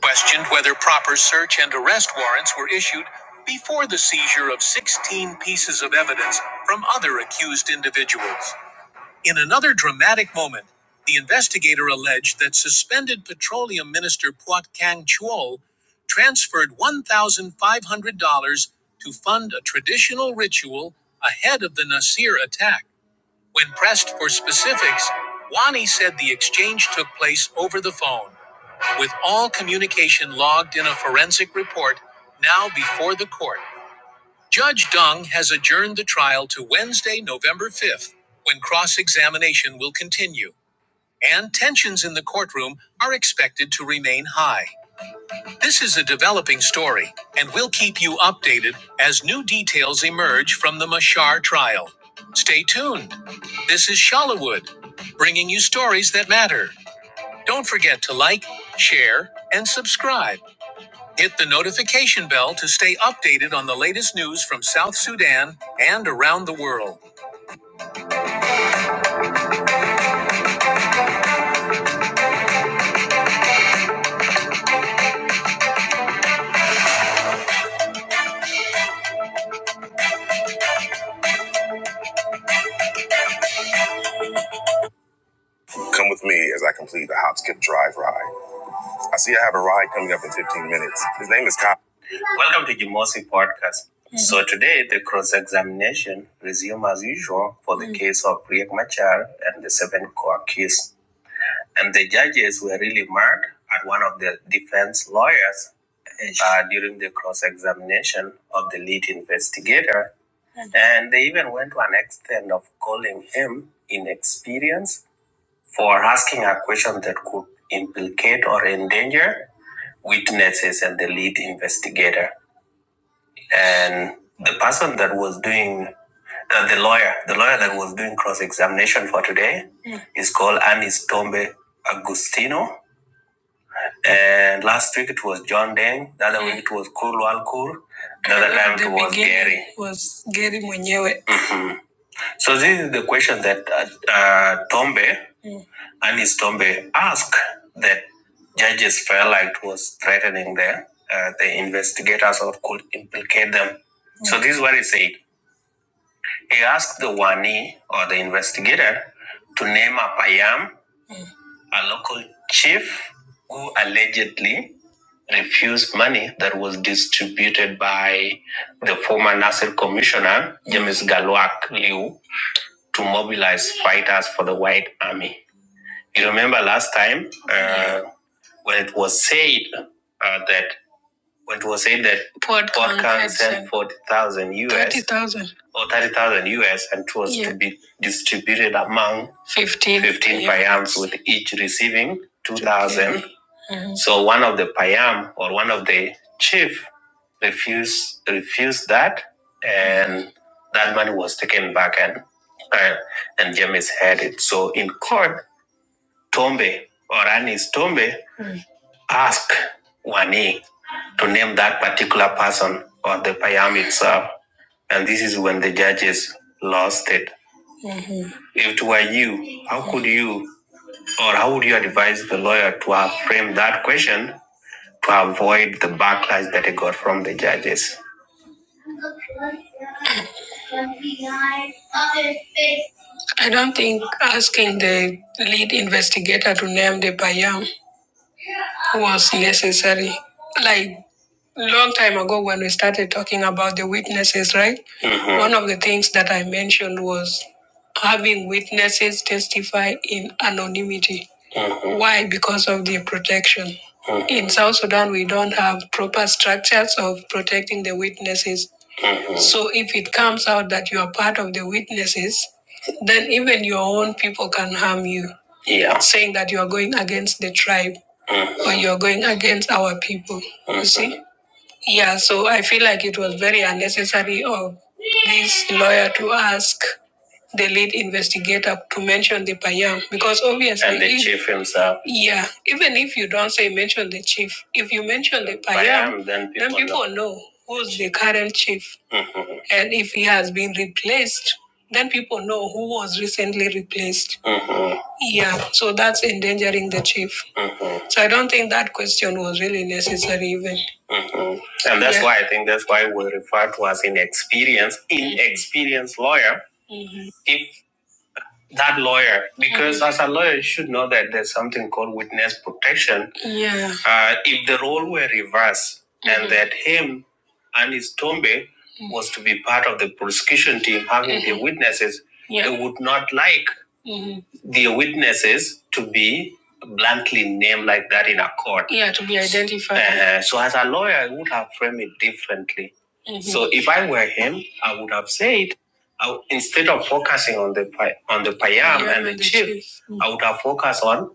questioned whether proper search and arrest warrants were issued before the seizure of 16 pieces of evidence from other accused individuals. In another dramatic moment, the investigator alleged that suspended Petroleum Minister Puat Kang Chol transferred $1,500 to fund a traditional ritual ahead of the Nasir attack. When pressed for specifics, Wani said the exchange took place over the phone, with all communication logged in a forensic report now before the court. Judge Dung has adjourned the trial to Wednesday, November 5th, when cross examination will continue, and tensions in the courtroom are expected to remain high. This is a developing story, and we'll keep you updated as new details emerge from the Machar trial. Stay tuned. This is Shalawood, bringing you stories that matter. Don't forget to like, share, and subscribe. Hit the notification bell to stay updated on the latest news from South Sudan and around the world. Come with me as I complete the hop, skip, drive ride. I see I have a ride coming up in 15 minutes. His name is Kyle. Welcome to Gimosi Podcast. Mm-hmm. So today the cross-examination resume as usual for the Mm. case of Riek Machar and the seven core case. And the judges were really mad at one of the defense lawyers uh, during the cross-examination of the lead investigator. Mm-hmm. And they even went to an extent of calling him inexperienced for asking a question that could implicate or endanger witnesses and the lead investigator. And the person that was doing, uh, the lawyer, the lawyer that was doing cross examination for today Mm. is called Anis Tombe Agustino. And last week it was John Deng, the other mm. week it was Kurwal Kur, the other time it was Gary. Was Gary Munyewe. So this is the question that uh, uh, Tombe Anis Tombe asked that judges felt like it was threatening the, uh, the investigators or could implicate them. Mm-hmm. So this is what he said. He asked the Wani or the investigator to name a Payam, a local chief who allegedly refused money that was distributed by the former Nasser commissioner, James Galwak Liu, to mobilize fighters for the White Army. You remember last time uh, when it was said uh, that when it was said that Podcon sent forty thousand US or thirty thousand US and it was yeah. to be distributed among fifteen fifteen payams with each receiving two thousand. Okay. Mm-hmm. So one of the payam or one of the chief refused refused that and that money was taken back and uh, and James had it. So in court, Tombe or Anis Tombe ask Wani to name that particular person or the Payam itself. And this is when the judges lost it. If it were you, how could you or how would you advise the lawyer to have framed that question to avoid the backlash that he got from the judges? I don't think asking the lead investigator to name the Payam was necessary. Like long time ago when we started talking about the witnesses, right? Mhm. One of the things that I mentioned was having witnesses testify in anonymity. Why? Because of the protection. Mhm. In South Sudan, we don't have proper structures of protecting the witnesses. Mhm. So if it comes out that you are part of the witnesses, then even your own people can harm you. Yeah. Saying that you are going against the tribe or you are going against our people. You see? Yeah, so I feel like it was very unnecessary of this lawyer to ask the lead investigator to mention the Payam because obviously. And the if- chief himself. Yeah, even if you don't say mention the chief, if you mention the Payam, Payam, then people, then people know. know who's the current chief. And if he has been replaced, then people know who was recently replaced. Mhm. Yeah, so that's endangering the chief. Mhm. So I don't think that question was really necessary, even. Mhm. And that's Yeah. why I think that's why we refer to as inexperienced, inexperienced lawyer Mm-hmm. If that lawyer because mm. as a lawyer you should know that there's something called witness protection yeah uh, if the role were reversed mm. and that him and his tombe mm. was to be part of the prosecution team having mm. the witnesses yeah. they would not like mm. the witnesses to be bluntly named like that in a court. Yeah, to be identified. Uh, so as a lawyer, I would have framed it differently. Mhm. So if I were him, I would have said I, instead of focusing on the on the payam yeah, and the the chief, chief. Mm. I would have focused on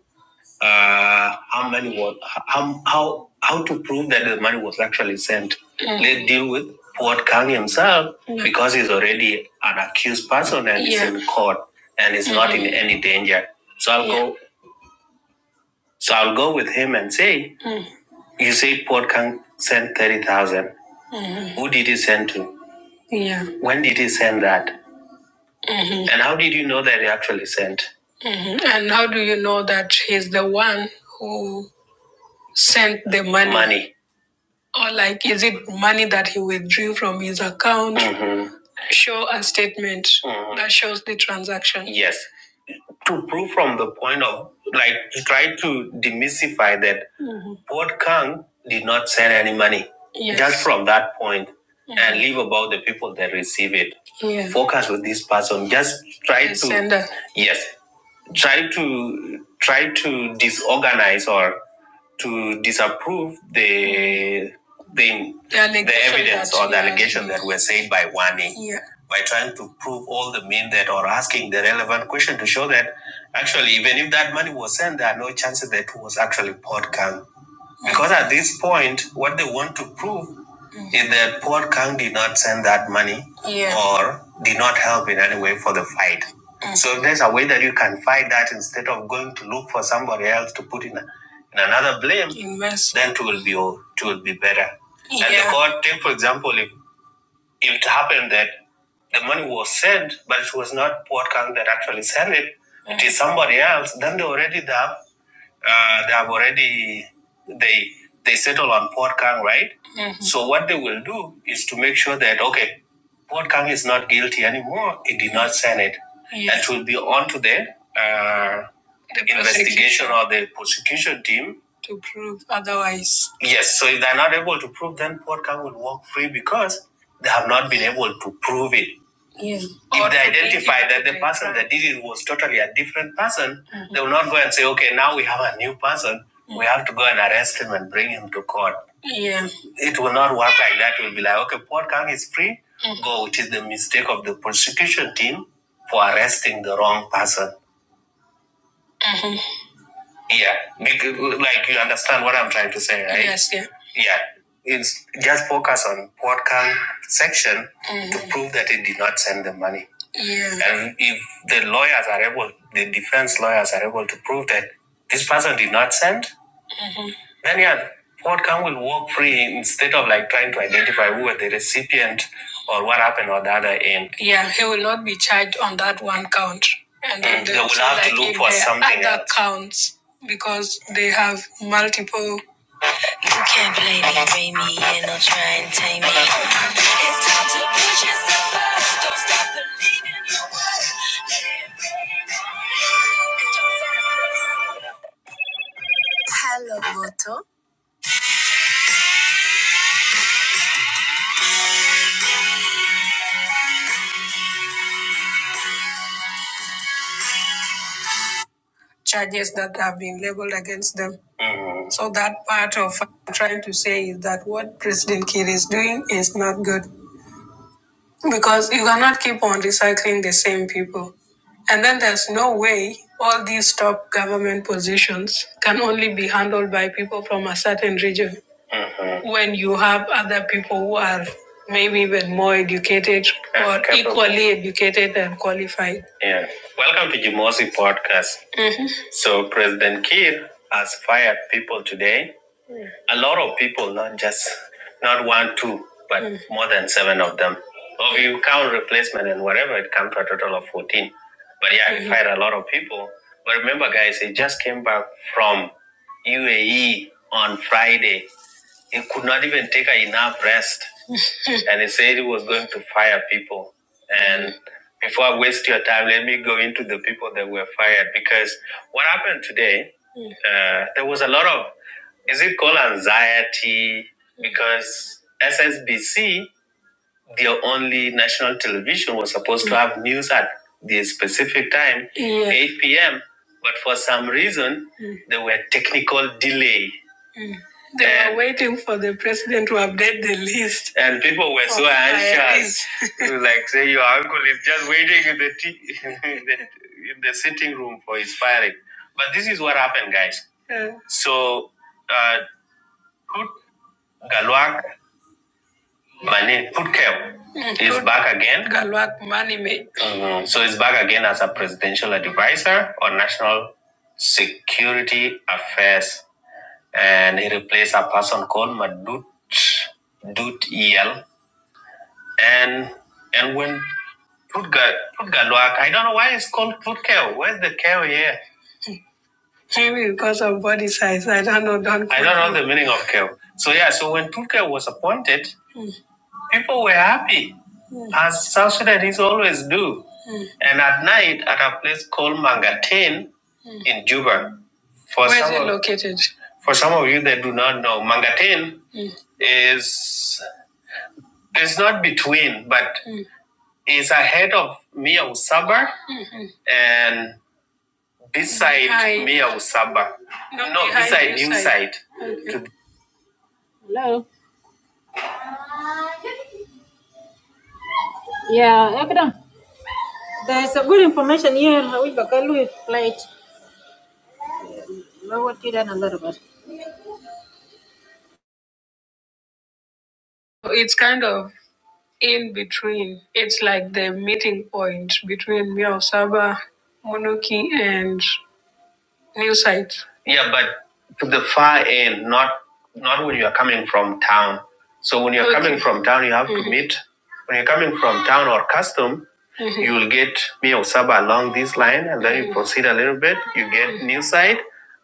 uh, how money was how how how to prove that the money was actually sent. Mm. Let's deal with Port Kang himself Mm. because he's already an accused person and yeah. he's in court and he's mm. not in Mhm. any danger. So I'll yeah. go. So I'll go with him and say, "You say Port Kang sent thirty thousand. Mm. Who did he send to? Yeah. When did he send that? Mm. And how did you know that he actually sent? And how do you know that he's the one who sent the money? Money. Or like, is it money that he withdrew from his account? Mhm. Show a statement Mhm. that shows the transaction. Yes. To prove from the point of, like, try to demystify that Mhm. Port Kang did not send any money. Yes. Just from that point And Mhm. and leave about the people that receive it. Yeah. Focus with this person. Just try the to. Sender. Yes try to try to disorganize or to disapprove the the, the, the evidence that- or the yeah, allegation yeah. that were said by Wani yeah. by trying to prove all the mean that or asking the relevant question to show that actually even if that money was sent there are no chances that it was actually podcast because at this point, what they want to prove mm-hmm. is that Paul Kang did not send that money Yeah. or did not help in any way for the fight. Mm-hmm. So if there's a way that you can fight that instead of going to look for somebody else to put in, a, in another blame, Invest. then it will be o- it will be better. Yeah. And the Yeah. court, take for example, if, if it happened that the money was sent, but it was not Port Kang that actually sent it, mm-hmm. it is somebody else, then they already have uh, they have already they they settle on Port Kang, right? Mhm. So what they will do is to make sure that okay, Port Kang is not guilty anymore. It did not sign it. Yeah. It will be on to the, uh, the investigation or the prosecution team to prove otherwise. Yes. So if they're not able to prove, then Port Kang will walk free because they have not been able to prove it. Yes. If they identify that the person that did it was totally a different person, mm-hmm. they will not go and say, okay, now we have a new person. Mm-hmm. We have to go and arrest him and bring him to court. Yeah. It will not work like that. It will be like, okay, Port Kang is free. Mm-hmm. Go. It is the mistake of the prosecution team for arresting the wrong person. Mm-hmm. Yeah, because, like you understand what I'm trying to say, right? Yes, yeah. Yeah, it's just focus on what can section mm-hmm. to prove that they did not send the money. Yeah. And if the lawyers are able, the defense lawyers are able to prove that this person did not send, then yeah, outcome will walk free instead of like trying to identify who were the recipient or what happened on the other end. Yeah, he will not be charged on that one count. And Mm, they they will also, have like to like, look for there something other else. counts because they have multiple. You can't play me, bring me in, or try and tame me. It's time to put yourself first. Don't stop believing your worth. Let it rain on you. Hello, Moto. charges that have been leveled against them. Mm. So that part of what I'm trying to say is that what President Kiir is doing is not good because you cannot keep on recycling the same people. And then there's no way all these top government positions can only be handled by people from a certain region when you have other people who are maybe even more educated or Capable. equally educated and qualified. Yeah. Welcome to Jimosi Podcast. So President Kiir has fired people today. A lot of people, not just not one, two, but Mm. more than seven of them. So if you count replacement and whatever, it comes to a total of fourteen. But yeah, mm-hmm. he Mhm. fired a lot of people. But remember, guys, he just came back from UAE on Friday. He could not even take enough rest and he said he was going to fire people. And before I waste your time, let me go into the people that were fired because what happened today, uh, there was a lot of, is it called anxiety? Because SSBC, their only national television, was supposed to have news at the specific time, Yeah. 8 p.m. But for some reason, there were technical delay they were waiting for the president to update the list. And people were so anxious. It was like, say, your uncle is just waiting in the, tea, in, the in the sitting room for his firing. But this is what happened, guys. Yeah. So, uh, Tut Galwak Mane Tutkew is Tut back again. Galwak Manime. Mhm. So, he's back again as a presidential advisor on national security affairs and he replaced a person called Madut Dut El. And and when Rutger Rutgerloak, I don't know why it's called Rutkel. Where's the Kel here? Maybe because of body size. I don't know. Don't. I don't know the meaning of Kel. So yeah. So when Rutger was appointed, people were happy, mm. as South Sudanese always do. Mm. And at night, at a place called Mangatene in Juba. For Where is some is it of- located? For some of you that do not know, Mangatene is It's not between, but mm. it's ahead of Mia Usaba and beside Behind. Mia Usaba. Not no, beside, inside. Okay. Hello. Yeah, Ekdom. There's a good information here. We can flight? it. Lower it down a little bit. It's kind of in between. It's like the meeting point between Mia Usaba, Monoki, and New side. Yeah, but to the far end, not not when you are coming from town. So when you're Okay. coming from town, you have mm-hmm. to Mhm. meet. When you're coming from town or custom, Mhm. you will get Mio Saba along this line, and then mm-hmm. you Mhm. proceed a little bit. You get mm-hmm. new side,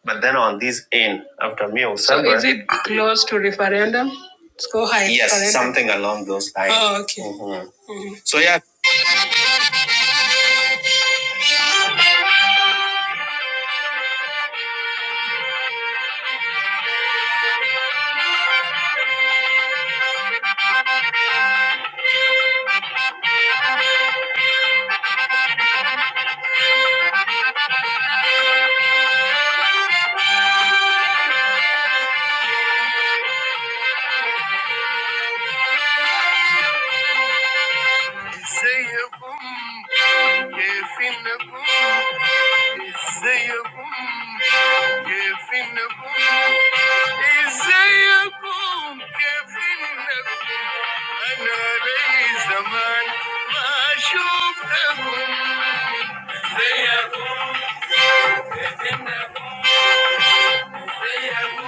but then on this end after Mio Saba. So is it close to referendum? Let's go high. Yes, referendum. something along those lines. Oh, okay. Mhm. So yeah, أنا لي زمان ما شفتهم زيكم إنكم زيكم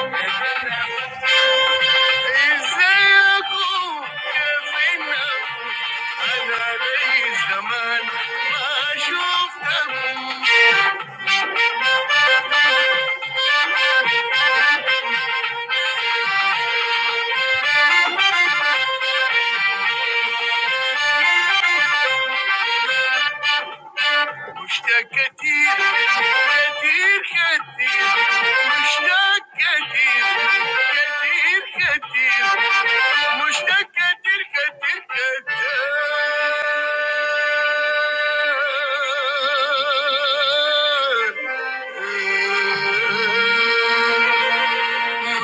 إزيكم كيف إنكم أنا لي زمان ما شفتهم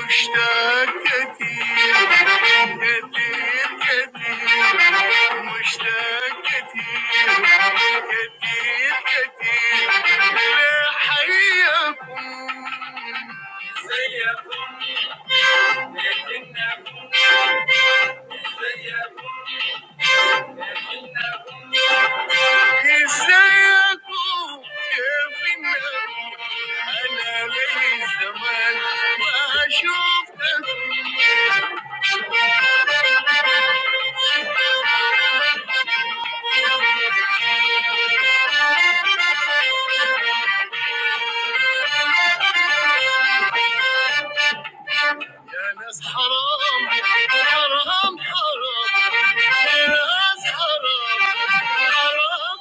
مشتاق كتير كتير كتير مشتاق كتير كتير كتير لحياكم زيكم لكنكم زيكم ازاي اكون في النار انا ليا زمان ما شفتك يا ناس حرام حرام حرام يا ناس حرام حرام حرام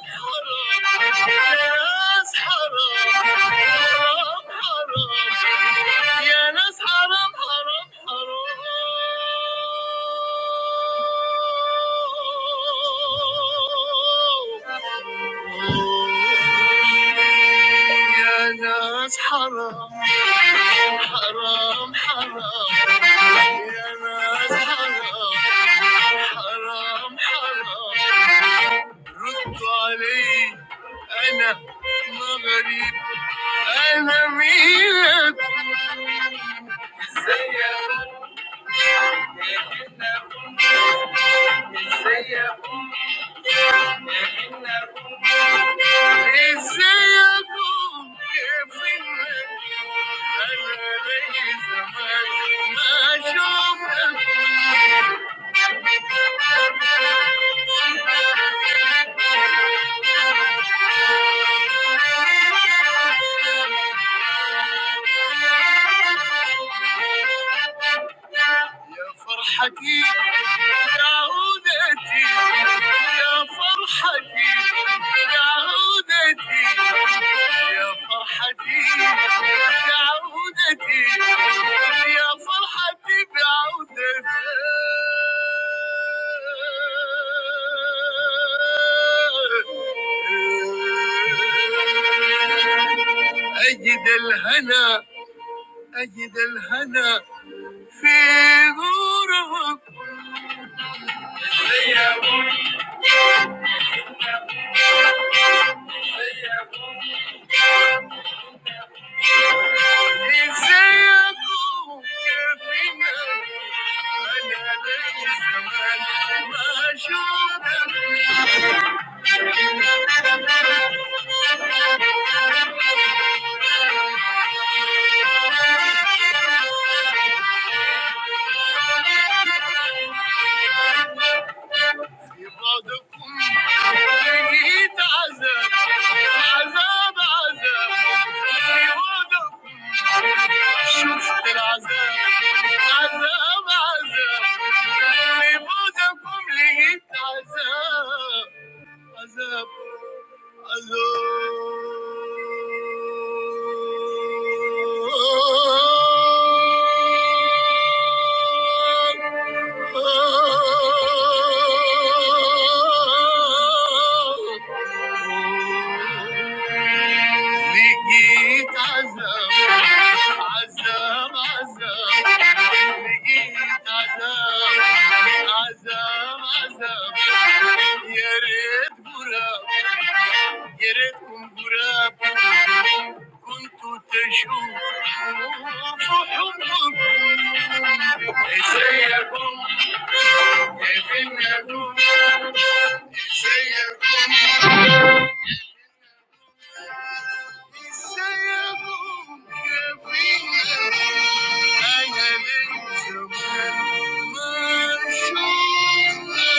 يا ناس حرام حرام حرام يا ناس حرام حرام حرام يا ناس حرام حرام حرام يا ناس حرام حرام حرام ردوا علي انا مغرب انا مين ازيك Thank you. يا فرحتي يا عودتي يا فرحتي يا عودتي يا فرحتي يا عودتي يا فرحتي بعودتي أجد الهنا أجد الهنا Seguro desea tú que al final añades mayor Ibo dokum lihita az az az. Ibo dokum shukr az az az. Ibo dokum lihita az az. Azam, Azam, Azam, Azam, Azam, Azam, Azam, Azam. Yeret bu ra, yeret um bu ra, kun tu te shu, shu shu hambu. Isayabu, kevinabu, isayabu, kevinabu, aynele yu shu, ma shu.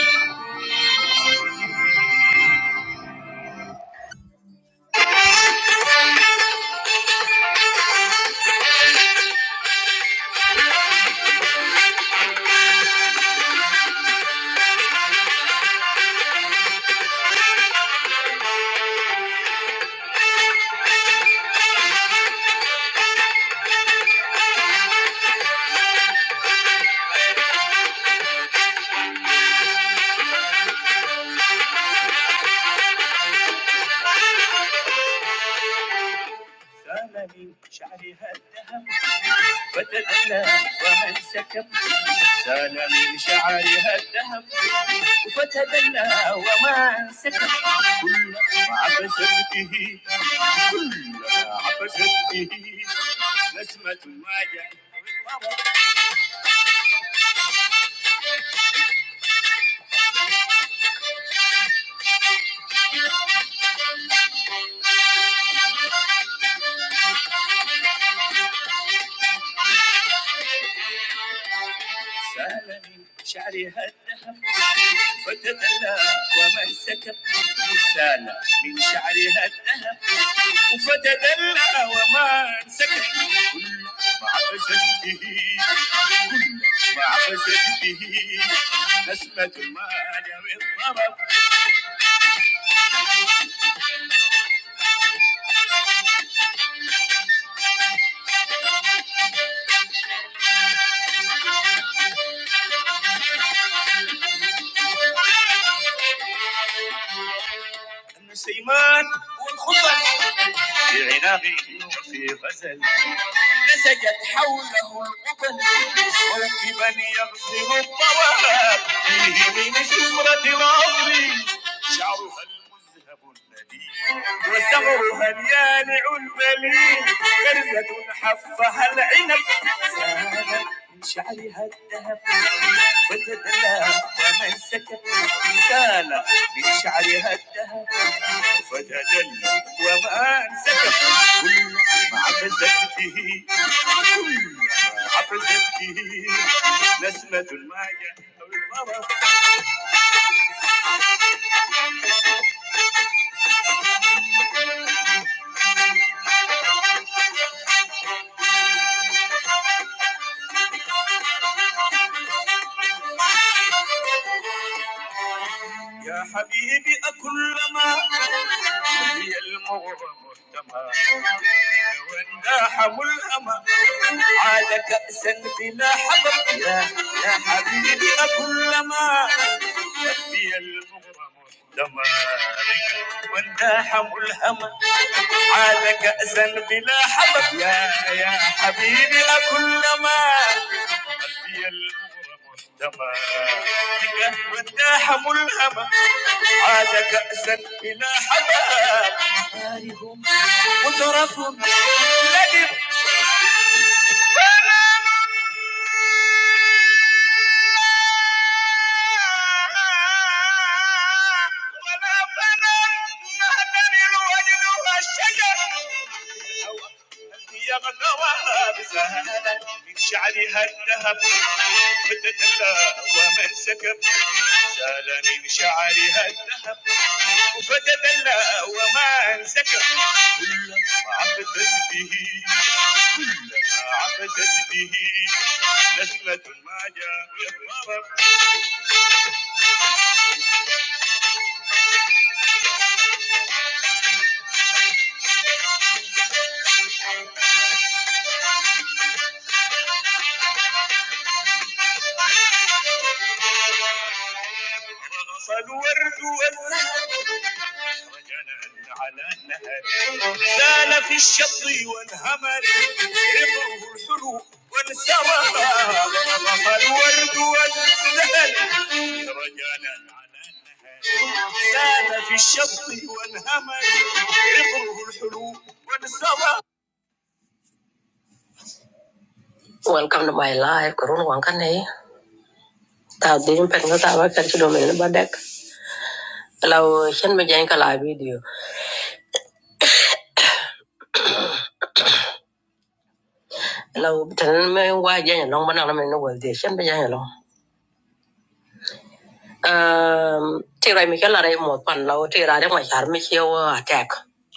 سال من شعرها الذهب فتدلى ومن سكب سال من شعرها الذهب فتدلى ومن سكب كلما عبست به كلما عبست به نسمة الوجع سال من شعرها الذهب فتدلى ومن سكب سال من شعرها الذهب فتدلى ومن سكب كل ما عبست به كل ما عبست به نسمة المال والطرب ابن سيمان والخطل في عناقه في غزل نسجت حوله الجبل وركبا يغزل الطواب فيه من شمرة العصر والثغر مليان المليل كرزة حفها العنب سالت من شعرها الذهب فتدلى ومن سكت سالت من شعرها الذهب فتدلى ومن سكت كل ما عبثت به كل ما عبثت به نسمة المعجن أو المرض يا حبيبي أكلما هي المغرب مرتمى ونداحم الأمى عاد كأسا بلا حذر يا يا حبيبي أكلما هي المغرب مرتمى ونداحم الهمى عاد كأسا بلا حذر يا يا حبيبي أكلما هي المغرب والداحة ملهمة عاد كأسا إلى حمام وفتدلى وما انسكى كلما عبثت به كلما عبثت به نسمة ما جاء يضرب الورد วันก่อนเราไม่ไลฟ์ก็รู้วันกันเองแต่วันนี้ผมเป็นก็แต่ว่าการชุดนี้เราบัดเด็กเราเช่นไปยังกหลายวิดีโอเราฉันไม่ไหวยังลองบ้านเราไม่ได้ฉันไปยังลองเอ่อที่เราไม่กันอะไรหมดปันเราที่รายได้มาหารไม่เที่ยวแจก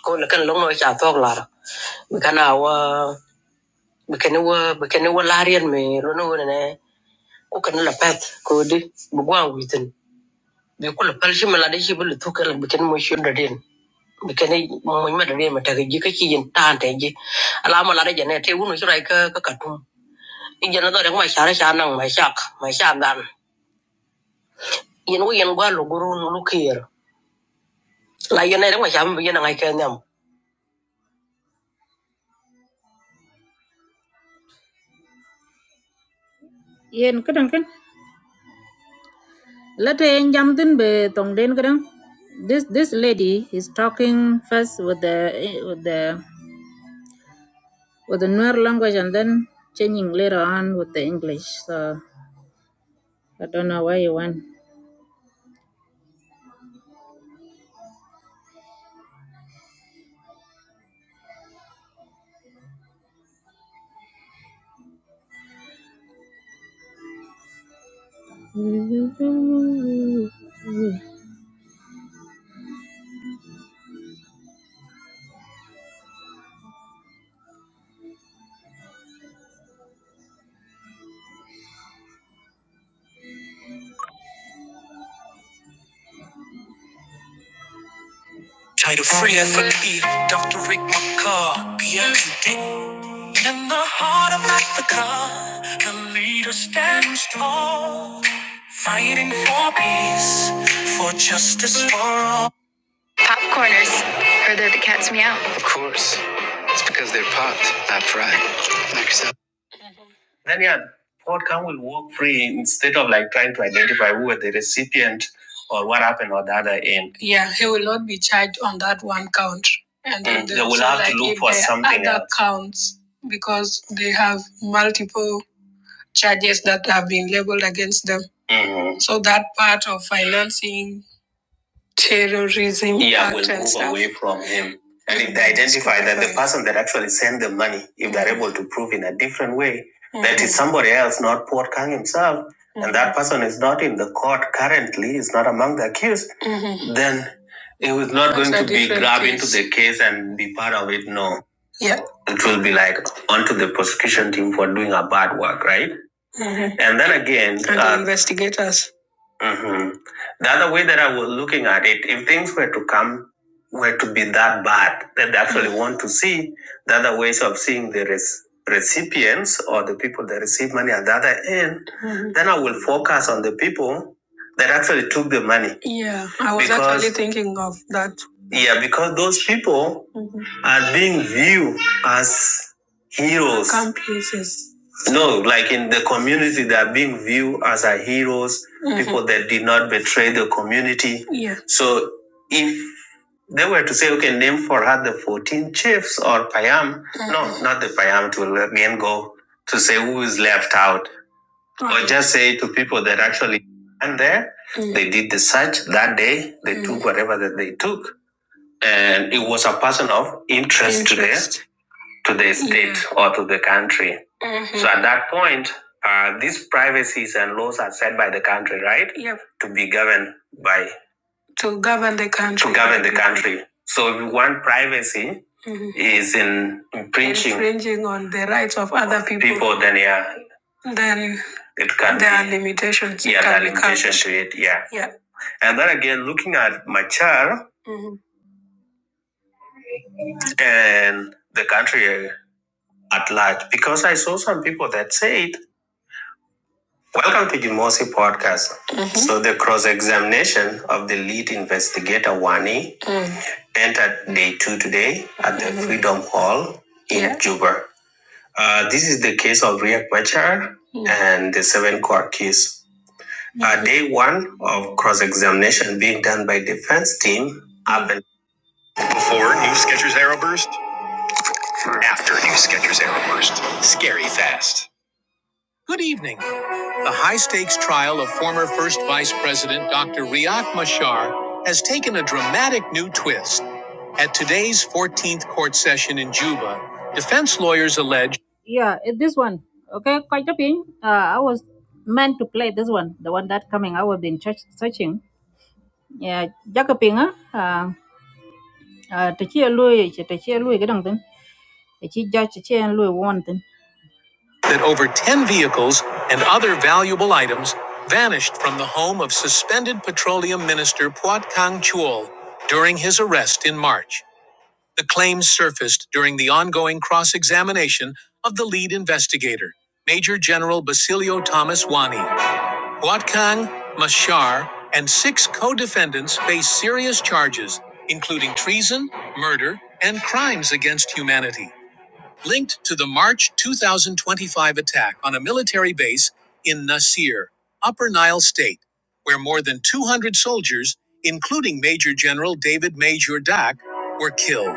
ก็เลิกลงหน่อยจากท้องลาละไม่แค่หนาวไม่แค่เหนื่อยไม่แค่เหนื่อยล้านเรียนไม่รู้เนี่ยก็แค่เราเปิดกูดิไม่กวนหัวจริงไม่กูเปิดชิมอะไรดิชิบุลทุกข์ก็ไม่ใช่ไม่ชื่อเด็ด kene mo med re ma tagi ji ka chi jin tan te ji ala ma la de ne te wu no ka ka ka tu jana do ma sha sha nang ma sha ma sha gan yin wu yin gwa lu guru lu kir la yin ne ma sha yin ngai ka nyam yen kadang kan late en jam din be tong den kadang this this lady is talking first with the eh, with the with the newer language and then changing later on with the english so i don't know where you went Title free FP, Dr. Rick McCaw, PMD. In the heart of Africa, the leader stands tall, fighting for peace, for justice for all. Then, yeah, outcome will work free instead of like trying to identify who were the recipient or what happened on the other end. Yeah, he will not be charged on that one count. And then Mm, they will also, have like to like, look for there are something other else. counts because they have multiple charges that have been leveled against them. Mhm. So that part of financing terrorism yeah, act will and move stuff. away from him. And if they identify that the person that actually sent the money, if they're able to prove in a different way mm-hmm. that it's somebody else, not Port Kang himself, mm-hmm. and that person is not in the court currently, is not among the accused, Mhm. then it was not That's going to be different grabbed case. into the case and be part of it. No. Yeah. It will be like onto the prosecution team for doing a bad work, right? Mhm. And then again, and the uh, the investigators. Mhm. The other way that I was looking at it, if things were to come, were to be that bad, that they actually want to see, the other ways of seeing the res- recipients or the people that receive money at the other end, Mhm. then I will focus on the people that actually took the money. Yeah, I was Because- actually thinking of that. Yeah, because those people Mhm. are being viewed as heroes. Accomplices no, like in the community, they are being viewed as our heroes, Mhm. people that did not betray the community. Yeah. So if they were to say, okay, name for her the 14 chiefs or Payam, mm-hmm. no, not the Payam, to again go to say who is left out, Right. or Right. just say to people that actually and there, Mhm. they did the search that day, they mm-hmm. took Mhm. whatever that they took. And it was a person of interest, interest to the state mm-hmm. or to the country. Mm-hmm. So at that point, uh, these privacies and laws are set by the country, right? Yep. To be governed by. To govern the country. To govern the country. So if you want privacy, Mm-hmm. is in infringing. Infringing on the rights of other people. People, then yeah. Then it can there be, are limitations. Yeah, there are limitations to it. Yeah. Yeah. And then again, looking at Machar Mhm. and the country at large because I saw some people that said, Welcome to Jumosi Podcast. Mhm. So, the cross examination of the lead investigator, Wani, entered day two today at the Mhm. Freedom Hall in Yeah. Juba. Uh, this is the case of Ria Quachar and the seven court case. Mm-hmm. Uh, Mhm. day one of cross examination being done by defense team happened. Good evening. The high stakes trial of former First Vice President Dr. Riak Machar has taken a dramatic new twist. At today's 14th court session in Juba, defense lawyers allege. Yeah, it- this one. Okay, quite a pin. Uh, I was meant to play this one, the one that coming. I was been church searching. Yeah, Jacobin, uh, uh, to cheer Louis, to cheer Louis, get on them. The chief judge, to cheer Louis, one thing that over 10 vehicles and other valuable items vanished from the home of suspended petroleum minister Puat Kang Chul during his arrest in March. The claims surfaced during the ongoing cross examination of the lead investigator, Major General Basilio Thomas Wani. Puat Kang, Mashar, and six co defendants face serious charges, including treason, murder, and crimes against humanity linked to the March 2025 attack on a military base in Nasir, Upper Nile State, where more than 200 soldiers, including Major General David Major Dak, were killed.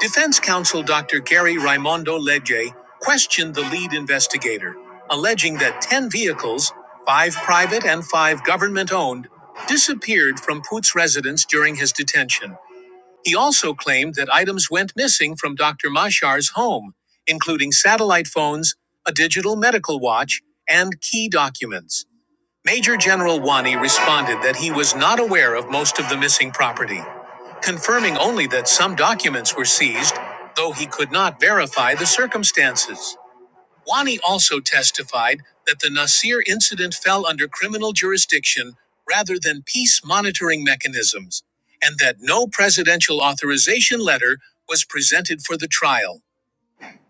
Defense counsel Dr. Gary Raimondo Legge questioned the lead investigator, alleging that 10 vehicles, five private and five government owned, disappeared from Poot's residence during his detention. He also claimed that items went missing from Dr. Mashar's home, including satellite phones, a digital medical watch, and key documents. Major General Wani responded that he was not aware of most of the missing property, confirming only that some documents were seized, though he could not verify the circumstances. Wani also testified that the Nasir incident fell under criminal jurisdiction rather than peace monitoring mechanisms, and that no presidential authorization letter was presented for the trial.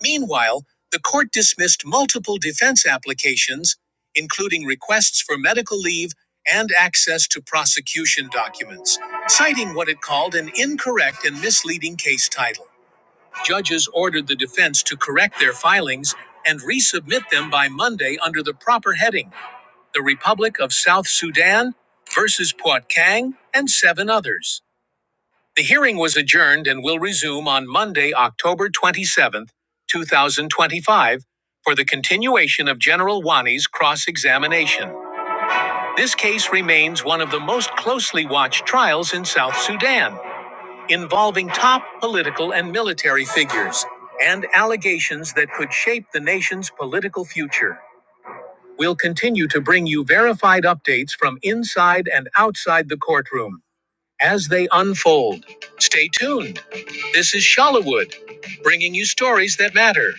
Meanwhile, the court dismissed multiple defense applications, including requests for medical leave and access to prosecution documents, citing what it called an incorrect and misleading case title. Judges ordered the defense to correct their filings and resubmit them by Monday under the proper heading The Republic of South Sudan versus Puat Kang and seven others. The hearing was adjourned and will resume on Monday, October 27th, 2025, for the continuation of General Wani's cross examination. This case remains one of the most closely watched trials in South Sudan, involving top political and military figures and allegations that could shape the nation's political future. We'll continue to bring you verified updates from inside and outside the courtroom as they unfold. Stay tuned. This is Shalawood, bringing you stories that matter.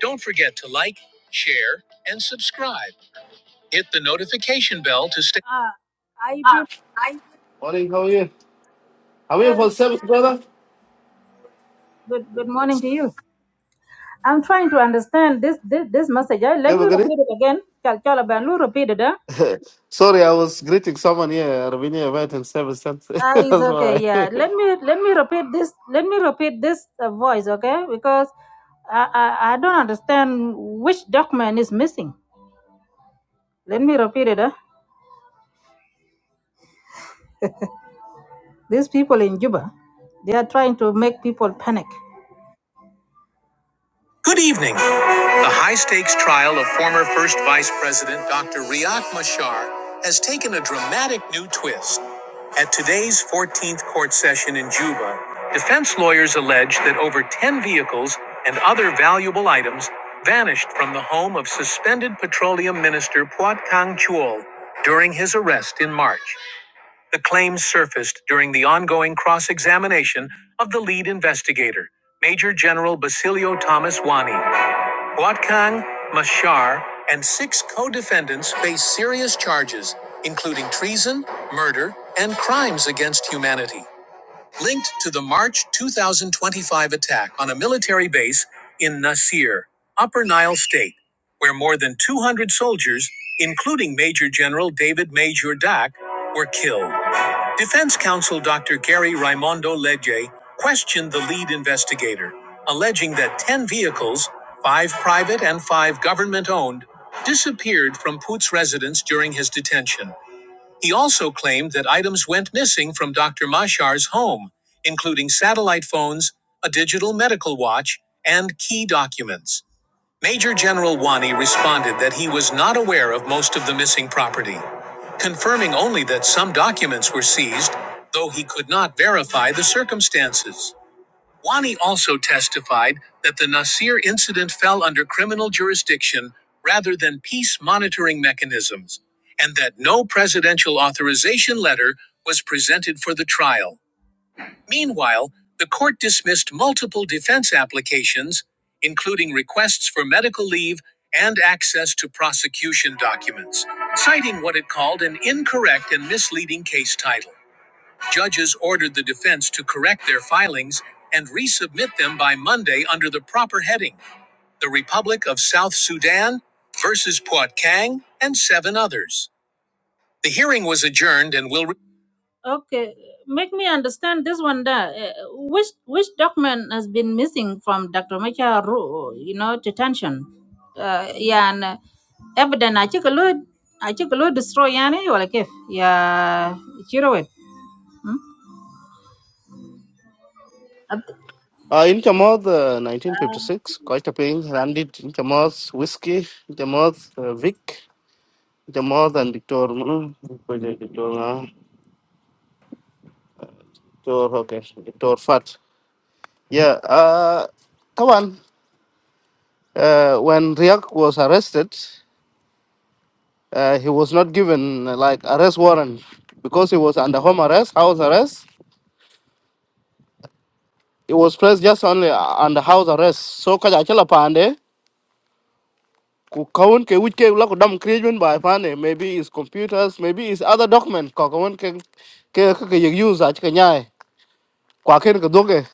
Don't forget to like, share, and subscribe. Hit the notification bell to stay. Ah, I've Morning, how are you? I'm Uh, here for service, brother. good good morning to you. I'm trying to understand this this, this message. Uh, Let You have a me good repeat it again. Chal chala banlu repeat it. Huh? day? Sorry, I was greeting someone here, Ravinia event in service. That's Ah, it's that's okay. why. Yeah. Let me let me repeat this. Let me repeat this uh, voice, okay? Because I, I I don't understand which document is missing. Let me repeat it. Huh? These people in Juba, they are trying to make people panic. Good evening. The high stakes trial of former First Vice President Dr. Riek Machar has taken a dramatic new twist. At today's 14th court session in Juba, defense lawyers allege that over 10 vehicles and other valuable items vanished from the home of suspended petroleum minister Puat Kang Chul during his arrest in March. The claims surfaced during the ongoing cross examination of the lead investigator, Major General Basilio Thomas Wani. Huatcang, Mashar, and six co defendants face serious charges, including treason, murder, and crimes against humanity, linked to the March 2025 attack on a military base in Nasir, Upper Nile State, where more than 200 soldiers, including Major General David Major Dak, were killed. Defense counsel Dr. Gary Raimondo Legge questioned the lead investigator, alleging that 10 vehicles, five private and five government owned, disappeared from Poot's residence during his detention. He also claimed that items went missing from Dr. Mashar's home, including satellite phones, a digital medical watch, and key documents. Major General Wani responded that he was not aware of most of the missing property, confirming only that some documents were seized, though he could not verify the circumstances. Wani also testified that the Nasir incident fell under criminal jurisdiction rather than peace monitoring mechanisms, and that no presidential authorization letter was presented for the trial. Meanwhile, the court dismissed multiple defense applications, including requests for medical leave and access to prosecution documents, citing what it called an incorrect and misleading case title. Judges ordered the defense to correct their filings and resubmit them by Monday under the proper heading the Republic of South Sudan versus Puat Kang and seven others. The hearing was adjourned and will Okay, make me understand this one. Da, uh, which which document has been missing from Dr. Macha, Ru- you know, detention? Uh, yeah, and uh, evidence. I check a lot. I check a lot. Destroy yani or like if yeah, chiro it. Uh, in Kamoth, uh, 1956, quite a pain. Randit, in Kamoth, Whiskey, in Kamoth, uh, Vic, in Kamoth, and Victor. mm, Victor, uh, Victor, okay, Victor Fat. Yeah, uh, come on. Uh, when Riak was arrested, uh, he was not given uh, like arrest warrant because he was under home arrest, house arrest. It was placed just only under house arrest. So kaja achala pande Could kawun ke which ke la ku dam krimen by pande maybe his computers maybe his other document ko kawun ke ke ke use ach ke nyai kwa ken ke doge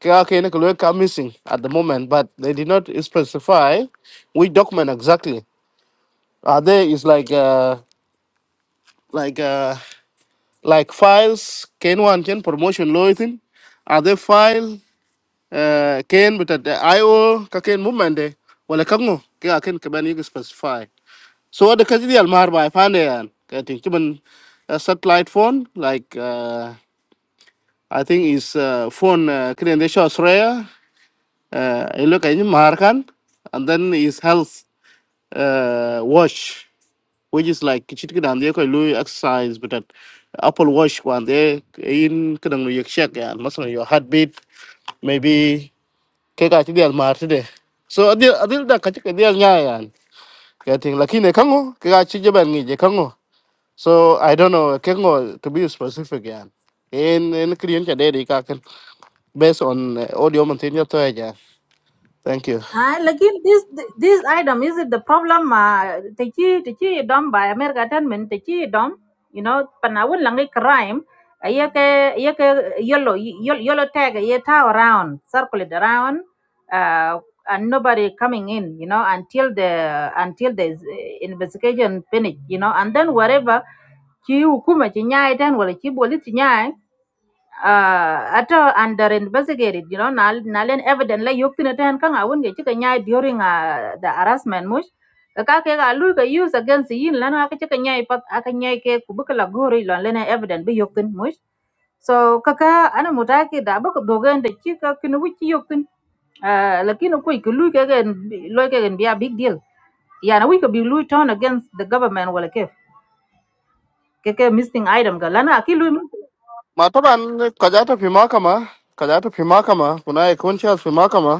ke a missing at the moment but they did not specify which document exactly. Are there is like uh, like uh, like files ken one ken promotion loyalty? are there files? uh, ken but at the io ka ken mumande wala kango ka ken ka ban yig specify so what the kaji al mar bai pande yan ka tin kiman a satellite phone like uh, i think is uh, phone uh, kren de show australia uh, i look at mar kan and then is health uh, watch which is like chit kidan de ko lu exercise but apple watch one day in kadang lu yek check yan masalan your heartbeat maybe ke ka chi dial mar de so adil adil da ka chi ke dial nya yan ke thing la kine kango ke ka chi jaban ngi je kango so i don't know ke ngo to be specific yan en en kriyen cha de de ka kan based on eh, audio man tin ya to ya thank you Ah, lakin this this item is it the problem uh techi techi dom by America government techi dom you know panawun langi crime ayake ayake yellow yellow yellow tag yeta around circulate around uh and nobody coming in you know until the until the eh, investigation finish you know and then whatever chi hukuma chi nyai ten wala chi boli chi nyai uh ato under investigated you know nal nalen evident la yokti ten kang awun ge chika nyai during uh, the harassment mush ka ke ga lu ga use against yin lan ka chika nyai pat aka nyai ke kubuk la gori lan lene evident bi yoktin mush so kaka ana mutaki da bak dogen de chika kinu wichi yoktin uh lakini ku ku lu ke gen lo ke gen bi a big deal yana wi ka bi lu turn against the government wala ke ke ke missing item ga lana ki lu ma to ban ka ja to phima kama ka ja to phima kama kuna e kon cha phima kama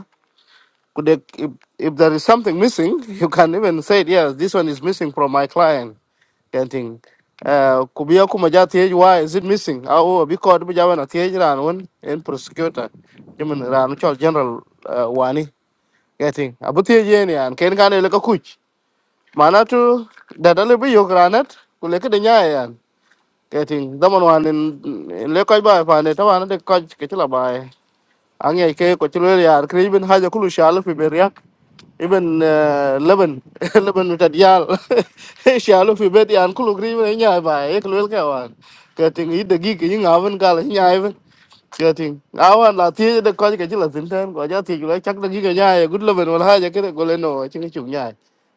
Could they, if, if there is something missing, you can even say, yes, this one is missing from my client. Can think. Uh, could be a kumaja TH, why is it missing? Ah, Oh, because we have a TH ran one in prosecutor. You mean, ran Charles General uh, Wani. Getting. Abu TH any and can can look a kuch. Manatu, that a little bit your granite, could look at the nyan. Getting. The one one in in Lekoi by Panet, one of the coach, Ketila by. Ang yake, Cochilia, Craven, Hajakulu, Shalif, Beria even uh, Lebanon Lebanon ta dial shalo fi bet yan kulu gri ne nya ba e kulu ka wan ka ting i de gi ki nga wan ka le nya even ka ting awan la ti de ko ga ji la tin tan ko ja ti la chak de gi ga nya e gud Lebanon wal ha ja ke ko le no chi ni chu nya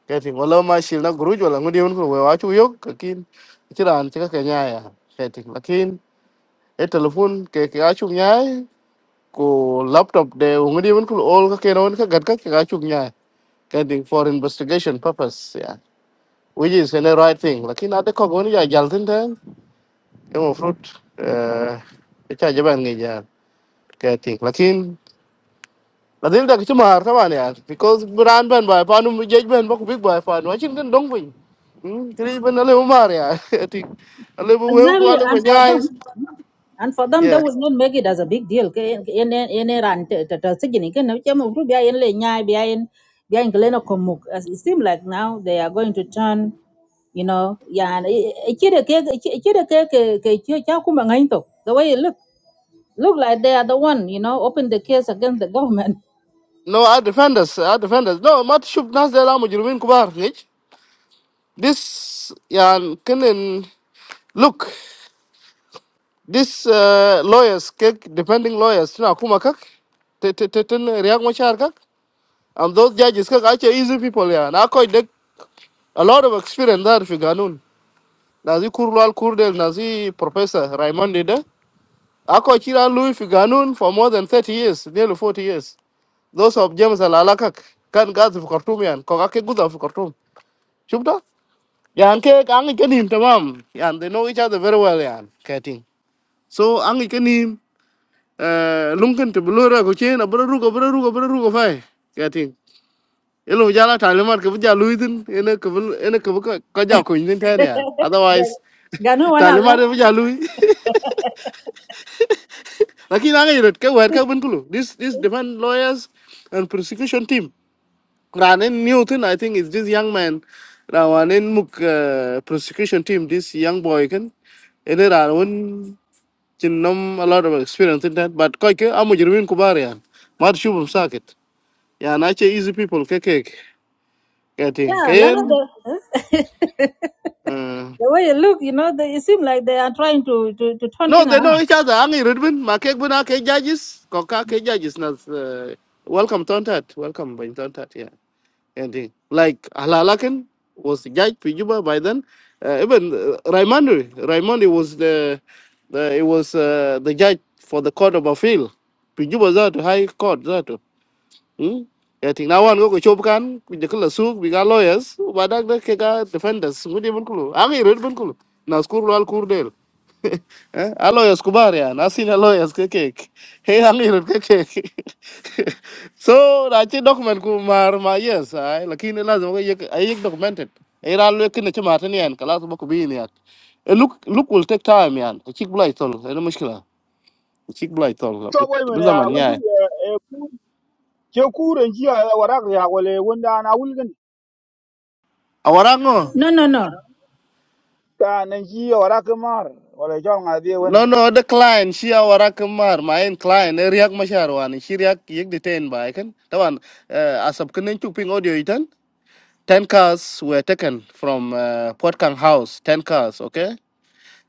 ka ting wala ma shil na gru jo la ngudi un ko wa chu yok ka kin ti ran ti ka ka nya ya ka ting lakin e telephone ke ke a chu nya ko laptop de ngudi un ko ol ka ke no ka gat ka ka chu nya getting for investigation purpose yeah which is a right thing lakini hata kwa gani ya jaltin ten kama fruit eh cha jaban ngi ya getting lakin lazim da kitu mahar taban ya because brand ban ba pa nu jej ban ba ku big ba pa nu achin kan dong bin hmm tri ban ale umar ya ti ale bu we ku Exactly, ale and for nyai them, and for them, they yeah will not make it as a big deal. Ke- in- in- in Iran, te- te- te- sigini, ke na uche mtu bia in le nyai, bia in- bia in keleno komuk. As It seems like now they are going to turn, you know, yeah, and i- i- ikire ke- iki- ikire ke- ke- ke chio cha kumba ngai to. the way it look, look like they are the one, you know, open the case against the government. no our defenders our defenders no mat shub nas da la mujrimin kubar nich this yeah, can look This uh, lawyers, kek, depending lawyers, na kuma kak, te te te ten riak machar kak, and those judges kak actually easy people ya. Na koi dek a lot of experience there fi ganun. Nazi kurlal kurdel nazi professor Raymond Ida. Ako chira lui fi ganun for more than 30 years, nearly 40 years. Those of James Alala kak kan gazi fi Khartoum yan, kok ake guza fi Khartoum. Shubda? Yan kek angi kenim tamam. Yan they know each other very well yan. Kating. So angi kenim lunkin te blora ko chen abra ruko abra ruko abra ruko fai kating elo jala talimat ke bja luitin ene ke ene ke ka ja ko nin tane yan otherwise Ga- Ganu wana talimat la- e bja lui lakin anga yirot ke wer ka bunkulu this this defend lawyers and prosecution team ranen new thing i think is this young man rawanen muk uh, prosecution team this young boy kan ene ranen chin nom a lot of experience in that but koike amujrimin kubar yan mar shubum sakit Yeah, not easy people. Kekek. Getting yeah, lana Kayan. the, Uh, the way it look, you know, they, it seems like they are trying to, to, to turn no, things they around. know each other. Angi Rudbin, Makek Buna, K judges, Koka K judges. Nas, uh, welcome, Tontat. Welcome, by Tontat. Yeah. Getting like Alalakan was the judge Pijuba by then. Uh, even uh, Raimondi, Raimondi was the, the it was uh, the judge for the court of appeal. Pijuba that high court that. Hmm? Yating nawan ko ko chop kan ku je kala suk biga lawyers u badak de ke ga defenders ngudi bun kulu angi red bun kulu na skur lal kur del eh a lawyers ku bar ya na sin a lawyers ke ke he angi red ke ke so na chi document ku mar ma yes ai lakini lazim ko yek ai yek documented ai ral le kin che matan yan kala so ko bi ni at look look will take time yan chik blai tol ene mushkila chik blai tol to but boy men ya zaman wundu nyaa e ku ke kuren ji ya warak ya wale wunda na wulgan awara ngo No, no, no. ta nan ji ya warak mar wale jol nga die wen No, no, the client, she our rakamar, my own client, a react masharwan, she react yig detained by can. Tawan, uh, as of Kenin ping audio itan, 10 cars were taken from uh, Port Kang House, 10 cars, okay?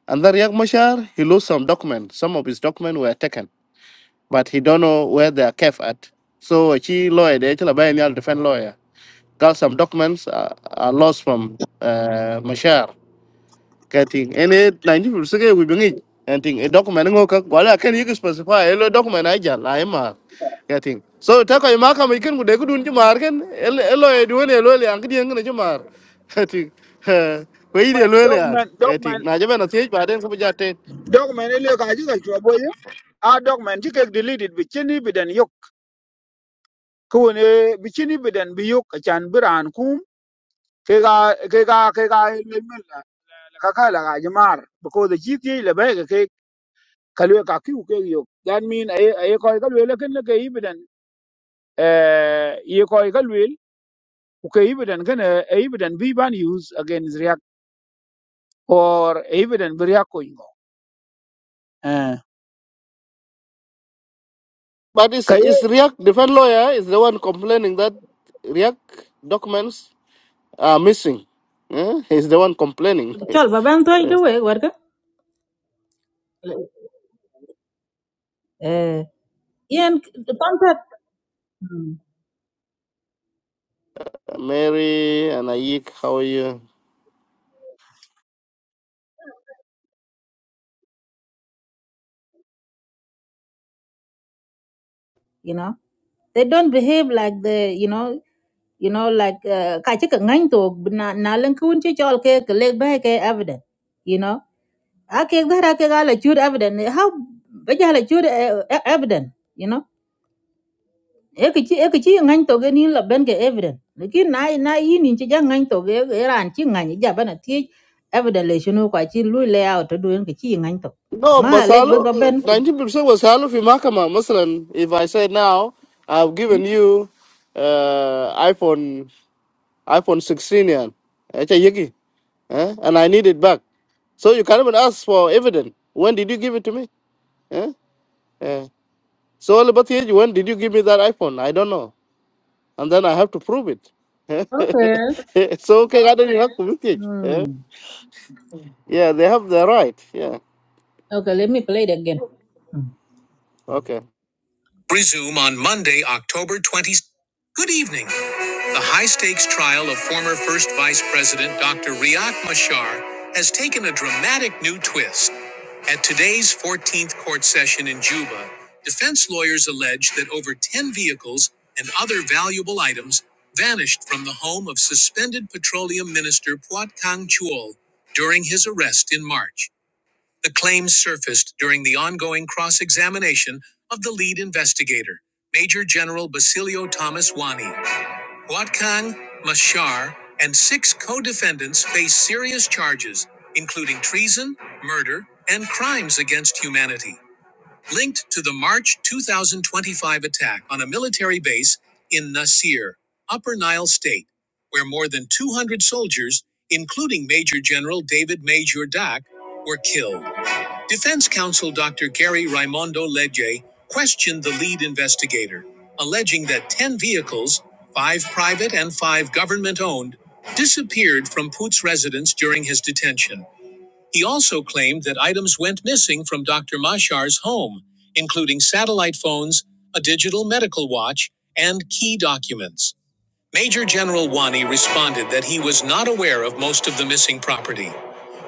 And the react mashar, he lost some documents. Some of his documents were taken, but he don't know where they are kept at. So she lawyer, the HLBNL defense lawyer, got some documents uh, are lost from uh, Mashar cái thing ene 90% cái we bengi and thing a document ngo ka wala kan yik specify lo document ai ja la ma cái thing so ta ko ma ka mi ken gude gudun ji mar ken elo e duone elo le ang di ngene ji mar cái thing ko yi de lo le ang document cái thing document na je bana sej ba den ko ja te document ile ka ji ka to boy a document ji ke deleted bi chini bidan yok ku ne bi chini bidan bi yok ka chan biran kum ke ga ke ga ke ga le men la ka ka la ga jamar because the gta le ba ke kalwe ka ki u ke yok that mean ay ay ko kalwe le ken le ke ibidan eh ye ko kalwe uke evident gane evident we ban use against react or evident we react going eh but is kay is react defend lawyer is the one complaining that react documents are missing Eh, He's the one complaining. Chol, babang toy Yes. do we work. Uh, yeah, and the contract, mm, Mary and Ayik, how are you? you know, they don't behave like the, you know, you know, like uh, ka chika ngang to na na lang kun che chol ke ke leg ba ke evident, you know. A ke da ra ke ga la chud evident. How ba ja la chud eh, eh, evident, you know. ekichi ekichi ngany to ni la ben ke evident lekin na na yi ni chi jang ngany to ge ge ran chi ngany ja bana ti evident le shinu kwa chi lu le out do en kichi ngany to No, ma lek ba Basalo, ba ben ku ninety percent was Halo Fimakama. Muslim. If I say now, I've given you uh, iPhone iPhone sixteen yan. Echa yiki, eh? and I need it back. So you can't even ask for evidence. When did you give it to me? Eh? Eh. So all about the age, when did you give me that iPhone? I don't know. And then I have to prove okay it. so okay, I don't have to with it. hmm Eh? Yeah, they have the right. Yeah. okay let me play it again Okay. Resume on Monday, October 20th. Good evening. The high stakes trial of former First Vice President Dr. Riak Machar has taken a dramatic new twist. At today's 14th court session in Juba, defense lawyers allege that over 10 vehicles and other valuable items vanished from the home of suspended Petroleum Minister Puat Kang Chul during his arrest in March. The claims surfaced during the ongoing cross examination of the lead investigator, Major General Basilio Thomas Wani. Watkang, Mashar, and six co defendants face serious charges, including treason, murder, and crimes against humanity, linked to the March 2025 attack on a military base in Nasir, Upper Nile State, where more than 200 soldiers, including Major General David Major Dak, were killed. Defense counsel Dr. Gary Raimondo Ledje questioned the lead investigator, alleging that 10 vehicles, five private and five government owned, disappeared from Poot's residence during his detention. He also claimed that items went missing from Dr. Mashar's home, including satellite phones, a digital medical watch, and key documents. Major General Wani responded that he was not aware of most of the missing property,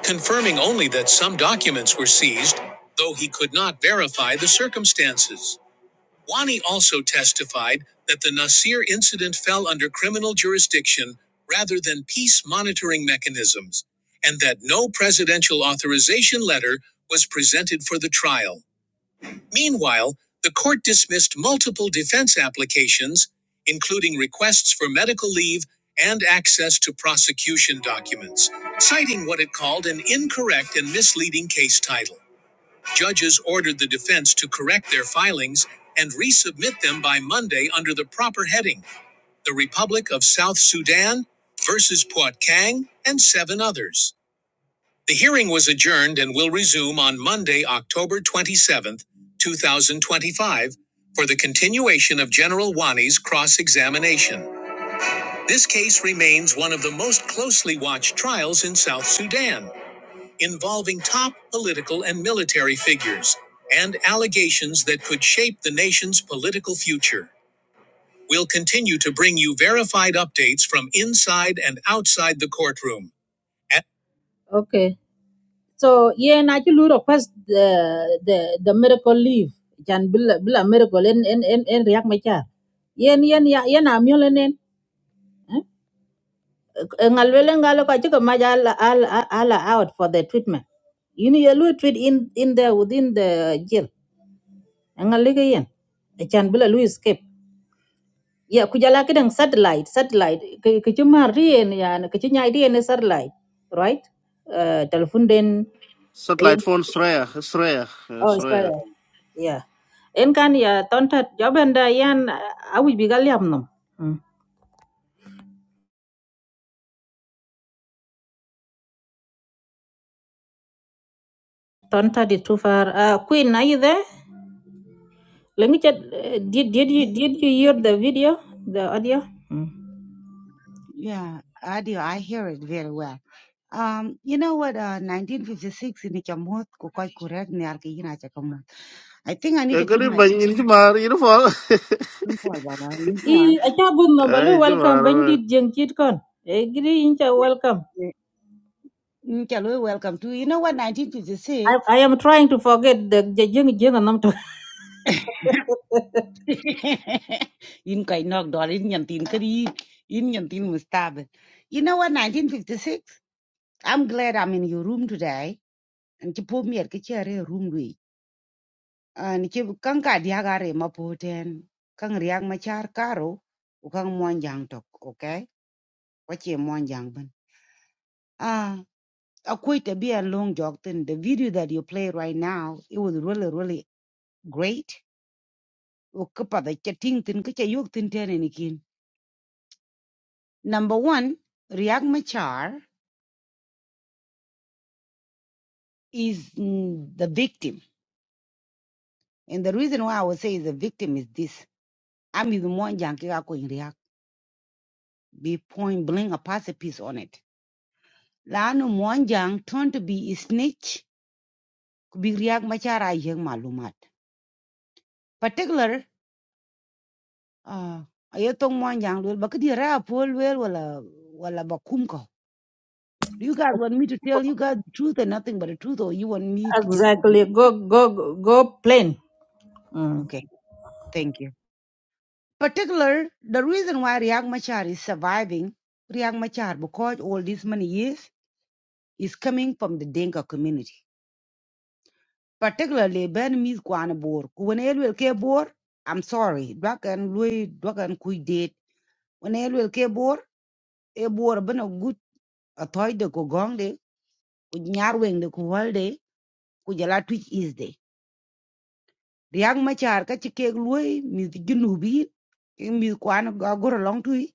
confirming only that some documents were seized, though he could not verify the circumstances. Wani also testified that the Nasir incident fell under criminal jurisdiction rather than peace monitoring mechanisms, and that no presidential authorization letter was presented for the trial. Meanwhile, the court dismissed multiple defense applications, including requests for medical leave and access to prosecution documents, citing what it called an incorrect and misleading case title. Judges ordered the defense to correct their filings and resubmit them by Monday under the proper heading The Republic of South Sudan versus Puat Kang and seven others. The hearing was adjourned and will resume on Monday, October 27th, 2025, for the continuation of General Wani's cross examination. This case remains one of the most closely watched trials in South Sudan, involving top political and military figures and allegations that could shape the nation's political future. We'll continue to bring you verified updates from inside and outside the courtroom. okay. so yeah na ci lu request the the the miracle leave can bila bila miracle en en en, en riak ma cha yen yen ya yen am yo lenen ngal wele ngal ko ci ko ma al al al out for the treatment you know you lu treat in in the within the jail ngal le yen can bila lu escape ya ku jala kedang satellite satellite ke ke ci mar rien ya ke ci nyaay rien satellite right uh, telephone den Satellite phone Sreya. Oh, it's Sreya. better. Yeah. En kan ya tonta jobenda yan uh, awi bigal yam nom. Mm. Tonta di too far. Uh, Queen, are you there? Let me check. uh, Did, did you did you Yeah, hear the video, the audio? Mm. yeah, I do. I hear it very well. Um, you know what? Uh, 1956 in Chamuth, Kukoi Kurek, Nyarkina Chakamut. I think I need to cái put này my bắn in gì chứ mà, hiểu không? for Baba in I for acha bun nombalu ai chứ mà, welcome bandit jeng chit kon. Agree incha welcome. in Chalwe. Welcome to you know what? I, 1956 I am trying to forget the the jeng jeng nom to. in Kai Nok Dor Yantin Kari in Yantin Mustab. You know what? 1956. I'm glad I'm in your room today. And you put me at Kichare room. an ci kan ka diagare mapoten kan riak machar karo u kan monjang tok okay wache monjang ban ah akwai a be a long jog tin the video that you play right now it was really really great u kapa da chatting tin ka yog tin tene nikin number 1 riak machar is mm, the victim and the reason why i would say is the victim is this i'm the monjang ki ka ko riak be point blank a pacific on it Lanu Mwanjang turned to be a snitch, big riak machara yeng malumat. Particular, uh, ayatong Mwanjang lul, bakadi ra pol wel wala, bakum ko. Do you guys want me to tell you guys the truth and nothing but the truth, or you want me to just to be? Exactly. Go go go plain. Hmm. Okay, thank you. Particular, the reason why Riak Machar is surviving, Riak Machar, because all these many years, is coming from the Denka community particularly ben Miss kwan bor ku wen will care bor i'm sorry dwak en lui dwak en kuj When wen will care bor e bor bena a athoy de ko gong de ku nyar weng de ku hol de ku jala twitch is de riak machar ka ci kek lui miss junubi Miss kwan agor long tui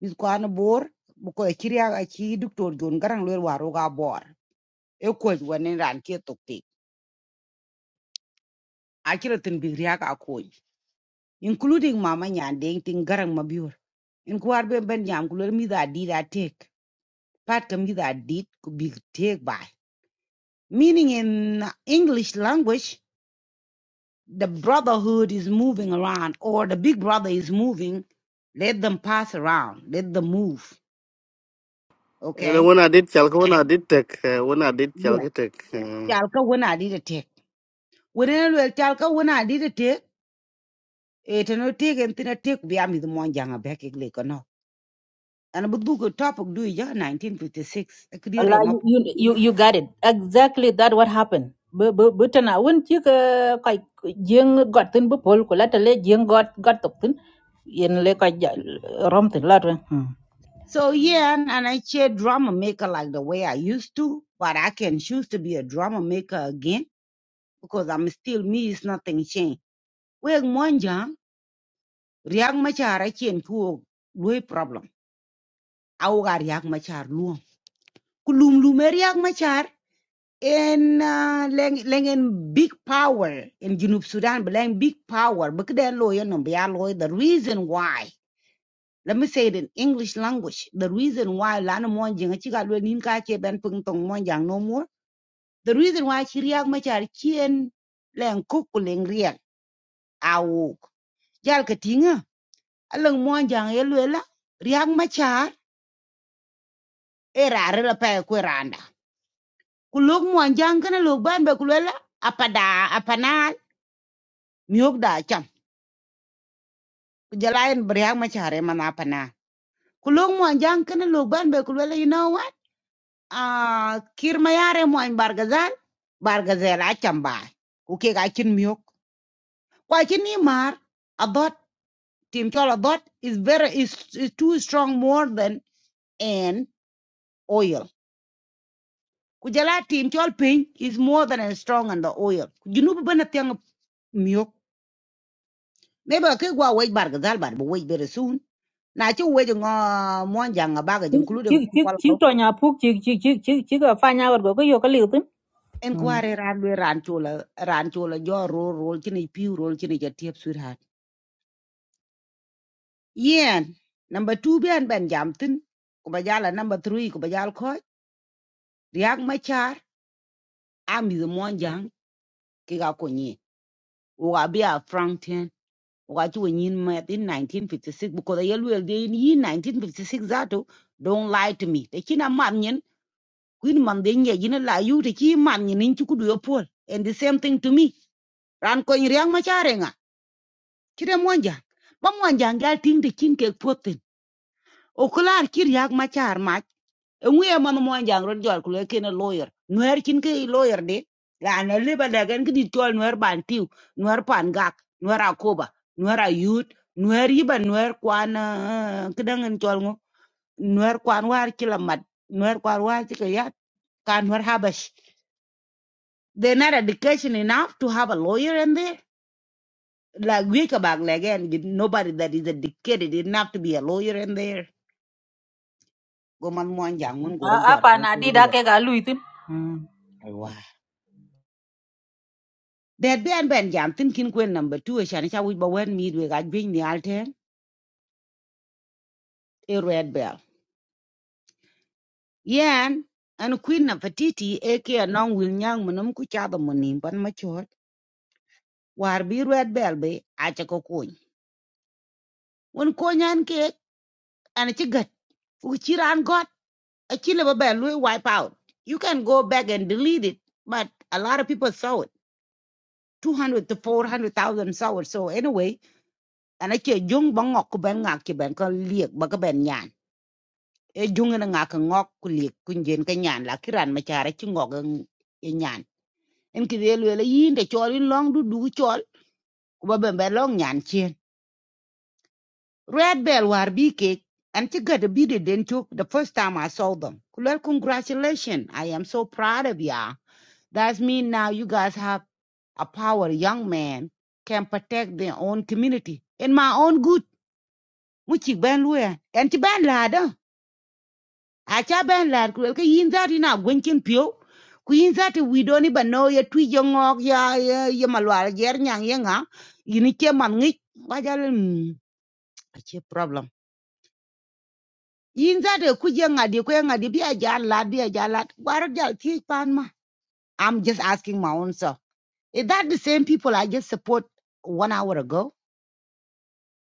Miss kwan bor because ko ci riak aci doctor John. garang lwel waru ga bor e kuj wen ran ke tok tek aci ratin bi riak a kuj including mama nyan deng ting garang mabior in kwar ben ben jam kulor mi da did I take part kam mi da did could be take by meaning in english language the brotherhood is moving around or the big brother is moving let them pass around let them move cái này okay wona điếc, chắc là wona điếc tech, wona điếc chắc yeah cái tech. talka wona did I take When I wona wel talka wona did I take it no take and tina take bi am the mon janga back igle ko no and but book topic do ya 1956 akdire Allah, you, you you you got it exactly that what happened bu bu bu tana won ci ka kay jeng got tin bu pol ko la tele jeng got got tok tin yen le ka rom tin la tin So yeah, and, and I share drama maker like the way I used to, but I can choose to be a drama maker again because I'm still me. It's nothing changed. Wek monjang riak machar achien kuo lui problem. Auga riak machar luom. Kulum lume riak machar en uh, leng leng en big power in Junub Sudan, but leng big power. Bukden lawyer no bia lawyer. The reason why. Let me say it in English language. The reason why lana monjang achiga luel nim ka che ben pung tong monjang no more the reason why she react much char chien len kuk ku len riak awuk jal ka tinga alang mon jang ye luela riak ma char e rare la pa ku jang kana lok ban be ku luela apada apanal miok da cham ku jalaen riak ma char e mana apanal ku lok mon jang kana lok ban be ku luela you know what ah kir ma bargazal bargazal bargazel ba ku ke chin miok kwa chin ni mar abot. Team Choladot is very is, is too strong more than an oil. Kujala Team Chol Ping is more than as strong than the oil. Junub bana tiang miok. Neba ke gwa wait bar gazal bar but wait very soon. Na chu wait ngo mon jang a baga ci including ci ci Choladot. to nya puk ci ci ci ci ci ka fa nya go ko yo ka li tin En Hmm. kware ran we ran chola ran roll roll chini piu roll chini jatiep sweetheart. Yen number two ben ben jam tin. Kubajala number three kubajal koi. Riak machar. Ami the mon jang ki ga Wabia Frankton, Waju when you met in 1956, because I will be in 1956 zato don't lie to me. The China Manyan, Queen Mandinga, you know, lie you, the Chi Manyan in Chukudu Paul. And the same thing to me. Ran coin Riang Macharenga, Chira Mwanja, Mamwanjanga ting the chin cake potin. Okular Kiriak Machar ngwe man mo jang ro jor ku ke na lawyer nwer kin ke lawyer de la na le ba da gan ki tol nwer ban tiu nwer pan gak nwer akoba nwer ayut nwer yiba nwer kwan eh, ke dangan tol ngo nwer kwan war ki la mat nwer kwan war ki ka yat kan nwer habash they not education enough to have a lawyer in there like we ka bag le again nobody that is educated enough to be a lawyer in there go man mo jang mun go a ro jor pa ku na ke di da ke lawyer ga lu tin Hmm. That be an ben jam thinking queen number two shan cha wich ba wen mid we ga jwing ni a red bell. Yan and queen na fatiti eke anong wil nyang munum ku cha da munim pan ma War bi red bell be Achako coin. One coin and cake, and a cha ko kuny. Won konyan ke an chi gat. you chi ran got a chi le ba bell we wipe out. You can go back and delete it but a lot of people saw it. 200 to 400,000 saw it. So anyway, and I chill jung bangok ku ben ngak ki ben ko liek ba ka e junga na ngaka ngok kulik kunjen ka nyan la kiran ma chara ci ngok e nyan en ki del wele yinde chol in long du du chol ku ba ben ba long nyan chien red bell war bi ke an ci gada bi de den chok the first time i saw them ku lel congratulations i am so proud of ya that's mean now you guys have a power young man can protect their own community in my own good mu ci ben luya en ci ben la da acha ben lar ku ke yin zat ina gwen pio ku yin zat wi do ni bano ye twi jo ngok ya ya ya malwal yer nyang ye nga yin che man ngi ba jal a problem yin zat ku je nga ku nga bi a jar bi a jar war jal ti pan ma i'm just asking my own self is that the same people i just support one hour ago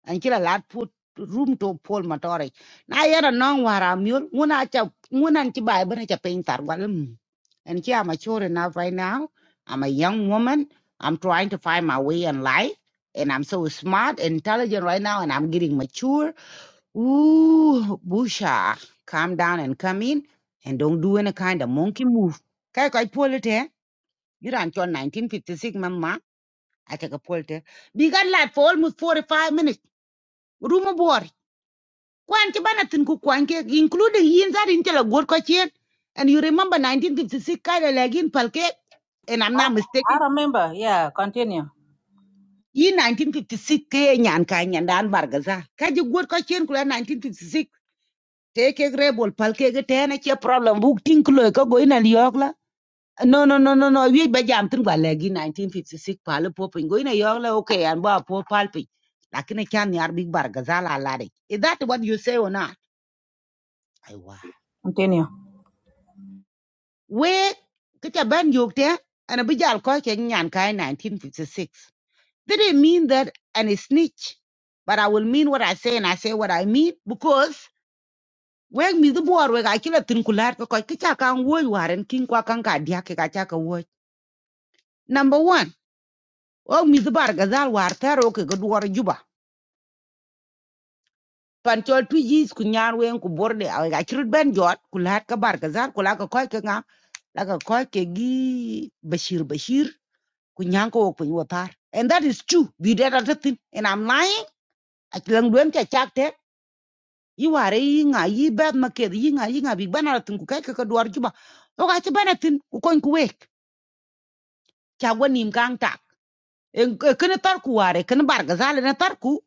an kila lat put room to pol matore na yara non wara miul nguna cha nguna ci bay bana cha pin tar walam and here I'm mature enough right now I'm a young woman I'm trying to find my way in life and I'm so smart and intelligent right now and I'm getting mature ooh busha calm down and come in and don't do any kind of monkey move Kaya kaya pull it polite you ran to 1956 mama I take a pull polite. Be got like for almost 45 minutes. Room aboard kwan ci bana tin ku kwan ke including yin that in tela god ko and you remember 1956 kala lagin palke and i'm not i mistaken remember yeah continue yi 1956 ke nyan ka nyan dan bargaza ka ji god ko chen kula 1956 take a rebel palke ke te na che problem buk tin kulo ko go ina yok la no no no no no wi ba jam tin gwa lagi 1956 pal popin go ina yok la okay an ba po palpi lakini kyan yar big bargaza la la de is that what you say or not continue wek ke ca ban yok te and abi jal ko ke nyan kai 1956 that didn't mean that and a snitch but i will mean what i say and i say what i mean because when mi the boar wek akila tin kular ko ko ke ca kan wo waren kin kwa kan ka dia ke ka ca ka wo number 1 o mi the bar gazal war taro ke go duwar juba pan chol tu yis ku nyar wen ku borde a ga kirut ben jot kulat ka bar gazal kulaka ko ke nga laka ko ke gi bashir bashir kunyanko wok piny and that is true We did det thing, and i'm lying I duen cha chak tek yi You yi nga yi bet maket yi nga yi nga bi bana tin ku kai ka duar juba to ka ci bana tin ku kon ku wek cha gwanim tak en e, kene tar ku ware kene bar ga na tar ku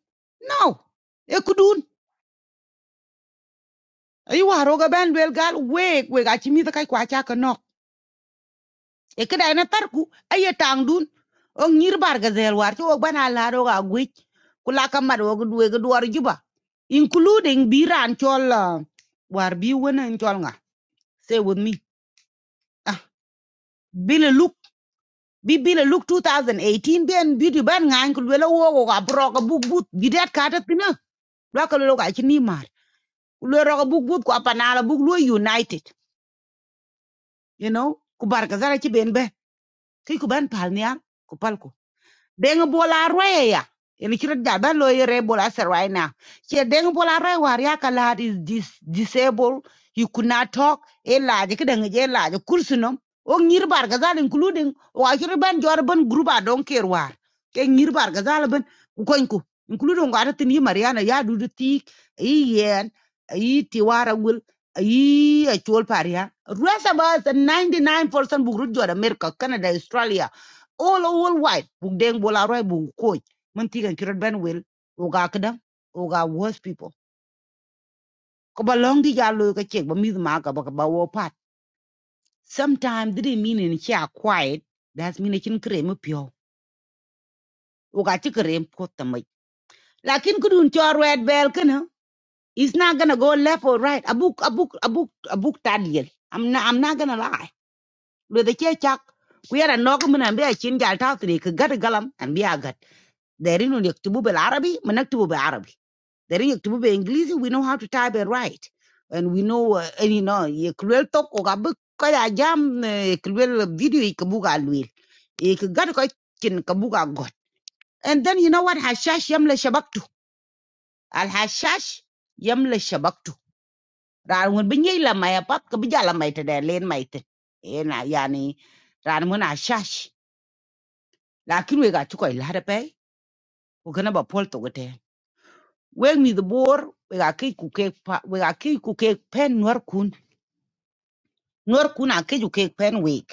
no e ku dun yi waro ga ben gal wake. wek a ci mi da kai e kida ina tarku aye tang dun on nyir barga zel war ci o bana la do ga gwe kula ka mad wo gdu ga duwar juba including biran chol ah, war bi wona chol nga say with me ah bile look bi bile look 2018 ben beauty ban ngan ku wela wo wo ga bro ga buk but bi det ka ta tina lo ka lo ga ci ni mar ku lo ro ga buk but ku apana la buk lo united you know ku barga zara ci ben be ki ku ban pal niya ku pal ko deng bola roya ya en kira da ban lo yere bola sir right now che deng bola roya war ya is dis, disabled you could not talk e laaji ki dang je laaji kursunum o ngir gazal ga zal including o akira ban jor ban gruba don ker war ke ngir bar ban ukoinku. kon ku including ngara tin mariana ya dudu tik ti yi tiwara yi ti wara gul yi a paria rest about 99% bugru jor america canada australia all all white buk deng bola roi buk koj man tigan kirot ben wel o ga kada o ga worse people ko ba long di ja ka chek ba mi ma ka ba ka ba wo pat sometimes didn't mean in cha quiet that's mean chin krem pio o ga chi krem pot tamai lakin kudun chor wet bel kana it's not gonna go left or right abuk abuk abuk abuk tadiel i'm not i'm not gonna lie lo the che chak ku yara nok mun an biya chin gal ta tri ka gat galam and be biya gat deri nun yaktubu arabi man arabi the ring to be English, we know how to type and write. And we know, uh, and you know, ye kulwel tok o gabu kaya jam eh, kulwel video ye kabuga lwil. Ye kagad koi kin kabuga got. And then you know what? Hashash yamle shabaktu. Al hashash yamle shabaktu. Ran when binye la maya pap kabijala maite da len maite. Ena yani ran when hashash. Lakin we got to koi larape. Ukana ba pol to gote. Wake me the boar. We got kikuke pa. We got kikuke pen nwar kun. nuer kun akeju kek pen wik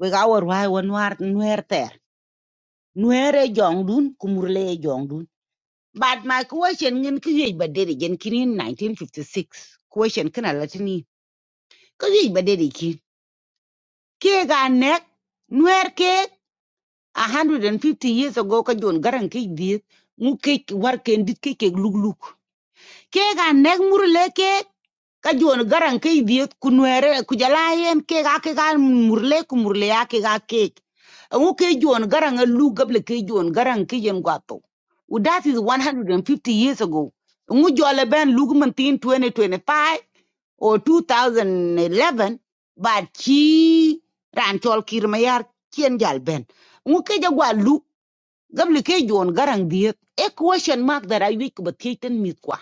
We awor wai wa nuar nuer ter nuer e jong dun kumur le e jong dun but my question ngin ki yej ba dede jen kini 1956 question kina latini ki yej ba dede kin kek a nek nuer kek 150 years ago ka jon garan kek diet ngu kek war kendit kek kek luk luk kek a nek mur le kek ka garang garan ke ibiet ku nwere ku jala murle kumurle murle ya ke ga ke ngu a lu gable ke garang garan guato. yen gwato that is 150 years ago ngu jole ben lu man 2025 or 2011 but ki ran chol kirmayar kien jal ben ngu ke lu gable ke garang garan diet a question mark that i week but kiten mit kwa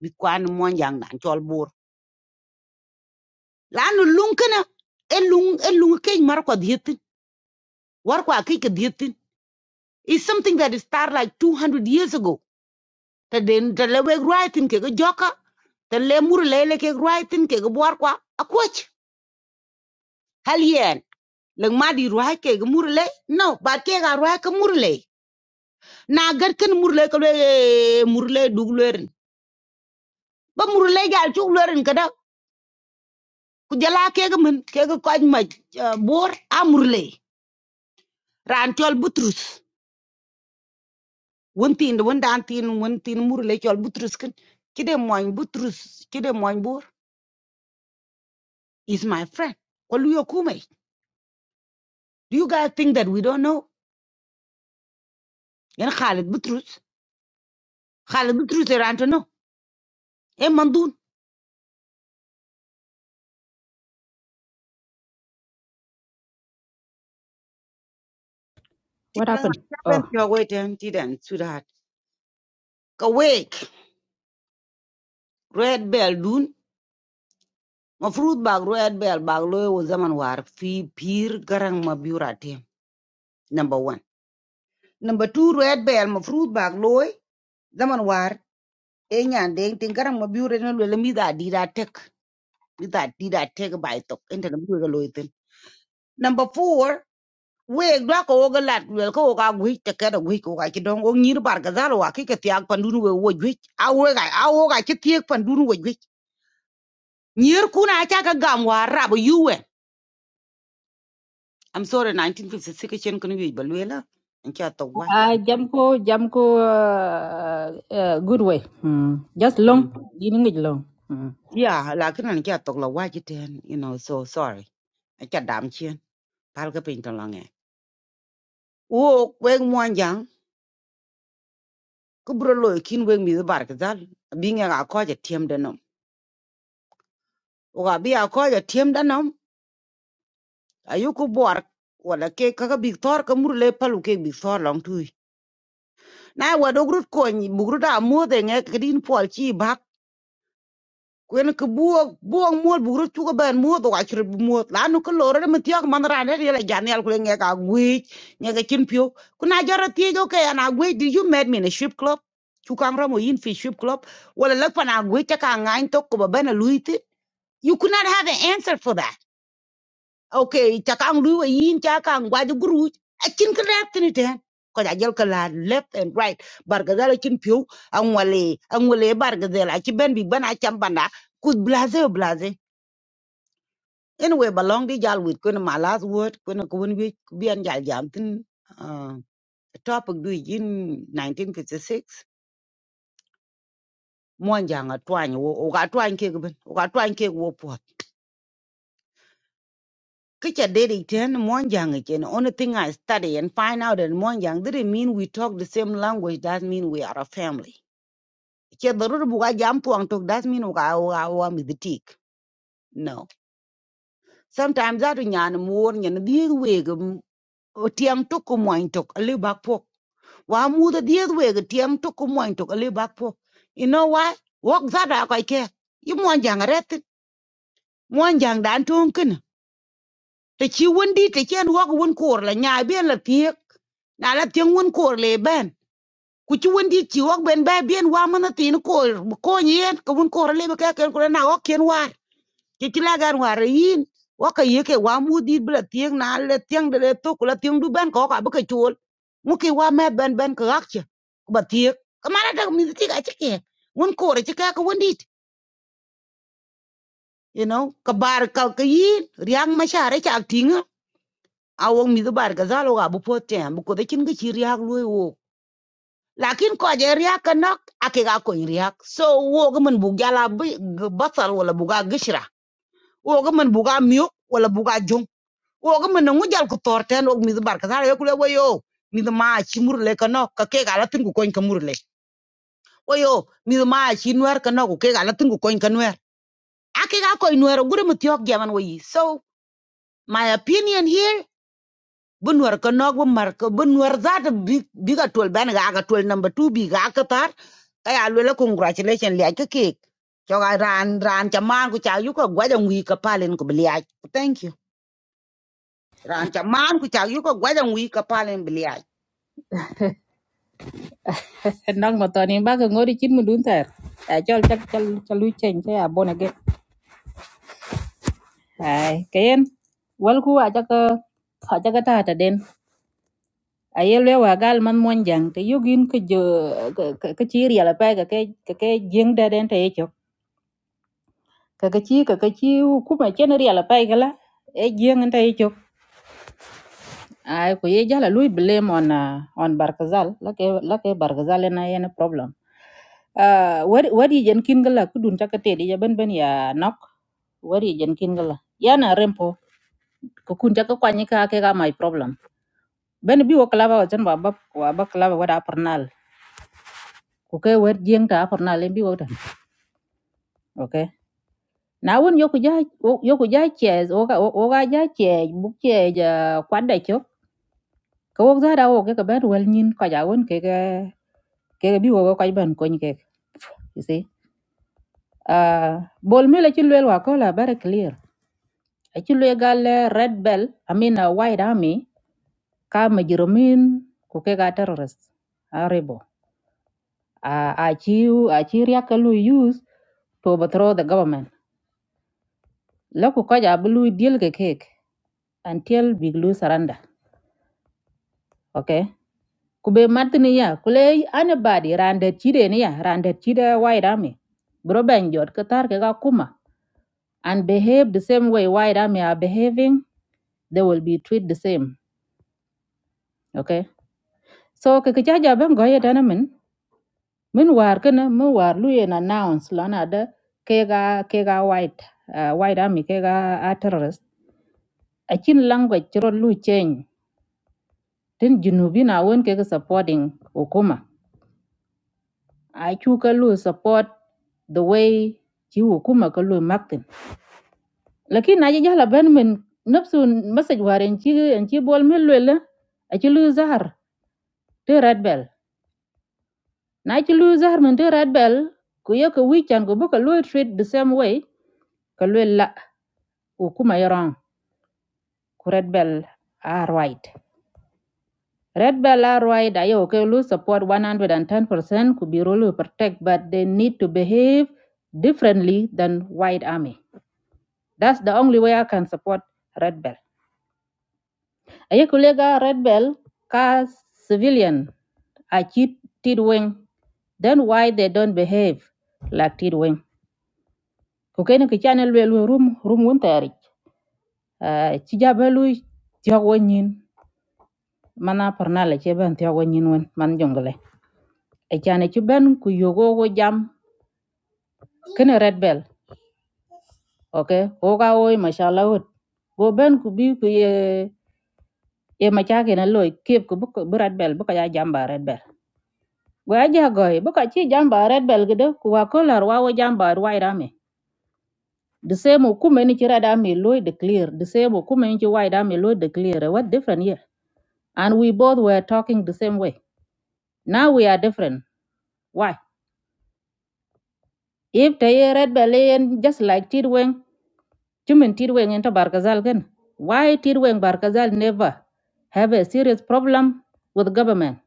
mit ni mon yang bor لانه اللون كنا اللون اللون كي مر قد يتن ور قا كي قد يتن is something that is start like 200 years ago ta den ta lewe writing ke joka the lemur lele ke writing ke ga a kwa akwach hal yen lang ma di ruai ke ga mur le no ba ke ga ruai ke mur na gar kan mur le le mur le ba murle le gal chu lerin ka da ku jala ke ga men ke ga kwaj ma bor a mur ran tol butrus wun tin wun dan tin wun tin mur le chol butrus kin kide moin butrus kide moin bor is my friend ko lu yokume do you guys think that we don't know yan khalid butrus khalid butrus er anto no e mandun What tiran happened? Oh, ben pyo weten tiran sudat ka wake red bell dun mafrut bag red bell bag lo yo zaman war fi pir garang ma biurate number 1 number 2 red bell mafrut bag loy zaman war e nyande tin garang ma biurate no le mi da di da tek Is that did I take a by of into the Google Luton. Number four, we black oga lat well ko ga gwi te kada gwi ko ga kidon o nyir not ga zalo wa kike tiak pandunu we wo gwi a wo ga a wo ga ki tiak pandunu we gwi nyir kuna ta ka gam wa rabo yuwe i'm sorry 1956 Can kun wi balwela and kya to watch uh, i'm sorry Jamco, Jamco, uh, uh, good way. Mm. Just long, Mhm. gini ngi long. Mm. yeah lakin an kya to la watch it and you know so sorry a kya dam chen pal ka pin to lange wo we mo ku buro loy kin wek mi bar ka zal bi nga ga ko ja tiem de nom o ga bi a ko ja tiem de nom ayu ku bor wala ke ka ga bi tor ka mur le palu ke bi tor long tu na wa do grut ko ni bu grut a mo de nge ka din pol chi bak kwen ka buo buo mo bu grut tu ka ben mo do ga chir bu mo la nu ka lo re mi tiak man ra ne le ja ne al ku nge ga gwe nge ga chin pio ku na jara ti jo ke na gwe di you met me in a strip club chu kam ra mo yin fi ship club wala lak pa na gwe ta ka ngain to ko ba ben a You could not have an answer for that. Okay, chakang lui wa yin chakang wa ju guru a chin ka lap tini ten. Ko ja jel ka la left and right. Bargadal a chin piu ang wale ang wale bargadal a chi ben big ben a cham banda kud blase o blase. Anyway, belong di jal wit kuna my last word kuna kun wi bian jal jam tin uh, topic du in 1956 mwan janga twany wo ga twany ke ben ga twany ke wo Kicha did it and Monjang again. Only thing I study and find out that Monjang didn't mean we talk the same language. That mean we are a family. Che darur buga jampu ang talk. That mean uga with the miditik. No. Sometimes that nyan more and the other way. nyan dieg weg A little back tok Why bak pok. Wa muda dieg weg tiang tok kumoin A little back pok. You know why? Walk that out I care. You Monjang ret. Monjang dan tongkin. te ci won di te chen wok won kor la nya ben la piek na la tien won kor le ben ku ci won di ci wok ben ba ben wa mana tin kor ko nyen ko won kor le ka ken ko na wok ken war ci ci la gan war yin wok ye ke wa mu di bla tien na le tien de le to ko la tien du ben ko ka bu ke chul mu ke wa me ben ben ka ak ci ko ba tiek ka mara da mi ti ga ci ke won kor ci ka ko won di you know ka bar kal ka yin riang ma share ci ak awong mi bar ga zalo ga bu potem ko de kin ga chi riak lui wo lakin ko je riak ka ake ga ko riak so wo ga man bu gala bu ga basal wala bu ga gishra wo ga man bu ga miyo wala bu ga jong wo ga man ngu jal ko torten og mi bar ga zalo ko le wo yo mi ma chi murle ka ka ke ga tin ko kon ka murle wo yo mi ma chi nwer ka ke ga tin ko kon ka nwer ake ga ko nwer gure mu tyok jaman wo yi so my opinion here bu nuwar ko nok bu mar ko bu nuwar zata bi bi tol ban ga ka tol number 2 bi ga ka tar ka ya lo congratulation li ka ke cho ga ran ran cha man ku cha yu ko gwa jang wi ka palen ko bli ai. thank you ran cha man ku cha yu ko gwa jang wi ka palen bli ai Nang matani ba ka ngori chin mudun tar. Ah, Chal chal chal chal lu chen che abon again. Ai, kayen. Wal ku aja ka aja ka ta ta den. Ayel le wa gal man monjang te yogin ke jo ke ke chiri ala pa ka ke ka ke jeng da den te kakachi kakachi kuma chen ria la pai gala e jeng nta e chok ai ko ye jala lui blame on uh, on barkazal lake lake barkazal na yen problem uh, wari wari jen kin gala kudun takate di jaban ban ya nok wari jen kin gala yana rempo ko kun jaka kwanye ka ke ga my problem ben bi wo klaba wa chen wa bab wa bab klaba wa da pernal ko ke wer jeng ta pernal bi wo tan okay na won yoku ja yoku ja che wo ga wo ga ja che bu che ja kwada che ka wok zara wo ke ka ben wel nyin ka ja won ke ke ke bi wo ka ben ko ke you see uh bol mi la ci lwel wa ko la bare clear a ci lwe gal eh, red bell i mean a white army ka ma jiromin ku ke ga terrorist a rebo a a ci a ci riak lu use to overthrow the government la ku ka ja bu lu deal ke kek until big lu surrender okay kube martini ya kule anybody rande chide ni ya randet chide white army bro ben jot katar ke ga kuma and behave the same way white army are behaving they will be treated the same okay so ke ke jaja ben go yeta na min min war kana min war lu yen announce lana da ke ga ke ga white uh, white army ke ga a terrorist a language ro lu change tin junubi na won ke ga supporting hukuma acu ka lu support the way ci hukuma ka lu maktin lakin aji jahla ben min nafsu masaj war en ci en ci bol min lwela aci lu zahar te red bell na ci lu zahar min te red bell ku ye wi can ko bu lu treat the same way ka lwel la hukuma yaran ku red bell are right red bell are right ayo ka lu support 110% ku biro lu protect but they need to behave differently than white army That's the only way I can support Red Bell. Aye kulega Red Bell ka civilian I cheat Tid Then why they don't behave like Tid Wing? Kukeni ki channel welu room room wuntari. Chijabelu tiagwanyin mana parnala cheben tiagwanyin wen man jungle. E chane chuben ku yogo go jam kene Red Bell. Okay, oga oi mashallah Go ben ku bi ku ye ye machake na loy kep ku bu bu Red Bell bu ka ya jamba Red Bell. gwaja goy boka chi jamba red belgedo kuwa kolar wawo jamba white army the same okume ni chira da me loy declare the same okume ni chi white army loy declare what different here and we both were talking the same way now we are different why if they red bellion just like tidweng chumen tidweng into barkazal again? why tidweng barkazal never have a serious problem with government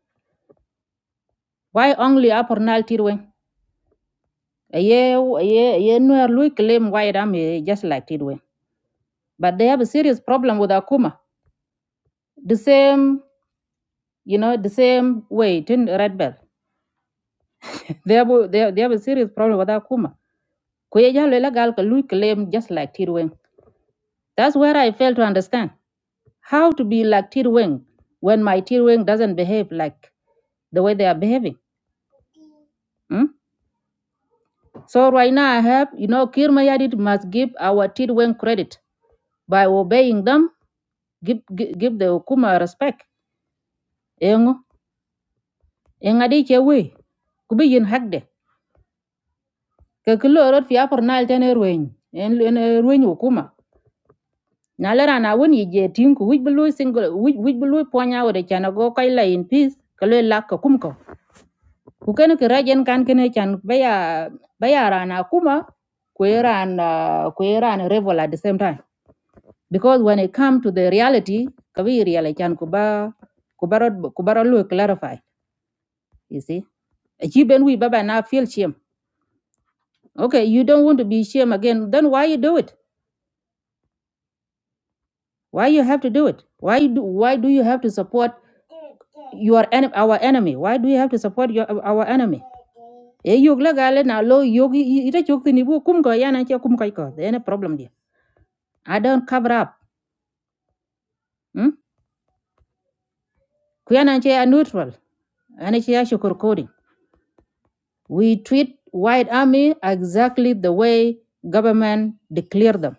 why only apornal tidweng aye aye aye no loy claim white army just like tidweng but they have a serious problem with Akuma. The same, you know, the same way in Red Bell. they have they they have a serious problem with Akuma. Kuyejalela gal ka lui claim just like Tirweng. That's where I fail to understand how to be like Tirweng when my Tirweng doesn't behave like the way they are behaving. mm? So right now I have, you know, Kirmayadit must give our Tirweng credit by obeying them. Give give, give the Okuma respect. Engo, engadi chewe, kubi yin hakde. ke ki lo rot fiya por nal tene rueny en en rueny hukuma na le rana won yi je tin ku bulu single wich wich bulu ponya wore chana go kai la in peace ke le lak ko ku ken ke rajen kan kene chan baya baya rana kuma ku ran ku ran revel at the same time because when it come to the reality ka wi real e chan ku ba ku barot ku barot clarify you see a chi ben wi baba na feel shame okay you don't want to be shame again then why you do it Why you have to do it? Why do why do you have to support your en- our enemy? Why do you have to support your our enemy? E yog la gale na lo yogi ita chok tini bu kum ko yana che kum kai ko. There no problem there. I don't cover up. Hmm? Kuyana che a neutral. Ani che a shukur coding. We treat white army exactly the way government declare them.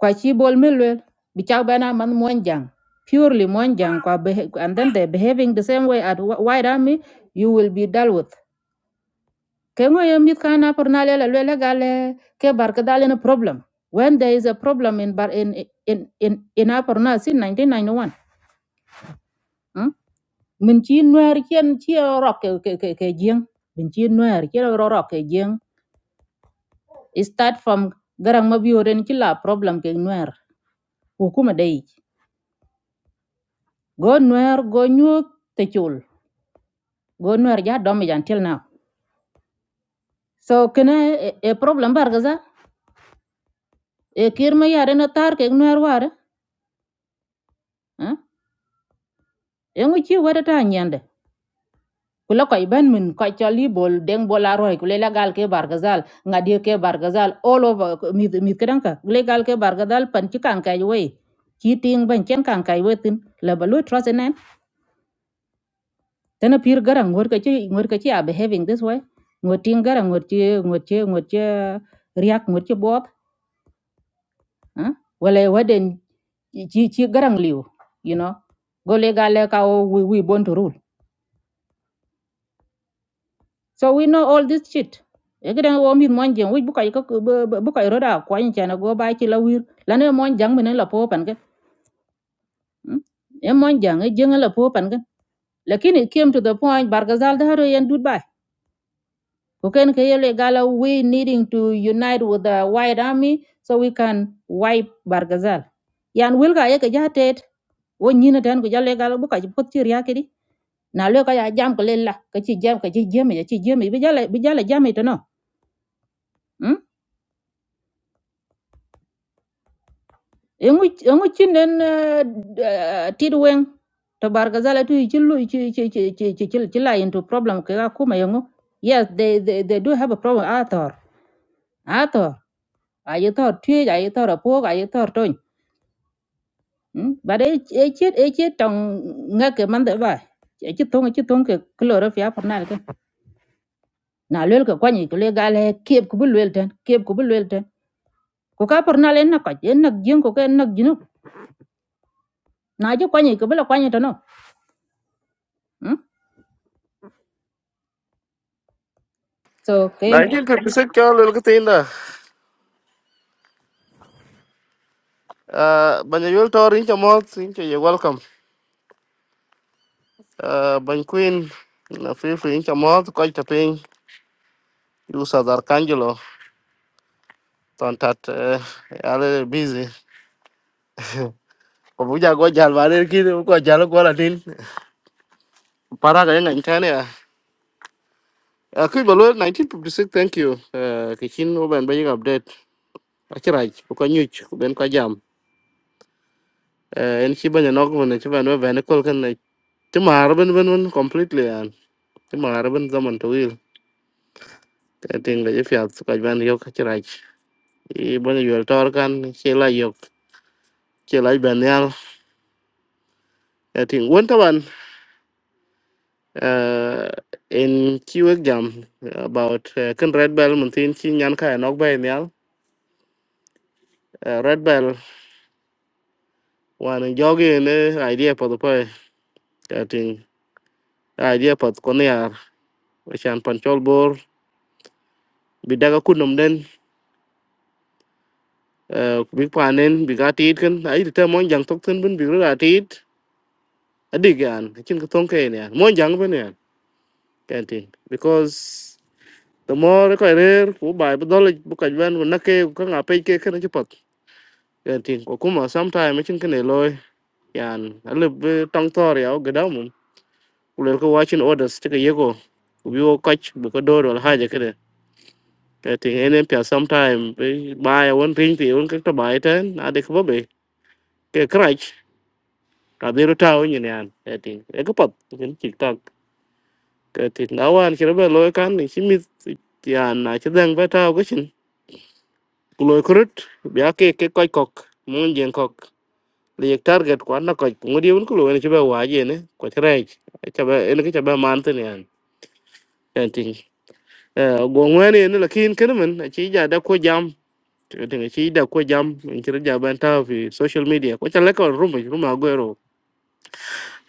Kwa chi bol milwe bichak bana man monjang purely monjang kwa behe- and then they behaving the same way at wh- white army you will be dealt with ke ngo mit kana por la le gale ke bar ke dal problem when there is a problem in bar in in in in a por na 1991 hmm? min chi nuer chen chi ro ke ke ke ke jing min chi nuer chi ro ro ke jing It start from garang ma bioren chi la problem ke nuer ko kuma dei go nuer go nyu te chul go nuer ja dom jan till now so kena a problem bar gaza e kirma yare na tar ke nuer war eh? engu chi wada ta nyande kula koy ben min koy cholli bol deng bola roy kule la gal ke bargazal ngadi ke bargazal all over mi mi kedanka kule gal ke bargazal pan ci kan kay we ci ting ban ken kan kay we tin la balu trust nen tena pir garang ngor ka ci ngor ka ci a behaving this way ngor ting garang ngor ci ngor ci ngor ci riak ngor ci bop ah wala waden chi chi garang liu you know gole gal ka we we born to rule. So we know all this shit. Ekede wo mi mon jeng wuj buka yiko buka roda kwa nyi chana go ba chi la wir. La ne mon jang mene la po pan ke. hmm? E mon jang e jeng la po pan ke. Lakini it came to the point Bargazal da haro yen dud bai. Koken ke yele gala we needing to unite with the white army so we can wipe Bargazal. Yan wilga yeke jatet wo nyina tan ko jale gala buka chi pot chi riya kedi. Na le ka ya jam ko le la ka chi jam ka chi jam ya chi jam e, bi jale bi jale jam e to no. hmm? yongu chinen tidwen to bargazala tu chilu chi chi chi chi chi chi chi la into problem ka kuma yongu yes they, they they do have a problem athor athor ayathor tui ayathor apog ayathor ton but e chet e chet tong ngake mande ba e chet tong chet tong ke kloro fia pornal ke na lel ke kwani ke le gale kep ku bulwel ten kep ku bulwel ten ko ka pornal en na ka en na jin ko ke en na jinu na je kwani ke bela kwani to no so ke này thì cứ biết kiểu lối cái thế nào. à, bắn nhiều tour như thế mà, như thế welcome. à, bắn queen, nó free free như thế mà, có chút pain, dù sao là canh giờ, tontat, à, bận, busy. có bây giờ có chơi bài thì cũng có chơi được gọi là gì? para cái này như thế này à? Uh, Kui Balwell, 1956, thank you. Uh, Kichin Uben Bayig update. Achiraj, Uka Nyuch, Uben Kajam. Uh, En Shiba Nyanogman, Shiba Nwe Venekol Kan, Chima Arban Ben Ben completely, and Chima Arban Zaman to Will. I think the Jeffia Sukajban Yok Achiraj. Ibon Yuel Torkan, Chela Yok, Chela Banyal. I think Winterman, uh, in Chiwek Jam, about uh, Kan Red Bell, Muntin Chin Yanka, and Ogba Nyal. Uh, Red Bell wana jogi ne idea pad pa yatin idea pad kon yar chan pancol bor bi daga kunum den eh, bi panen bi gatit kan ai ta mon jang tok ten bin bi ratit adig yan chin ko ton ke yan mon jang ben yan kantin because the more ko rer ku bai bu dol bu ka ben na ke ko nga pe ke kan chi pat kantin ko kuma sometime chin kan ne loy yan alib tong tor yaw gadam kulel ko watching orders tika yego ubi wo koch bu ko dor wal haja ke cái tiếng anh em phải sometime với bài vốn phim thì vốn các bài trên à để có bị cái crutch cả đi rồi tao như này cái tiếng cái cấp cái chỉ tao cái tiếng nào anh khi nó về lối cán thì xin mi thì anh nói chứ đang về tao cái chuyện lối khruột bây cái cái coi cọc muốn giang cọc liệt target quá nó coi cũng đi vốn cái lối này chỉ về hoài gì nữa có thế này chỉ về cái chỉ về man thế này cái tiếng ờ gồm cái này nó là khi cái nó mình chỉ giờ đã có jam Dengan si ida ko jam in kira jaban ta fi social media ko chala ko ruma ruma gwero.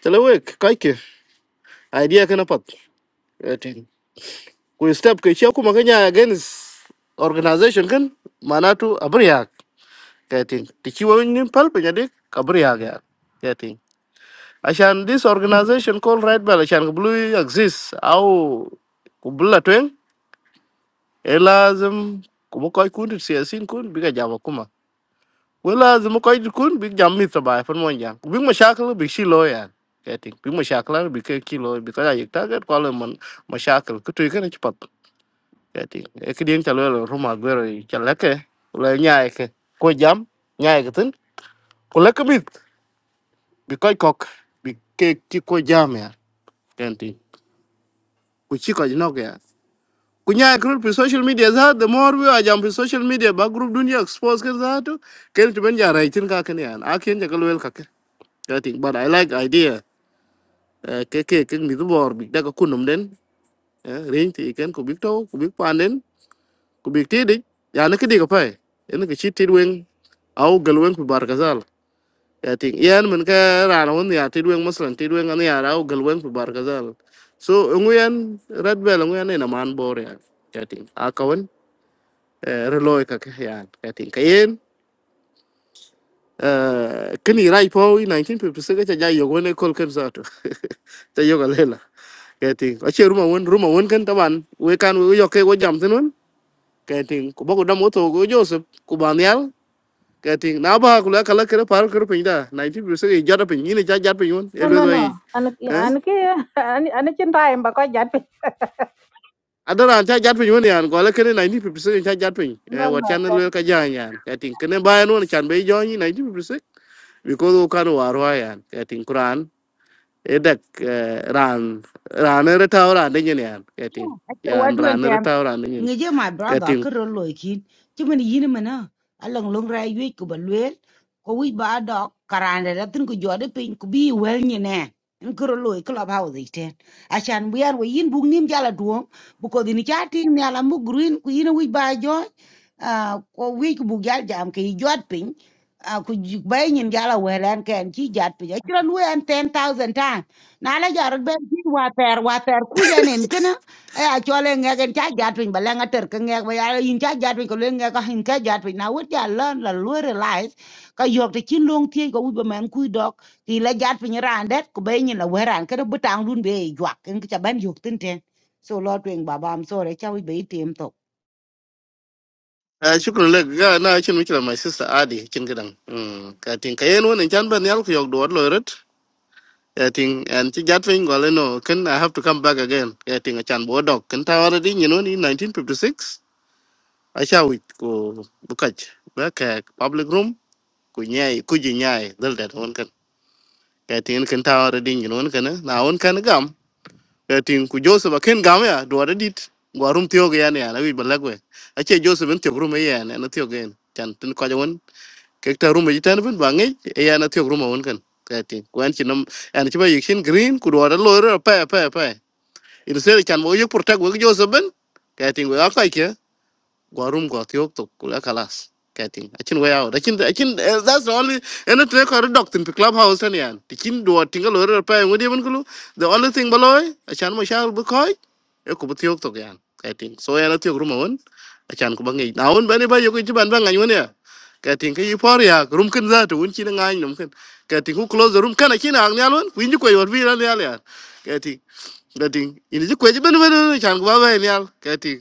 Chala we kai ke idea kana pat. Etin. Ko step ke shi kuma kanya against organization kan manatu abriya. Kating. Tiki wa nin pal pe nyade kabriya ga. Kating. Ashan this organization called Red Bell ashan blue exists au kubla twen elazim kuma kai kun siyasin kun biga jama kuma. vừa là dùm quay đi cũng bị jam hết cả iphone một giang, bị mất sạc luôn bị xì loay ăn, bị mất sạc luôn bị kéo kilo bị có đại dịch ta cái còn lại mất sạc luôn, cứ chơi cái này nhanh quá, cái tiếng chơi luôn rồi, rumaguer rồi chơi lắc cái, lấy nhảy cái, quay jam nhảy cái tin, quay lắc miết bị quay cọc bị kéo khi quay jam vậy, cái tiếng, cuộc chi cái gì nó vậy, quay nhảy cái rồi trên social media, za the more we are jam trên social media, background dunya expose cái đó, cái chúng mình giờ ra thì không có cái này, không có cái này cái luôn cái Kating, but I like idea. Uh, keke keng ni tu bor big da ko kunum den. Uh, ring ti ken ko big to, ko big pan den, ko big ti dik. Ya ne kidi ko pai. Ene ke chit ti weng au gal weng pi bar kazal. Ya ting yan men ka rana won ya ti weng maslan ti weng an ya au gal weng pi bar kazal. So nguyen red bell nguyen ena man bor ya. Ya akawan reloy ka ke yan. Ya ting kayen Uh, kini rai po i 1956 cha jai yogo ne kol ken zato cha yoga lela keti ache ruma won ruma won ken taban we kan we yoke go jam tenun keti ko bogo dam oto go joseph ku banyal keti na ba ku la kala kere par kere pinda 1956 i jada pin ni cha jat pin won No, elo no, do no. i An eh an ki an an chin time ba ko jat adara cha jat pin won yan ko la kere 1956 cha jat pin eh No, wat no. chan te- lo ka jan yan keti kene bayan won chan be jo ni 1956 because o kan waro yan keti quran edak ran ran ne retaw ran de nyen yan ketin yan ran ne wa retaw ran de nyen ngeje my brother ketin kero loy kin chimen yin mena along long ra yue ko balwel ko wi ba dok karande da tin ko jode pin ko bi wel ni ne en kero loy club house iten achan biar we yin bug nim jala duom bu ko dini chatin ni ala mu green ku yin wi ba jo ah, ko wi ko bug jal jam ke jot pin ah, ku bay nyin jala welan ken chi jat pin chiran we an 10000 tan na la jarot ben chi wa ter wa ter ku janen e a chole nge ken cha jat pin bala nga ter ke nge ba ya in cha jat pin ko le nge ka hin ka jat pin na wut ya lan la lu realize ka yok te chin long tie ko u ba man ku dok ti la jat pin ran det ko be ni la weran ke bu tang dun be i ken cha ban yok tin ten so lo twen baba am sore cha u be i to shukran lek ga na chin mikra my sister adi chin gidan ketin kayen won chan ban yal ku yog do lo ret ketin and ti jat fin gole no ken i have to come back again ketin chan bo dok ken tawara di nyen won 1956 acha wit ko bukaj ba ka public room ku nyai ku ji nyai dal dat won kan ketin ken tawara di nyen won kan na won kan gam tin ku joseph aken gam ya dwar dit warum tiyo ge yan ya na wi balagwe ache joseph en tiyo rume ya na na tiyo gen chan tin ko jawon ke ta rume jitan ben bange ya na tiyo rume won kan ka tin ku an chinom an chiba yikshin green ku dwar lo ro pa pa pa in se chan mo yek portag we joseph ben ka tin we akai ke gwarum gwa tiok to kula kalas kating achin way out achin achin eh, that's the only and it record doctor, in the clubhouse and yan tikin do tinga lo re pa ngodi man kulu the only thing baloy achan mo shal bu koy e ku tiok to yan kating so yana tiok rum won achan ku bangi na won bani ba yoku jiban ba ngani won ya kating ka yipor ya rum kin za to won chin ngani num kin kating ku close the room kana chin ang nyal won ku inji ko yor vi ran yal ya kating kating inji ko jiban ban chan ku ba ba nyal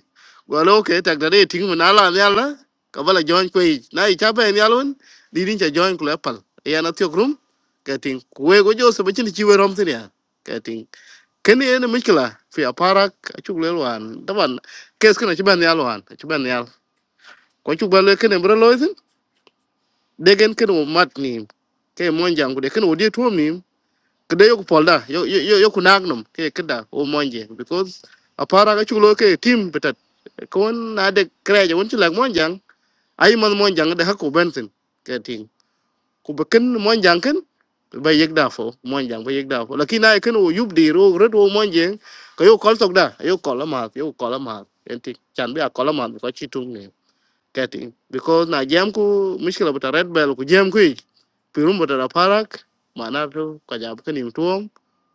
wala okay tak dare ting mun ala ni ala ka bala join ko na i chabe ni alun di din cha join ko lepal ya na tiok rum ka ting we go jo se bachin chi we rom tin ya ka ting ken ye ne mikla fi aparak chu le wan taban kes kana chi ban yal wan chi ban yal ko chu ban le ken bro lo tin de gen ken mo mat ni ke mon jang de ken o de tuom ni ke de yo ko polda yo yo yo ku nag num ke keda o monje because aparak chu lo ke team betat kon na de kreje won chi lag mon ay man mon jang de hakku bensin ke ting ku be ken mon jang ken be yek da fo mon jang be yek da fo lakin ay ken wo yub di ro red wo mon jeng ko yo kol tok da yo kol ma yo kol ma en ti chan be a kol ma ko chi tung ne ke ting because na jam ku mishkila buta red bell ku jam ku pirum buta da parak mana to ka jab ken im tuom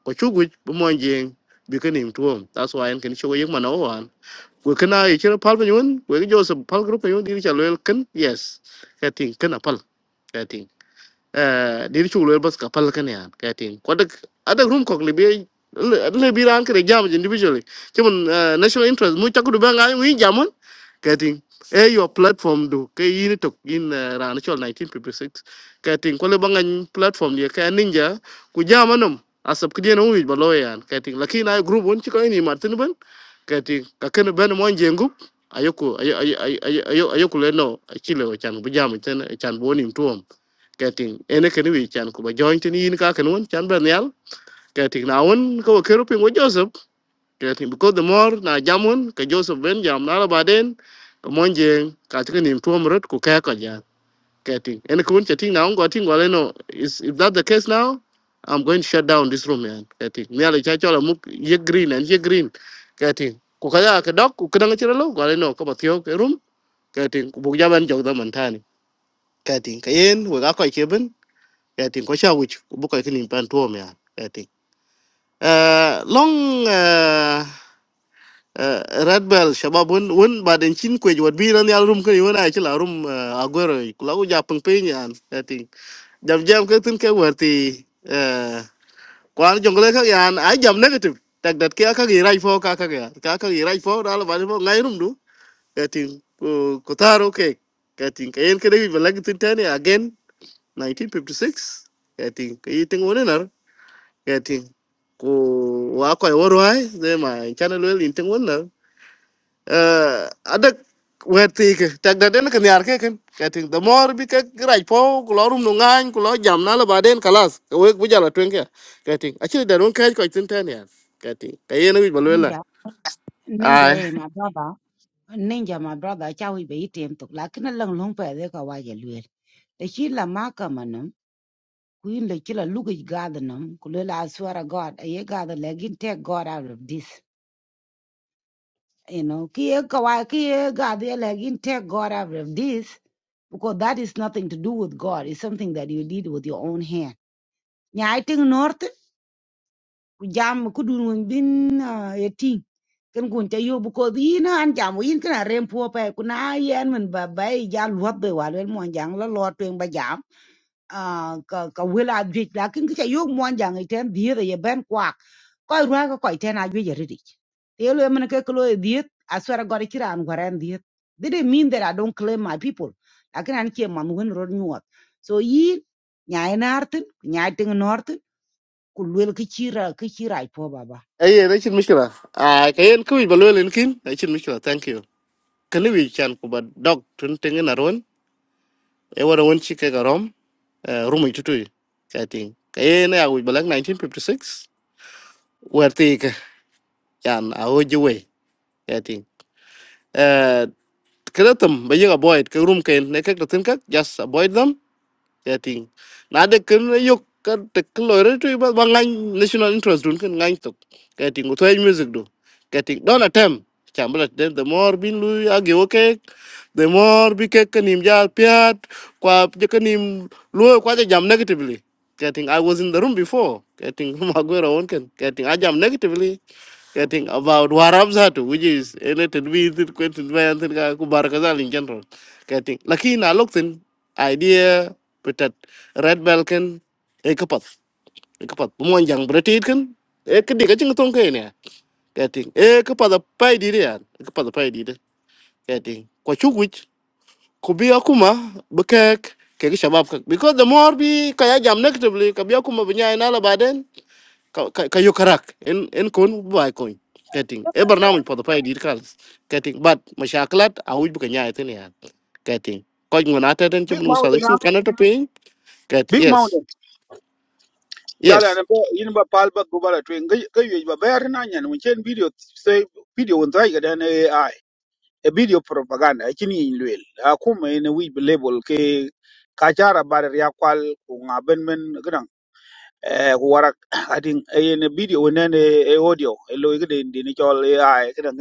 ko chuguj bu mon jeng bi ken im tuom that's why en ken chugo yek mana wan gue kana ye chira pal pe gue we jo se pal group pe yun dir cha ken yes ka ting ken apal ka điều chung là phải bắt gặp phải cái này à, cái tiếng có đợt, ở đợt group của người bị, người bị ràng cứ rèn giang một individual, chỉ một national interest, muốn chắp được bang này, muốn gì à, cái tiếng, ở your platform đó, cái gì đó, cái national nineteen paper six, cái tiếng, có lẽ bang này platform này, cái ninja, cứ giang mà nó, à, sắp cái gì nó mới bị lôi ra à, cái tiếng, lúc khi này group bọn chích cái gì, Martin ban, cái tiếng, cái cái bên muốn dừng gốc, ai yêu cô, ai yêu, ai yêu, ai yêu, ai yêu, ai yêu cô này nó, cái gì đó, cái tiếng, bây giờ mình truồng getting ene kene wi chan kuba join tin yin ka kan won chan ben yal getting na won ko kero pin wo joseph getting because the more na jamun ka joseph ben jam na la baden ko mon jeng ka tin nim tuom rot ku ka ka ja getting ene kun chating na won go tin wale no is if that the case now i'm going to shut down this room man getting me ala cha chola muk ye green and ye green getting ku ka ya ka dok ku kan ngachira lo wale no ko ba thio ke room getting ku bu ja ben jog da man tani getting kayen we ga ko ke ben I think kwa sha which buka kini mpan tuo mea. I think. Uh, long uh, uh, red bell shabab won won baden chin kwej wat bi ran yal rum kani wona chila rum uh, agwero kula u ja pung pe nyan. I think. Jam jam ke tin ke warti uh, kwan jongle ka yan ai jam negative. Tak dat ke aka gi rai fo ka ka ga. Ka ka gi rai fo dal ba fo ngai rum du. I think ko ko taro ke. I think kayen kede bi balag tin tane again 1956. I think kayiting wonenar getting ku wa ko wor wai de ma chana lo lin tin won na eh adak wer ti ke tak da den kan yar ke kan getting the more bi ke graj po ku lo rum no ngan ku lo jam na la ba den kalas ke we bu jala twen ke getting achi da ron kaj ko tin ten ya getting kayen wi balwela ninja ninja ai e ma baba ninja ma brother cha u be i to la ken lang long pe de ka wa ye lu te chi la ma ka Queen the chila look at God nam kulela I swear to God I ye God legin take God out of this you know ki ye kawa ki ye God ye legin take God out of this because that is nothing to do with God it's something that you did with your own hand nya I think north ku jam ku dun won bin ah, ye ting kan kun ta you. because yin an jam yin kana rem po pa ku na yen man ba ba ya luat be wa le mon jang la lo twen ba jam ah, ka ka wela jik la kin ka yo mon jang iten dire ye ben kwa koy ruai ko koy ten ajwe yeririch te lo emene ke klo ediet aswera gori kira an gwaren diet they didn't mean that i don't claim my people lakin an ke man wen rod nyuot so yi nyai nartin nyai ting nortin ku lwel ki chira ki chira ipo baba ai ne chin mishkila ai kayen ku wi balwela kin ai chin mishkila thank you kan wi chan ku ba dog tun tin na ron e wara won ci ke garom rumu tutu ka ting ka ye na ya wi balak 1956 wer ti ke yan a o ji we ka ting eh kreatum ba ye avoid ke rum ke ne ke tin ka just avoid them ya ting na de ken yok ka te klore tu ba ba ngan national interest dun ken ngan tok ka ting to ay music do ka ting don atem chambla den the more bin lu age okay the more bi ke kanim ja piat kwa je kanim lu kwa je jam negatively ka ting i was in the room before ka ting ma gwero won ken ka ting i jam negatively getting about waramzatu which is related with question by antin ka kubar kazal in general getting lakini alokten idea betat red balkan e kapat e kapat mon jang kan e kedi ka ching tong kene getting e pai di ya kapat a pai di getting ko chuguch ko bi akuma bekek shabab ka because the more bi kaya jam negatively ka bi akuma binya baden ka ka ka yo karak en en kon bay ko kating e barnamij podo pay dir kal kating but mashaklat a wuj bu ka nyaay tin ya kating ko ngona ta den chum big nu sa mountain chu ah, kana to pin kat big yes mountain chala na yes ba yin ba pal ba gobala twen ga ga yoy ba bayar na nyan mun chen video say video on try ga ai a video propaganda kini yin lwel a kuma yin we label ke ka jara bar ya kwal ko ngaben men gran eh ko warak adin yin video ne ne e audio e lo ga den din chol ai gadan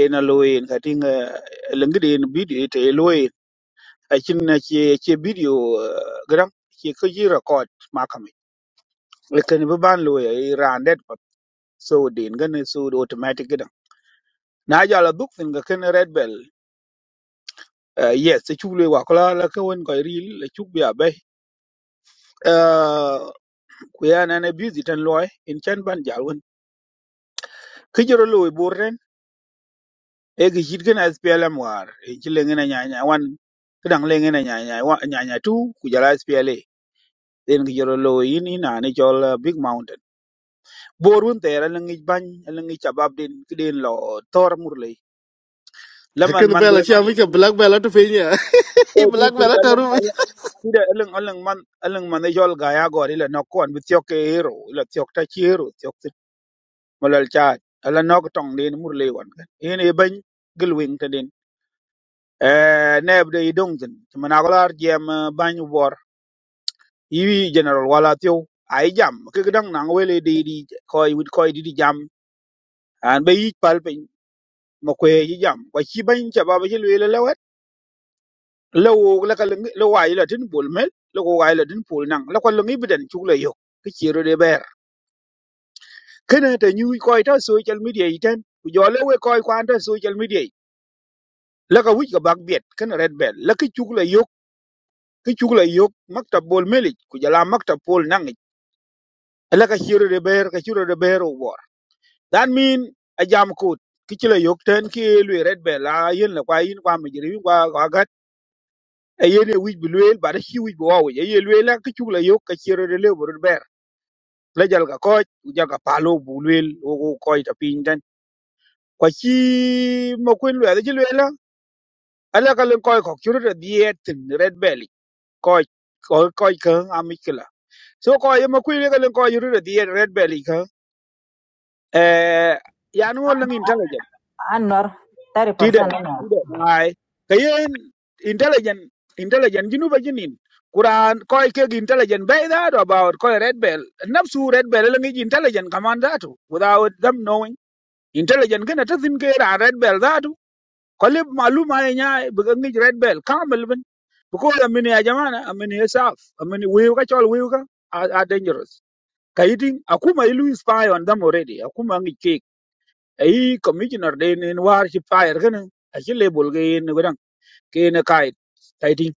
ena lo en kating lengdi en video te lo en akin na che che video eh, gram che ko ji record ma kam le ken bi ban lo e randet pa so din gan so automatic gan na ja la duk fin ga ken red bell eh, yes se chule wa kala la ko en ko ril le chuk bi abe ku ya na na busy tan lo en chan ban ja won ki joro lo borren e gi jit gan SPLM war e chi le ngena nya nya wan kedang le ngena nya nya wa nya nya tu ku jala SPLA den ki jolo lo yin ina ni chol uh, big mountain borun tera la ngi bañ la ngi chabab den ki den lo tor murle laman hekin man bela den cha mi ka black bela to pin ya e ti black ti bela to alang ru alang ti de alang alang man alang man ni chol gaya gori la nok kon bi tyok ke hero la tyok ta chi hero tyok ti molal cha ala nok tong den murle wan kan yin e bañ gel wing ta den e neb de dong den man agolar jem bañ wor yi general wala tyo ai jam ke dang nang wele di di koy wit koy di di jam an be yich pal pe ma kwe ji jam kwa chi ban cha ba ba ji le le lewet lo wo la ka lo wa ile tin bul mel lo ko wa ile tin pul nang la ko lo ngi bidan chu le yo ki chi ro de ber kana ta nyu ko ta social media iten ku jo le we ko ko ta social media la ka wi ka bak biet kana red bel la ki chu le yo ki chu le yo maktab bul mel ku jala maktab pul nang la ka chi ro de ber ka chi ro de ber wo that mean a jam ko ki chi le yo ten ki le red bel la yin la kwa yin kwa mi jiri kwa ga ayene wij bi lueel bada ci wij bi wawu aye lueel ak ci la ka chugla yok ka ci rede lew bu ber la jal ga kooj u jal ga palo bu lueel o ko kooj ta pin den ko ci ma kwen lueel ci lueel ala ka len kooj ko ci rede diet red belly kooj ko kooj ka amikla so ko ye ma kwen le ka len kooj rede diet red belly ka eh ya no lang intelligent An nor tide 30% no. tide ai kayen intelligent intelligent jinu ba jinin kuran koy ke intelligent be that about koy red bell nafsu red bell la ngi intelligent kaman zatu without them knowing intelligent gana ta thin ke ra red bell zatu kolle maluma ya nya bu ngi red bell kamal bin ko da mini ya jamana amini ya saf amini wiu ka chol wiu ka are are dangerous kayiti akuma ilu spy on them already akuma ngi ai commissioner de ne war shi fire gane a shi label ga yin gudan ke na kai taitin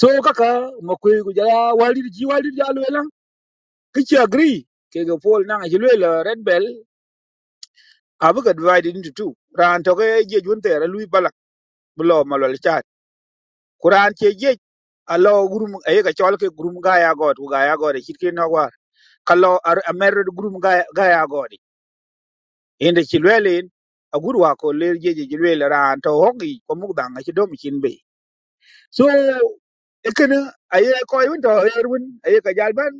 so kaka makwai ku jara walir ji walir ji alwela kici agree ke ga pol nan a shi lwela red bell abu ga divided into two ran to ga je jun tere lui balak bulo malol chat kuran ke je alo gurum ay ga chol ke gurum ga ya god ga ya god shi ke na war kallo ar amer gurum ga ga ya god inda shi lwela a gurwa ko ler je je lwela ran to hoki ko mugdan a shi dom chin be so ekene aye koy won to yer won aye ka jal ban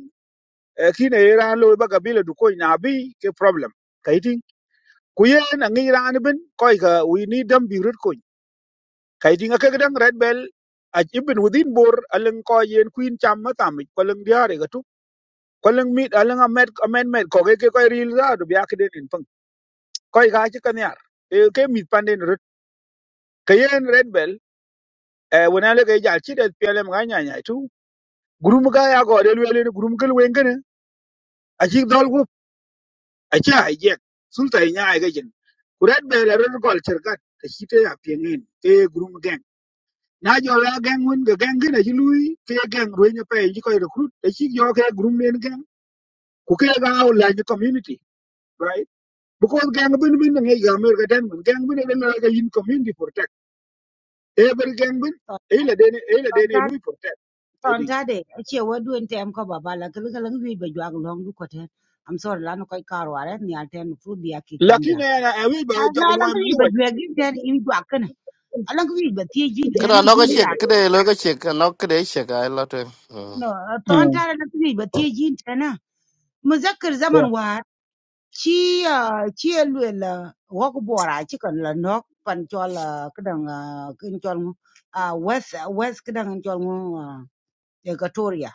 Iran kin aye ran lo ba kabila du koy na bi ke problem kaiting ku ye na ngi ran bin koy ka we need them be rut koy kaiting akak dang red bell a ibn within bor aleng koy yen queen cham ma tam ko leng diare ga tu ko leng mit aleng amet amen met ko ke koy ril ra du bia ke den pang koy ga chi kan yar e ke mit panden rut ke yen red bell e wona le ke jal chi det pelem ga nya nya tu gurum ga ya go de le gurum kel wengen aci dhol wup aci hijack sulta inya aiga jin kuret be la rel gol cerkat ta chite ya piengin ke grum gang na jo la gang won ga gang gina ji lui ke gang ro nya pe ji ko recruit ta chi jo ke grum len gang ku ke ga au la ni community right because gang bin bin ngi ga mer ga den mun gang bin ne la ga in community protect every gang bin e la dene e la dene lui protect i ton think tade achie waduen tem ko baba la kele kele ngi be jwag long du kote am sorry lan ko karo are ni alten fu bi aki kong ja lakini ana awi ba na jog lan luai mun ngi be wa jwe gi ten in jwag kene alan ngi be tie jin kada no ka ten chek kede lo ka chek no kede chek ay lo to No, uh, ton tara na tini ba tiye jin tana. Muzakir zaman war chi chi lwe la wok bora chi kan la nok pan chol kedang kin chol ngu ah, west west kedang chol ngu ah, Equatoria.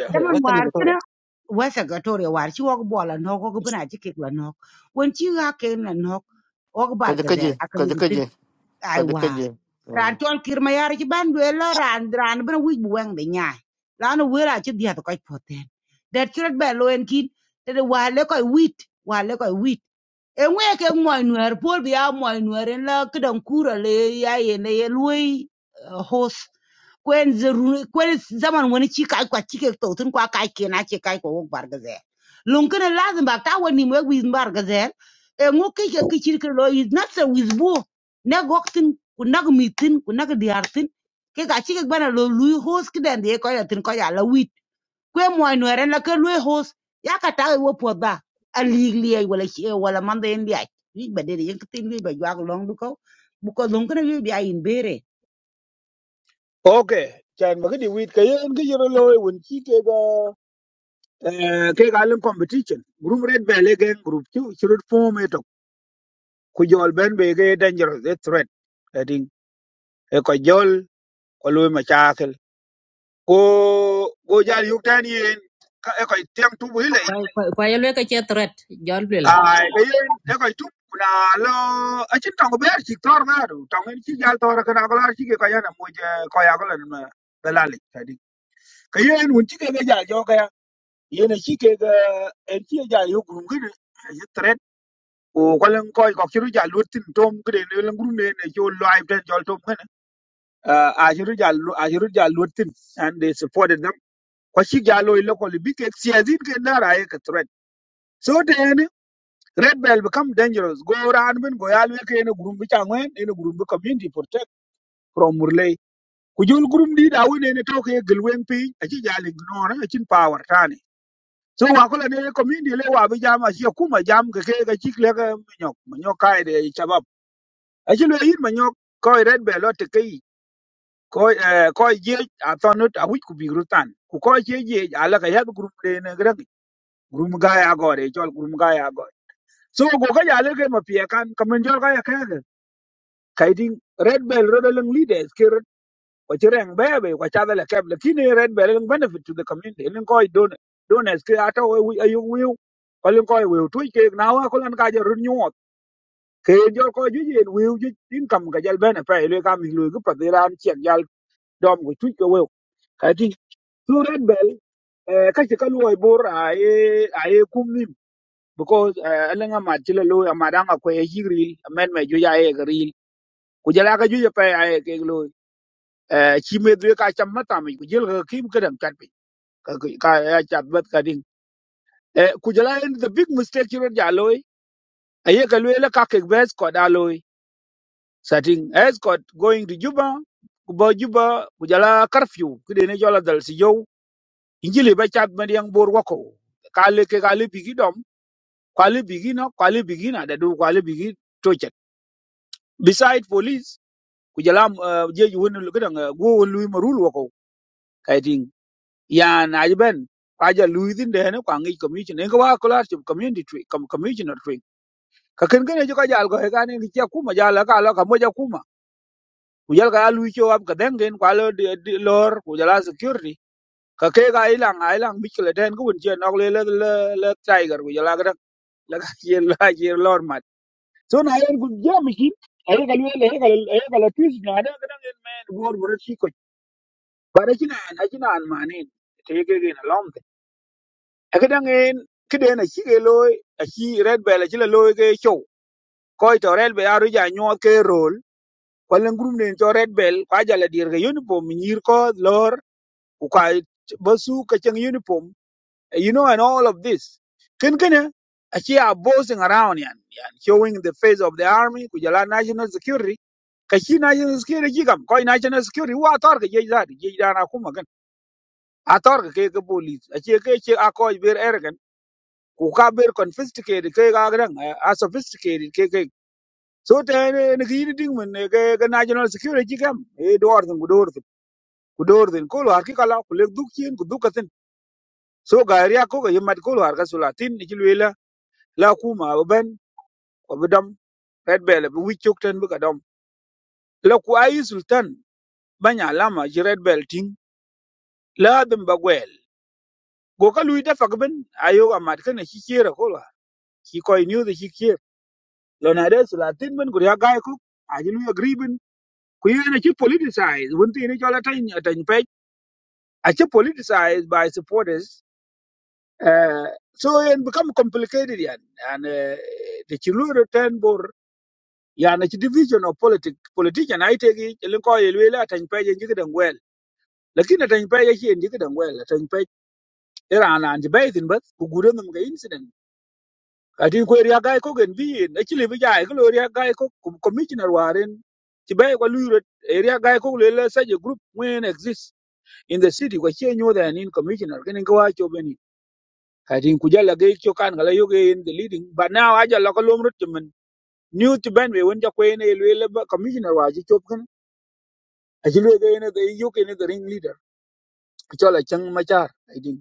ya Zaman western war Equatoria. kina west Equatoria war chi wok bora la nok wok bina chi kek la nok. Wen chi ka je ka je ka je ka je ka je ka je ran chon kir ma yar ci ban duel la ran ran bena wij bu weng de nyaay la no wera ci dia to koy poten der ci ret be lo en kin te de wale koy wit wale koy wit e moy nuer pol bi moy nuer en la kedan kura le ya ye ne ye lui hos kwen zeru kwen zaman woni chi kai kwa chi ke to tun kwa kai ke na chi kai ko bar gaze lun kana lazim ba ta woni mo wi bar gaze e ŋo ke ke ke chi ke lo is not so with bo ne goktin ku nag mitin ku nag diartin ke ka chi ke bana lo lui hos kedan de ko ya tin ko ya la kwe moy no ren ke lwe hos ya ka ta wo po da a lig liye wala chi wala man de ndia wi ba de yen tin wi ba jwa long bu ko bu ko long kana wi bi ayin okay chan ma gidi wit kay en gi yoro loy won chi ke ga eh, ke ga len competition group red be le gen group chu churut form eto ku jol ben be ge dangerous a threat adin e ko jol ko loy ma chakel ko go jal yuk tan yen ka e ko tem tu bu le kwa yelwe ka che threat jol bila ai ke yen e ko tu na lo a chin tong be chi tor na du tong en chi jal tor ka na ko la chi ke ko yana mo je ko ya ko len ma belali adin ke yen won chi ke ga jal jo kaya. yene ci ke ga en ci ja yo grum gede ye tret o ko len koy ko ci ru ja lutin tom gede ne len grum ne ci lo ay ten jol tom ngene a ci ru ja a ci ru ja lutin and they supported them ko ci ja lo ile ko bi ke siazin ke na ra ye ke tret so de ne red bell become dangerous go ran ben go yal we ke ne grum bi ta ngwen ne grum bi community protect from murley ku jol grum di da wone ne to ke gelwen pi a ci ja le ignore a ci power tane so wa ko la ne community le wa bi jam a shi kuma jam ke ke ga chik le ga manyo manyo kai de chabab a shi le yin manyo ko red be lo te kai ko eh, ko ye a tonut a wi ku bi rutan ku ko ye ye ala ka ya bi group de ne gra group ga ya go re chol group ga ya go so go ga ya le ke ma pie kan kamen jol ga ya ka ga kai ding red bell ro de leaders ke kwa ci reng be be kwa chadha le kep lakini red be lin benefit to the community lin koy don don es ke ata we wi ayu wi ko lin koy we tu ke na wa ko lan ka je run nyot ke jo ko ju yen wi ju tin kam ga jal bene pe le kam lu gu pa diran chen jal dom gu tu ke we ka ti tu red be eh ka ti ka lu ai bor ai ai kum nim because eh lin ma ti le lu ma dang ko e jiril men me ju ya e gril ku jala ka ju je pe ai ke lu eh chi me dwe ka cham ma tam ku jil ga kim ka dam chat ka ka ya chat bat ka ding e ku jala in the big mistake you ya loy aye ka loy la ka ke bes ko da loy satin es ko going to juba ku ba juba ku jala curfew ku de ne jola dal si yo injili ba chat ma yang bor wako ka le ke ka le bigi dom ka le bigi no ka le bigi na da du ka le bigi to chat beside police ku jala eh, je ju won lu ga go won lu marul wako yan aj ben kwaja luithin dene kwa ngi commission en kwa kolar chum community tree com commissioner tree ka ken ken jo kaja algo he kan ni chia kuma jala ka lo ka moja kuma kujal ka lu cho ab ka dengen kwa lo di- di- lor kujala security ka ke ga ilang a ilang mikle den ku un chen ok le le le le tiger kujala ka la ka ye la ye lor mat so na yen ku jam ki ayo ka lu le ka le ka la twis na da ka den men bor bor chi ko bare chi na na chi na man ni te ke ge na cái Eke dangen kiden aci ke loy aci red bell aci la loy cái show. coi to red bell aru ja cái ke rol. Kwalen group nen to red bell kwa jala dir ke uniform nyir ko lor uka basu kachang uniform. You know and all of this. Ken kene aci are bossing around yan yan showing the face of the army của giờ là national security. cái Kachi national security gì jikam coi national security wa tor ke jej zati jej dana kuma kan. Ator cái à tor cái cái police aci ke ke akoj bir erken ku ka ber confiscated ke ga gran a sophisticated ke ke so te ne ne gi ding men ne ke ke national security kam e dor den ku dor den ku dor den ko har ki kala ku le duk chen ku duk atin so ga ria ko ga yemat ko har ka sula tin ni lwela la ku ma ben ko bedam red bell bu wi chok ten bu ka dom la ku ayi sultan banya lama ji red bell ting la dum ba gwel go ka lui da fak ben ayo ga mat ka ne ki kira ko la ki koy new the ki kira lo na de sula tin ben ku ya ga ko a ji lu agree ku yen achi politicized won tin cho la tan tan pe achi politicized by supporters uh, so it become complicated yan and uh, the chilu return bor yan achi division of politic politician ai te gi lin ko ye le la tan well. ye ngi dan wel lakini tan pe ye chi ngi dan wel tan pe era na anti bay tin bas ku gure nam ga incident ati ko ria gai ko gen bi na chi le bi jai ko ria gai ko commissioner waren ti bay ko lu area gai ko le sa group when exist in the city kwa che nyo da nin commissioner ken ko wa cho beni ka tin ku jala ge cho kan gala yo ge in the leading but now aja la ko lom rut men new to ben we won ja ko ne le le ba commissioner wa ji cho ken a ji le ge ne ge yo ke ne the ring leader ku cho la chang ma char i think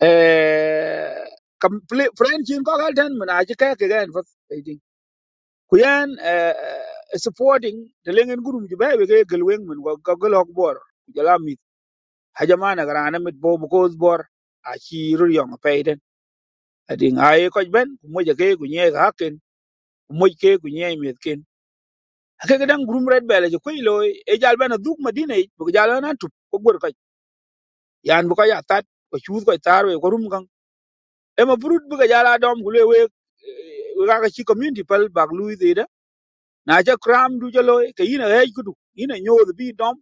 eh complete friend chin ko gal den men a ji ka ke gan fa i think ku yan eh eh, supporting the lengen gurum ji ba we ge gelwen men ko ko lok bor jala mi hajamana garana mit bo ko bor a chi rur yong pe ati ngaye ko ben ku moja ke ku nye ka hakin ku moj ke ku nye met ken ake gadan gurum red bele je koilo e jal bana duk madina e bu jal na tup ko gor ko yan bu ko ya tat ko chuut ko tar we ko rum gang e ma burut bu ga jala dom gule we we e, ga ka chi community pal bag lu de da na ja kram du jalo ke yina he gudu yina nyodo bi dom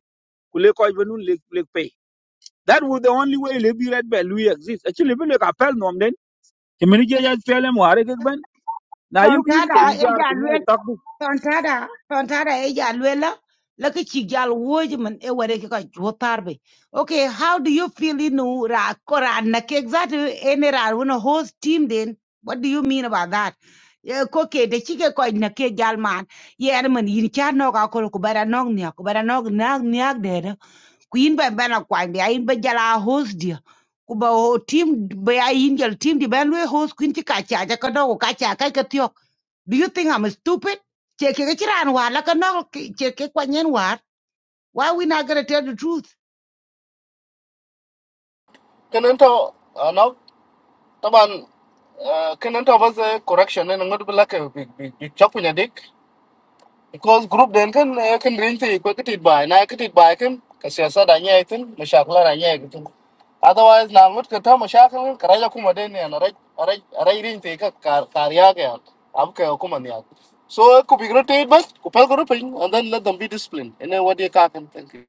kule ko benun le le pe that was the only way le bi red bele we exist actually bi le ka pel nom den ke meni je ja pel mo are ke ben na yug yin ke yu e jar ja ku nye tak Tontada, tontada e ya luela, laki chi jal e wade ki jotarbe. Okay, how do you feel inu ra kora na ke exactly ene ra wuna host team then? What do you mean about that? Yeah, koke de chike ko na ke jal man. Ye ene man yin cha no ka ko ko bara nog nya, ko bara nog nag nyag de de. Ku yin ba bana kwa ndi ayin ba jala host dia. Ku ba ho team ba ayin jal team di ban we host kuin chi ka cha ja ka do ko ka cha ka ka tiyo. Do you think I'm stupid? Cheke ke chiran war la kano cheke kwanyen war. Why we not gonna tell the truth? kanan to Taban, kenen ta bas correction ne ngot bla ke big big big chapu nya dik because group den kan eh, kan rin ti ko kitit bai na kitit bai kan ka siyasa da nya itin mashakla da nya itin otherwise na ngot ka ta mashakla ka raja kuma den ne na raj raj raj rin ti ka kar- kariya ga ab ka kuma ne so ku big rotate bas ku pal group and then let them be disciplined and then what they ka kan thank you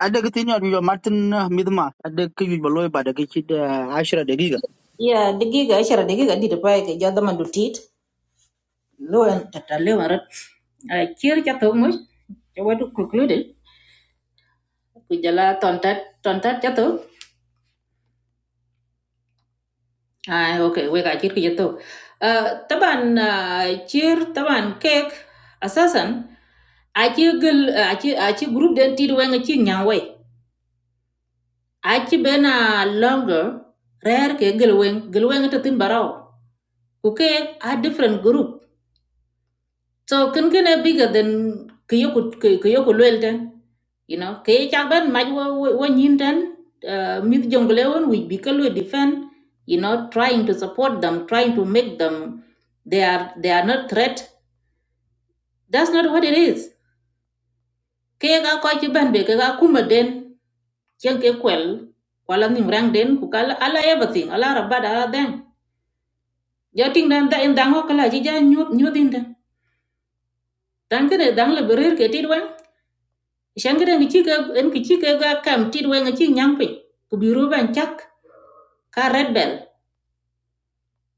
Ada ketinya juga Martin eh, Midma, ada kyu baloi pada kecil ashra degiga. ya digiga ishara digiga di depan, ke jada mandu tit loan tata lewa rat kir cha to mus ya wadu concluded ku jala tontat tontat cha ah okay we ka kir ki cha to taban ah, kir taban kek aci achi group den tit wenga chi nyang wei ku kek a different group So can can a bigger than kyoku kyoku lwelten. You know, kay chaban maj one yinten uh mid jongleon we bikalu defend, you know, trying to support them, trying to make them they are they are not threat. That's not what it is. Kay ga kwa chiban be ka kuma den chen ke kwel kwala nim rang den ku kala ala everything ala rabada ala them. Yo ting dan da in dango kala jija nyu nyu din dan. Dan kene dang le berir ke tidwan shangre ngi chi ga en ki chi ga ga kam ti we ngi chi nyang pin ku biru ban chak ka red bell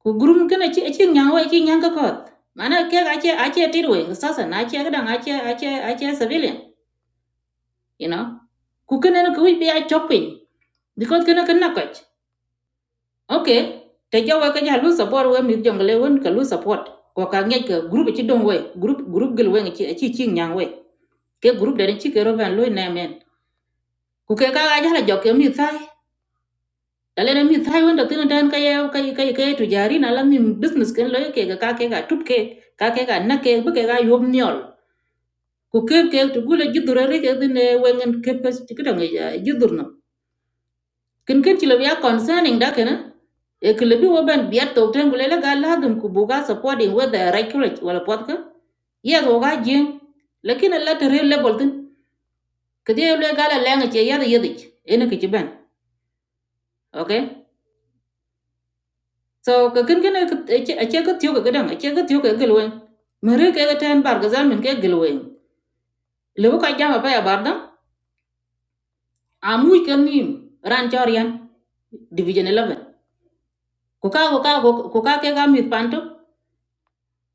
ku gurum kana chi chi nyang wa chi nyang ka kot mana ke ga che a che ti we ngi sasa na che ga dang a che a civilian you know ku kana no ku bi a chop pin because kana kana koch okay te ja we ka ja lu support we mi jongle won ka lu support ko ka ngi ka group chi dong we group group gel we ngi chi chi chi nyang ke group da ni chi ke ro ban lu na men ku ke ka ga ja la jok mi sai Dalene mi thai wanda tino dan ka yau ka ka ka tu jari na la mi business ken lo ke ga ka ke ga tup ke ka ke ga na ke bu ke ga yob nyol ku ke ke tu gule jidura re ke dine wengen ke pas ti kedang ya jidur no ken ken ti lo ya concerning da kana e ke lebi wo ban biat to ten gule la ga la dum ku bu ga supporting whether regulate wala pot ka ye go ga jing lekin la te re level tin ke de le ga la lenga che ya de yedich ene ke ti ban okay So ka kin kene ache ka tiyo ka gadang ache ka tiyo ka gelweng. Mere ke ga ten bar gazal min ke gelweng. Lebo ka jama pa ya bardam amuj ka nim ran chorian division 11. Ko ka ko ka ko ka ke ga mit panto.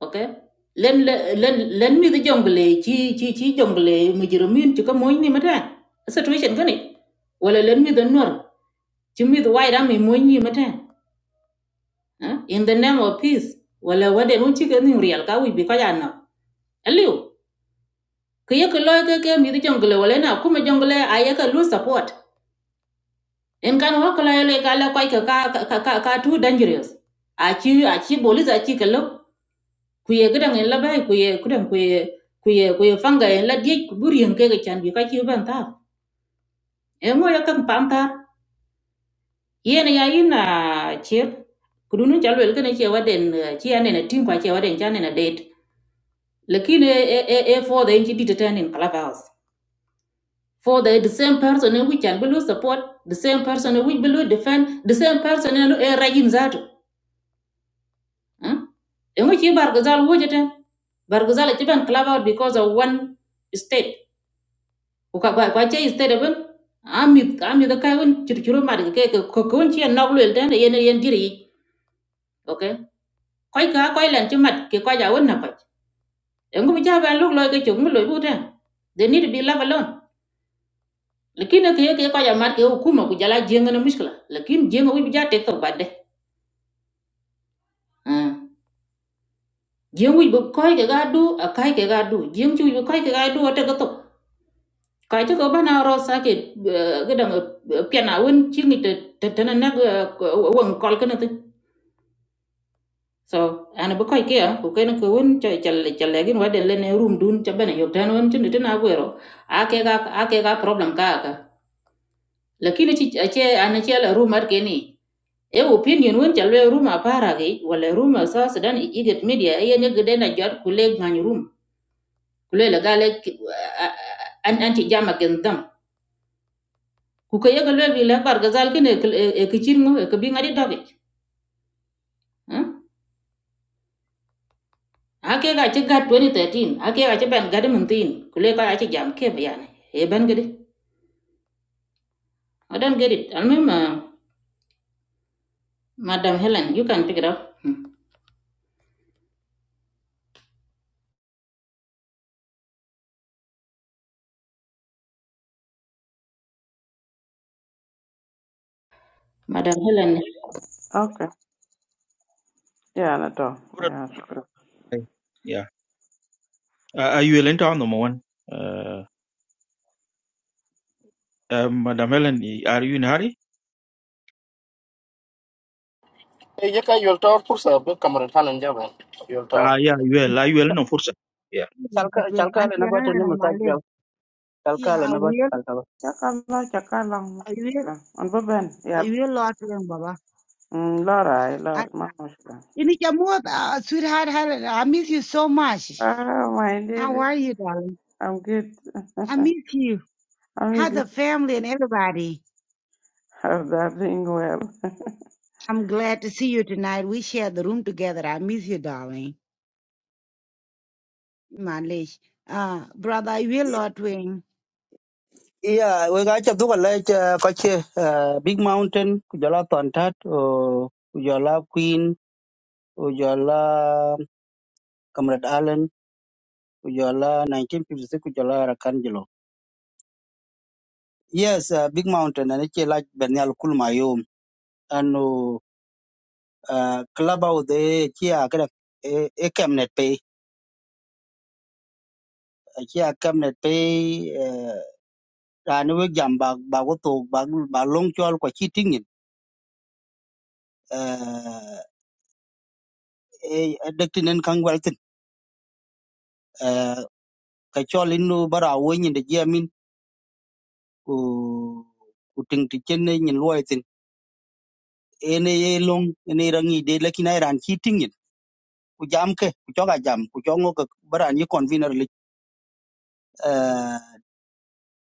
Okay. Len len len mi the jongle chi chi chi jongle mujrimin chi ka moy ni mata. Situation kani. Wala len mi the nor chi mi the wide am moy ni mata. In the name of peace. Wala wade mun chi ka nim real ka wi bi ka ya na. Aliu ke ke loy ke ke mi di jongle wala na kuma jongle aye ka lu support en kan wa kala ele ka la kwai ka ka ka ka ka tu dangerous a chi a chi bolis a chi ka lo ku ye gidan en la bai ku ye kudan ku ye ku ye ku ye fanga en la die ku buri en ke ga chan bi ka chi ban ta e mo ya kan pam ta ye na ya ina chir ku dunu jalo el kana che waden eh, chi ane na tim kwa che waden chane na date lakini e e e for the entity to turn in clubhouse for the, the same person in which and will support, the same person in which will defend, the same person in a regime zato. Huh? In which you bargazal wujete, bargazal chiban club out because of one state. Uka kwa kwa che state even ami ami the kai un churchuru mad ke ke ko kun chi nok lul den yen yen diri. Okay. Koi ka koi len chi mat ke kwa ja un na kwa. Engu bi ja ban luk loy ke chung loy bu den. They need to be left alone. lakini ke ke ko ya mar ke hukuma ku jala jenga na mushkila lakini jenga wi bija tek to badde jeng wi bu koy ke ga du a kai ke ga du jeng chu bu koy ke ga du ta ga to kai to ko bana ro sa ke ga dang piana won chi ni te te te na na won kol ke na te so ana bu koy ke ya ku ke na ko won cha cha le cha le gin wa de le ne room dun cha bana yo tan won chin te na go ro a ke ga a ke ga problem ka ka lakini chi che ana che la room ar ke ni e opinion wen ca lwe rum apara ge wala rum sa sudan iget media e ne gede na jot kule ngany rum kule la gale ki- a- a- a- an anti jama gen dam ku ke yega lwe bi la bar gazal ken e kil- e kichir ngo e kabi ngadi doge hmm? ake ga ci gat 2013 ake ga ci ben gadi muntin kule ka ga ci jam ke bayan e ben gede i don't get it almem uh, madam helen you can pick it up Hmm. madam helen Okay. Yeah, na to. Brother, Yeah, shukran. Yeah. Uh, are you willing to on number one? Uh, uh, Madam Helen, are you in a hurry? e ye ka yol tor pursa be kamaran halan jaba yol tor Ah, yeah, you will. Are you willing on first? Yeah. But Calka we calka want le to nabat run ni and i musaj calka Yeah, le I will, nabat calka. Chakala, chakala. I will, Shukran. On baben. Yeah. I will lot to him, Baba. Mm, Laura, Laura, And mama, shukran. ini chamot, uh, sweetheart, Helen, I miss you so much. Ah, my How dear. are you, darling? I'm good. I miss you. I'm How the easy to family and everybody. have that doing well. I'm glad to see you tonight. We share the room together. I miss you, darling. Malish. Uh, brother, I will I- lot to him. Iya, we gacha tu kalau kache Big Mountain kujala Tontat, oh, kujala Queen, kujala Comrade Allen, kujala 1956 kujala Rakanjelo. Yes, uh, Big Mountain and it's like Benyal Kulmayum and uh, club out there, kia kada e cabinet aci akam net pe eh, rani wek jam ba ba ko to ba ba long chol ko chi tingin eh e dektin en kang weltin eh ka chol inu bara wo nyin de jamin ku ku ting ti chen ne nyin luoi tin ene ye long ene rangi de lakina ran chi tingin ku jam ke ku choga jam ku chongo ka bara ni convener li eh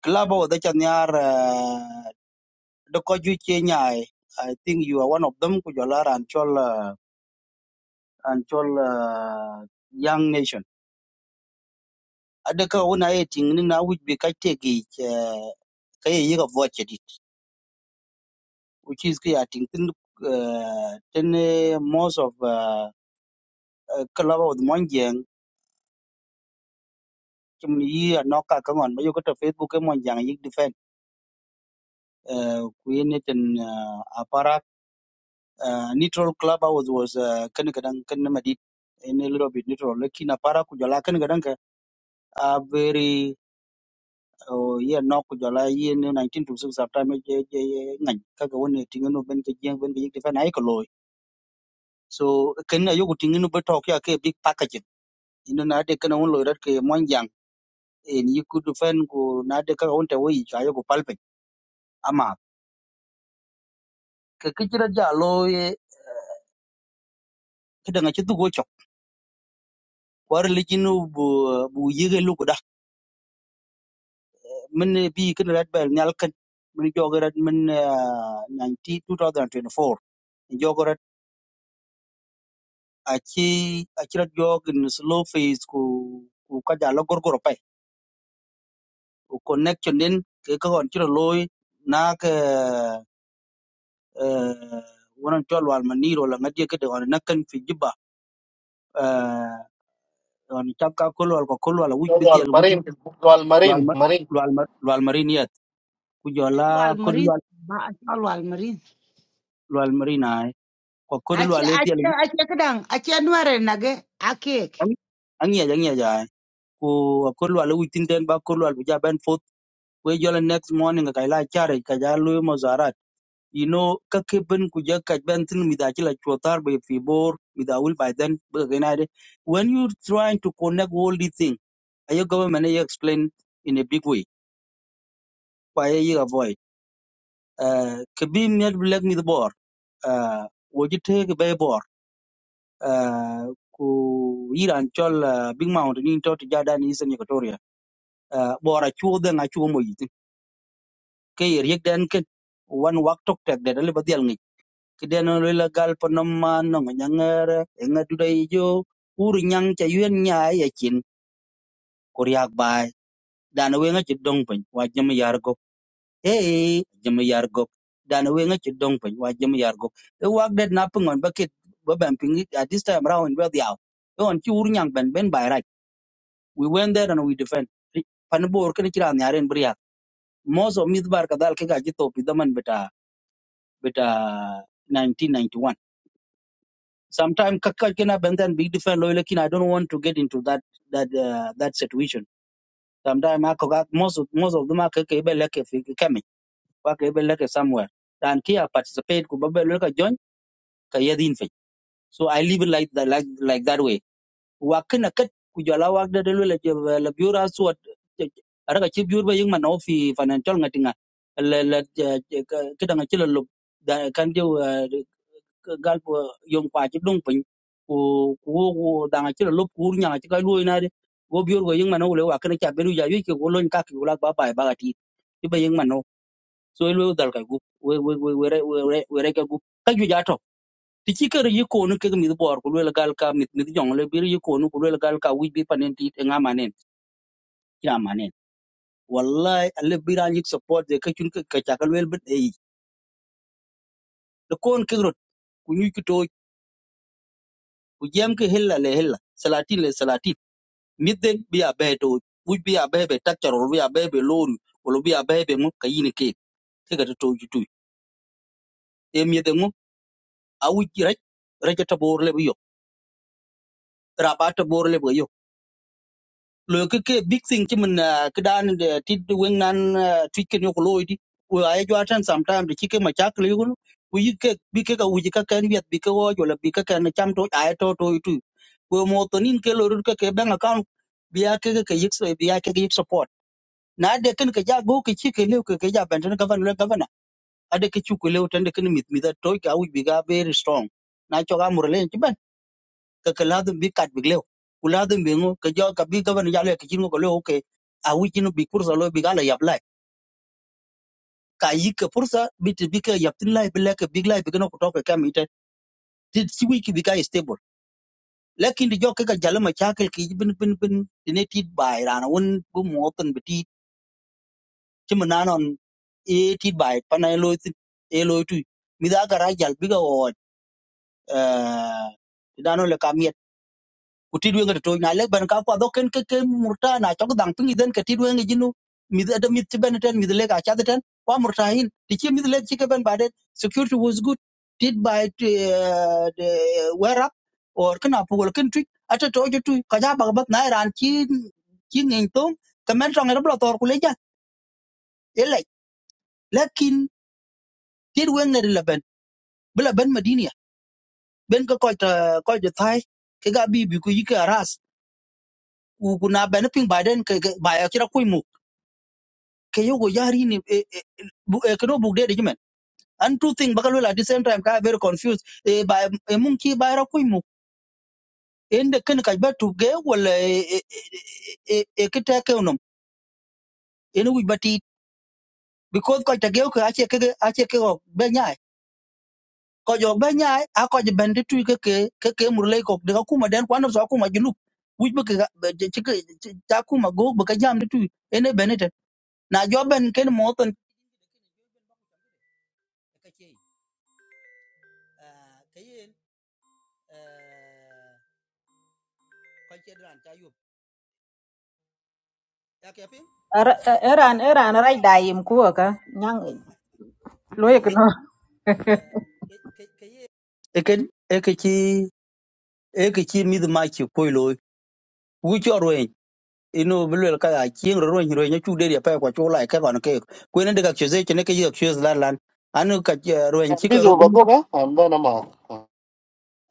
klabo de chan yar eh, de ko ju che nyai i think you are one of them ku jola ran chol eh, and all uh, young nation adaka una eting ni na which be kate gi kay yiga vote dit which is ki ating tin uh, tin eh, most of uh, uh, club of the monjang chum yi anoka kangon ma yoko to facebook e monjang yig defend uh, kuyene tin uh, aparak uh, neutral club was was uh, kan kadang kan madit in a little bit neutral lakini aparak kujala kan kadang ka a very o ye no ku jola ye ne 1926 sometime je je ngan ka ga woni tinga no ben ke jeng ben ke fa nai ko loy so ken na yogo tinga no be to ka ke big package ino na de kana won loy rat ke monjang en yiku du fen ko na de ka won te wi ja yogo palpe ama ke ke jira ja loy ke da ngachi du go chok war li jinu bu bu yege lu ko da men bi ken rat bel nyal ken men jogo rat men 19 2024 aci aci rat yo gin slow phase ku ku ka jalo gorgoro pai ku connection din ke ka hon chiro loy na ke eh wonan chol wal maniro la ngadie ke de on nakan fi jiba eh on chap ka kol wal ko kol wal wuj bi gol dial wuj marin gol lwal ma marin lwal ma lwal mariniyat ku jola kod lwal Alwal Marin. lwal marina ai. ko kod Ache lwal e dial ache ache kadang ache nuare nage akek. angiya angiya ja ai. ku kod lwal wuj tin den ba kod lwal bu ja ben fot we jola next morning ka ila chare ka ja lu mo you know ka ke ben ku ja chila chotar be fi bor by then be when you are trying to connect all these things, ayo government ayo explain in a big way why you avoid uh ke net black mi the bor uh wo be bor uh ku iran chol ah, big mountain in tot jada ni sen equatoria uh bor a chu de na chu mo yit ke yek den ken wan wak tok tek de le ba kideno lo gal po nom man no nyangere enga dudai jo ur nyang cha yuen nya ya chin kuryak bai dana wenga chi dong pen wa jam yar go e jam yar go dana wenga chi dong pen wa jam yar go e wak det na pungon bakit ba ban ping at this time round well yaw on chi ur nyang ben ben bai right we went there and we defend pan bor kan kira nyaren bria mozo midbar kadal ke gaji to pidaman beta beta 1991 Sometimes kaka kina benden big different loyal kin. I don't want to get into that that uh, that situation. Sometimes I could most of most of them are kaka ibe leke fiki kemi. Waka ibe leke somewhere. And kia participate kubabe loka join kaya din fe. So I live it like that like like that way. Wakina kat kujala wakda delu le je- le biura suat. Araga chibiur ba yung man ofi financial ngatinga. Le le kida ngachilo lo. Kandio gal po yom kwa chi dung pin ku ku wo dang chi lop ku nya chi ka lu na de go biur go yeng mano le wa kana cha beru ya yu ki go lon ka ki ula ba ba ba ti ti ba yeng mano so lu dal ka gu we we we we re we re we re ka gu ka ju ja to ti chi ker yi ko nu ke mi bor ku le gal ka mi mi jong le bir yi ko nu ku le gal ka wi bi panen ti nga manen ya manen wallahi alle biran yik support de ka chun ka cha ka le bet e ko kon ke ro ku ñu ci tooj ku jéem ko hella le hella salatin le salatin miden bi abe to wuj bi abe be taccar wala bi abe be lori wala bi abe be mu kayini ke ke ga to ju tuy e miden mu a wuj rek rek ta bor le bi yo raba ta bor le bi yo lo ke ke big thing ti mun ke dan de ti de wen nan twiken yo ko loy di wo ay jo atan sometime de chike ma chak le yo ku yi ke bi ke ga wuj ka ken yet bi ke wo jo la bi ke ken cham to ay to to tu wo mo to nin ke lo ru ke ke bank account biya ke ke yik biya ke yik so na de ken ke ja go ke chi ke lew ke ke ja ben ten gavan le gavan a de ke chu ke lew ten de ken mit mit da toy ka u bi ga very strong na cho ga mur len ti ben ke ke la dum bi kat bi lew u la dum bi ngo ke jo ka bi gavan ja le ke chi ngo ko le o ke a u chi no bi kursa lo bi ga la yap lai ka yi ke pursa bi ti bi ke yap tin lai bi le ke big lai bi ke no ko to ke kam ite ti si wi ki bi ga stable lakin di jo ke ka jalo ma chakel ki bin bin bin ti ne ti bai rana won bu mo tan bi ti ti ma na e ti bai pana e loy tin e loy tu mi da gara jal biga o eh dano le kamiet ku ti dwe ngato na le ban ka kwa do ken ke ke murta na chok dang pingi den ke ti dwe ngi jinu mi da mi ti ben ten mi le ka cha ten kwa murta hin ti chi mi le chi ke ben badet security was good did by the wear up or kana pugol ken tu ata to jo tu ka ja bag bat na ran chi chi ngeng tong kamen rong ra blo tor ku le ja e le lakin ti dwe ngi le ben bla ben madini ben ka koy ta koy ta thai ke ga bi bi ku yi ka ras ku ku ben ping biden ke ke- ba ya kira kuy mu ke yo go yari ni e e bu e ko bu de de men and two thing bakal at the same time ka very confused e ba e mun ki ba ra kuy mu en de ken ka ba tu ge wala e e e ke ta ke unom en wi bati because koy ta ge ko ache ke ache ke go be nya ko jog be nyaay a ko ben de tuy ke ke ke ke mur lay ko de ko kuma den kwa so kuma junub wuj be ke ci ke ta kuma go be ka jam de tuy ene benete na jo ben ken moton ka ci ka yen ko ci dran ta yub ya ke pin Eran eran rai dayim kuwa ka nyang ka loye yen no ka yen e ken e ke ci e ke ci mi ma ci koy lo wu ci oro inu bilwel ka a chieng ro ro ro nyu de pa kwa chu lai ka gon ke ku ne de ka cheze ne ke yo chuz la lan anu ka ro en I'm chi ka busy ro with my book, huh? I'm done, I'm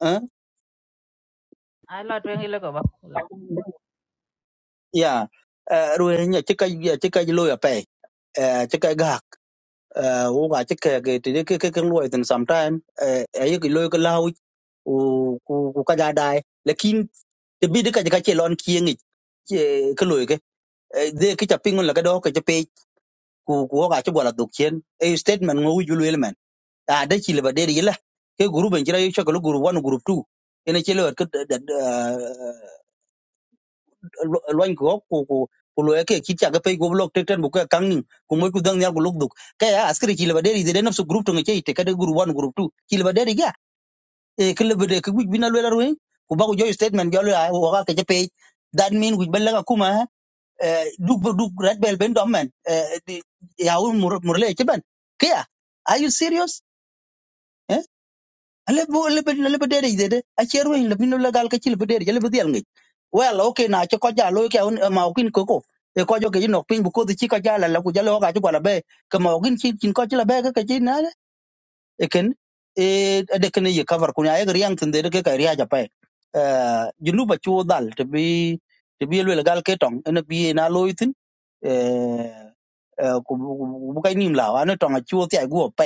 eh ai lo twen ile ko cái ya ro en ya chi ka ya chi ka lo ya pa eh chi ka ga u ga chi ka ge te ke ke ke lo ten sometime eh ayi ki lo ka lau u ku ku ka ja dai lekin te bi de ka ka che lon chieng ke ke lo ke Eh, de ke cha pingun la ka do ke che ku ku ka chibwala dukchen e statement ngo wujulu elemen a de chile ba de yila ke group ben jira yocho ko group one group two ene chile ko loan ko ku ku ku lo ke kicha ga pe go block teten bu ka kangni ku mo ku dang yar go lok duk ka ya askri chile ba de de nafsu group to ngeke ite ka de group one group two chile ba de ga e kle ba de ku bina lo la ruin ku ba ku joy statement ga lo wa ka ke pe that mean ku balla ka kuma duk duk red bell ben dom men eh, di- ya un mur murle ke ben kya are you serious eh ale bo le be le be dere dede a cheru le bin le gal ka chil be dere le be dial ngi well okay na che ko ja lo ke un ma ukin ko ko e ko jo ke no pin bu ko di chi ko ja la la ku ja lo ga ju la be ke ma ukin chi chin ko chi la be ke ke chi na ekin e de kin ye cover kunya e riang tin de ke ka ria ja pa eh junu ba chu dal te bi te bi le gal ke tong en bi na loy tin eh eh, ku ku- bu ka nim la wa ne tong a chu ti go pa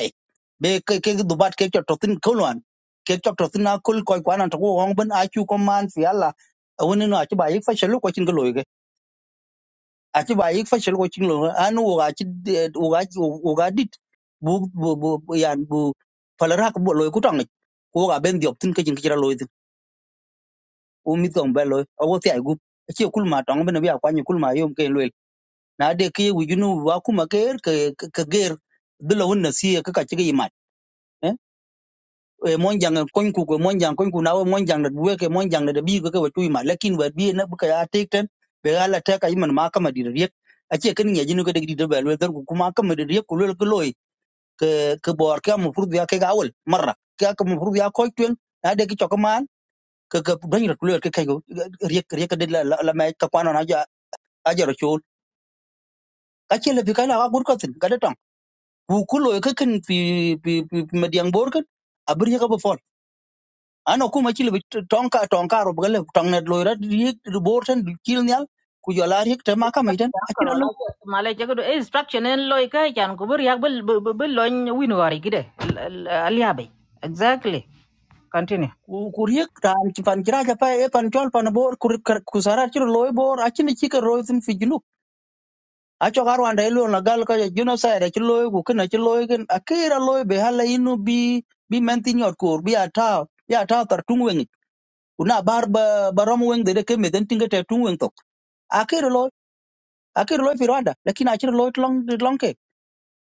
be ke ke du bat ke chot tin ko loan ke chot tin na kul ko kwa na to go hong ben a chu ko man fi ala woni no a chu ba yi fa shelu ko chin ko loy aci ba yik fashil ko chin lo an wo ga ci wo ga wo ga dit bu bu bu yan bu falara ko bo lo ko tang ko ga ben diop tin ke jin kira lo tin o mit ko be lo o wo ti ay gup ci kul ma tang ben bi akwani kul ma yom ke lo na de ke wi junu wa kuma ke er, ke ke ger de lo na si ka ka ci ga imat e monjang kon ku ko monjang kon ku nawo monjang da duwe ke monjang da bi ko ke watu ma lakin wa bi na buka ya tekten be ala ta ka iman ma kama dir riek ace kan ya jinu ko de dir bel dar ku kuma kama dir riek ku lol ko loy ke ke bor ka mu furdu ya ke ga awal marra ka ka mu furdu ya ko tuen na de ki choko man ke ke don rat lol ke kai go riek riek de la la ma ka kwano na ja ajaro chol ka ce le bi ka la gur ko tin ka de tong ku ku loy ke kan fi fi fi mediang bor kan abir ya ka bo fol ano kuma chile bi tonka tonka ro bgale tongne loira yek borten chil nyal ku jola riek te maka maiten la ko akira lo la ma le ko instruction en loy ka chan ko bur yak bel bel loñ win wari gide aliya bay exactly continue ku riek tan ci pan kira ja pa e pan chol pan bor ku ku sara ci loy bor akini ci ka roy sun fi junu a cho garu anda ilo na gal ka juno sa re ci loy ku kana ci loy gen akira loy be hala inu bi bi menti nyot kur bi ata ya ta tar tung una bar ba barom weng de de kemeten tinga te tung weng tok akira loy akira loy fi rwanda lakini akira loy long long ke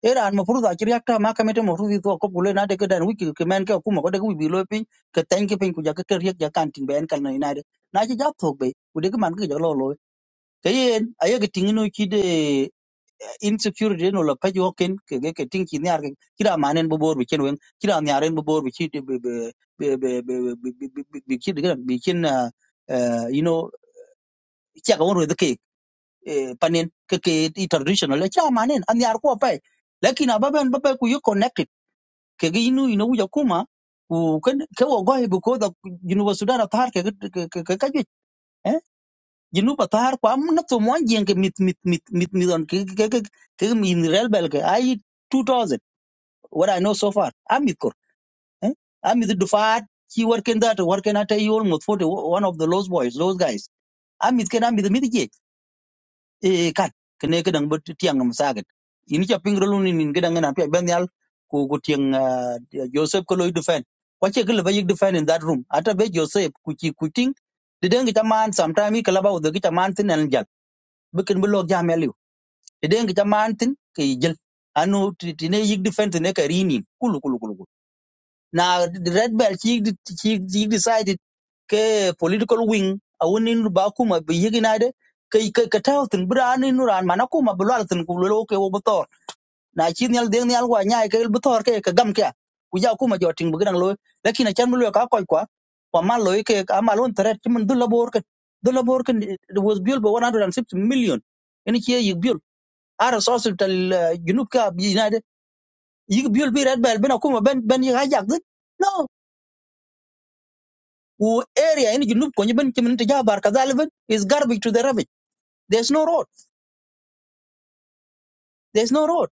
era an mafruza akiri yakta ma kamete mafruza to ko bule na de kedan wiki ke men ke kuma ko de wi bilo pin ke tan ke pin ku ja ke ter yak ja kan tin ben kal na inade na ji jap thok be ku de ke man ke ja lo lo ke yen aye ke tin no ki de insecurity no la pa jo ken ke ge ke tin ki nyar ke kira manen bo bor bi ken wen kira nyaren bo bor bi ki de be be be be be be bi ki de gran bi ken you know kya ga won de ke panen ke ke traditional la kya manen an yar ko pa lakini ababen babe ku yo connect kege inu ino uja kuma ku ken ke wo goy bu ko da jinu wa sudan atar ke ke ke ke kajwe eh jinu ba tar ko am na to mon jeng ke mit mit mit mit mit on ke ke ke ke min rel bel ke ai 2000 what i know so far am mit kor eh am mit dufat ki working that working at you almost 40 one of the lost boys those guys am mit ken am mit mit e kat kene kedang bet tiang ngam sagat ini cha pingro lu ni nin kedang na pya ben yal ku ku tiang ah, joseph ko loy defen ko che gle ba yig defen in that room ata be joseph ku chi ku ting de deng ta man sometime i kala ba de ta man tin an jal bekin bu log jam yal yu de deng ta man tin ke jil anu ti ti ne yig defen ne ka rini kulu kulu kulu Now the red belt she she she decided ke political wing awuni nu bakuma be yiginade ke ke katawtin brani ran manakuma bulalatin kulolo ke wo butor na chin yal deng yal wa nyai ke butor ke ke gam ke kuja kuma jotin bugran lo lakini chan mulo ka koy kwa wa man lo ke amalon malon teret mun dulla bor ke dulla bor ke was built by 160 million ini ke yig built ara sosul tal uh, junub ka bi yinade yig built bi red belt bena kuma ben ben yigajak no Who area in Junub Konyiban Kiminita Jabar Kazaliban is garbage to the rubbish. There's no road. There's no road.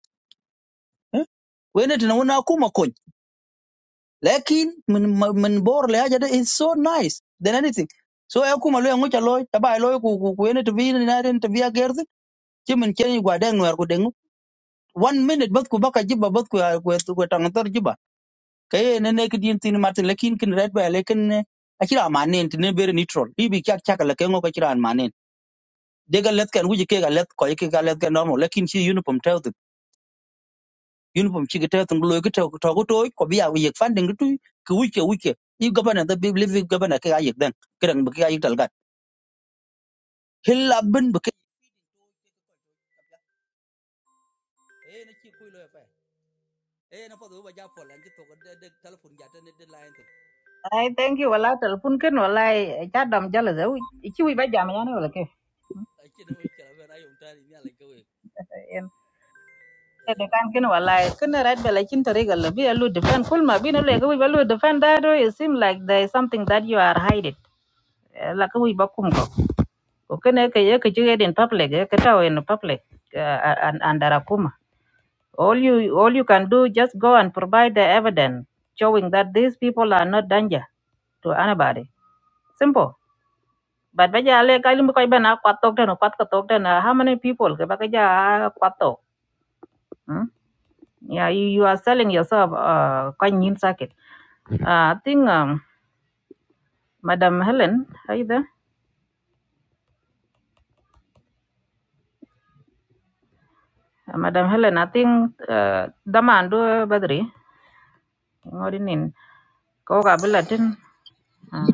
Eh? When it na kuma kony. Lakin min min bor le is so nice than anything. So I kuma lo ngocha lo taba lo ku ku ku ene to bi na ren to bi agerdi kimin keni gwa deng wer ku dengu. One minute bas ku baka jiba bas ku ku ku tangator jiba. Kay ne ne kidin tin martin lakin kin red by lakin eh, akira manen tin ne bere neutral. Ibi kyak kyak la kengo ka de ga let kan wuji ke ga let ko ke ga let ga normal lakin chi uniform taw tu uniform chi ga taw tu lo ga taw to go to ko bi ya wi yek fan ding tu ku wuke wuke i gabana da bi live gabana ke ga yek dan kiran bi ke ga yek talgan hilla bin bi ke e na chi ku lo fa e na fa do ba ja fo lan ji to ga de telephone ja ta ne de line ti ai thank you wala telpon ken wala cha dam jala ze chi wi ba jam yani wala ke a chi no ke ra ba na yong ta ni ala ke we en te e de kan no ken wala ken red bela chin tori gal bi alu defend kul ma bi no le ko wi ba lu defend that way, it seem like there is something that you are hiding Eh, la ko wi ba kum ko ko ken ke ye ke chi in public ke ta in public eh, and and arakuma All you all you can do just go and provide the evidence showing that these people are not danger to anybody. Simple. But baja ale kalim ko iban kwat tok den kwat ko tok den how many people ke bakaja kwat tok. Hmm? Yeah, you, you are selling yourself uh quite new circuit. Uh, I think um, Madam Helen, are you there? Uh, Madam Helen, I think uh, daman do badri ngorinin ko ka bilatin. Uh,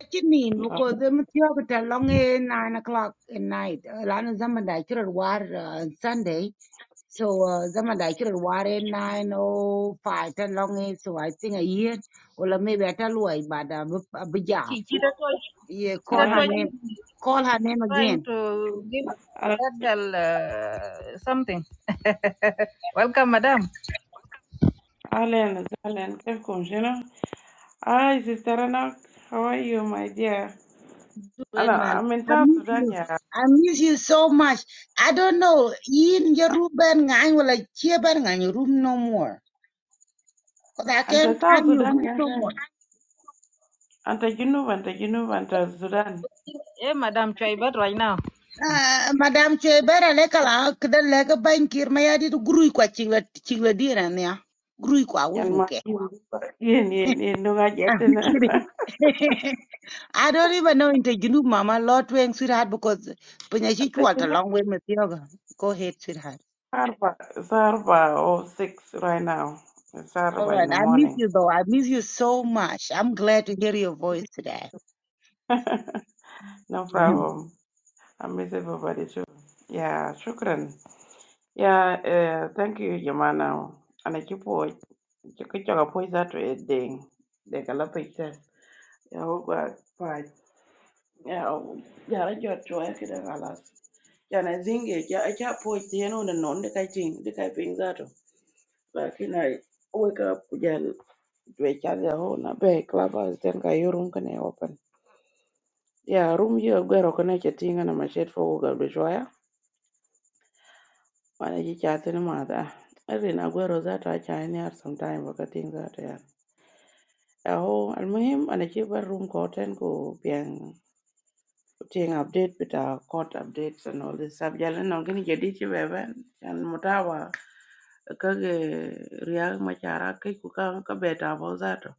Ache nin because them tiok ta long eh, nine o'clock at night. Eh, Lano zaman da chura war uh, Sunday. So uh, zaman da chura war eh, nine oh five ta long eh, so I think a year or maybe I tell why but uh, a bijam. chi chi da to Yeah, chi da call Ah, her name. to Call her name trying again. to give ah, Adel uh, something. Welcome, madam. Alan, Alan, welcome, you know. Hi, Sister Anak. How are you, my dear? Ana, When my I'm in I South miss Sudan, you. yeah. I miss you so much. I don't know. In your room, ben ngang, will I cheer ben ngang your room no more. I And the can't South find you. Sudan, do yeah. no more. And the Junub, and the Junub, and the Sudan. Yeah, madam, try but right now. Uh, Madam Che better like a the leg a bank here. chingla chingla dear and yeah. Guru qua Yan ma, yin, yin, yin, yin, nunga I'm jetin. kidding. I don't even know into Junub Mama Lot Wang sweetheart because Punyashi walked a Thinking it's long way with yoga. Go ahead, sweetheart. Saturday, Saturday or six right now. It's All Saturday in right. the I miss morning. you though. I miss you so much. I'm glad to hear your voice today. no Mm-hmm. problem. I miss everybody too. Yeah, shukran. Yeah, uh, thank you, Yamana. And I keep watch. You could talk about that way, ding. They can love it. Yeah, oh, but, but, yeah, oh, yeah, I just try to get a galas. Yeah, and I think it. Yeah, I can't point the end on the non the guy thing, the guy being that. Like, you know, I wake up, yeah, Dwechazi ahona be clubbers den ka yo room kane open. Ya room yo gwero kane chetinga na mashet fogo ga dwechwaya. Wana ji chati ni mada. Erin agwero zata acha ni ar sometime wakating zata ya. Aho almuhim anachiba room koten ko biang ting update bita court updates and all this stuff. Jalan nongini jadi ci beben. Yan mutawa kage riak machara kai ku ka ka beta bo zato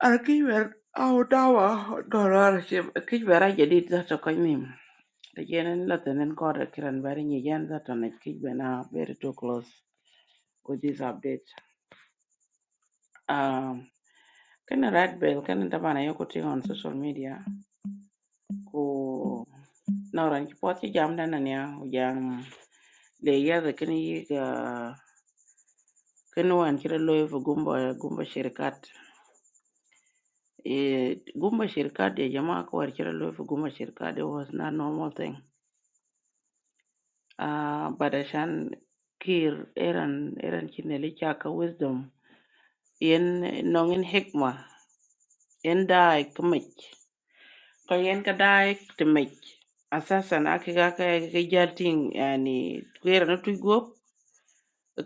ar ki wer au dawa dorar che ki bera jadid zato ko nim de jenen la tenen ko de kiran bari ni jan zato ne ki bena very too close with this update um kana red bell kana tabana yoko ti on social media ko nauran ki poti jam dana ne jam le ya da kini ga kini wan kira loyo fo gumba gumba shirkat Eh, gumbashirka de jama'ak warshil lofi gumbashirka de was not normal thing. Uh, but ashan kir eran eran kinelika ka wisdom yen nongin hikma yen dai kmik ka yen ka dai tmik asasan akiga ka ka jalting yani kwera na tugo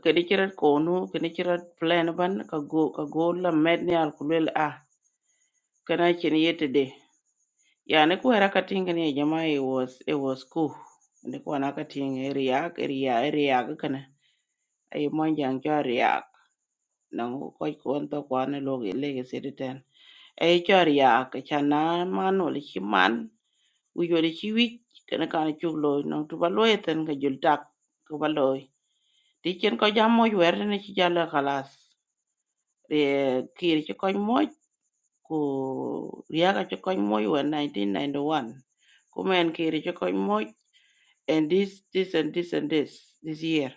ka dikirat kono ka dikirat plan ban ka go ka go la medni al kulel a kana kin yete Yeah, nikuwa rakatinga ni jamaa it was it was cool. Nikuwa nakatinga riak riak riak kana. Ay monjang cho riak. Nang ko ko to kwana loge lege sediten. Ay cho riak chana mano le chiman. Uyo le chiwi kana kana chuglo nang tu baloy ten ka jultak ko baloy. Ti chen ko jammo wer ne chi jala khalas. Re kiri chi ko moy ko riak chi ko moy wer 1991. Kumen kiri chi ko moy and this this and this and this this year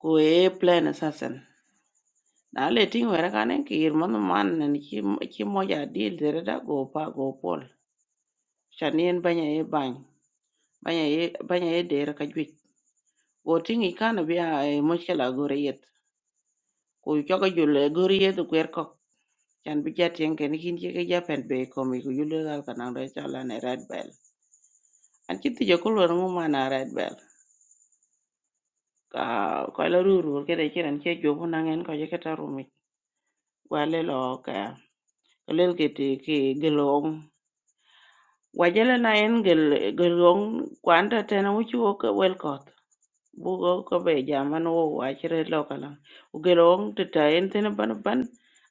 ko e plan assassin na le tin wera kanen ki irman man nan ki ki moja deal dere da go pa go pol chanien banya e bany banya e banya e dere ka jwit go tin i kana bia e mochela gore yet ko choga jule gore yet kwer ko chan bi jatien ken kin ki ke japen be ko mi ko jule gal kana re chala ne red bell an ki ti jo ko lo mu mana red bell ka ko la ruru ke de kiran ke jo bu nangen ko je kwa le lo ka lel ki ti ki gelong wa jele na en gel gelong kwanta tena wuchu ka wel koth bugo ko be jaman wo wa chire lo kala u gelong ti ta en tena ban ban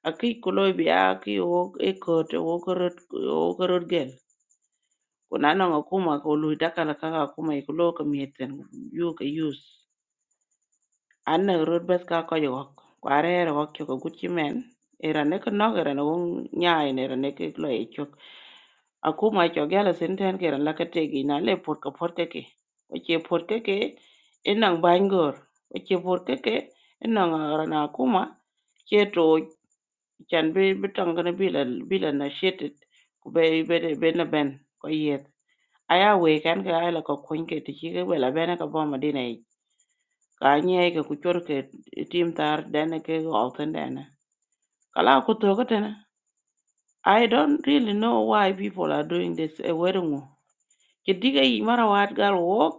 aki kuloy bi aki wo e kot wo korot wo korot gel kuna na nga kuma ko lu da kala kaka kuma ikulo ka mieten yu cái use an na rot bas ka ko yo kware ro ko ko guchi men era ne ko no era no nya en era ne ke lo e chok aku ma cho gela senten ke ran la ka te gi na le por ko por ke ke o che por ke ke en nang ban gor o che por ke ke en nang ara na ku ma che to chan be be tang na bi la bi la na shit ku be be de- be na ben ko yet aya we kan ka ala ko kun ke ti ke be la ben ka bo ma dinai ka nye ke ku chwal ke tim tar dene ke go ten dene kala ku to ko tene i don't really know why people are doing this e wedding wo ke diga yi mara wat gal wok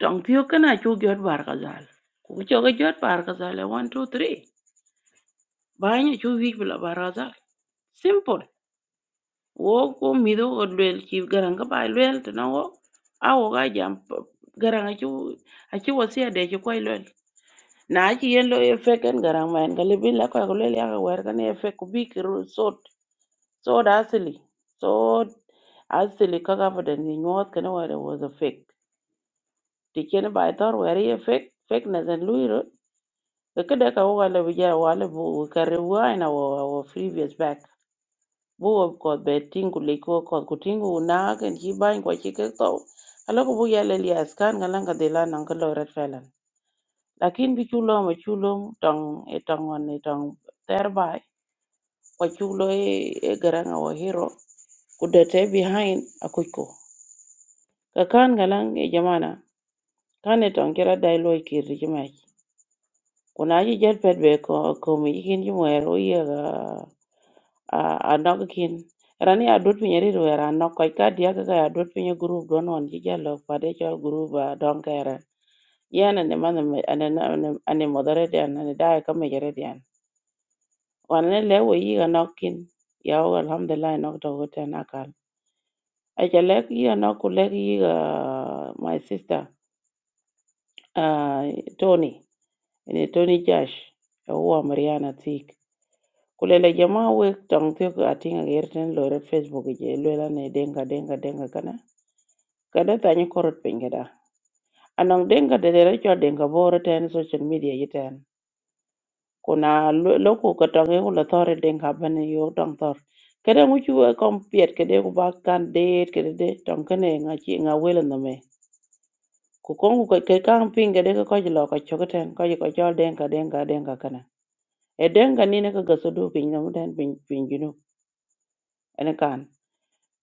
tong pio kana chu gyot bar ka zal ku cho ga gyot bar ka zal 1 2 3 ba nya chu wi bla bar ka zal simple wo ko mi do go lwel ki garanga ba lwel to no wo a wo ga jam garanga chu a chu wo sia de chu ko lel na ci yen lo ye fek en garang ma en ga lebi la ko ko le ya ga wer ga ne fek ku bi ki ru so so da asili so asili ka ga fadan ni nyot ka ne wer was a fake ti ken ba tor wer ye fek fek na zan lu ro ka ka ka wa le bi ja wa le bu ka re wa na wa wa previous back bu wa ko be tingu le ko ko ku tingu na kan ji ban ko ci ka to ala ko bu ya le ya skan ga lan de la nan ka lo red lakin bi chulo ma chulo tong e tong on e tong thereby kwa chulo e, e garanga wa hero kudete behind akuiko ka kan galang e jamana kan e tong kira dai loy kir jimai kuna ji jet pet be ko ko mi kin jimwer o ye ga a a nog kin rani a dut pinye ri wer a nok kai ka dia ka a dut pinye group don on ji jalo pade chol group a don kere yana ne man ane ane ane modere dia ane dai ka me jere wane le wo yiga nok kin ya wo alhamdulillah nok to gote na kal a ja lek yiga nok ku lek yiga my sister uh, tony ene tony josh e wo mariana tik kulele jama we tong te ko atinga gerten lo red facebook je lo la ne denga denga denga kana kada tanyi korot pengeda anong denga de de cho denga boro ten social media yiten kuna loku ka tong e kulo t o r e den ka bene yo tong t o r kede nguchu e kom piet kede ku ba kan det kede de tong kene nga chi nga welo no me ku kongu ke ke kan pin kede ko ko lo ko chokten ko ko jol den ka den ka den ka kana e den ka ni ne ka gaso do pin no den pin pin jinu ene kan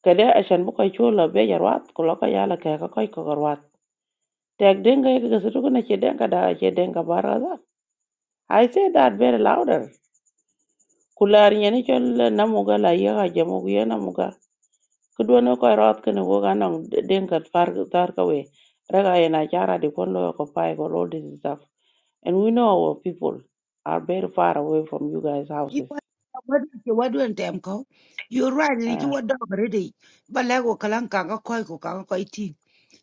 kede a shan bu ko chulo be yarwat ku lo ko yala ke ka ko ko garwat tek den ka gaso do na che den ka da che den ka baraza i say that very louder kular yeni chol namuga la yega jamugu ya namuga kudwa no ko rot kene wo ganong denkat far tar kawe raga yana chara di kon lo ko pai ko all this stuff and we know our people are very far away from you guys It houses was what went You're right, and you uh, were dog ready. But Lago Kalanka, a koi, coca, koi tea.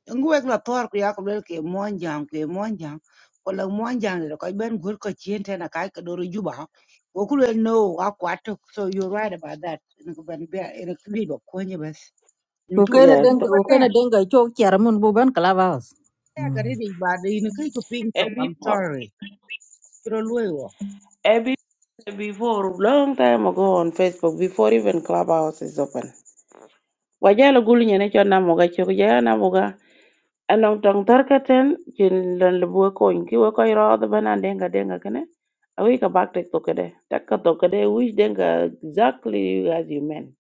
And la tor, yak, wilkie, monjang, que monjang, or la monjang, the koi ben good cochient and a kaikador juba. Okulu no, aquatic, so you're right about that. And Ben Bear in a creed of quenibus. Into Ukene a yes denga So, ukene there. denga cho kiara mun buban clubhouse. Mm. Ready, but in a creek of pink top, and I'm before sorry. You're a and be- eh, before long time ago on facebook before even clubhouse is open wajala gulu nyene chol namuga chok ya namuga Along tong tarkaten chin lan lebu ko in ki we ko ro the bana denga denga kene awi ka back tek to kede tak ka to kede which denga exactly you guys you meant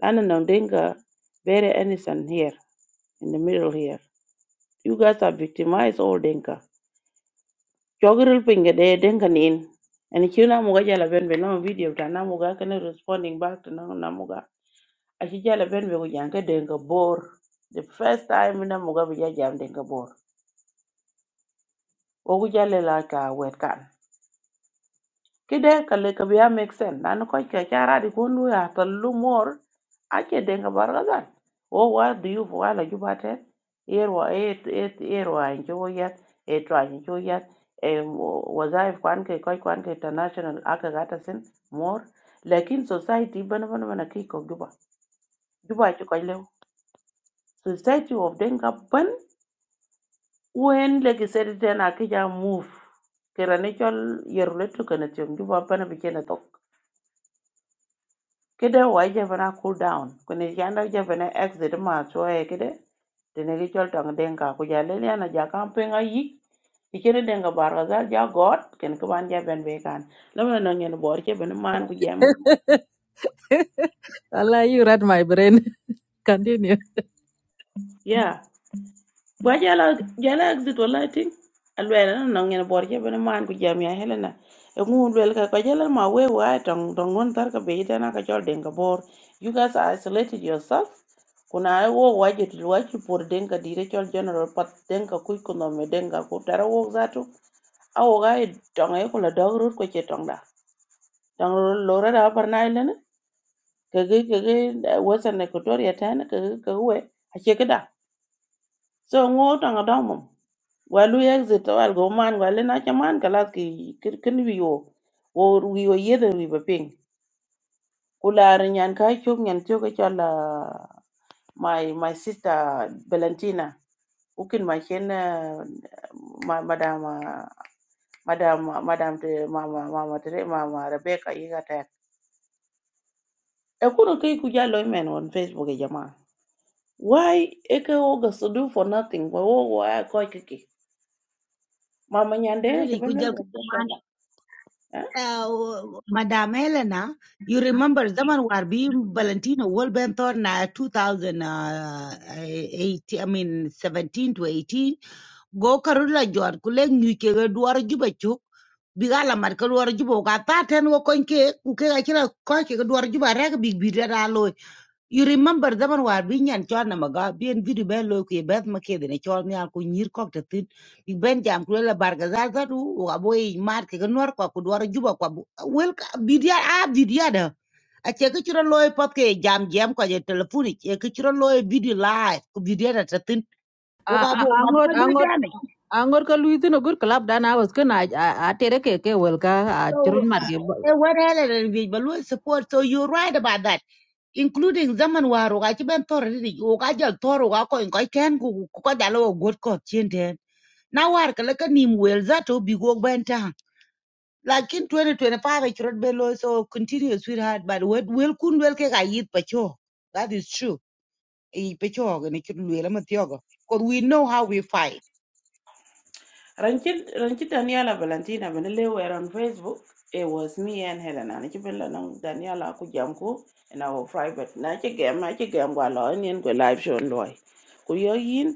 lana nong denga very innocent here in the middle here you guys are victimized all denga chogiril pinga de denga nin and chuna muga jala ben be no video ta na muga kene responding back to no na muga ashi jala ben be ko yanka denga bor the first time na muga be jam denga bor ogu jala la ka wet kan kide kale ka biya make sense nan ko ke chara di kon lu ya tallu mor ake denga bargazan o wa du yu wa la ju bate yerwa et et yerwa en jo ya et wa en jo ya e wazaif kwan ke koy kwan ke international aka gata sin mor lakin society ban ban ban ki ko juba juba ki koy lew society of denga ban wen legi sedi den aka ja move kera ne chol yeruletu kana tiom juba ban bi kenato kede wa jebena cool down kune yanda jebena exit ma choe kede tene gi chol tong denga ku ja le yana ja camping ayi ikere denga barwa za ja got ken ko ban ja ben be kan lama na ngen bor ke ben man ku jam ya wa ja la ja la exit wala tin alwela na ngen bor ke ben man ku jam ya helena e ngun wel ka ko jela ma we wa tong tong won tar ka be tena ka chol denga bor you guys are isolated yourself kuna ai wo wajit wachi por denga dire chol general pat denga kuy kuno me denga ku tara wo zatu awo ga tonga e kula dog rut ko che tongda tong lora da par na ile ne kege kege western equatoria tan kege kege we a che kada so ngo tanga dong mum walu exit wal go man wal na cha man kala ki kir- kin wi wo wo wi wo yede wi ba ping kula ran yan ka chok nyan chok ka chola my my sister valentina Ukin ma chen eh, ma madam ah, madam madam te mama mama te mama Rebecca yiga tek. E kuro kai ku jalo men on Facebook e jama. Why e ke oga so do for nothing wa wo wa ko kiki. Mama nyande na ke Ready, could you benel wa ke sala. uh, Madame Helena, you remember Zaman Warbi Valentino World Benthorn 2018, I mean 17 to 18, go Karula Jor Kuleng Yuke Duar Juba Chuk, Bigala mar Marka Duar Juba, Gata Ten Wokonke, Uke Akira Koke Duar Juba Rag Big Bidra you remember the man war being and John Namaga, being video bello, Beth McKay, the Chorney Alco, Nir Cock a Tin, Big Ben Jam, Cruella Bargazar, who a boy, Mark, a Norco, could war a Juba, quabu. well, Bidia, ah, Bidia. A caricature lawyer potke, jam, jam, call your telephonic, a caricature lawyer video live, could be there at a tin, A- Ah, Ugabo, Angot Abu angot damage. angot ka luithi no good club dan hours ken a a a tere ke ke wel ka a churun So, eh, what hell, and we support. So, you're right about that including zaman war ga ci ben tor ri o ga jal tor ga ko ko ken ku ko dalo god ko tien na war ka la ka nim wel za to bi go ben ta lakin 2025 ci rod be lo so continue sweetheart but wel wel kun wel ke ga yit pa cho that is true e pe cho ga ne ci wel ma tiogo cause we know how we fight Ranchit ranchit Daniela Valentina benele were on Facebook. It was me and Helena. Na ke benela nang Daniela ku jam ku in our private. Na ke game na ke game wa lo ni en ku live show loy. ku yo yin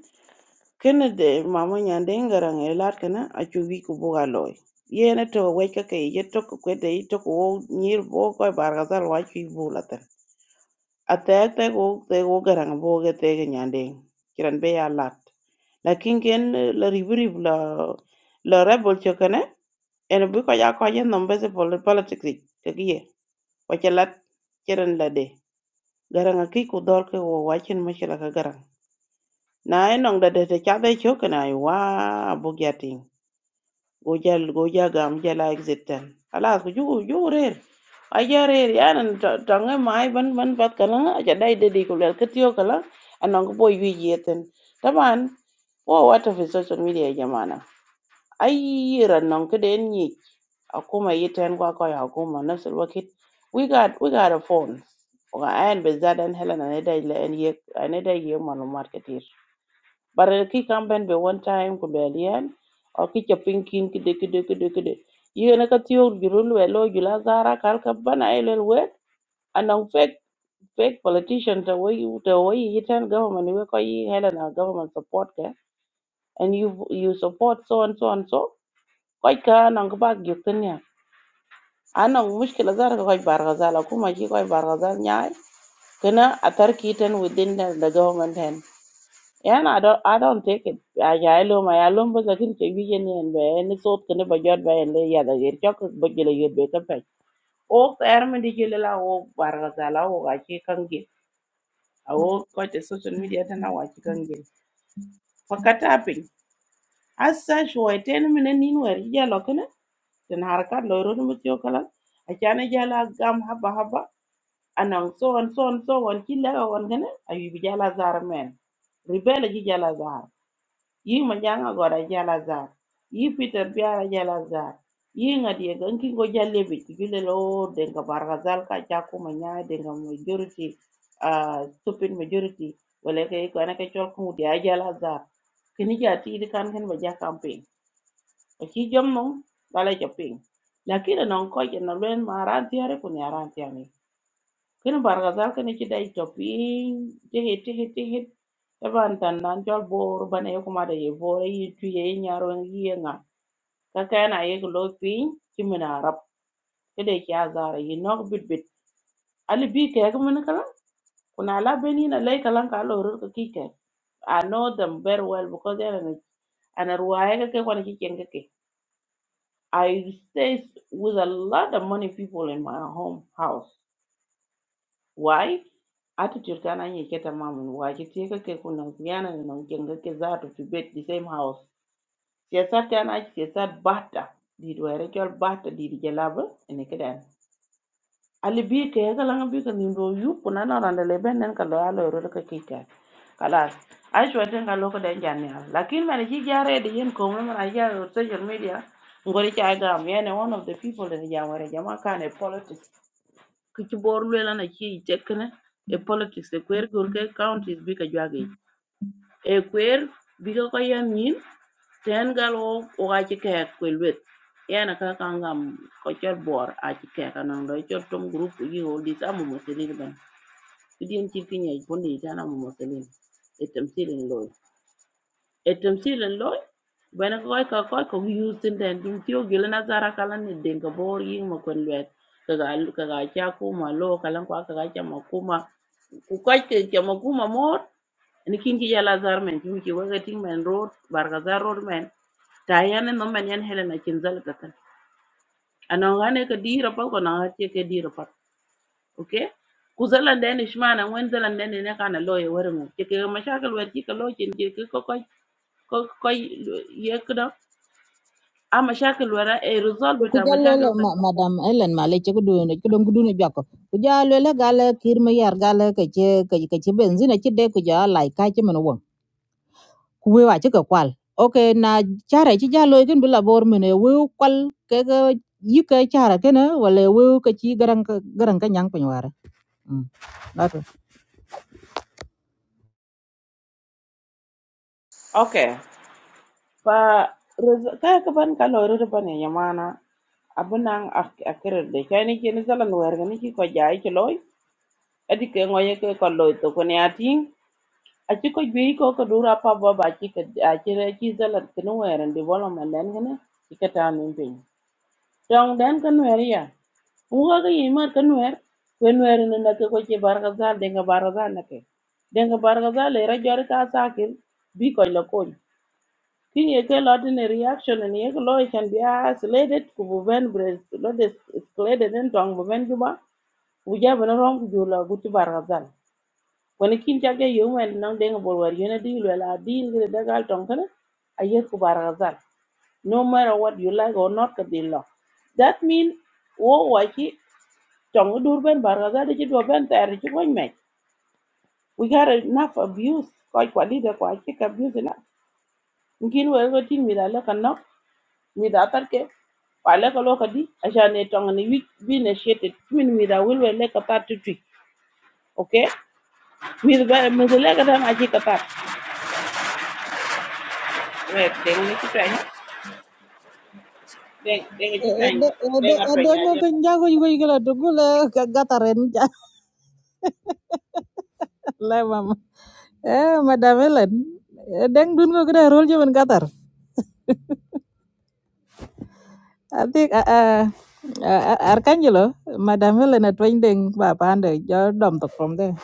kene de mama nyande ngara ngai lar kana achu wi ku buga loy yene to wai ka kai ye to ku kwede to ku nyir bo ko bar ga zal wa chu bu la tan atek te go te go ngara bo ge te ge nyande kiran be ya lat lakin ken la ribri la la rebel cho kana ene bu ko ya ko ye nom be se pol- politics ik, ke ge wa che lat kiran la de garang ki ku dor ke wo wa chen ma che la ka garang na enong da de te cha be cho kana wa bu gojal goja gam jala exitan alas ko jugo jugo rer aja rer yanan tangai mai ban ban pat kala aja dai dedi ko lel ketio kala anan ko boy wi yeten taban o wata fi social media jamana ai ranan ko den ni akuma yiten kwa kwa akuma nafsul wakit we got we got a phone wa an bezad an helena ne dai le en yek ne dai yek malumat bara ki campaign be one time ko be alien o ki chapin kin kide kide kide kide yene ka tiyo jurul we lo jula zara kal ka bana ele we anong fake fake politician to we to we yitan government we ko yi helena government support ke and you you support so and so and so koy ka nang ba gyutin ya anong mushkila zara koy bargazal kuma ki koy bargazal nyaay kana atar kiten within the, the government hand Yan I don't I don't take it. I I lo my alum but lakin ke bi yen yen be ni sot kene ba jot ba yen le ya da yer chok ba jele yer be ka pe. O ter me di jele la o bar ga i la o ga ki kan ge. A o ko te social media ta na wa ki kan ge. Fa ka ta pin. As such wo ten me ne nin wer ya lo kene. Ten har ka lo ro mu tyo kala. A cha ne jala gam haba haba. Anang so on so on so on ki la on kene. Ayu bi jala zar men. Ribele ji zar. yi majanga gora jala zar yi peter biara jala zar yi ngadi ga nki go jalle be tibile lo denga barga zal ka ja ko manya denga majority uh, stupid majority wala ke ko na ke chol ko dia jala zar kini ja ti di kan hen baja campaign o chi jom no bala ja ping lakini non ko je no len ma ran tiare ko ni rantiare Kini bargazal kini ci day topi jehe tehe tehe taban tandan jol bor bane yo kuma da ye bor yi tuye yi nyaro yi ye nga ka kana ye ko lo pin ci mina rab kede ki azara yi nok bit bit ali bi ke ga mun kala kuna la beni na lay kala ka lo ro ki ke i know them very well because they are an ruwaye ka ke kwana ki ken ka ke i stay with a lot of money people in my home house why attitude kana nye keta mamun why ki tie ka ke kunam kiyana ni nam ken ga ke to fi the same house siyasar kana siyasar bata di do yare kyol bata di di gelaba ene kedan ali bi ke ga langa bi ka nimbo yu kuna na randa le ben nan ka lo alo ro ka ki ka kalas ai shwa ten ka lo ka den jan ya lakin man ji jare de yen ko man ra ja social media ngori ka am one of the people in jamare jama kane politics ki ci bor luela na ci tekne e politics e kwer gor ke counties bi ka jwage e kwer bi ka ko yam ten gal o o ga ci kek ko luet yana ka kan gam ko chol bor a ci kek anan do chol tom group yi ho di samu muselin ban ki din ci ki nyai bondi tan amu muselin e tamsilin lo التمثيل اللوي بين كوي كوي كو يوزن تن دين تيو جيل نظارة كلام ندين كبور يين ما كون لوت كغال كغال تشاكو ما لو كلام كوا كغال تشما كوما كوكاي تشما كوما مور nikin ki yala zar men tin ki waga tin men road barga zar road men ta yana no men yan helena kin zalga kan anon gane ka dira pa ko na ce ke dira pa okay ku zalan da ne shma nan wen zalan da ne ne kana loye warin mu ke ke mashakal wer ki ka lokin ki ko ko ko ko yekdo a mashakil wara e resolve ta mashakil ta ma- madam Ellen Male che ku duene ku dom ku biako. Ku gale kir yar gale ke che ke che benzina che de ku jala ka che kuwe wa chika kwal oke na chara chi jalo ken bila bor mene we kwal ke ga yika chara kena wala we ka chi garang ka- garang ka nyang pinwara mm lato Okay. Fa kaya ka ban ka lori riba ne yamana. Abunan akirar da kai nake ni zalan wayar ga nake ko jayi ki loy. Adi ke ngoye ke ko loy to ko ne atin. A ci ko gbe ko ko dura pa ba ba ki ka a ki ki zalan kin wayar development dan gane ki ka ta min bin Yang den ka nuer ya. Unga ka yi mar ka nuer. Kwe nuer ni na ke kwache bargazal denga bargazal na ke. Denga bargazal le ra jori ka sakir bi koi la kony. Kin ye ke lot ni reaction ni ye ke lo ye can be isolated ku bu ben bres lo de escalated en tong bu ben juba. Bu ja bu na rom ku jula guti bargazal. Wani kin chak ya yung wen nang denga bolwar yun a deal wel a deal gire dagal tong kana a yes ku bargazal. no matter what you like or not ka dil lo that mean wo wa chi tong dur ben bar ga de chi do ben ter chi ko me we got enough abuse ko kwa leader ko chi ka abuse na ngin wo ko tin mi da la kan no mi da tar ke wa le ko lo ka di a sha ne tong ni wi bi ne shete min mi da wil we le ka ta tu tu okay mi da mi da le ka da ma chi ka ta we de ni chi tra ni de de ni chi tra ni ede de ede ga tra ede ni a ngo ka gataren jalla mama eh madam Ellen deng dun ngo kada rol jaman gatar ati arkangelo madam Ellen atwain deng ba pande jo dom tok from there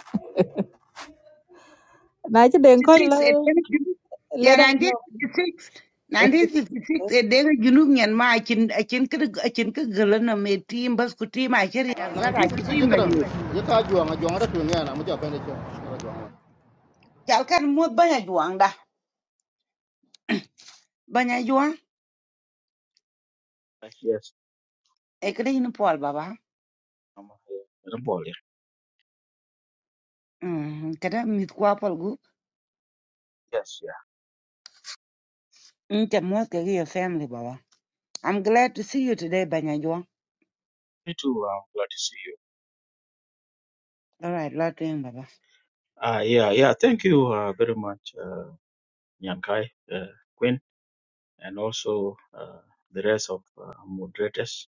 na chi 1956 deng ko le e dega junub ya le 1956 1956 e dega junub nyen ma akin akin ka akin ka galana me tim bas ku tim a ker yak zara ki tim 1966 na kadang nyu ye ka juang a juang ra tu ni ana mu ja pende cho ra kal kan mo banya juang da banya juang Uh, Yes. e kada yin pol baba I'm uh, Madam Paul, yeah. mm kada mit kwa pol gu Yes, yeah. mm ta mo ka your family baba i'm glad to see you today banya juang Me too. I'm glad to see you. all right lot to him, baba Ah, yeah, yeah. Thank you uh, very much, uh, Nyankai, uh, Queen, and also uh, the rest of uh, moderators.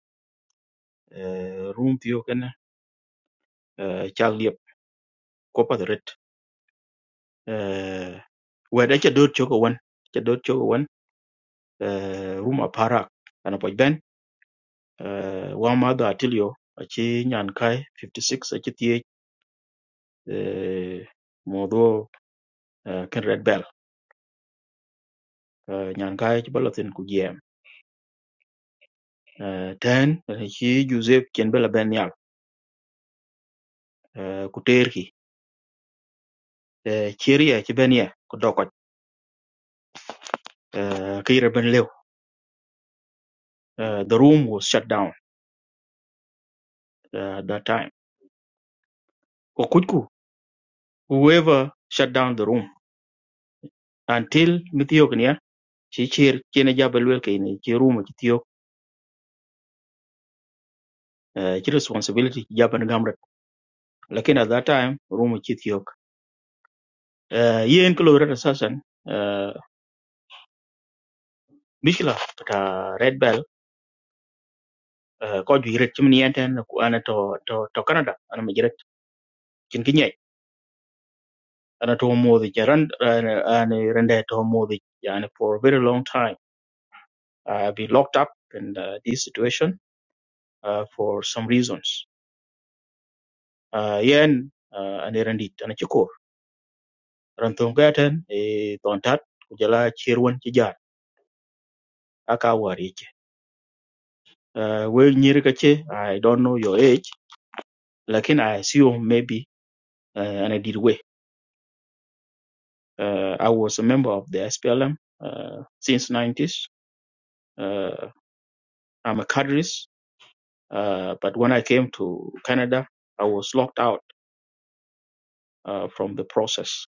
Uh, room Pio Ken, uh, Charlie, Copa the Red. Uh, where did you do Chogo one? You do Chogo one? Uh, room Aparak, and a point uh, Wamadu Atilio achi Nyankai 56 achi Thiech uh, Modho uh, Ken Red Bell uh, Nyankai achi Balatin ku GM uh, Ten achi Joseph Chen Bella Ben Yal uh, ku Terhi uh, Chiri achi Ben Ye uh, Kira Ben Leo uh, The room was shut down uh, at that time Okuchku whoever shut down the room until Mithiok niya chi chir chene jabel wel kaini chi room achi Thiok uh, chi responsibility chi Lakin at that time, rumo chit yok. Uh, yen kilo red assassin, uh, Mishla, ta Red Bell, uh, ko ju yiret chimni enten ku ana to, to, to Canada, ana ma yiret chin kinyai. Ana to modi ja ran, ana rende to modi ja ana for a very long time. I've been locked up in uh, this situation uh, for some reasons. Uh, yen, uh, ana rendit, ana chikor. Rantong gaten, e tontat, kujala chirwan chijar, aka war yake. Uh, well, nyiri ka ce, I don't know your age. Like Lakin I assume maybe uh, and I did way. Uh, I was a member of the SPLM uh, since 90s. Uh, I'm a cadres, uh, but when I came to Canada, I was locked out uh, from the process.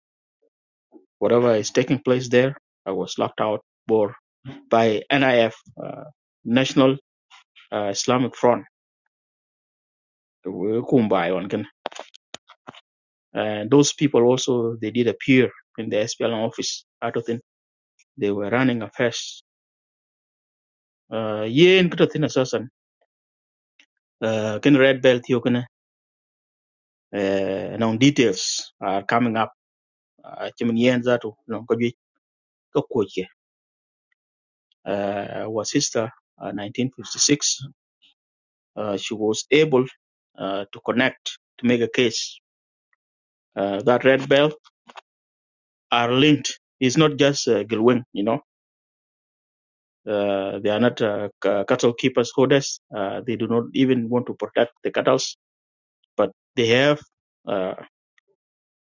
Whatever is taking place there, I was locked out for by NIF, uh, National uh, Islamic Front, Kumbai on Ghana. And those people also they did appear in the SPLM office. I don't think they were running affairs. Uh, yeah, in uh, ken red belt yo kene uh, now details are coming up uh, chimin yen zatu no ko jwi ko koche uh, our sister uh, 1956 uh, she was able uh, to connect to make a case uh, that red belt are linked it's not just uh, Gilwing, you know uh, they are not uh, c- cattle keepers holders uh, they do not even want to protect the cattle but they have uh,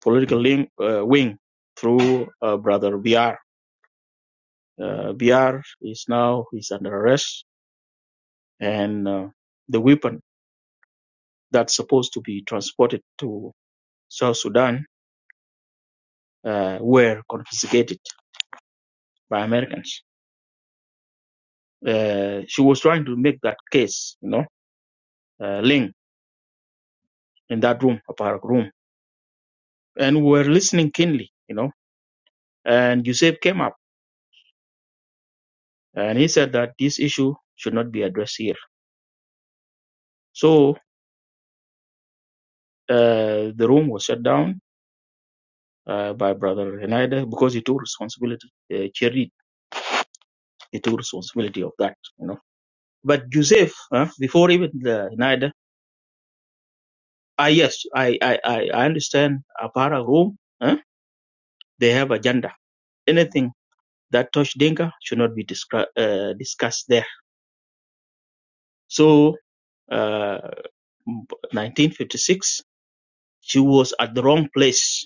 political link, uh, wing through uh, brother BR Uh, BR is now is under arrest, and uh, the weapon that's supposed to be transported to South Sudan uh, were confiscated by Americans. Uh, she was trying to make that case, you know, uh, link in that room, a park room, and we were listening keenly, you know. And Yusef came up and he said that this issue should not be addressed here. So uh, the room was shut down uh, by Brother Renaida because he took responsibility. Uh, He took responsibility of that, you know. But Joseph, uh, before even the Nida, ah, yes, I, I, I I understand Apara Rome, uh, they have agenda. Anything that touch Dinka should not be discra- uh, discussed there. So, uh, 1956, she was at the wrong place.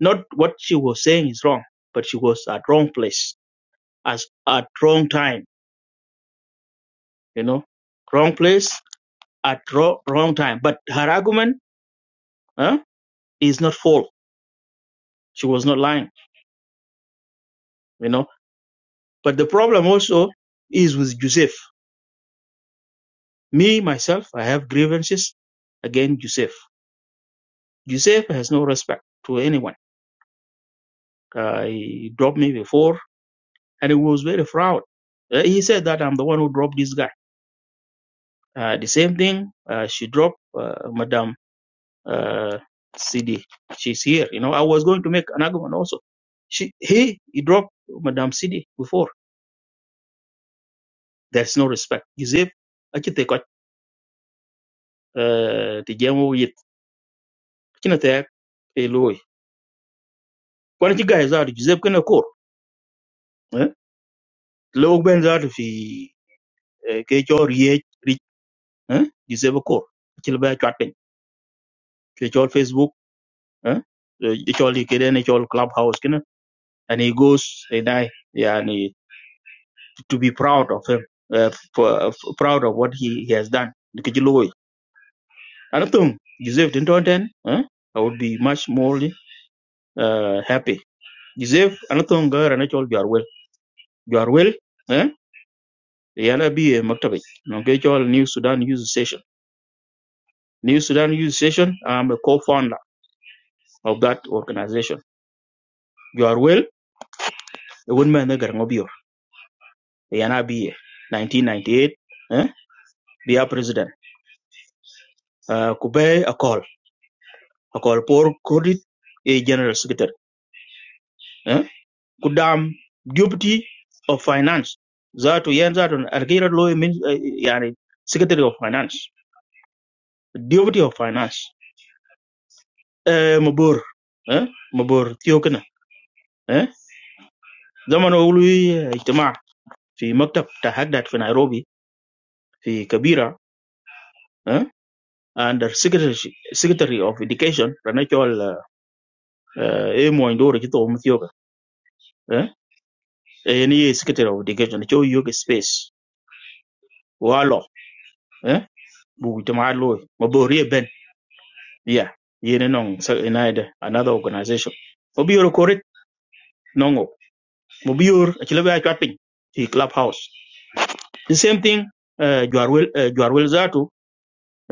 Not what she was saying is wrong, but she was at wrong place as at wrong time, you know, wrong place at wrong, wrong time. But her argument, uh, is not false She was not lying, you know. But the problem also is with Joseph. Me, myself, I have grievances against Joseph. Joseph has no respect to anyone. Uh, he dropped me before and he was very proud. Uh, he said that I'm the one who dropped this guy. Uh, the same thing, uh, she dropped uh, Madame uh, CD. She's here. You know, I was going to make an argument also. She, he, he dropped Madame CD before. There's no respect. Joseph, I think they got, uh, with. kina tek e loy kwan ci gaay zaatu ci zeb kena kor eh lo ben zaatu fi eh, ke chor ye ri eh di zeb kor ci la ba chat pen ke chor facebook eh e chor li kede ne chor clubhouse kena and he goes and i yani to be proud of him uh, for, for- proud of what he, he has done ke ci loy ana tum joseph din ton ten eh i would be much more uh, happy joseph ana tum ga ra ne chor jar wel jar wel yana bi maktabi okay all new sudan youth station new sudan youth station i'm a co-founder of that organization you are well the woman the garngobior yana bi 1998 eh be a president uh, kubay a call a call for credit a general secretary eh kudam deputy of finance that to yen that on argira law means uh, yani secretary of finance deputy of finance eh mabur eh mabur tiokana زمن أولي اجتماع في مكتب تحدد في نيروبي في كبيرة أه؟ under secretary, secretary of education ranachol e mo indore kito umthioka eh e ni secretary of education cho yoga space walo eh bu jama lo mabori ben ya yene non sa inaida another organization obior correct nongo mobior achilebe atwapin the clubhouse the same thing uh, juarwel uh, juarwel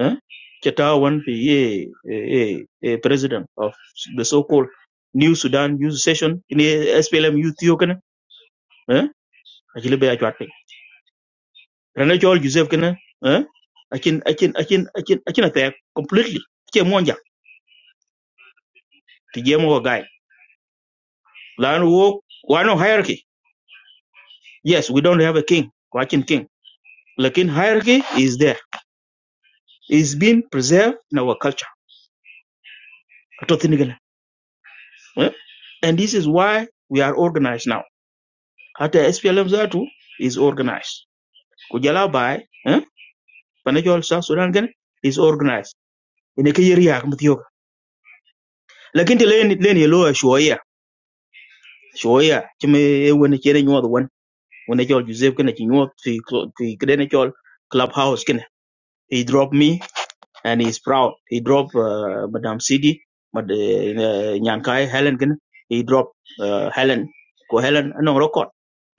eh? Chatawan eh, eh, eh, president of the so-called New Sudan Youth Session in the SPLM Youth Yo kana eh? Akili be ajwat pe. Rana Joel Joseph kana eh? Akin akin akin akin akin attack completely. Ke monja ti jemo guy. Lan wo wa no hierarchy. Yes, we don't have a king. Wakin king. Lakin hierarchy is there. It's been preserved in our culture. Atotini gana. Eh? And this is why we are organized now. Hata SPLM Zatu is organized. kujala bai eh panajol sa sudan gan is organized ene ke yeri yak mutiyo lakin te len len ye shoya shoya chime e wona chere nyod won wona jol joseph kana chi nyod fi cl- fi kdene jol clubhouse kana he dropped me and he's proud he dropped uh, madam cd mad uh, nyankai helen kana he dropped uh, helen ko helen no record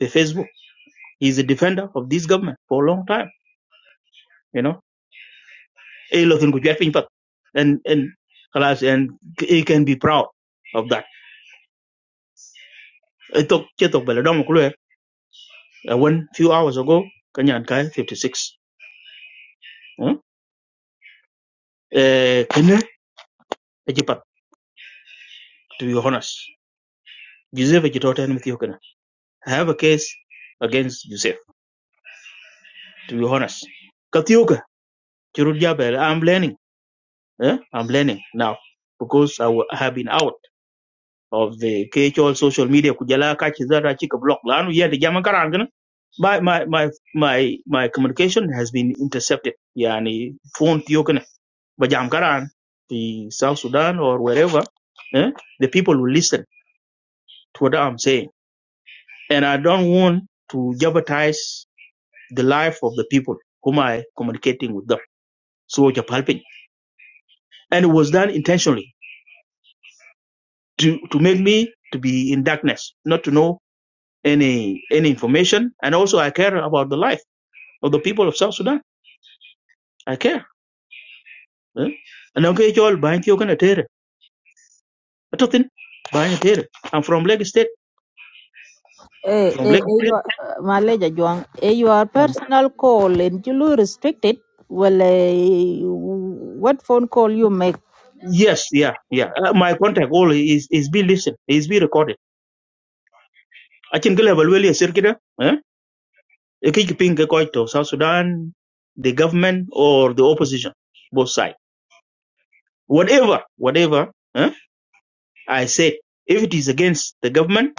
the facebook he's a defender of this government for a long time you know e looking ku jet pin pat and and class and he can be proud of that e tok che tok bele dom ku one few hours ago kanyan kai 56 huh? eh kene e to be honest joseph e ji with you kana i have a case against joseph to be honest katiuka chirut ja bele i'm learning eh? i'm learning now because I I have been out of the KHO social media kujala kachi zara chika block lanu yeah the jama karan kana. my my my my my communication has been intercepted yani phone tiyo kana bajam karan the South Sudan or wherever eh, the people will listen to what I'm saying and I don't want to jeopardize the life of the people whom I communicating with them so it's helping and it was done intentionally to to make me to be in darkness not to know any any information, and also I care about the life of the people of South Sudan. I care. eh. And I'm all buying you gonna tear it. I don't think buying tear. I'm from Lagos State. eh, From eh, eh, Lagos State. your, uh, Maleja Juang, eh, your Uh, personal call in Julu restricted. Well, eh, what phone call you make? Yes, yeah, yeah. Uh, my contact all is is be listened, is be recorded. I can go evaluate a circuit. Eh? You can ping a coin to South Sudan, the government or the opposition, both sides. Whatever, whatever. Eh? I said, if it is against the government,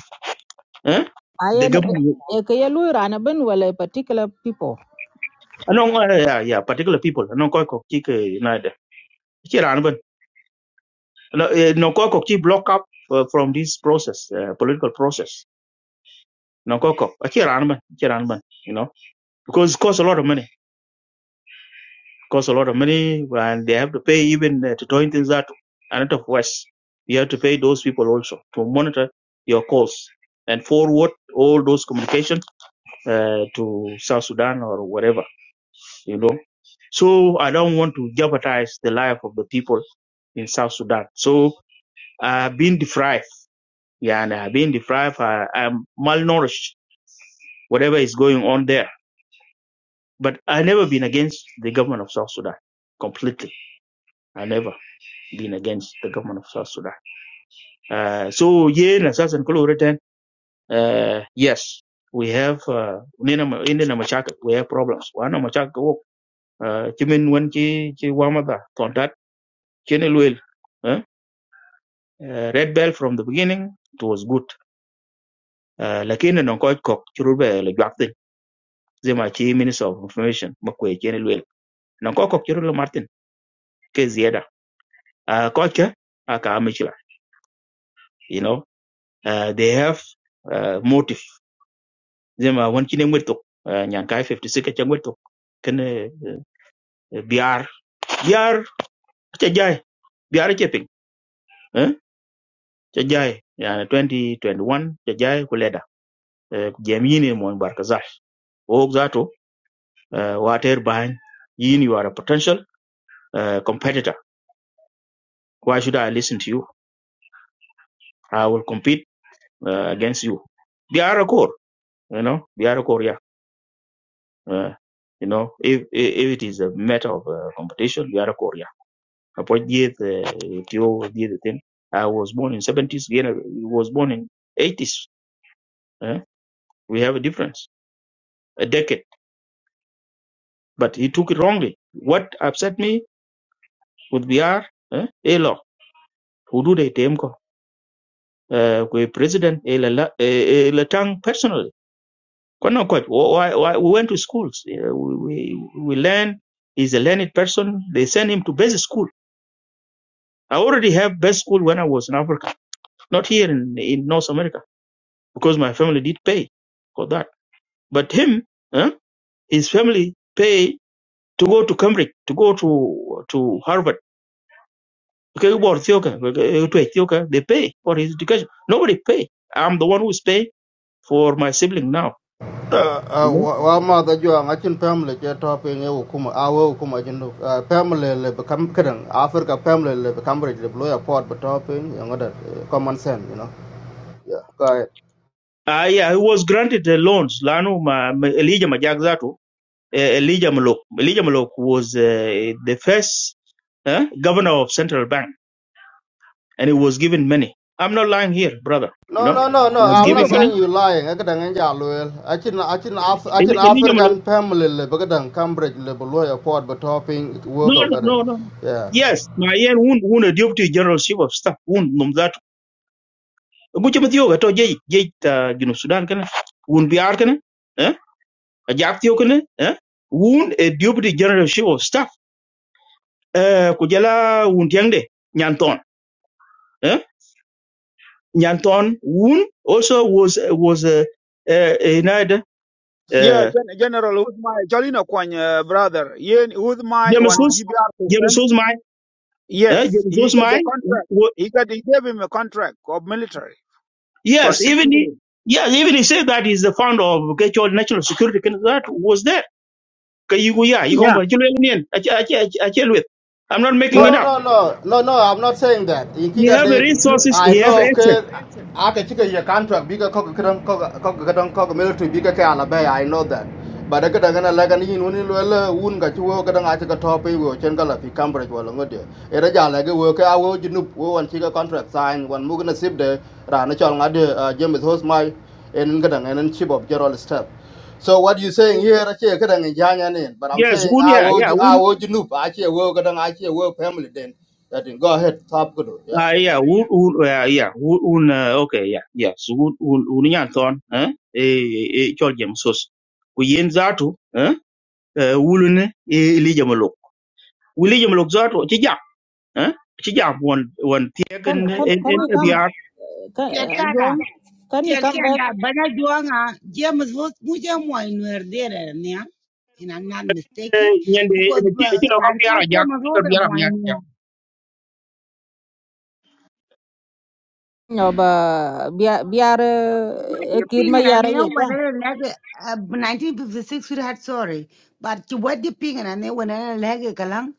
eh? I the an government. eh, kaya lu rana ben well a particular people. anong eh, yeah yeah particular people anong koy kok chi ke nade chi ran ben no eh, no koy block up uh, from this process uh, political process no koy kok chi ran ben chi ran ben you know because it costs a lot of money costs a lot of money and they have to pay even uh, to join things that and of west you have to pay those people also to monitor your calls and forward all those communication uh, to South Sudan or whatever you know so I don't want to jeopardize the life of the people in South Sudan. So I've uh, been deprived. Yeah, and I've been deprived. I, I'm malnourished. Whatever is going on there. But I never been against the government of South Sudan completely. I never been against the government of South Sudan. Uh, so yeah, na and nikulo written. Uh, yes, we have uh, nina ma- hindi na We have problems. Wana machaka wo. Uh, chimin wan chi chi wamada. Tontat chene luel. Eh? Uh, red bell from the beginning. It was good. uh, lakini non ko ko churu be le jwakti zema chi minister of information makwe chene lwel non ko ko churu le martin ke zieda uh, ko che aka amichila you know uh, they have uh, motive zema won chine ngweto uh, nyan kai 56 ke ngweto ken uh, biar biar che jai biar che ping eh che jai yani 2021 che jai kuleda uh, kujamini mon barkaza wok zato uh, water bany yin you are a potential uh, competitor Why should I listen to you? I will compete uh, against you. They are a core, you know. They are a core, yeah. Uh, you know, if, if if it is a matter of uh, competition, they are a core, yeah. Apart yet, uh, it did the thing. I was born in 70s. He was born in 80s. eh? We have a difference, a decade. But he took it wrongly. What upset me with BR, eh? Elo, who do they tame ko? Uh, president, Ela Tang personally. Konokot, why, why, we went to schools. uh, We, we, we learn. He's a learned person. They send him to basic school. I already have best school when I was in Africa, not here in, in North America, because my family did pay for that. But him, huh, his family pay to go to Cambridge, to go to to Harvard. Okay, you to Ethiopia, okay, to Ethiopia, they pay for his education. Nobody pay. I'm the one who's paying for my sibling now. You juang know, wa wa ma da juang a chin family che to pe nge u kuma a wo kuma jin do family le be kam kadang africa family le be kam re le lo ya port be to pe nge da common sense you know yeah ka I, I was granted the loans. Lano, my, my Elijah Majagzato, eh, Elijah Molok. Elijah Molok was uh, the first eh, governor of central bank, and he was given money. I'm not lying here, brother. You No, know, no, no, no. he was I'm Duga giving not ba money. saying you lying. I kadang enja loyal. I chin, I chin, Af- I Eli- chin Elijah Molok. African family le, but kadang Cambridge le, but lawyer port, but topping No, work out no, no, kadang. no. Yeah. Yes, my yen won won a deputy generalship of staff won nom that. Mucho matiyo gato jay jay ta gino Sudan kana won biar kana eh a jak kana eh won a deputy generalship of staff eh kujala won tiang de nyanton eh. Nyanton Woon also was was uh, uh, uh, United Yeah, uh, gen- General with my Jolino Kwan uh, brother. Yeah, with my James one Hus GBR James person. Husmai uh, Yes, James he got the Husmai contract. wa- He got he gave him a contract of military for yes six even he million. yes even he said that he's the founder of Kechol National Security Council that was there Kayuguya Yeah. Yikomba Chilean Achelwit I'm I, ch- I ch- i chill with. I'm not making No, When it no, up no, no, no, no. I'm not saying that. In he Kija have did, resources I he have know. access Okay, I can check your contract. Bigger cock, cock, cock, cock, cock, military. Bigger can Alabama. I know that. But I got a gonna like an in when you will wound got you work and I took a top in which and gallop. You can't break well on good. It is a like a worker. I will you know one chica contract sign one mugna sip there. Ranachal, James Hosmai, and Gadang and then Chip of Gerald Step. So what you saying here, I actually, kadang injanya nin. But I'm yes saying, Woon I yeah will, yeah I will junub. Actually, will kadang actually will family then. That thing. Go ahead, top good, Yeah. Ah, yeah, wood, wood, uh, yeah, wood, un, uh, okay, yeah, yeah, so wood, un, un, yan eh, eh, eh, chol jem sos. yen zatu, eh, eh, wulun, eh, li jem lok. zatu, chi jam, eh, chi jam, wan, wan, tiek, en, banya en, en, juang en, ma biar, Tiar tiar ke anda bana duanga james vos muje moy nuer dere ne in i'm not mistaken eh, nyende, because en, chi, chi ran biar ka a jak, james vos de biar a moy biar, ja. ne ja. nyoba biar biar what eh you ping kirma and i yara know yeta. what i like uh, 1956 we had sorry but ki what you ping and i know when i like kalang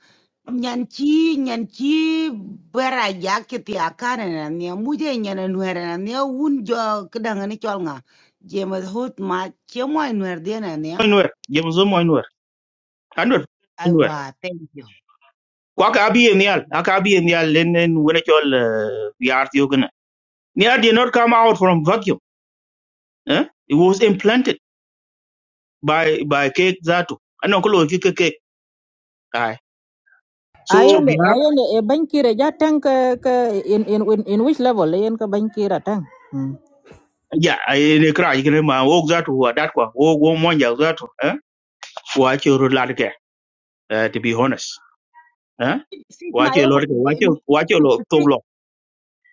nyanchi nyanchi bara ya ke ti akana na ne muje nyana nuer na ne un jo kedanga ni cholnga james vos ma ke moy nuer dere ne Moinwer, jem zo moinwer, anwer, I moinwer. wa thank you. Kwa ka abi em yal, aka abi em yal, en, en, wene chol, eh, biar tiyo gana. Nial did not come out from vacuum, eh, it was implanted by by cake that ano ko loki ke cake ai so Ayen biar ayen e bankira ja tang ke ke in in in in which level ayen ke bankira tang. ya ai ne kra yigre ma wo that wa that kwa wo wo monja that eh wa che ro lad ke eh, Eh, to be honest eh wa Sigma che lo yewe ke wa che wa che lo to 1956 lo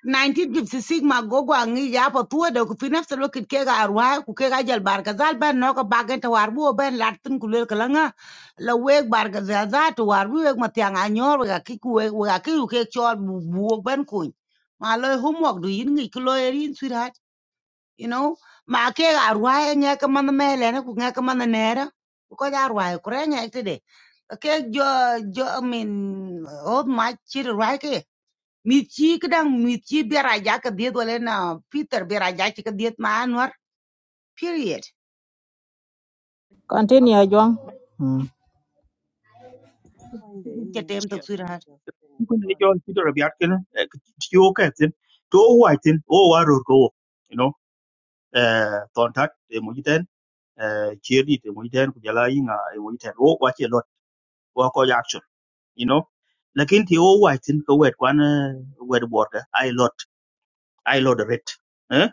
1956 ma gogo angi ya pa tuwa da ku finaf sa lokit ke ga arwa ku ke ga jal barka zal ban no ka bagen ta warbu ben latin ku lel kalanga la weg barka za za to warbu weg ma tiang anyor ga ki ku weg ga ki ku ke chol bu bu ben ku ma lo homework du yin ngi klo erin sweetheart you know ma ke ga arwa nya ka man mele na ku nya ka man nera ku ko ja arwa ku re nya ite de ke jo jo i mean old my chiri right mi ci kadang mi ci biara ja ka diet wala na peter biara ja ci ka diet ma anwar period am Continue Juang. Hmm. ci ci tem ya tok sur har ko ne je jo ki to biar ke ti o ke tin to wa tin o wa ro ko you know eh ton tat e mo jiten eh chieri te mo jiten ku jala yinga e mo jiten wo wa che lo wa ko ya you know lakin ti o wa tin ko wet kwan eh, wet border i lot i lot red eh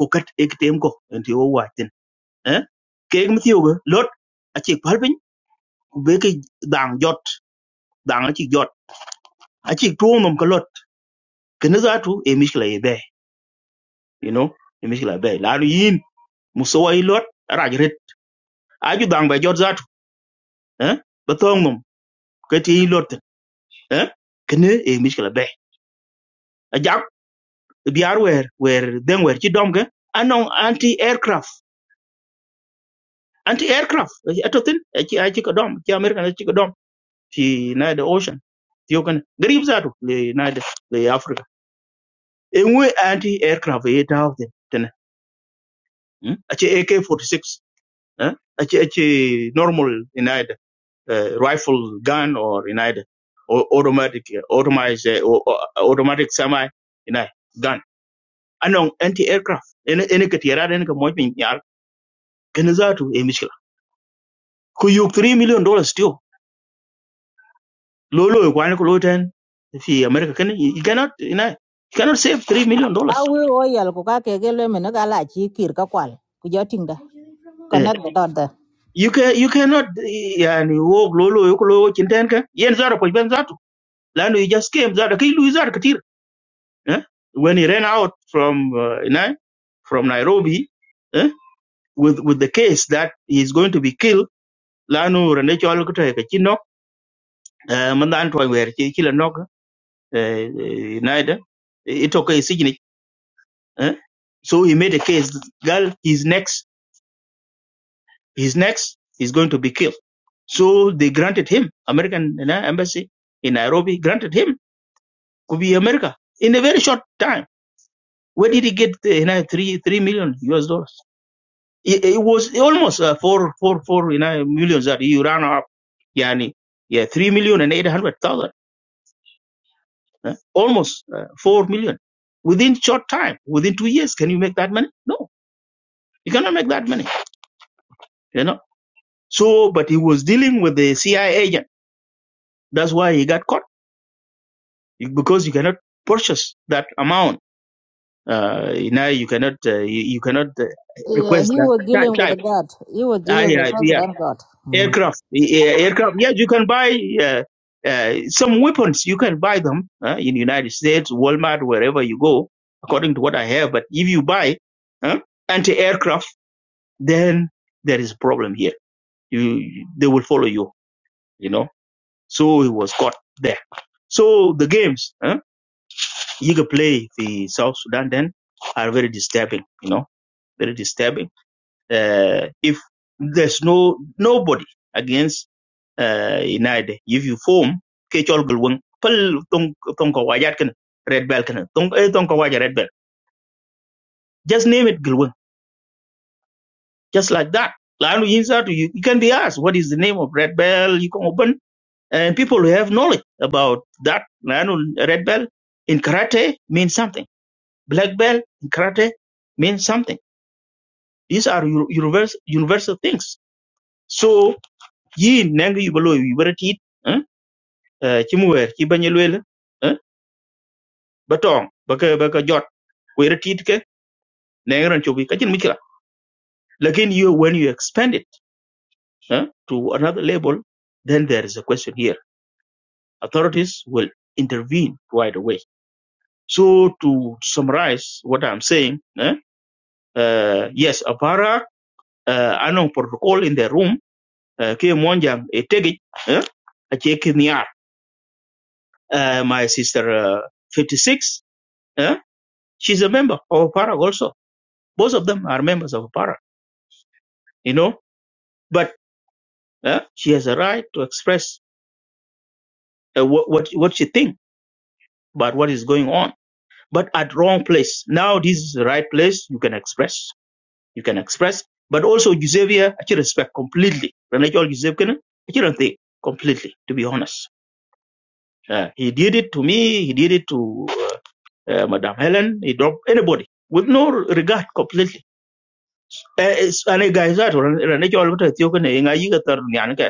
ku kat ek tem ko en ti o wa tin eh ke mi ti o lot a chi pal pin ku be ke dang jot dang a chi jot a chi tu nom ko lot ke ne za tu e mi shla e be you know e mi shla be la yin mu so wa lot ra red a ju dang be jot za tu eh ba tong nom ke ti lot tin, eh ke ne e mi shla be a jak biar wer wer den wer chi dom ke anong anti aircraft anti aircraft ato tin aci aci ka dom ci america na ci ka dom fi na da ocean tiyo kan garib zato le na da le africa e ngwe anti aircraft e ta hawte tana aci ak-46 eh, aci aci normal inaida rifle gun or inaida automatic automatic automatic semi inai gun Anong anti aircraft ene ene ka tiyara da ene ka mojin yar kan zato e mishkila ku yuk 3 million dollars Low low kwa niko low ten fi America can you cannot you know you cannot save 3 million dollars. Awi oyal ko ka kegele mena gala chi kir ka kwal. Ku jotinda. Eh Connect the dot there. you can you cannot eh, yani wo low low yuko low chinten ka yen zara po ben zatu. Lano you just came zara kai lu zara katir. Eh when he ran out from uh, you know from Nairobi eh with with the case that he's going to be killed lano rene chol ko te ka chino eh man dan to wer chi chi la nok eh eh, naida it okay signi eh so he made a case girl he's next His next is going to be killed. So they granted him American you know, embassy in Nairobi granted him to be America in a very short time. Where did he get you know, three three million US dollars? It, it was almost uh, four four four you know, millions that he ran up. Yani, yeah, three million and eight hundred thousand, almost uh, four million within short time, within two years. Can you make that money? No, you cannot make that money. You know. So, but he was dealing with the CIA agent. That's why he got caught because you cannot purchase that amount. Uh, now you cannot uh, you, you cannot uh, request that type. type. Uh, yeah, yeah, aircraft, yeah, aircraft. Yeah, you can buy uh, uh, some weapons. You can buy them uh, in United States, Walmart, wherever you go, according to what I have. But if you buy uh, anti-aircraft, then there is a problem here. You, they will follow you. You know. So he was caught there. So the games. Huh? eager play the South Sudan then are very disturbing, you know, very disturbing. Uh, if there's no nobody against uh, United, if you form Kechol Gulwang, Pal Tong Tonka Wajat kan Red Bell kan Tong eh, Tonka Wajat Red Bell. Just name it Gulwang, just like that. Lanu Yinsa to you, you can be asked what is the name of Red Bell. You can open and people who have knowledge about that. Lanu Red Bell in karate means something. Black Bell in karate means something These are u- universal, universal things. So, yi nang yu balo yu baratit, chimuwer, chibanye lwele, batong, baka baka jot, weratit ke, nangran chobi, kachin mikila. Again, you, when you expand it eh, to another level, then there is a question here. Authorities will intervene right away. So, to summarize what I'm saying, eh, uh, yes, apara, uh, anong protocol in the room, uh, ke monjang, etegit, eh, uh, my sister uh, 56 uh, she's a member of parag also both of them are members of parag you know but uh, she has a right to express uh, what, what what she thinks about what is going on but at wrong place now this is the right place you can express you can express but also Eusebia, I respect completely. Renachol Eusebia, I do not think completely, to be honest. Uh, he did it to me, he did it to uh, uh, Madame Helen, he dropped anybody with no regard completely Eh, is- ane gai za to ran ran ne kyol ta tiyo kane inga yi ga tar ni an ka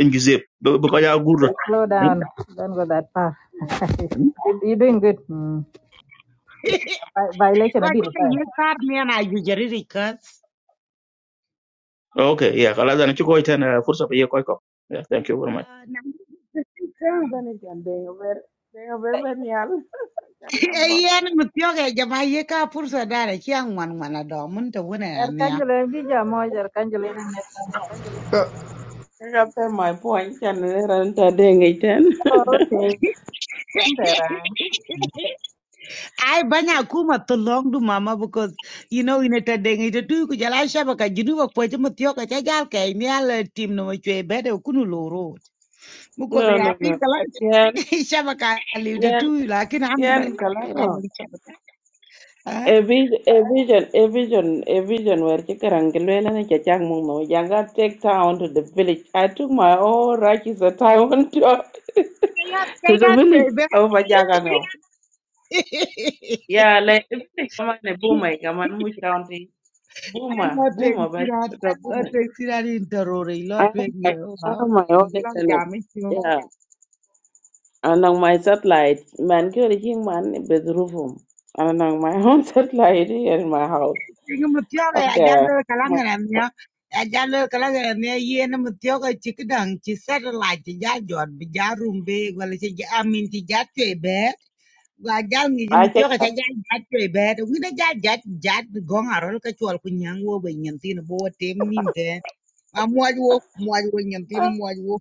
in gize bu ko ya gurro Slow Mm, down. Don't go that far. mm. You- You're doing good. Hmm. Vi- Violation, ko I did. ci ka fine. ye tar me na ju jari ri kas okay yeah kala zan ci ko ita na fursa ba ye ko ko yeah thank you very much na Bene can they over they over benial. Kakabo. yen mu tyo ga jama ye ka pursa dare ci an wan wana do mun ta wona ya ne Kakape my point can renta ding iten. ai banya kuma to long du mama because you know in ta deng ita tu ku jala shaba ka jinu ba ko ci mu tyo ka ja gal ka ni ala tim no ma chwe bede kunu loro Muko they No are no no. pink alert. Yen tu, lived it yen too, like in Amdai. yen kalako. Shabaka. Huh? A vision, a vision, a vision, a vision where Chikarangilwela and Chachang no Yanga take town to the village. I took my own righteous time to, They are, to they the village are, over Jagango. baby. Yeah, like if they come on a boomer, come on, which county? I'm Boomer, not taking boomer, but it the Not boomer. taking it I Not have taking my, it I have out. my And the own block internet. jam it too. Yeah, and on my satellite, man, good thing, man, bedroom. And on my own satellite here in my house. Yung mutiyog ay Okay, ajalo my, kalangan niya. Ajalo kalangan niya. Iyan na mutiyog ay chikdang chisar la chija jor bija rumbe wala chija amin chija chwebe. Gua jal ngi jëm I can. tiyo ka ca jal jat coy bet wi da jal jat jat bi gong arol ka chol ku nyang wo be nyen tin bo wo tem nim ten ma muaj wo muaj wo nyen tin muaj wo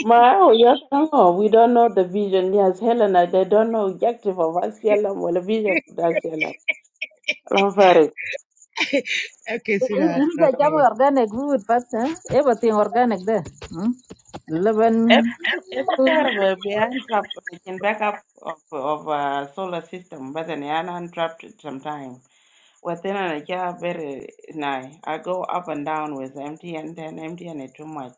my, oh, yes, no, we don't know the vision. Yes, Helena, they don't know objective of SLM or the vision of SLM. I'm sorry. okay If sweetheart you jam nothing organic food, first, eh? everything organic there. Hmm? Eleven. Every every time we we handcuffed, we can back up of, of uh, solar system, but then I'm trapped sometime. Well, then I just very nice. I go up and down with empty and then empty and it too much.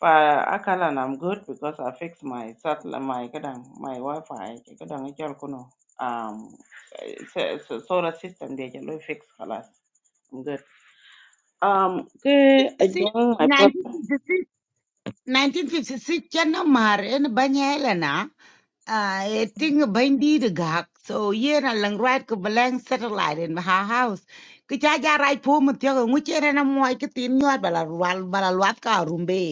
For Akala, and I'm good because I fix my satellite, my kadang, my Wi-Fi. Kadang ichal kuno. Um, it's a, it's solar system. They just fix kalas. I'm good. Um, ke ajong my brother. 1956 1956 mar en banya elena uh, a e ting bindi de gak so yen a lang right ko belang satellite in her house ki cha ja right po mutyo ngu chen na muaj ki tin nyot bala wal bala wat ka rumbe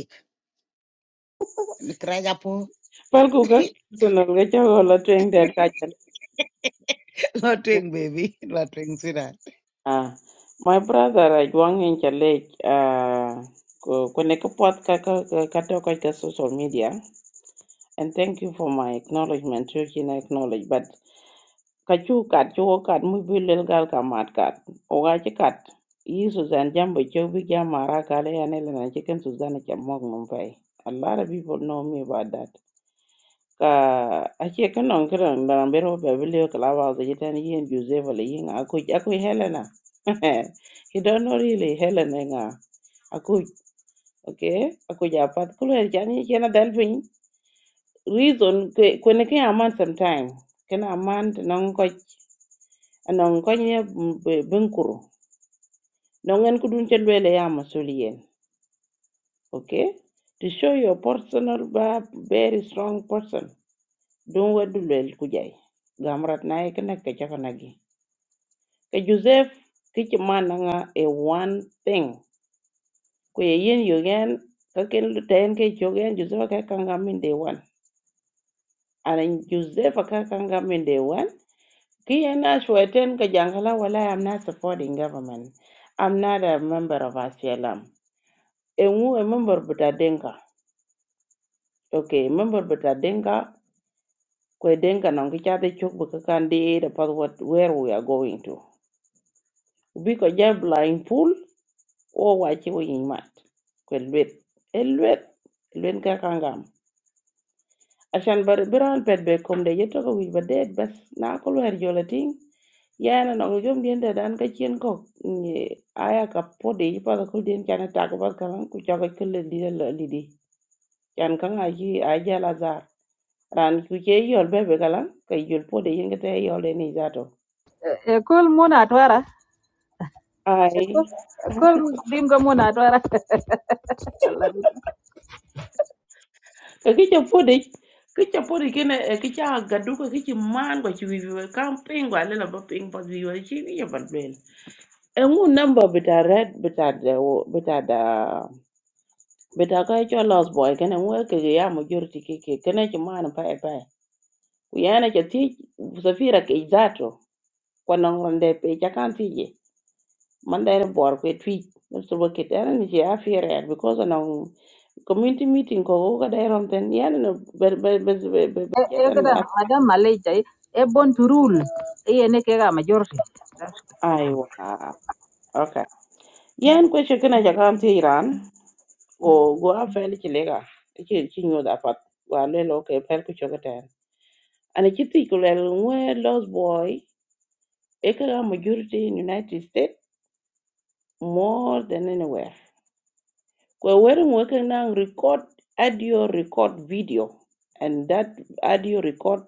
Krajapo, Pelku ka sinal ka chago la tuing der ka chal. Lotwing baby, Lotwing sweetheart. Ah, my brother ajong in chale. Ah, ko ko ne ka pot ka ka ka ka to ka ka social media. And thank you for my acknowledgement. You can acknowledge, but kachu kat chu kat mu bi lel gal ka mat kat. O ga chi kat. Yi Susan jam bi chu bi jam mara ka le ane le na chicken Susan cha mok num pai. A lot of people know me about that. Ka a che kan on kran da na bero ba bi le ka la ba ze jitan yi en Joseph le yi nga ku aku Helena. He don't know really Helena nga. Aku okay. Aku ja pat ku le chan yi chena dal pin reason ke kwene ke aman sometime ken aman non ko non ko nye bunkuru non en kudun chelwele ya masuliyen okay to show your personal ba very strong person don wadu lel kujai gamrat na ke na ke chaka nagi ke joseph kichi mananga a one thing ko ye yin yogen ka ken ten ke jogen joseph ka kanga min day one and joseph ka kanga min day one Kiana Shwetan Kajangala Wala, I'm not supporting government. I'm not a member of ACLM. Engu a member buta denka. Okay, e member buta denka. Kwe denka nang kichate chuk buka kandi e the what where we are going to. Ubi ko blind pool or wachi wo mat. Kwe lwet. E lwet. Lwet عشان بر بران بيت بكم ده يتوقع ويش بديت بس ناكل وير جولتين yana na ngujum dien da dan ka chien ko ni aya ka podi pa ko dien kana ta ko ba kan ku cha ko kle di la di di kan kan a ji a ja la za ran ku che yol be be kala ka yol podi yin ka te yol de ni za to A cool moon at Wara. ai A cool bingo moon at Wara. ka ki cha podi ki cha podi ki ne ki cha ga du ko ki chi man ko chi wi wi- kan ping wa le la ba ping pa wi wa chi ni ya ba ngu number bita red bita da bita da bita ka cho lost boy kana ngu ka ga ya majority keke kana ki mana pa pa ku yana ki ti safira ke zato kwana ngronde pe ja kan ti je man da re bor ku twi so ba ke ta ni je afira ya because na community meeting ko ko ga da ron ten yana na be be be be be- be- get an Madam Malaysia, a born to rule. A nekega majority. That's the problem. aiwa okay yan question kana ja kan ti ran o go a fel ci lega ci ci ñu da pat wa le lo ke pel ku choga tan ana ci ti ko le we lost boy e ka ga majority in united states more than anywhere ko wer mo ka nang record audio record video and that audio record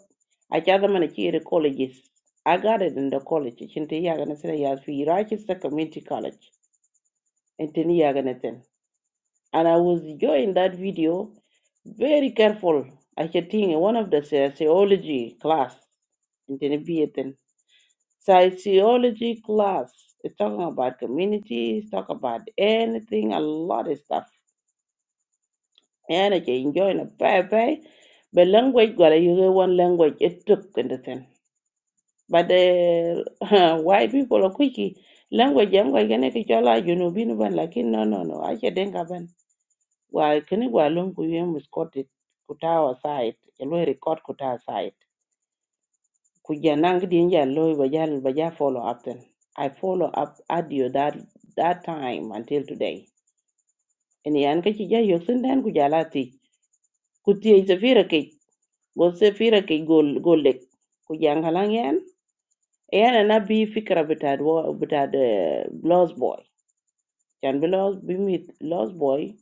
a ca da mana ci colleges i got it in the college cin te yaga na sene ya fi iraqis community college en te ni yaga and I was enjoying that video very careful. I chatting one of the sociology class in Tenebiatan. Sociology class. It's talking about communities, talk about anything, a lot of stuff. And I enjoying a bye bye. But language gotta use one language it took anything. But the white people are quickie. Language language, yangu ikene kichola junubinu ban lakin no no no no. I ache denga wa kini wa lon ku yem record it ku ta wa side ya record ku ta side ku ja nang di ja lo ba ja ja follow up then i follow up audio that that time until today and yan ka ci ja yok sen dan ku ja la ti ku ti se fira ke go se fira ke gol golek ku ja ngalang yan yan na bi fikra bitad wo bitad eh, lost boy jan bi lost bi mit lost boy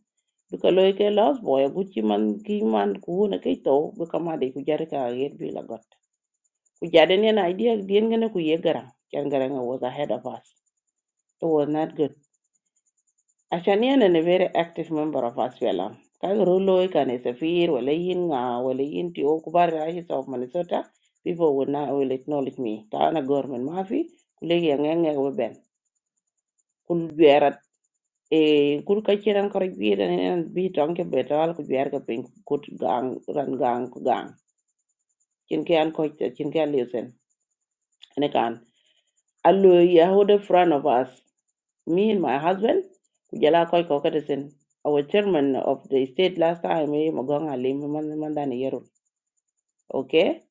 bika loy ke los boy gu ci man ki man ku wona kay to bu kamade ku jare ka yer bi la got ku jade ne na idea dien ngene ku ye garan ken garan was ahead of us it was not good ashani and a very active member of us fela ka ro loy a e safir wala yin nga wala yin ti o ku bar rahi of minnesota people would not will acknowledge me ta na government mafi ku lege ngenge we ben Kul biara e kur ka chiran kor gira ne an bi tong ke betal ku biar ka pin kut gang ran gang ku gang chin ke an ko chin ke an listen ene kan allo ya hold in front of us me and my husband ku jala ko ko ka disen our chairman of the state last time e magong alim man man dan yero okay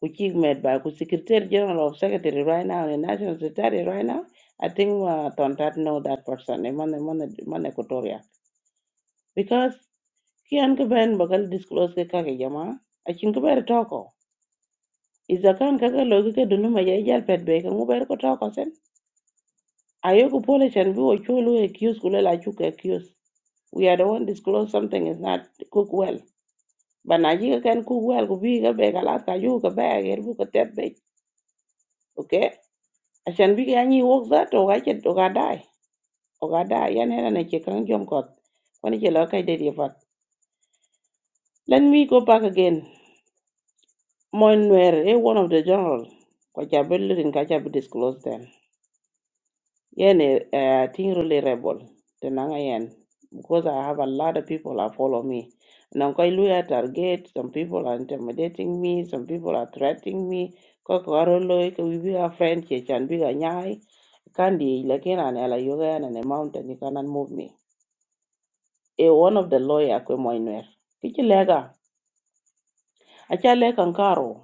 ku chief med by ku secretary general of secretary right now and national secretary right now i think uh, tontat know that person e man man man Equatoria. kian ka ben bakal disclose ke kake jama akin ka ber toko iza kan kaga logi ke dunu ma jai jal pet be ka nguber ko toko sen ayo ku pole chan bi wo chulu e kius kule la chu ke kius we are the one disclose something is not cook well banaji ka kan cook well ku bi ka be ka lat ka ju ka be ger bu ka tet be okay achan bi ka ni wok za to ga chet to ga dai o ga dai yan hena ne ke kan jom kot wani ke lo kai de di fat let me go back again Moinwer eh? one of the general. Kwachabil rin Kachabi disclosed them. Yen uh thing really rebel. Tenanga yen. Because I have a lot of people that follow me. Nankoi Luya target, some people are intimidating me, some people are threatening me. Kokoroloi, we be a friend, Chechan Biga Nyai. Kandi, Lakina and Ela Yoga and a mountain, you cannot move me. A one of the lawyer, Kwe Moinwer. Kichi Lega, Acha leka nkaro,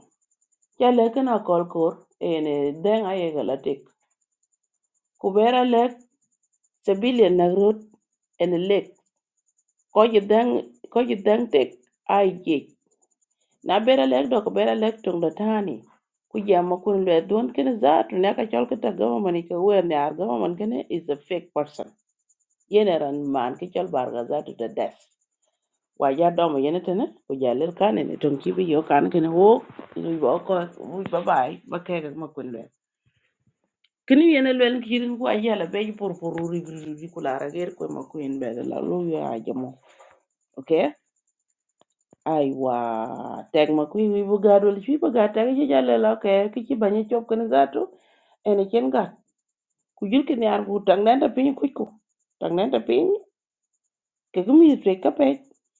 Acha Lekana Kolkor, and then I Kubera left civilian nagrut and lake. Koji dang koji dang tek aje. Na bera lek do kubera lek tung da tani. Ku jama kun le don kene za tu ne ka chol kita government ke wer ne ar government kene is a fake person. Yene ran man ke chol bar ga za tu da des. Wa ya do mo yene tene ku ja lel kane ne tung ki bi yo kane kene wo. Ni bo ko wi bye bye ba ke ga ma kun le. kini yene lwel kirin ku ayala be por por uri bi kula rager ko ma ku en be la lu ya jamo okay aiwa tag ma ku wi bu gadol fi bu ga tag ji jale la ke ki ci bañi chop kan zatu ene ken ga ku jil kin yar ku tang nan ta pin ku ku tang nan ta pin ke ku mi tre ka pe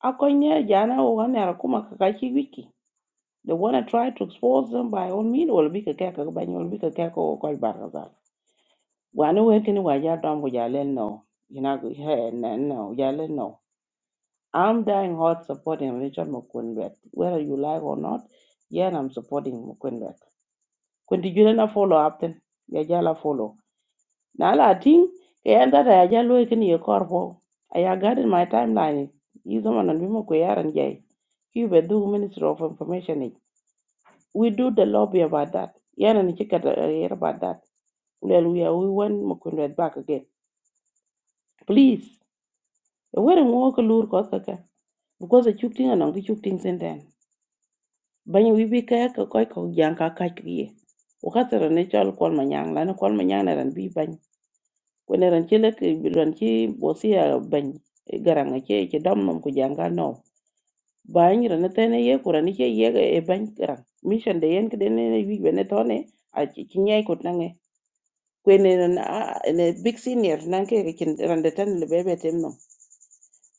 a ko ne jana o ga ne ku ma ka ci wiki they wanna try to expose them by all means will be ka ka bañi will be ka ka ko ko bar ga Why no working why y'all done with y'all let know. You know, hey, no, ya le no, y'all let know. I'm dying hard supporting Richard McQuinbeck, whether you like or not. Yeah, I'm supporting McQuinbeck. When did you not follow up then? Yeah, you follow. Now, I think, yeah, that I y'all working your car I got in my timeline. He's the one and we more queer and You were do Minister of Information. ni. We do the lobby about that. Yeah, and check out uh, hear about that. Well, we, are- we want McQuinbeck back again. Please. wede ŋo ko lur koth kaka because a cuk tiŋa nɔŋ ki cuk tiŋ senten banyi wibi kaya ka kɔc kɔk jaŋ ka kac wie wakasero ne cɔl kɔl ma nyaŋ lani kɔl ma nyaŋ ne ran bi bany kwen ran ci lek ran ci bosia bany garaŋa ce ci dɔm nom ku jaŋ ka nɔw bany ran te ne tɛne ye ku ran ice yege e bany garaŋ mission de yen kide ne wi be ne wic bene tɔne a ci ci nyai kut naŋe kwen ne ran a- a- ne big senior nan ke ke ran de tɛne lebebe tem nom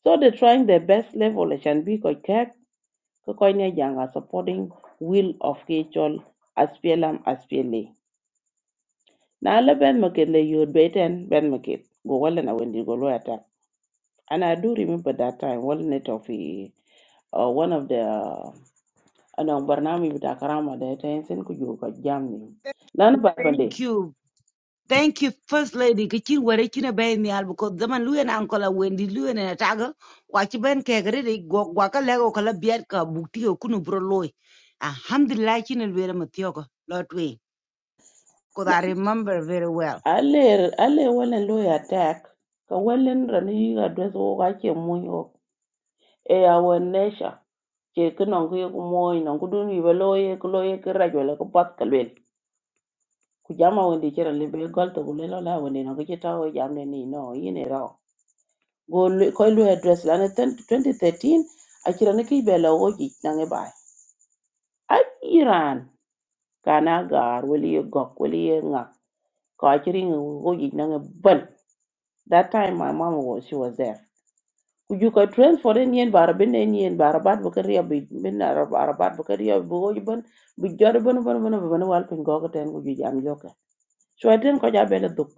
so they trying their best level e can bi kɔc ko koinetjang a supporting will of kichol SPLM SPLA na le ben market le yod beten ben market go wala na wendi go lo attack and I do remember that time wala net of eh, uh, one of the uh, anong barnami bita karama da ta yansin ku yo ka jamni lan ba Thank pande you. Thank you, First Lady. Kecil in cina bay ni al because zaman lu yana angkola Wendy lu yana taga wachi ben kegre de gwa gwa ka lego kala biar ka bukti o kunu bro and Alhamdulillah cina luera matioka lot way. Cause I remember very well. alle alle wala lo attack ka wala ran yi address go ka ke mun yo e our nature ke ke non ke ko moy non ko dun yibe lo ye ko lo ye ke rajo le ko pat ka lwel ku jama wonde chere le be gol to ku le lo la wonde non ko ke tawo jamne ni no yine ro go lwe- ko lu address la ne 10 2013 a chere ne ke be lo o ji na nge bay a iran kana gar wali ye gok wali ye nga ko a chere nge go ji na nge ban that time my mom was she was there you can transfer in yen bar bin in yen bar bat bu kariya bi bin na bar bat bu kariya bu go ban bu jor ban ban ban ban wal pin go ko ten ku ju jam joka so ten ko ja bele duk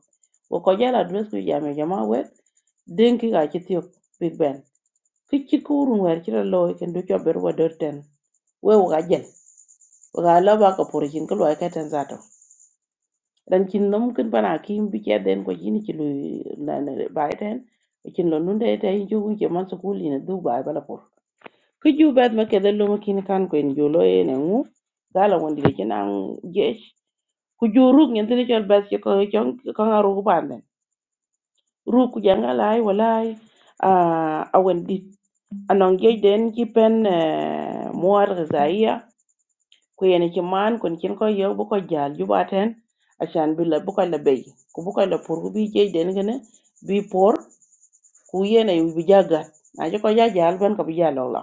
ko ko ja address ku jam jama we den ki ga chitio big ben ki chi ku run wer chi lo ken du cho ber wa der ten we ga jen we ga la ba ko por chin ko lo ka ten zato dan chin nom kin bana kim bi che den ko jini chi lu na na bai ten chin lo nun de te ju ku je man su ku li na du bai bala por Kiju bet ma kede lumu kin kan kwen julo e ne ngu. Gala wandi de chen ang jesh. Kuju ruk nyen tini chol bet che ko chong kanga ruk panden. Ruk kujanga lai walai. A wandi anong jej den ki pen muar gazaiya. Kuyene chi man kwen chen ko yo buko jal juba ten. Ashan bi la buko la bay. Ku buko la pur ku bi jej den gane. Bi por ku yene bi jagat. Na cho ko ja jal ben ka bi jalo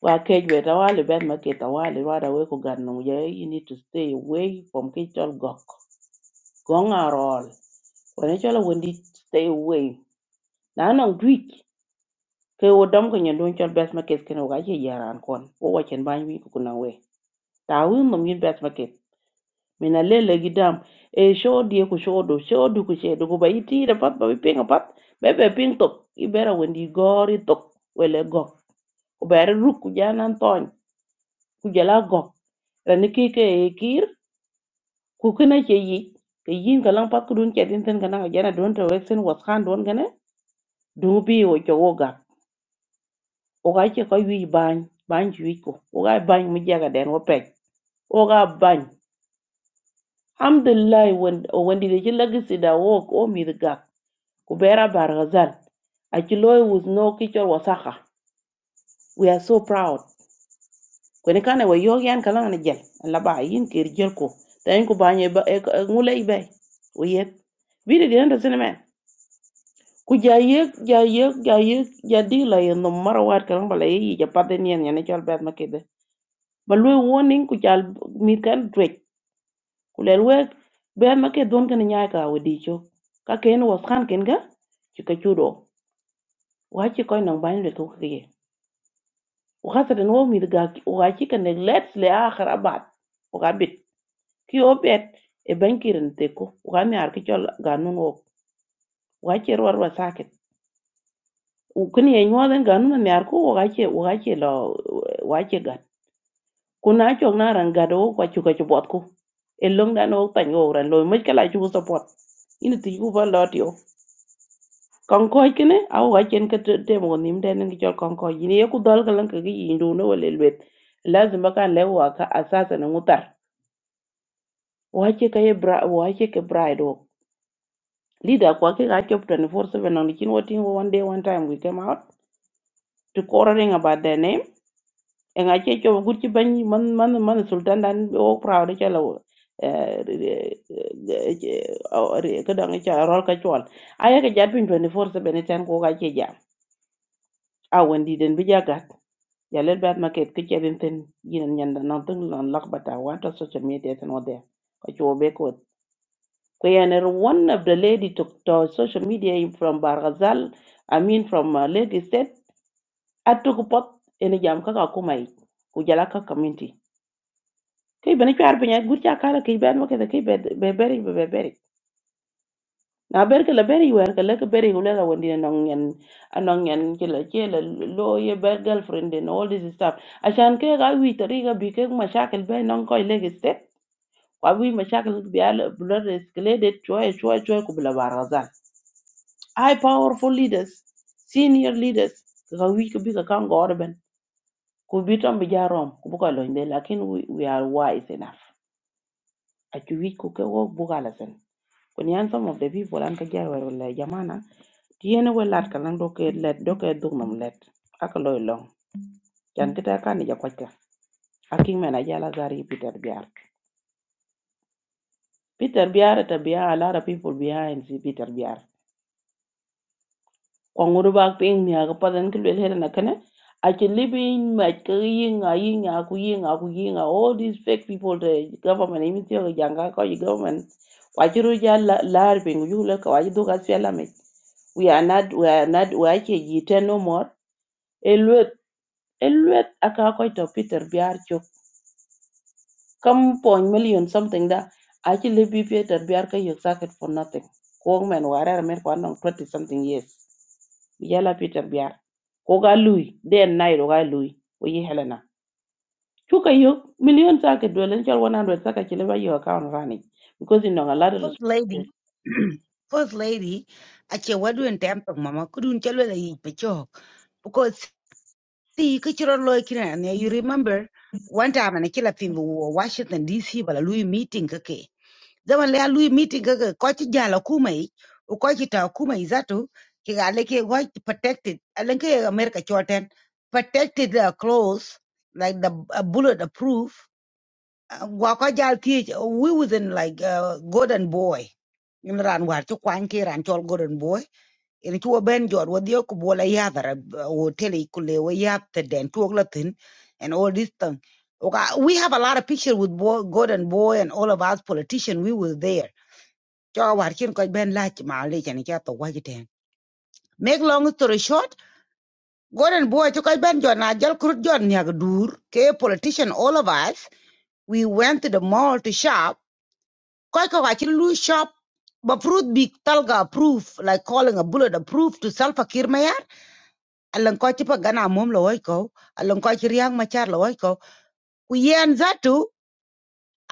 Well, cage with a while bad market a while right away ku gan no yeah, you need to stay away from cage all gok. Gong are all. When it's all when stay away. Now no tweak. Ke wo dom ko nyen don chol best market ken wa che yaran kon. Wo wa chen ban wi ku na we. Ta wi no min best market. Mina lele gidam e show die ku show do show du ku she do ku ba iti da pat ba bi ping a pat. Be be ping tok. I bera when di gori tok. Wele gok. Ku bera ruk ku janan ton. Kujala jala gok ke e kir Kukuna kina ke yi ke yin ka pat ku ke tin tin kana jana don to wexen was khan don gane du bi o cho wo ga o ga ke ko wi ban ban ju ko o ga ban mu jaga den wo pek o ga ban alhamdulillah won won di ke lagisi da wo o mi ga ku bera bar gazal a ki loy was no ki wasaka we are so proud kwene kana wa yo yan kala na jel la ba yin kir jel ko tan ku ba nye ba e ngule be o yet bi de den da sene men ku ja ye ja ye ja ye ja di la ye no mara kala ba la ye ja pa den yen ne jol bet ma kede ba lu warning ku jal mi kan twet ku le we be ma ke don kan nya ka o di cho ka ken was khan ken ga ci ka chudo wa ci ko nang ban le ko ke ye wa khata den wo mi ga ci kan let's le akhir abad ki obet e bankirin te ko uga mi ar ki chol ganun wo uga che ruar wa saket ukuni e nyuwa den ganun mi ar ko uga che uga che lo uga che gan kuna chok na ran gado wo kwa chuka chubot ko e long dan wo tan wo ran lo mi kala chu support ini ti ku ba lot yo kon ko kine a uga chen ka te te mo nim den ki chol kon ko yini e ku dol kalan ka gi indu no wale lwet lazima kan lewa ka asasa na mutar uga che ka e bra uga che ke bride wo Leader kwa kika active 24-7 on the chin voting one day, one time we came out to quarreling about their name. And I check your good bany man man man sultan dan oh proud of yellow. kadang cha rol ka chwal aya ka jat pin 24 7 eh, ten ko ka che ja a wendi den bi ja gat ya lel bat market ke che den ten yin nyanda non tung non lak bata wa ta social media ten wode ko chuo be Kuyaner, one of the lady took to social media in from Bargazal, I mean from uh, Lagos State, I took pot in a jam kaka kumai, kujalaka community. Kay bani chwar pinya gut cha kala kay ben wake the kay be be beri be be beri. Na ber ke la beri wer ke la ke beri ulela wendi na nong yan anong yan ke la ke la lo ye girlfriend and all this stuff. I ke ga wi tari ga bi ke mashakil be nong koy Lagos State. Wa wi mashakil bi al blood escalated choy choy choy kubla Bargazal. high powerful leaders senior leaders ka wi ka bi ka kan go orben ku bi tom bi jarom ku bu ko lo inde lakin we, we are wise enough a ki wi ku ke wo bu ka la sen some of the people an ka jar war la jamana ti ene we lat ka lan do ke let do ke dug nam let ak loy long jan kita kan ni ja ko ka aking mena jala gari peter biar peter biar ta biar a lot of people behind si peter biar Kwa nguru bak ping ni aga padan ki lwel hera nakane. Achi libin mach ka yinga yinga ku yinga ku yinga all these fake people the government even tiyo ka janga ko yi government. Wachiru ja laar ping yuhula ka wajidu ka siyala mech we are not we are not we are jite no more elwet elwet aka ko to peter biar cho come point million something da actually be peter biar ka you sack it for nothing ko men warer men ko anong 20 something years yala pita biar ko lui den nai ro ga lui o yi helena chuka yo million ta ke chal 100 saka ka ba yo account rani because you know a lot of First Lady, responsibility First Lady, ache wadu en tempo mama kudun chalo la eat. pechok. ti ke chiro loy kina ne you remember one time ne kila tin wo Washington DC bala Louis meeting kake zaman le Louis meeting kake ko ci jala kumai u ko ci ta kumai zato ki ga le ke wa protected alen ke America choten protected uh, clothes like the uh, bullet proof Uh, wa ko jal ti we within like uh, golden boy in ran war ci kwan ki ran chol golden boy ina chuo ben jor wo dio ku bola ya dara wo tele ku le wo den chuo la and all this thing okay we have a lot of picture with boy, golden boy and all of us politicians. we were there cho war kin ko ben la chi ma le chan cha to wa ji make long story short Gordon boy to ko ben jor na jal kur jor nya dur ke politician all of us we went to the mall to shop ko ko wa chi lu shop but fruit big talga proof like calling a bullet a proof to self akir a lan ko ci pa gana mom lo wai ko a ko ci riang ma char lo wai ko ku yen zatu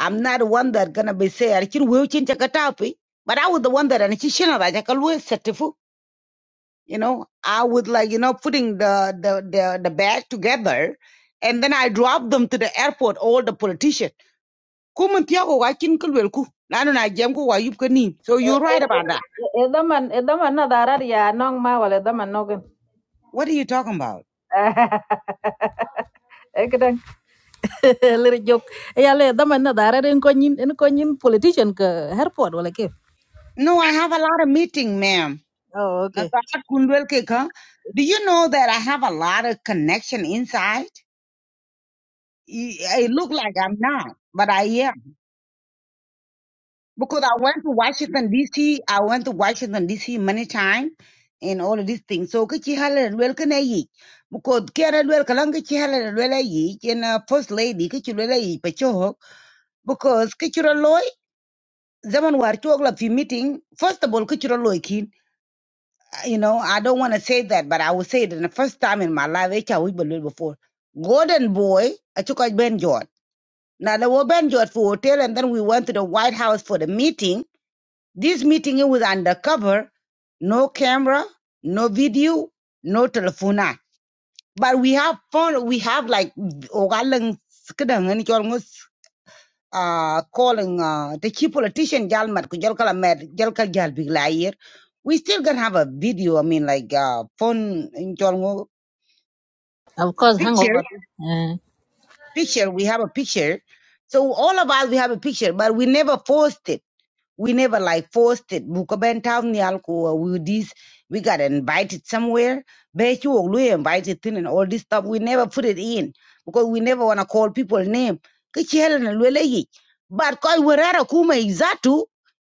i'm not the one that gonna be say ar kin weu chin chaka tapi but i was the one that and ci shina raja ka lu certifu you know i would like you know putting the the the, the bag together and then i drop them to the airport all the politicians. ku mun tiya ko wa kin kul wel ku na nu na jam ko wa yup ka ni so you're right about that Edaman, edaman na darar ya nong ma wala edaman nogan. what are you talking about e kedang lere jok ya le dama na dara ren ko nyin en ko nyin politician ka airport wala ke no i have a lot of meeting ma'am oh okay Nasahat Kundwel ke ka. Do you know that I have a lot of connection inside? Y- It look like I'm not, but I am. Because I went to Washington DC, I went to Washington DC many times and all of these things. So kachi halal wel kana yi. Because kera wel kalang kachi halal wel yi and uh, first lady kachi wel yi pacho. Because kachi loy zaman war chok la fi meeting. First of all kachi loy you know, I don't want to say that, but I will say it in the first time in my life, which I will believe before. Golden boy, I took out Ben George. Now they were Ben George for hotel, and then we went to the White House for the meeting. This meeting it was undercover, no camera, no video, no telephone. But we have phone. We have like uh, calling uh, the chief politician Jalmat Kujalkala Med Jalkal Jal Big Liar. We still gonna have a video, I mean like uh phone in Jalmo of course hangover picture, eh picture, we have a picture. So all of us we have a picture, but we never posted. We never like forced it. Bukaben town ni alko we this we got invited somewhere. Bet you we invited in and all this stuff. We never put it in because we never wanna call people name. Kichi helen lwele yi. But koi werara kuma izatu.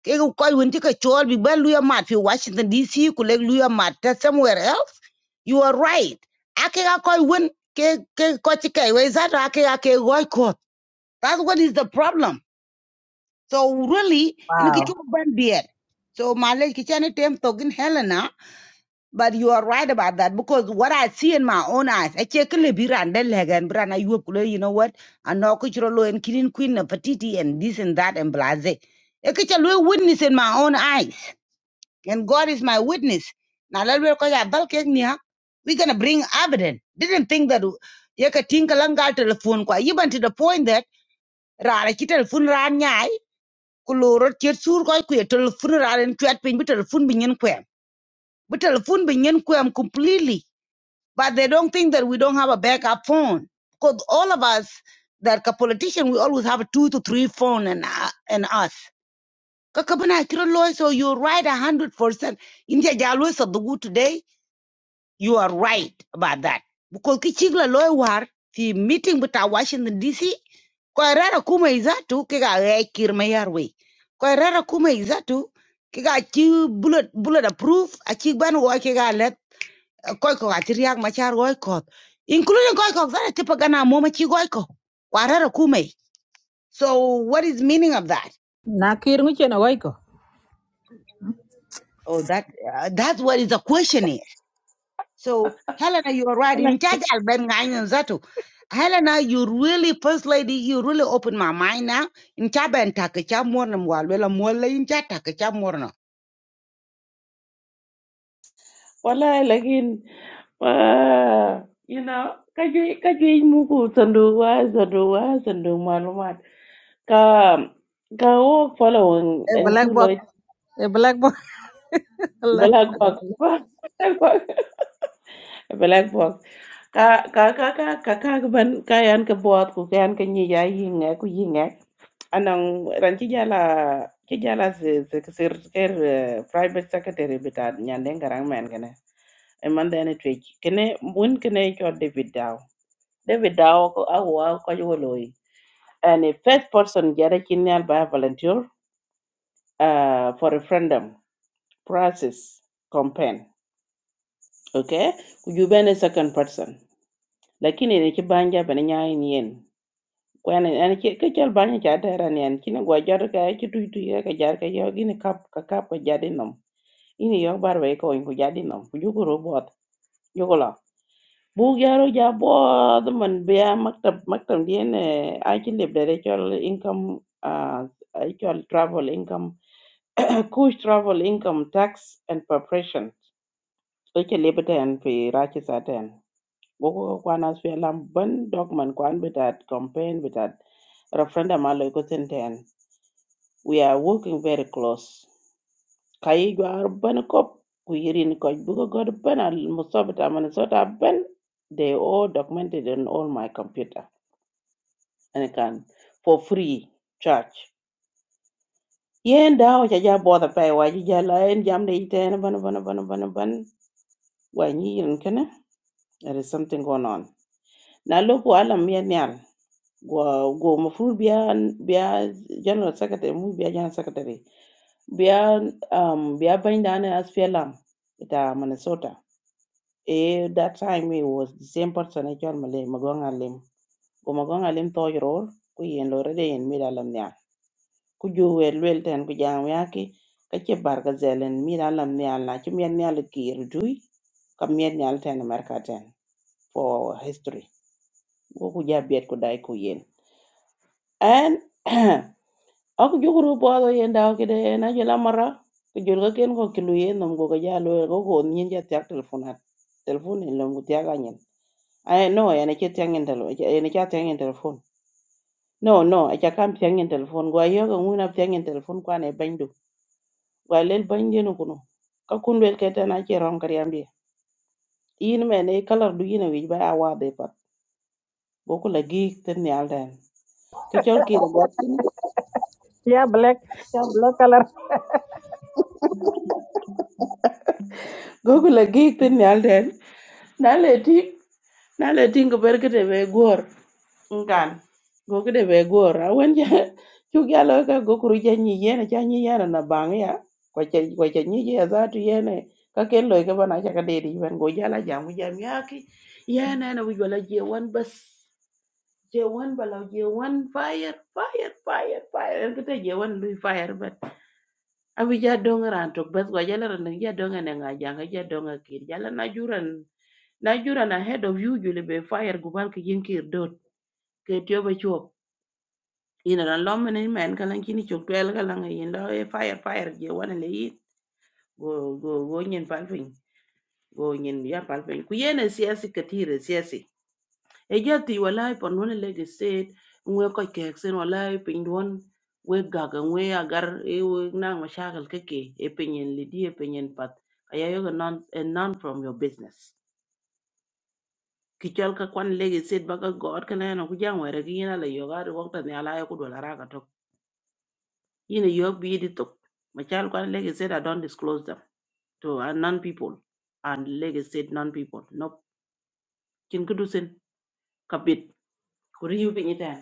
Kego koi winti ka chol big ben luya mat fi Washington DC kuleg luya mat that's somewhere else. You are right. Ake ga koi win ke ke kochi kai we izatu ake ga ke goi ko. That's what is the problem. So really, in a wow kitchen beer. so Malay Kichani Tem talking Helena, but you are right about that because what I see in my own eyes, I check a libira and delhagan brana you up, you know what? And no kuchurolo and kidding queen and patiti and this and that and blase. A kitchen will witness in my own eyes, and God is my witness. Now let me call ya we're gonna bring evidence. Didn't think that you could think yeka tinkalangal telephone kwa even to the point that rara ki telephone ra ku lo ro tiet sur ko ku telephone ra en chat pin bi telephone bi nyen kwem bi telephone bi nyen kwem completely but they don't think that we don't have a backup phone because all of us that ka politician we always have a two to three phone and uh, and us ka ka bana kira loy so you're right a hundred percent india jalo sa dugu today you are right about that. Because kichigla loy war fi meeting with our Washington DC kwa rara kuma izatu kika gai kirma yarwe. Kwa rara kuma izatu kika chi bullet bullet approve a ban wa kika let koi ko ati riak machar goi ko. Including koi ko zara tipa gana moma chi goi ko. Kwa rara kuma. So what is meaning of that? na kir ngi chena wai ko Oh, that uh, that's what is the question here. So, Helena, you are right. Wala- In charge, I'll bang nine and Zato. Helena, you really, first lady, you really opened my mind now. In Chaba and Takacha Mornam, while Wella Mola in Chatakacha Morna. wala lakin uh, you know kaje kaje muku sandu wa sandu wa sandu malumat ka ka o follow e and black two box loy e black box, Allah black box black box ka ka ka ka ka ka ka ban ka yan ka buat ku ka ka nyi ya yi ku yi anang ran ki jala ki jala ze ze sir er eh, private secretary bita nyande ngarang men gane e man dene twek kene mun kene cho david daw david daw ko awa ko yo loy and a first person jara kinyal by volunteer uh, for referendum process campaign okay ku ju second person lakini ne ki banja bene nyaay yen kwan an ke ke chal banya cha dera ni an kina gwa jar ka ke tu tu ya ka jar ka yo gine kap ka kap ka jadi nom ini yo bar we ko in ku jadi nom ku yugo ro bot yugo la bu garo ja bot man be maktab maktab di ne a ki le dere chal income uh, a chal travel income coach travel income tax and preparation o ke le beten fi ra ki sa ten go ko kwan as fi lam ban dog man kwan betat campaign betat referendum a lo ko ten ten We are working very close. Kayi jwar ben kop, kuyirin koj buko god ben al musobita minnesota ben. They all documented on all my computer. And I can, for free charge. Yen dawo cha ja bother pay wa ji ja la en jam de iten ban ban ban ban ban. Wa nyi yirin kene. There is something going on. Now Na loko alam yen nyal. Go go mafru biya biya general secretary mu biya general secretary. Bia um Bia Bandana as Fialam it uh Minnesota. Eh that time it was the same person I called Malay Magonga Lim. Go Magonga Lim to your all, kui and Lorede and Miralam Nya. Could you well well ten Kujanwiaki? Kachi Bargazel and Miralam Nya Lachimian Nyaliki Rujui? Kamian Nyal America ten for history. Go Kuja Biet Kudai Kuyen. And Aku jukuru puado yenda kide ena jela mara ku julga ken ko kilu yen nom go ja lo go go nyin ja tak telefon hat telefon en lom gutia ga nyen ay no ena che tiang en telo ena cha tiang en telefon no no acha kam tiang en telefon go yo go nguna tiang en telefon kwa ne bandu go lel bandi no kuno ka kun wel kete na ke tana che rom kar yambi yin me ne kalar du yin wi ba wa de pa go ku la gi ten ne alden ki chol ki ra gat kin ya black ya black color go ku la gi ten ne alden na le ting na le ting ko ber kete be gor ngan go kete be gor awen ja chu ya lo ka go kuru ja ni yene cha ni yana na bang ya ko cha ko cha ni ya za tu yene ka ken lo ka bana cha ka de di ben go ja la jam ja mi aki yana na na wi wala je wan bas je wan bala je wan fire fire fire fire kete je wan lu fire but awi ja dong ran to bas go ja la ran ja dong ne nga ja ga ja dong akir ja la na juran na juran ahead of you jule be fire gubal ke yin kir dot ke tyo be chop ina ran lo men men kalan kini chok twel kalan yin lo e fire fire je wana le yin go go go nyen palpin go nyen ya palpin ku yene siasi katire siasi e jati walai pon wana le ge state ngwe ko ke sen walai pin don we gaga ngwe agar e we nang mashakal keke e pinyen lidi e pinyen pat ayayo non a non from your business ki chol ka kwan legi sit ba ka god ka neno ku jang wera ki yina la yoga ri wakta ni ala ku dola raka tok yina yog bi di tok ma chal kwan legi sit i don't disclose them to uh, non people and legi sit non people no kin kudu sin ka bit ku ri yu pinyi ten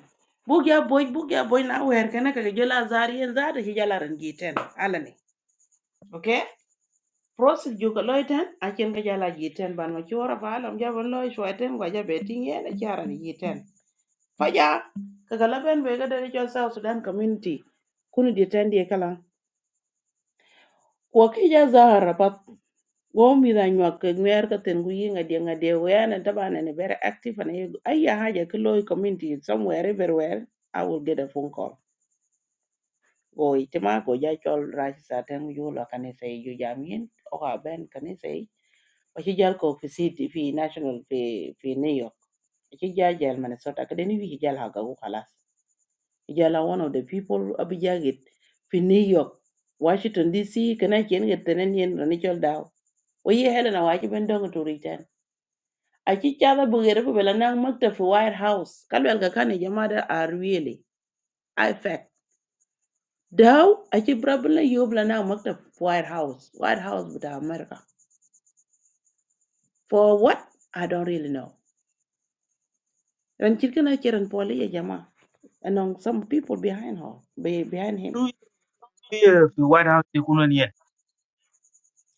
Bu ya boy bu ya boy na wer kana ka jola zari en zari hi jala ran gi ten ala ni okay process ju ka loy ten a chen ka jala gi ten ban ma chora ba alam ja ban loy shwa ten gwa ja beti yen a chara ni gi ten Faja, kagalaben be ga dari jol South Sudan community. Kunu di tendi kala. Ko ki ja zahara pat go da nyuak ke ka ten guyi nga de nga we na taba na very active and you ayya haja ke community somewhere everywhere I will get a phone call. Go itima go ja chol rashi sa ten yu lo kanisa yu jamin o ka ben kanisa yi. Ko ki jal ko fi city fi national fi fi New York. Ki ja jal Minnesota ka deni wi ki jal haga go Jala one of the people abijagit fi New York, Washington DC, kana kien get tenen yen ranichol daw. Oye Helena wachi bendong to return. Achi chala bugere pu bela nang makta fi White House. Kalwel ka kane jamada are really. I fact. Daw achi brabla yob la nang makta fi White House. White House buta America. For what? I don't really know. Ran chirkana chiran poli ya jama. And some people behind her, be, behind him. do you fi white house ne kuno ne yeah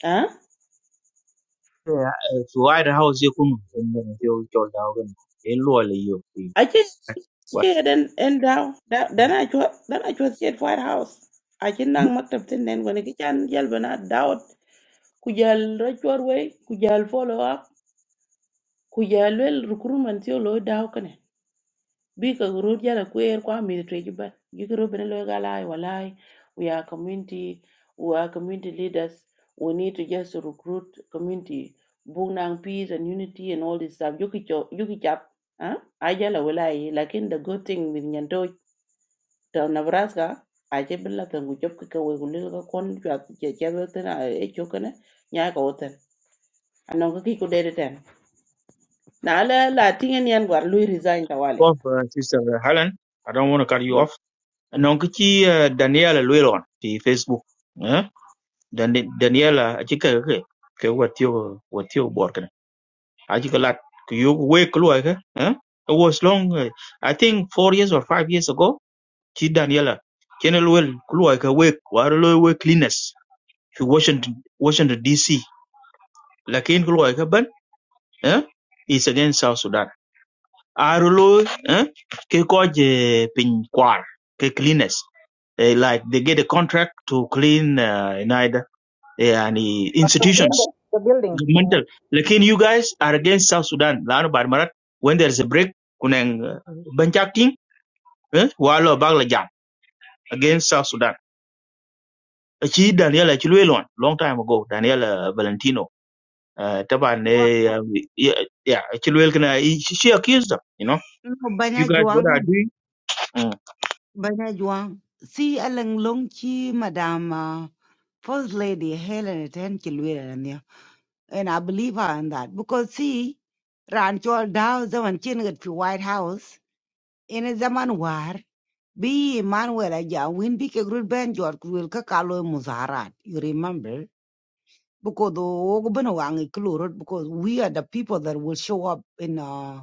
Huh? eh, fi white house ye kuno in ne tiyo kyol da ga in lo le yo fi Ache what ache den en daw da dana chua dana chua siet White House. Ache nang Mm. maktab tin nen wani ki chan jal bana dawat ku jal rachwar wei ku jal follow up ku jal wel recruitment yo lo daw kane. Bi ka guru jala kwer kwa mi tre jiban. Gikro bena lo galai walai we are community we are community leaders we need to just recruit community bring nang peace and unity and all this stuff. Yuki chop yuki chap. Huh? Ajala Like in the good thing with nyanto ta Nebraska aje billa kan ku job ka we gulil ka kon jwa che che we tena e cho kana nya ka woten anon ka ki ku dede ten na la la tingen yan gwar lui resign ta wale Go for sister eh, Helen I don't want to cut you off non ki ci eh, Daniela Luelon fi Facebook eh Dan- Daniela a ci ka ke ke watiyo watiyo bor aji ka you ku yoku wek ke eh? it was long eh, i think 4 years or 5 years ago chi daniela chenel wel ku luai ka wek war lo wek cleaners fi washington washington dc lakin ku luai ka ban eh is against south sudan aro lo eh ke ko je pin kwar ke cleaners eh, like they get a contract to clean uh, in either eh, and eh, Within institutions the, the building. governmental. Lakin you guys are against South Sudan. Laano bad marat when there's a break kunang uh, banchaking eh walo bagla jam against South Sudan. Achi Daniela Chilwelon long time ago Daniela Valentino uh, taban Juang, eh, uh, yeah yeah Chilwell kana he- she she accused them you know no, you Banya guys what Juang, are doing mm. Banya Juang. See, Alang Longchi, Madam, uh, First Lady Helen Ten Kilwira, and I believe her in that because see, Rancho Dow, the one chin at the White House in a Zaman war. Be Manuel Aja win big a good band George will kakalo muzaharat. You remember? Because the Ogbana wangi klurut because we are the people that will show up in uh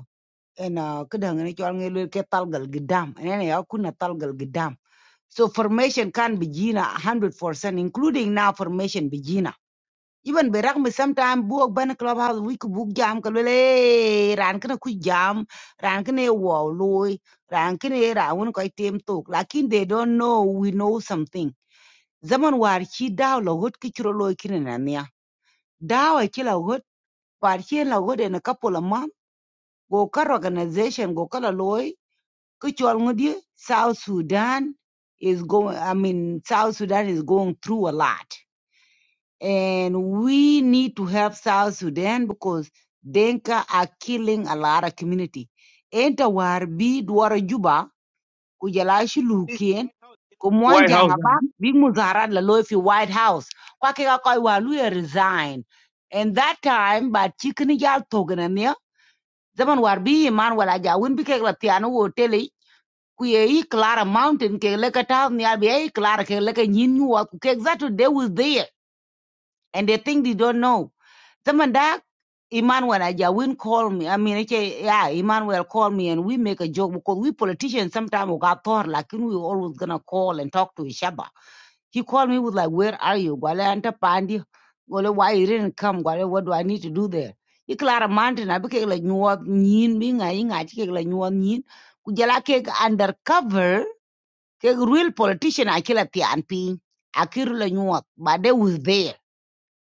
in uh kudang ni chwal ngi ke talgal gidam and then ya talgal gidam. So formation can begin a hundred percent, including now formation begin. Even berang mi sometime buok ban clubhouse we ku book jam ka lele ran kana ku jam ran kana wo loy ran kana ra won ko tem tok lakin they don't know we know something zaman war chi daw la hot ki chro loy kin na nya daw e chi la hot war chi la hot en a couple of month go kar organization go kala loy ku chol ngodi south sudan is going i mean south sudan is going through a lot And we need to help South Sudan because Denka are killing a lot of community. Enta war bi dwara juba kujala shulukien White House White kumwanja House ngaba big muzara la loy fi White House. Kwake ka koi walu ya resign. And that time but chikini jal togenamia zaman war bi iman wala ja win bi kek la tiano wo tele ku i Clara Mountain ke leka town ni abi e Clara ke leka nyin wa ku kek that they was there and they think they don't know. Someone that Emmanuel Ajawin called me. I mean, okay, yeah, Emmanuel called me and we make a joke because we politicians sometimes we got thought like you we always gonna call and talk to each other. He called me with like, where are you? Gwale anta pandi. Gwale, why you didn't come? Gwale, what do I need to do there? He clear a mountain. I became like nyuwa nyin binga inga chike like nyuwa nyin. Kujala ke undercover ke real politician akila tianpi. Akiru la nyuwa. But they was there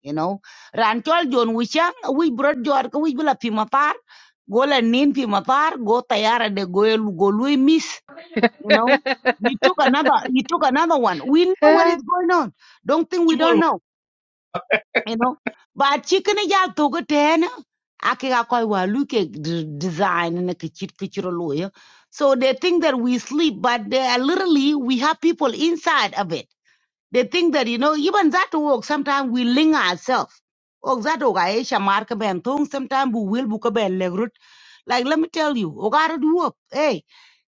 you know ran chol jon wichang wi brot jor ko wi bla pi matar go la nin pi matar go tayara de go el go lui miss you know you took another you took another one we know what is Eh, going on don't think we don't Chimol, know you know but chicken ya to go ten ake ga koi wa look at design na kichit kichiro lo ya. so they think that we sleep but they are literally we have people inside of it they think that, you know, even that work, sometimes we link ourselves. Og that og Aisha mark ben thong sometimes we will book a ben legrut. Like let me tell you, og I do work. Hey,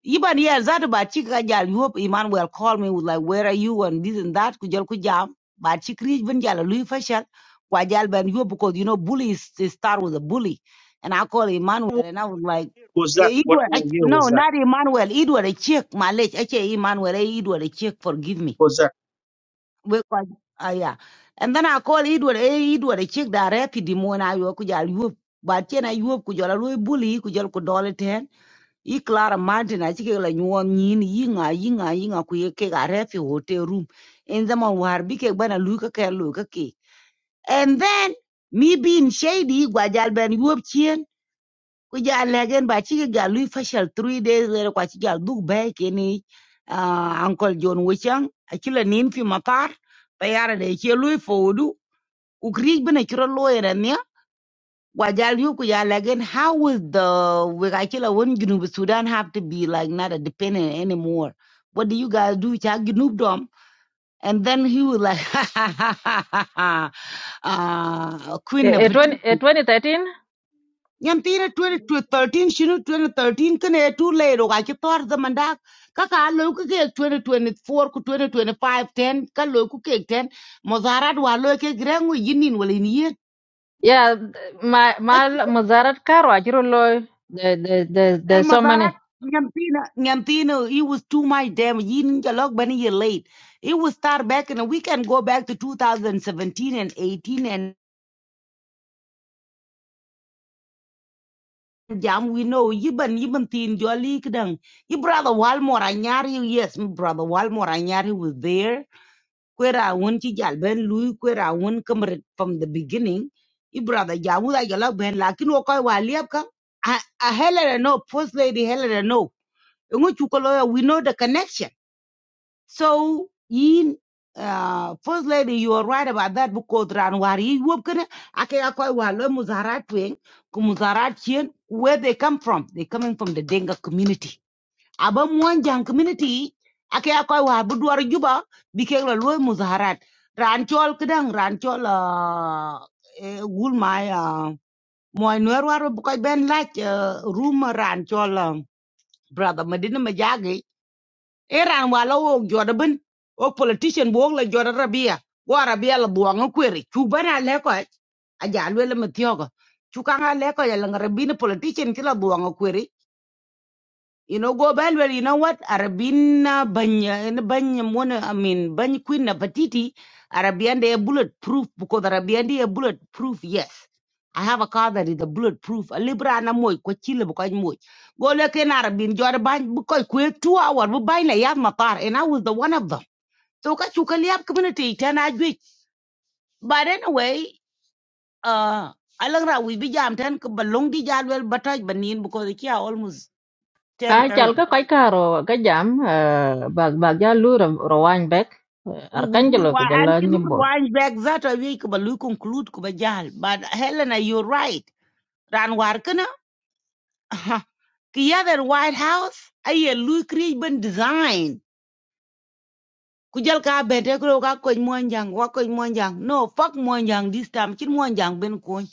even here that about chika jal you up Emmanuel call me with like where are you and this and that kujal kujam. But chikri ben jal lui fashion. Kwajal ben you because you know bully is, is start with a bully. And I call Emmanuel what and I was like was that Eh, what Edward, I, over here was no, that not Emmanuel. Edward, a chick, my leg. I say Emmanuel, eh, Edward, a chick, forgive me was that we ko ah yeah and then i call edward eh edward a chick that rapid mo na yo ku jal yup ba chen a yup ku jala lu buli ku jal ku dole ten i clara martin a chick la nyuon nyin yi nga yi nga yi nga ku ye ke ga refi hotel room in the man war bi ke bana lu ka ke lu ka ke and then me being shady gwa jal ben yup ku ja legen ba ci ga lui fashal 3 days later kwa ci ga duk bai ke ni ah, uncle john Wichang, a kila nin fi matar tayara de yake lui fodu ukri bina kira lawyer ne wa jal yu ku ja legen how will the we ga kila won junub sudan have to be like not a dependent anymore what do you guys do ta junub dom and then he was like ah queen of eh, 20 eh, 2013 Yam Yan tine 2013 shinu 2013 kene too late oga ki tor the mandak kaka alo ku ke 2024 ku 2025 10 ka lo ku ke 10 mozarat wa lo ke grengu yinin walin yin yeah ma ka ma muzarat karo ajiro loy the the the the Yam so many mozarat Yam nyantina it was too much damn yin jalog bani ye late it was start back and we can go back to 2017 and 18 and jam we know yiban yiban tin jolly kdang your brother walmore anyari yes my brother walmore anyari was there kwera won ci jal ben lui kwera won kamret from the beginning i brother jamu da jala ben lakin wo koy wa liap ka a, a helera no first lady helera no ngu chu lawyer, we know the connection so in uh, first lady you are right about that because ran war yi wop kana ake ya koy wa lo muzarat wen ku muzarat chien where they come from they coming from the denga community aba muan community ake akoy war bu duwar juba bi ke la loy muzaharat ran chol kedang ran chol ah, eh, gul mai ah, moy noer war bu koy ben lach room ran chol ah, brother medina majagi e ran wala wo joda ben o politician bo la joda rabia wo rabia la buanga kweri chu bana le ko aja lwe le matiogo chu kanga le ko ya la rabina politician kila buanga kweri you know, go back well, you know what? Arabina banya in banya mona I mean bany queen na patiti, Arabian they are bulletproof because Arabian they are bulletproof, yes. I have a car that is a bulletproof. A libra na moy ko chile bukoy moy. Go look in Arabin jor bany bukoy quick two hour bu bany la yav matar and I was the one of them. So ka chuka liap community ten ajwich. But anyway, uh alangra we be jam ten ka balong di jadwel bataj banin because the kia almost ah 10:30. chal ka kai karo ka jam eh, bag bag ja lu ro rowan back arkanjelo ko Lurwa jalla anti nyimbo lurwany back that away kuba lu conclude kuba jal. But Helena, you're right. Ran warkana. Ki other White House aye lu create ban design. Kujal ka bete kro ka koj monjang wa monjang. No fuck monjang this time. Chin monjang ben kony.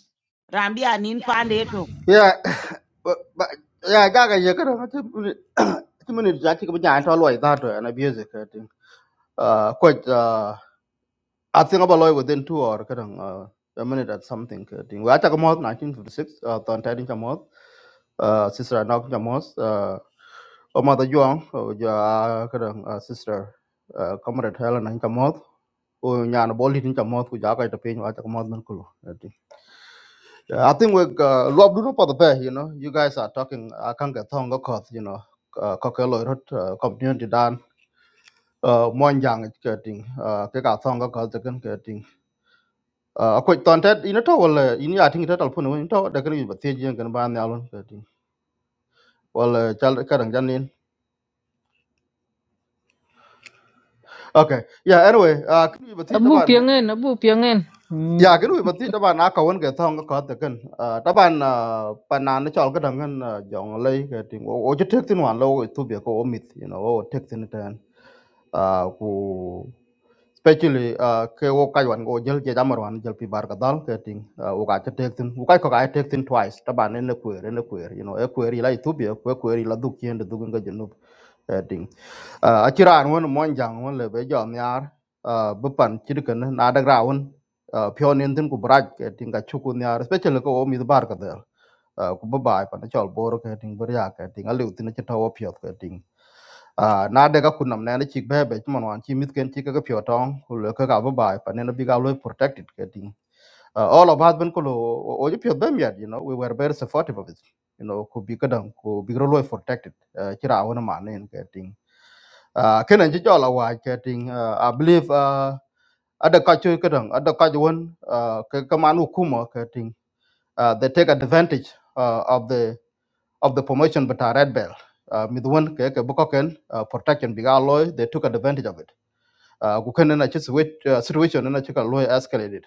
Rambi anin pande to. Yeah, but, but yeah, gaga ye kada ti muni ti muni jati ko jan to loy da to na biye ze ka ti. I think about lawyer within two or, kadang uh, a minute at something kadang. Wa ta kamot 1956 uh, ton tadin kamot uh, sister anak kamot uh, o mother juang uh, ja kadang uh, sister uh, comrade Helen an kamot o nyana boli din kamot ku ja ka ta pin wa ta kamot man kulo. Kadang. Yeah, I think we uh, love do for the bear, you know. You guys are talking I can get thong got you know. Uh, kokelo rot uh, community dan uh, mon jang getting uh, ke ka thong got the a ko ton ta ina to wala in ya tin ta talfun wani to da kan ba te jin kan ba ne alon ka tin wala chal ka dang okay yeah anyway a kan ba te abu taban piangen abu piangen ya kan ba te taban na ka won ga ta ga ka ta kan uh, taban pa na na chal ka dang an jong lai ka tin o o je tek tin wan lo tu be ko omit you know o tek tin tan uh, ku especially uh, ke wo kai wan go jel je jamar wan jel pi bar ka dal ke ting uh, wo ka te tek tin wo kai ko ka te tek tin twice ta ban ne ne kwer ne kwer you know e kwer ila ethiopia ko kwer ila duk yen de duk ga ting a chiran won mon jang won le be jom yar bu pan chir ken na da gra won pyo nen tin ku braj ke ting ka chu kun yar especially ko mi bar ka der ku ba bai pan chol bor ke ting bur ya ke ting a lu tin che taw pyo ke ting a na de ka kunam ne chi be be mon wan chi mit ken chi ka pyo tong ku le ka ba bai pan ne bi ga lo protected ke ting uh, all of us been kulu oju pio you know we were very supportive of it you know could be kadam could be really well protected uh, kira awon ma ne getting uh kenan ji jola wa getting uh, i believe uh ada kacu kadang ada kajuan uh, ke keman hukuma uh, they take advantage uh, of the of the promotion but a red bell uh, midwan ke uh, protection bigaloy they took advantage of it uh, kukene na chis which uh, situation na chika loy escalated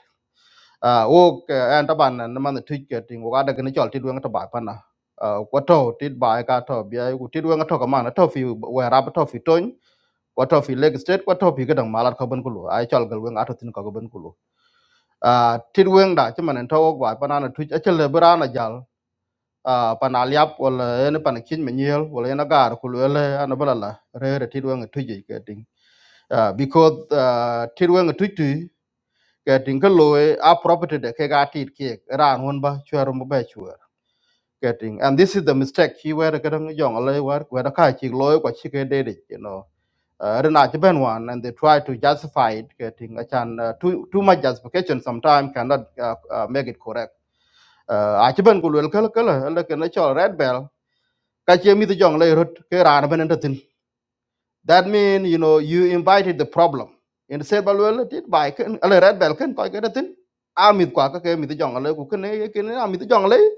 uh, wo ke an taban na man ticketing wo ada kene chol tidwen to ba pana uh, ko to tit ba e ka to bia ku tidwen to ka man to fi we rab to fi ton ko to fi leg state ko to fi gadan malat ko ben kulu ai chol gal wen ato tin ko ben kulu uh, tidwen da chiman to wo ba pana na tuch achele brana jal uh, pana liap wala ene pana kin menyel wala ene gar kulu ele anabala re re tidwen tuje ke ting uh, because uh, tirwen tuitu getting loy a property de ke ga tit ke ran one ba chwer mo ba chwer getting and this is the mistake he were getting young loy war were ka chi loy ko chi ke de you know uh, rena chi one, and they try to justify it getting a chan uh, too too much justification sometimes cannot uh, uh, make it correct uh, a chi ben ku lel kala kala ala ke na chol red bell ka chi mi the young loy rot ke ran ben That means, you know, you invited the problem. And the said, well, well, did buy can, a red bell can, quite get a thing. I'm with Quaka came with the jungle, who can, I can I'm with the jungle, eh,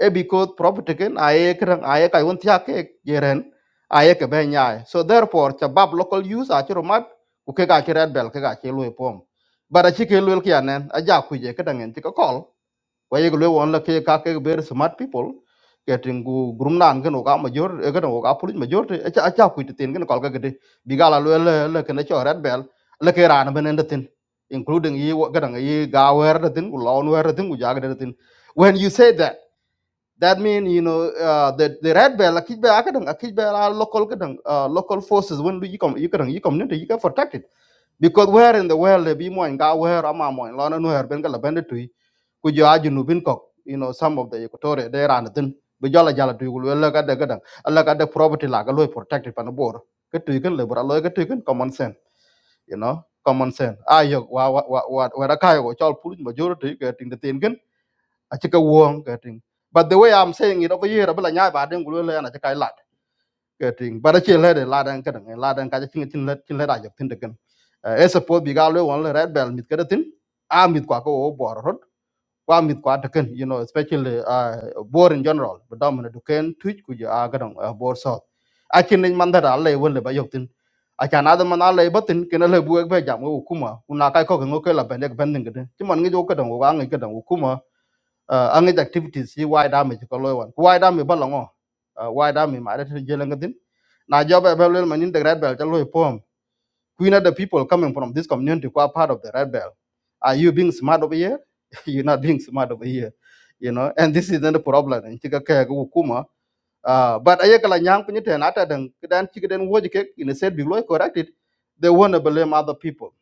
Eh, because property can, I can, I can, I want yake, yeren, I can, ben yai. So therefore, the local use, I can map, who can get red bell, can get a pom. But a chicken will kian, a jack with a kadang and take a call kwa ye lwe on la ke ka ke very smart people ke tin gu grum gen oga major e gen oga pulit major te acha acha ku te tin gen kol ga gede bigala lwe le le ken cho red bell le ke ran ben en tin including yi gadan yi ga wer de tin gu lon wer de tin gu ja ga de tin when you say that that means you know uh, the the red bell a kid ba gadan a kid ba local gadan uh, local forces when you come you gadan you come into you get protected because where in the world they be mo ga wer ama mo lon wer ben ga la ben ku jo aju nu bin kok you know some of the equatorial they ran then bi jala jala tu gulu la ka de ka dang alla ka de property la ka loy protected pan bor ka tu kan le bra loy ka tu common sense you know common sense ayo wa wa wa wa wa ra kai go chol pul majority ka tin de tin kan a chi wong ka but the way i'm saying it over here bla nya ba den gulu la na ka la ka tin ba da de la dan ka la dan ka chi tin le tin le da tin de kan e support bi ga loy won red bell mit ka de tin a mit kwa ko bor kwa mit kwa taken you know especially uh, bor in general but dominant duken twitch ku ja gadon uh, bor so akin ni man da alle won le bayotin akan adam man alle batin ken le buek be jam ko kuma una kai ko ngo ke la ben ek ben ngede ti man ngi jo kadon wa ngi kadon kuma uh, angi activities yi wide damage ko loy wan wide damage balango uh, wide damage ma da jelen ngadin na job e be le man manin the red belt alo pom queen of the people coming from this community who are part of the red belt are you being smart over here? You're not being smart over here. You know, and this isn't a problem. In chika ke ku kuma. Uh, but ayeka la nyang pinyi ten dan den kidan chika den woji in a said below corrected. They want to blame other people.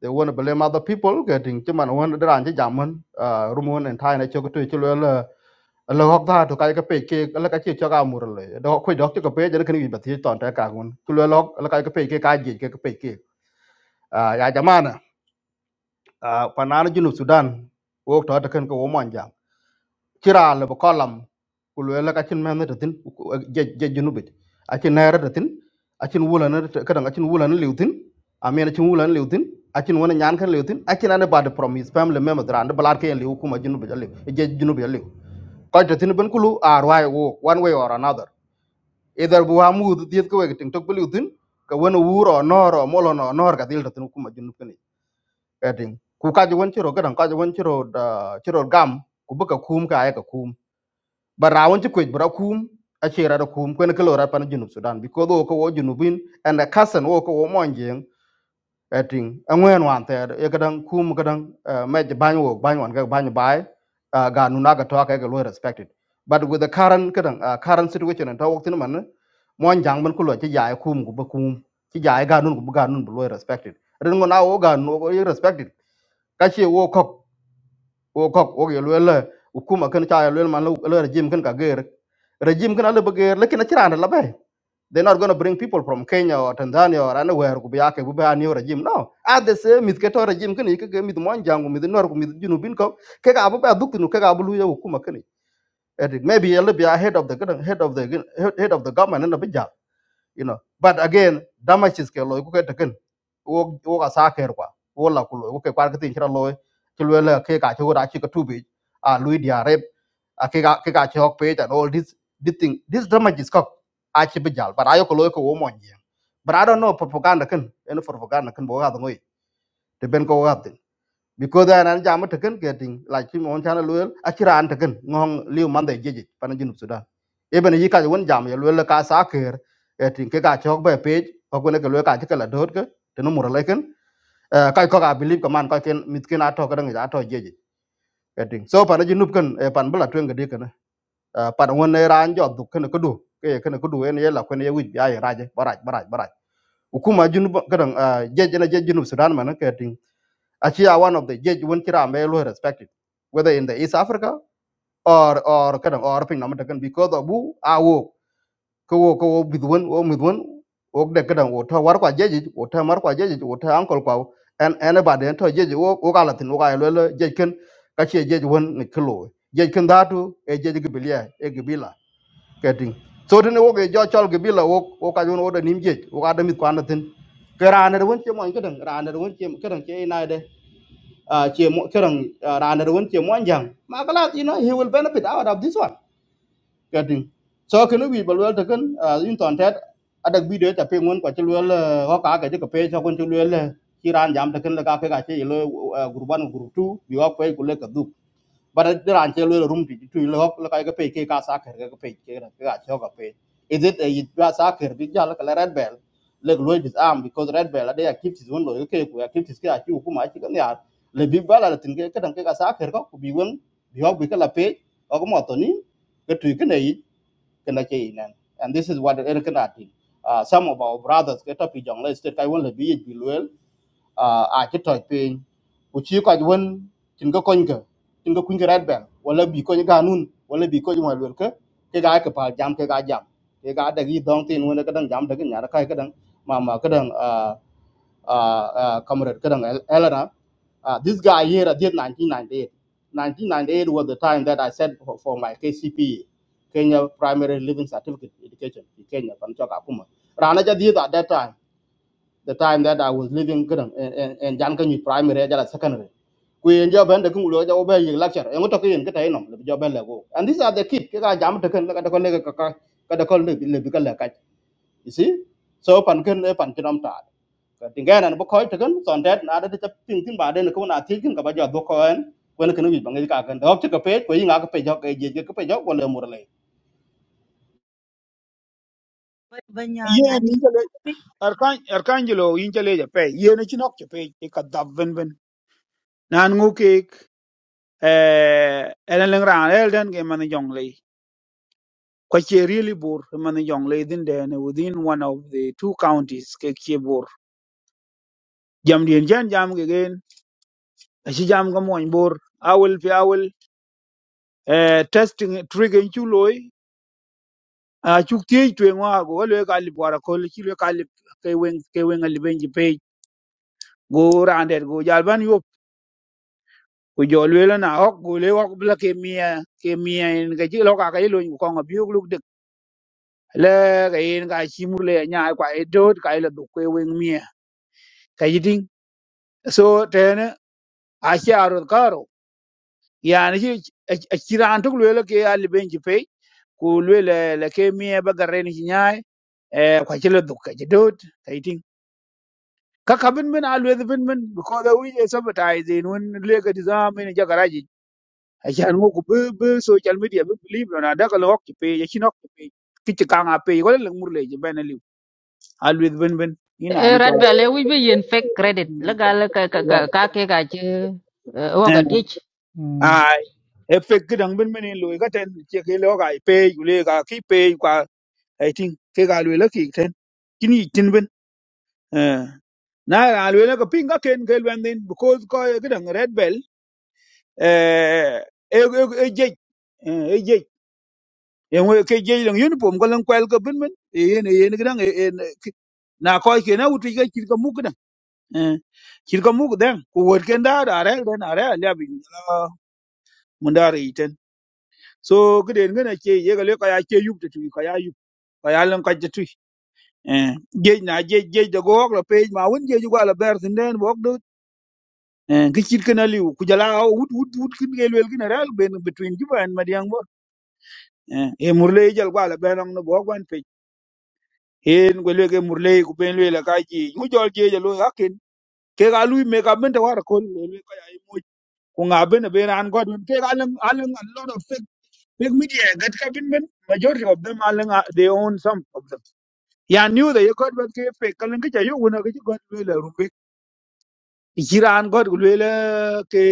They want to blame other people. Getting cuman wan dran chi jamon uh, rumun and tai na choko tu chulo la lo hok da to kai ka pe ke la ka chi cho ga mur le do khu dok chi ka pe je kan wi ba ti ton ta ka la kai ka ke ka ke ka ke a ya jaman Ah, junub sudan wok to taken ko womanja cira le ko lam ku le la kacin men ta tin je je junubit a cin nere ta tin a cin wulan ka dan a cin wulan liutin a men cin wulan liutin a cin wona nyan kan liutin a cin ane bad promise family members ran de balar ke liu kuma junubit a je junubit a ko ta tin ban kulu ar wai wo one way or another either bu amu diet ko wek tin tok liutin ka wona wuro noro molo no nor ka dil ta tin kuma junubit eting ku ka won chiro gadan ka won chiro da chiro gam ku buka kum ka ay ka kum Barawon won ci kwet kum a chira da kum kwen ko lora pan junub sudan because wo ko wo junubin and a cousin wo ko wo monjing eting angwen wan te e gadan kum gadan me ban wo ban wan ga ban bai ga nuna ga to ka ga lo respected but with the current gadan uh, current situation and talk tin man mon jang man ko lo ci jaay kum ku ba kum ci jaay ga nun ku ba ga nun bu lo respected ren ngo na wo ga no respected kachi wo kok wo kok wo ge lwel ukuma kan cha lwel man lo regime kan ka ger regime kan ale beger lekin achira na labai they're not going to bring people from Kenya or Tanzania or anywhere kubiake kubea new regime no at the same mit keto regime kini ke mit mon jangu mit nor ku mit junubin ko ke ga abu ba duktinu ke ga abu luya hukuma kini and maybe a little bit ahead of the head of the head of the government and the bit you know but again damages ke loy ku ke taken wo wo ka sa ker kwa wo la ku loy wo ke kwar ke tin chra loy ti lo la ke ka chu ra chi ka tu bi a lui dia rep a ke ka ke ka chok pe and all this this thing this damages ka a chi bi jal but ayo ko loy ko wo mon ye but i don't know propaganda ken en propaganda ken bo ga ngoi te ben ko ga tin because an an jam taken getting like him on channel well achira an taken ngong liu man de jeje pan jinu sudan even yi ka won jam yel well ka sa ker etin ke ka chok be page ko ko ne ke lo ka ke la dot ke te no mura leken ka ko ka believe ko man ka ken mit ken ato ka dang ja to jeje etin so pan jinu ken eh, pan bla twen gede ken eh, pan won ne ran jo du ken ko du ke ken ko du en yela ko ne wi ya raje baraj baraj baraj ukuma jinu kadang jeje na jeje jinu sudan man ke etin Actually, one of the judge when Kira Amelo respected, whether in the East Africa or or kadang or ping namatakan because of who I wo ko ko with one wo with one wo the kadang wo ta war judge wo ta mar judge wo ta uncle kwa and anybody and to judge wo wo kala tin wo ka lo judge ken ka che judge won ni kilo judge can datu e judge gibilia e gibila getting so then wo ge jo all gibila wo wo ka jun wo order nim judge wo ka de mit kwa na tin ke raner won che mo kadang raner won che kadang che ina uh, che mo kerang uh, ranar won che mo anjang magalat you know he will benefit out of this one getting so can we balwel ta kan uh, in that. tet adak video ta pe ngon kwa chulwel ho ka ka ka pe cho kon chulwel chi ran jam ta kan la ka pe ka che lo gurban gurtu bi wa pe kule ka but there are still room to to look like a pay cake as a car, a pay cake, a chug of pay. Is it a sacker, big jar like a red bell? Like Lloyd is armed because red bell, they are kept his window, okay, we are kept his car, you whom I chicken yard. Le big bell, I think, can take a sacker, could be one, you have become a pay, or motoni, get to you can eat, can I chain. And this is what Eric and I think. Uh, some of our brothers get up in Jongle State, I want to be it below uh, a ci toj piny ku ci kɔc wen cin ke kony ke cin ke kuny ke red bell wala bi kony ga nun wala bi kony ŋɔl wel ke ke ga ke pal jam ke ga jam ke ga dagi dɔŋ tin wen ke dang jam dagi nyara kai ke dang mama ke dang uh, uh, uh, comrade ke dang El- Elena uh, this guy here I did 1998 1998 was the time that I said for, for my KCPE Kenya Primary Living Certificate Education in Kenya from Chaka Kuma Rana jadi at that time the time that I was living kadang and and and primary jala secondary ku yen jo ben de kun lo jo ben yig lecture en to yen kata enom le jo ben le go and these are the kid ke ka jam to kan la ka ko le ka ka ka da ko le le bi ka la ka you see so pan kan e pan kinom ta ka tinga na bo ko to kan son that na da ta tin tin ba de ko na ti kin ka ba jo bo ko en wen kan wi bang ka kan do ka pe ko yin ga ka pe jo ka je ka pe jo ko le mur le But banya yeah, Ninjale 1966 Arcangelo Injaleja pay. Yeah, Nichinok pay he got that win win. Nan ngukik eh eleng ran elden game man jonglei. Kwache really bur man jonglei din then within one of the two counties ke kibur. Jam dien jan jam again. ci jam ga moñ bor awul fi awul eh testing trigger ci loy a ci tiey tuen wa go le ka li bora ko ci le ka li ke wen ke wen ali benji pe go randet go jal ban yop ko jol we la na ok go le ok bla ke mia ke mia en ga ci lo ka ka lo ko ko bi lu de le ga en ga ci mur le nya kwa e dot ka le do ke wen mia ka yiding so tene a ci arot karo yani ci ci ran tuk le ke ali benji pe ku lwele la ke mie ba garen hi nyai eh kwa chile duk ka jidot kaiting ka kabin min a lwele bin min because we is advertising when le ga dizam in ja garaji a chan mo ku be be social media be believe na da ka lok pe ya chinok pe ki ti kanga pe ko le murle je ben li a lwele bin bin ina ni chaw ale wi eh, waka dich mm, ai efek gidang bin min lo ga ten che ke lo ga pe yule ga ki pe kwa kaiting ke ga lwele ki ten kini tin Eh, na na lwe ko pinga ken ke lwendin because ko gidan red bell eh e e je e je en we ke je lang uniform ko lan kwel ko bin bin yen yen gidan na ko ke na uti ke kir ko muk dan eh kir ko muk dan ko wor ken da da re den are ya bi mun da re iten so gidan ngana ke ye ga le ko ya ke yup tu ko ya yup ko ya lan ka je tu eh je na je je da go ko pe ma won je ju ko la ber sin den eh ki chit kana liu ku jala wut wut wut kin ke lwel kin ral ben between juba and madiang bor eh e murle jal kwa la benang no bo kwan pe en ko lwe ke murle ku ben lwe la ka ji ku jol je jalo yakin ke ga lui me ka ben ta war ko lwe ka ai mo ku nga ben e ben an god ke ga lang alang a lot of fake fake media that ka bin ben majority of them alang are- they own some of them ya knew that you got what ke fake kalang ke ja yo una ke god lwe la rumbe jiran god lwe la ke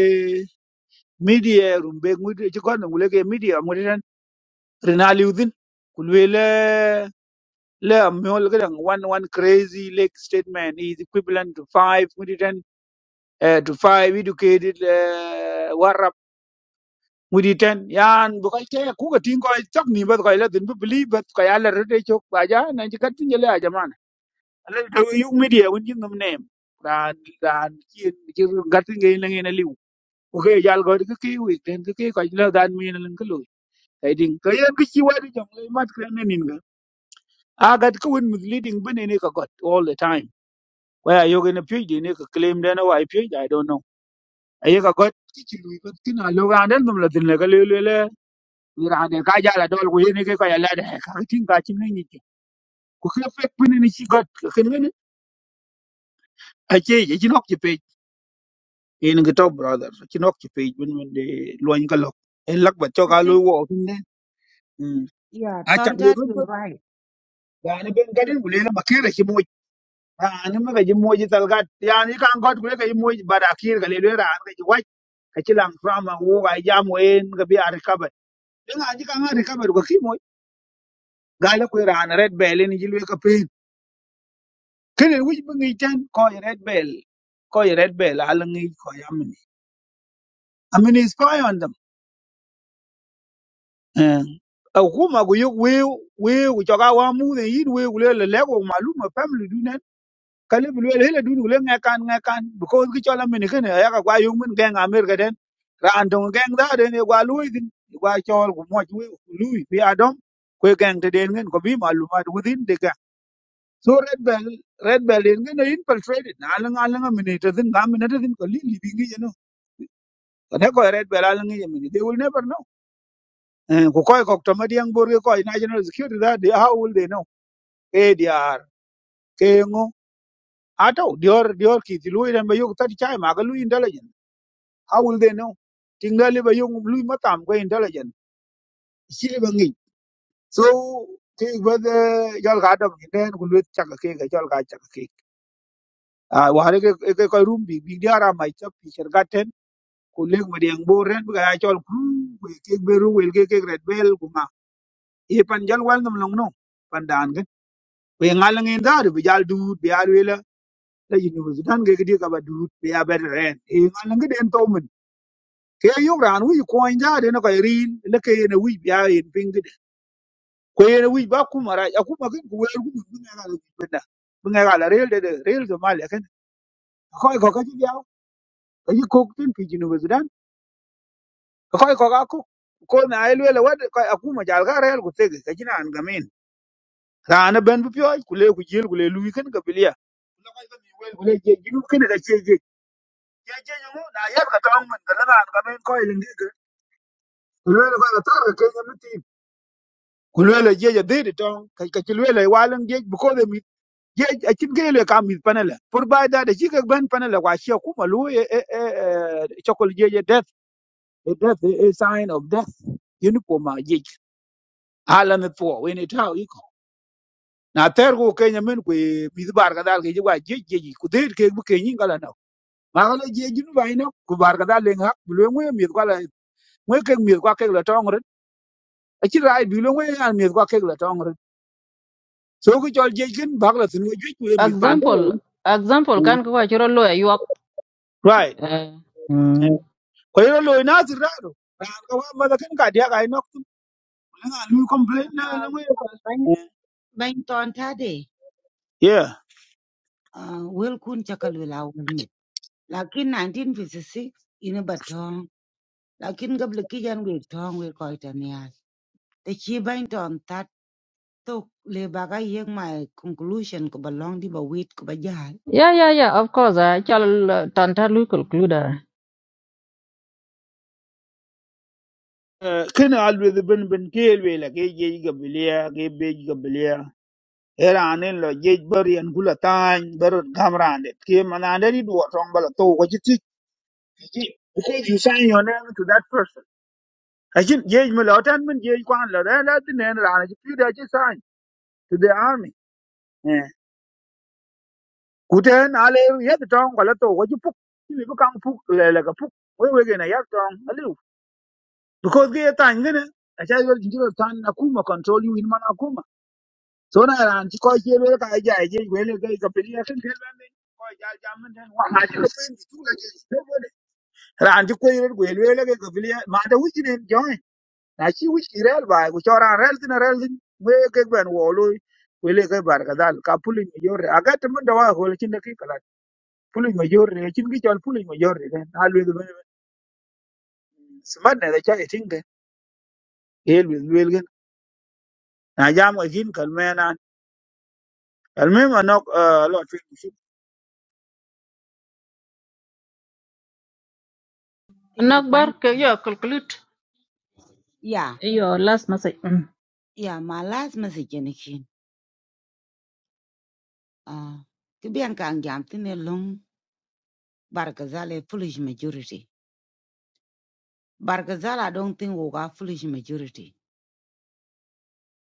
media rumbe ngudi ci kon ngule ke media ngudi tan rina liudin kulwe le le amol gadan one one crazy lake statement is equivalent to five ngudi tan eh, to five educated uh, warap ngudi tan yan bu kay te ku ga tin ko chak ni ba ko la din bu believe ba ko yalla rede chok ba ja na ci kat tin jale a jamana ala to yu media won jin num nem ran ran ci ci gat ngay la ngay na liu ko ke jal go ke ke wi den ke ko la dan mi na lan Kaiting kayan kichi wadi jong le mat kene nin ga. Agat ko win misleading bene ne ka got all the time. Waya yoga ne pye de ne ka claim de na wai pye I don't know. Aye ka got kichi lui got kina lo ga den dum la din le ka le le le. Ira de ka ja la dol ko yene ke ka ya la de ka tin ka chin ne ni. Ku ka fek bene ne chi got ken ne. Ache ye chin ok chi pe. En ga top brother chin ok chi pe bun bun de lo ni ka lok. En lak ba cho ka lo wo tin de. yeah Achak me tontat gun you're ba. right. Ga ne ben ga den ku le ma kere chi ran mi ka ji moji talgat yani kan got kule ka ji moji bada kir ka le le ran ka ji wai ka ci lang frama wo ga jam wen ka bi ar kabar din a ji kan ar kabar ko ki moji ga le ko ran red bell ni ji le ka pe kene wi bi ngi tan ko yi red bell ko yi red bell al ngi ko ya mi amini spy on them eh a huma go yug we we go ga wa mu ne yin we go le le go maluma family du kale bi luel hele dun gule nge kan nge kan because ki chola min kene ya ka gwa yung min geng amer ga den ra andong geng da den e gwa lui din e gwa chol gu mo chwe lui bi adom kwe geng te den ngen ko bi malumat within the gang so red bell red bell in ngen e infiltrated na lang lang min te din ga min te din ko li li bi ngi no ko ne ko e red bell lang ngi min they will never know Eh, ku koy kok to madiang bor ge national security that they how will they know kdr kengo ato dior dior ki ti lui den be yuk tat chai ma ga lui intelligence How will they know? Tingali ba yung lui matam ko intelligent. Chili ba ngi. So ke ba de jol ga dam ni den ku luet chak ke ga jol ga chak ke. Ah wa re ke ke ko room bi bi diara mai chap pi cher gaten ku leg ma deng bo ren ga jol ku ke be ru wel ke ke red bel ku ma. E pan jal wal nam long no pan dan ke. We ngal ngi dar bi jal du bi al wela la university dan ke di ka ba du bi a ber ren. E ngal ngi den to mun ke yok raan wic kuɔny jaade ne kɔc riin leke yen awic bia yen piŋ ko yen wic ba kum arac akum akin ku wer gudu bi ŋek ala wic benda bi ŋek ala rel dede rel ge mal eken akoi ko kaci diaw kaci kok tin pi junuba sudan akoi ko ka kok ko na ai lwele wad ko akum ajal ka rel ku tege kaci naan gamin raana ben bi pioj ku le ku jil ku le luwi kin ga bilia lokoi ka mi wel ku le je junub kin ga ce je je je ngu na yar ka tong men ga naan gamin ko ilin ge ge ku lwele ko ka tar ka kenya mitin ku lwele je je dhidi tong kaci lwele walan ge bu ko de ye a chin gele kam mi panela por ba da de chike ban panela wa shi ku malu e e e e, chokol ye ye death a death a sign of death uniform ma ye ala ne po we ne ta i na ter go ke nyamen ku e, mi bar ga dal ge wa ye ye ku de ke bu ke yin gala na ma gala ye jin ba ina ku bar ga dal le ngak bu le ngwe mi ko la ngwe ke mi ko ke la tong re a chi rai bi le ngwe an mi ko ke la tong re so ku chol ye jin bag la tin we ju ku mi pan do example example kan ko wa chiro lo yu right mm. Kwa hiyo lo inazir rado. Kawa mada kan ka dia kai nok tum. Nga lu complain na na ngwe pa. Bany bany tontate. Yeah. uh, Will kun Lakin 1956 ina batong tong. Lakin gabla ki yan we tong we koi ta niya. The chi bang ton tat tok le baga yek my conclusion ko balong di ba wait ko ba jal. yeah yeah yeah of course uh, chal uh, tanta lu conclude uh. Eh, Kina alwe the ben ben kelwe la ke je gabilia ke be gabilia. Era anen lo je bari an gula tan bar gamrande. Ke manande di do tong bala to ko jiti. Because you sign your name to that person. Ajin je me lo tan men je kwan la la la tinen rana ji pida ji sign to the army. Eh. kuten ale yet tong kwa lato wa ju puk ni bu kang puk le le ka puk we we gena yat tong alu because ge ta ngene a cha yo jiro tan na kuma control you in man akuma so na ran ci ko che le ka ja je we le ga ka pili ya kin kel ban ni ko ja ja man den wa ha ji ko ni tu ga je ran ci ko yir we le ga ka pili ma da wuci ne joy na ci wuci rel ba ku chora rel tin rel tin we ke ben wo lo we le ga bar ka dal ka puli yo re aga te man da wa ho le cin da ki pulin ma jorre chin ki chol pulin ma jorre den na lwe de bene smart ne da cha etin de el lwe lwe gen na jam ga jin kal mena al me ma nok lot We bang nakbar ke yo conclude Yeah, yo last message mm. yeah, my last message in again. Uh, to be an kangyamtin along Barkazal a foolish majority. Barkazal, I don't think we got foolish majority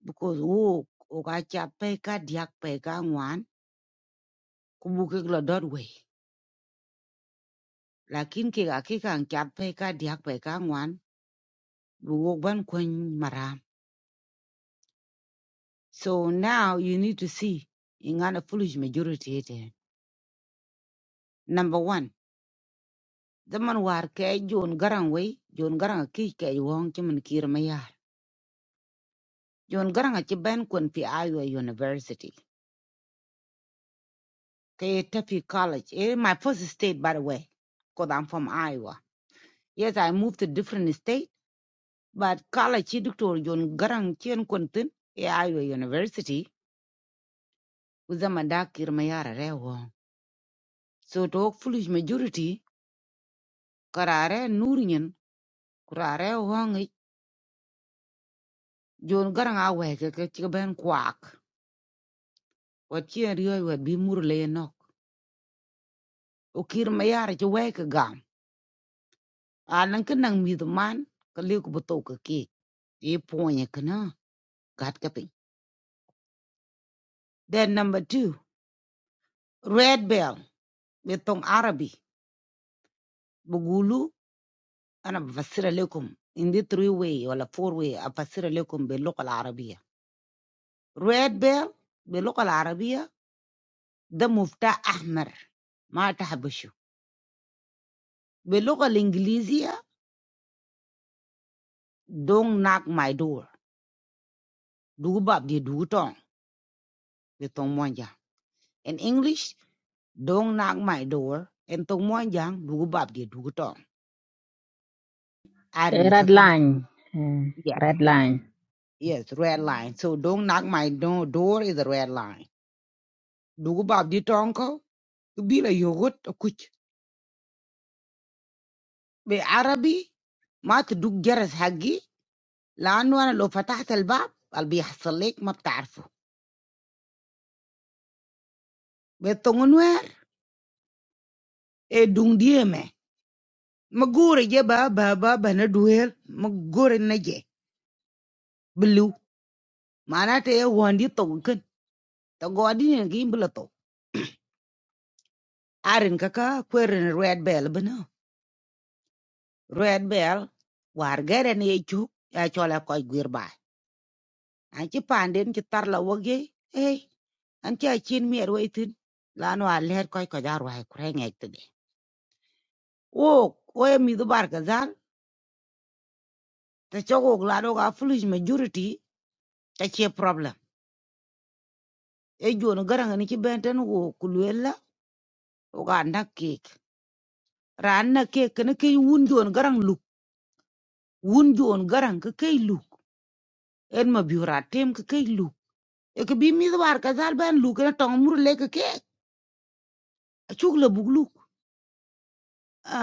because we got ka diak peka one kubuke gla dot way. lakin kikakikang ka diak pe ka ngwan buwok ban kwen maram. So now you need to see ingan a foolish majority ite. Number one, the man war ke John Garang way, John Garang ki ke wong chimin kir mayar. John Garang a chiban kwen pi Iowa University. Ke Tafi College. Eh, my first state by the way, cause I'm from Iowa. Yes, I moved to different state, but college chi doctor John Garang chien kwen tin, eh, Iowa University. with the mandakir mayara re wong. So talk foolish majority karare nurinyan kurare wong ik jon garang awe ke ke chika ben kwak. Wat chien riyo wat bi mur O kir mayara che we ke gam. Alan ke nang mi the man ke liu ke beto ke E ponya ke na gat ke Then number two, red bell betong Arabi bugulu ana bafasira lekum in the three way or wala four way afasira lekum be local Arabia. Red bell باللغة العربية The mufta ahmer ma ta habushu. The local Englishia don't knock my door. Dugu bab di do tong di tong moanja. In English, don't knock my door. And tong moanja dugu bab di do tong. Ari Eh, na red kakang line eh, yes red line yes red line. So don't knock my door. Door is a red line. Dugu bab di tong ko bilah yogut akuch. The Arabic ma ta dugu geras hagi la anwa lo fatah al bab al bih hassalek ma bta'arfu. The tongue nwa. e dungdie me ma gore je ba ba ba ba na duel ma na je blu mana te e wondi to ken to godi ne gi bla to arin kaka kweren red bell bana red bell war gere ne chu ya chola ko gwir ba an ci panden ci tar la woge e an ci chin mi er waitin lanu a leher koy ko jar wa kure ngek te de o o e mi do bar ka zal te chogo lanu ga foolish majority ta che problem e jon garang ni ci benten wo ku luel la wo ga na kek ran na kek ne ke wun jon garang luk wun jon garang ke ke luk en ma biura tem ke ke luk e ke bi mi war ka zal ban luk na tong mur le ke ke chuk le buk luk a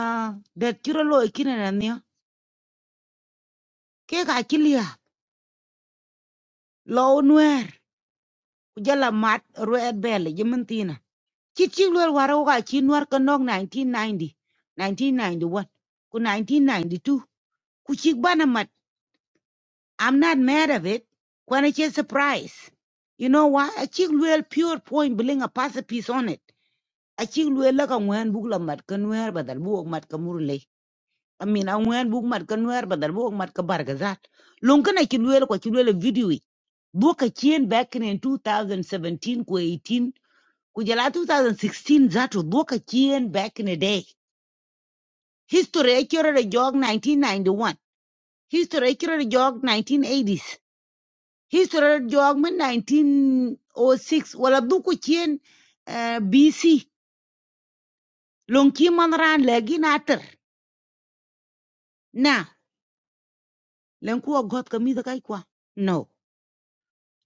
de tiro lo kine na ne ke ga kilia lo nwer ku jala mat red bell jimentina ci ci lol waro wo ga ci nwar ka nok 1990 1991 ku 1992 ku ci bana I'm not mad of it. When it's a surprise. You know why? A chick will pure point bling a pass a piece on it. A chick will like a wen bugla mat kanwer but a book mat kamurle. I mean a wen book mat kanwer but a book mat kabargazat. Lunkan a chick will what you will video it. Book a chain back in 2017 ku 18 kujala 2016 zatu book a chain back in a day. History accurate a jog 1991. History accurate a jog 1980s. history jog man 1906 wala duku ko chien eh, BC lon ki man ran legi na ter na len ku got kai kwa no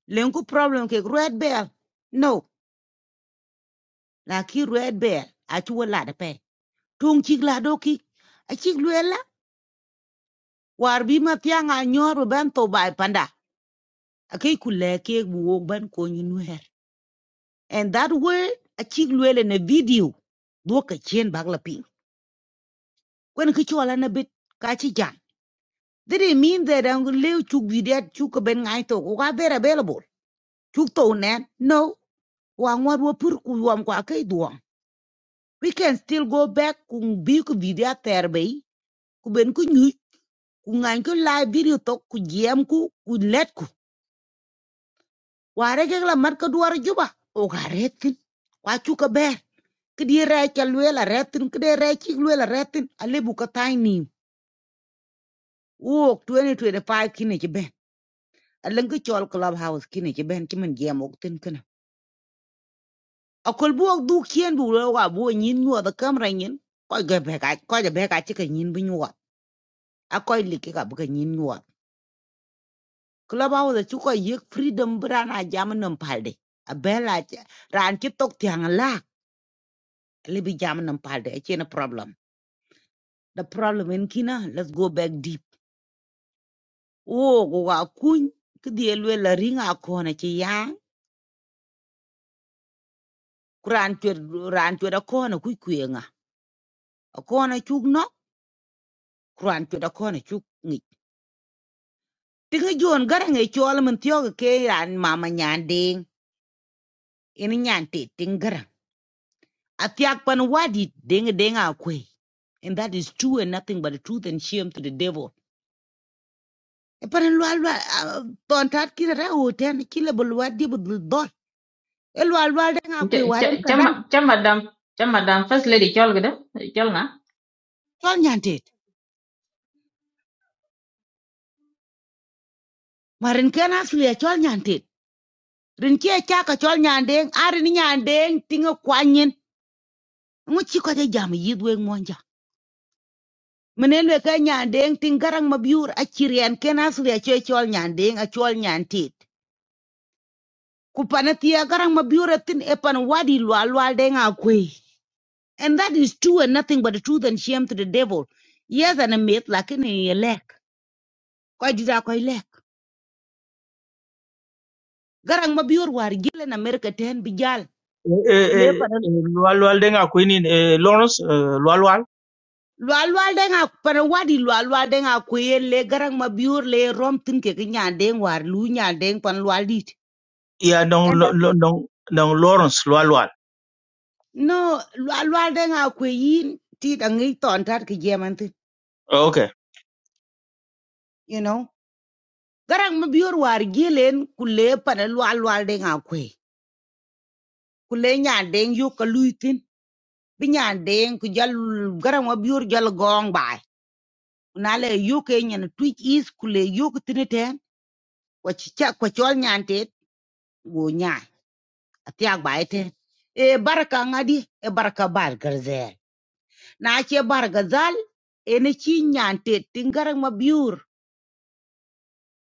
len ku problem ke red bell no la red bell a chu wala da pe tung chik la do ki a chik luela war bi ma tyanga nyoru ben to bai panda a kai ku ban ko nyu and that way achik chik luela na video do ka chien bagla ping kwen ki na bit kachi jan. They didn't mean that I'm going to chuk vidiat chuk ben ngai to are ka available. Chuk to net no wang wat wo pur ku wam kwa We can still go back kung bi ku there, terbe ku ben ku nyu ku ngai ku live video talk. ku jam ku ku let ku. Ware ke la mar ka duar juba o ka retin kwa chuk ka ber. Kidi re ka luela retin kidi re chik luela retin ale bu ka tiny. Wo 2025 kine ke ben. Alang ke chol clubhouse kine ke ben kimen jam ok tin akol buok dhuk chien bu lo wa bu nyin nyuɔth ekem ra nyin kɔc ke bɛk kɔc abɛk acï ke nyin bï nyuɔth akɔc liki ka bï ke nyin nyuɔth kelɔp auth acu kɔc yek fridom bï jam nom palde abɛ la raan cï tiang thiaŋ laak lïbï jam nom palde acien problem the problem in kina let's go back deep wok wa kuny kïdhi elwe la ringa akɔn acï yaaŋ ku raan cuet raan cuet akɔn akuc kwieŋa akɔn acuk nɔk ku raan cuet akɔn acuk Tingi juon garang e chol min tiyogi ke ran mama nyan ding. Ini nyan te ting garang. Atiak pan wadi ding ding a kwe. And that is true and nothing but the truth and shame to the devil. E pan lwa lwa ton tat kira ra o ten kila bul wadi bul dol. E lwa lwa ding a kwe Ch- waren ch- kadam. chama chama dam chama dam first lady chol gida chol na Chol nyan te. Marin ken asli e chol nyan te. Rin kia chaka chol nyan ding. Arin nyan ding tingi kwanyin. Ngu chiko je jam yidwe ngonja. menen ka nyandeng tin garang mabiur achirian ken asli acho chol nyandeng achol nyantit ku garang mabiur tin epan wadi lwal lwal deng akwe and that is true and nothing but the truth and shame to the devil yes and a myth lakini ye lek ko dida ko lek garang mabiur war gile na america ten bijal eh eh kule le eh, panan eh, lual lual denga kwini eh, Lawrence eh, lual lual lwal lwal deng ak panan wadi lwal lwal deng akwe le garang mabiur le rom tin ke nyandeng war lu nyandeng pan lwal dit Yeah, don't don't don't Lawrence Lualwal. No, lwal lwal de nga kwe yin ti da ngi ton tat ki jeman tin, Okay. you know. Garang ma biyor war gilen kule pana lwal lwal de kwe. Kule nyan deng yu ka lui tin. Bi nyan deng ku jal garang ma biyor jal gong bai. Na le yu ke nyan twitch is kule yu ku tin ten. Kwa chi kwa chol nyan tet go nyan. Atiak bai ten. E baraka ngadi e baraka bar garzel. Na che bar gazal e ne chi nyan tet tin garang ma biyor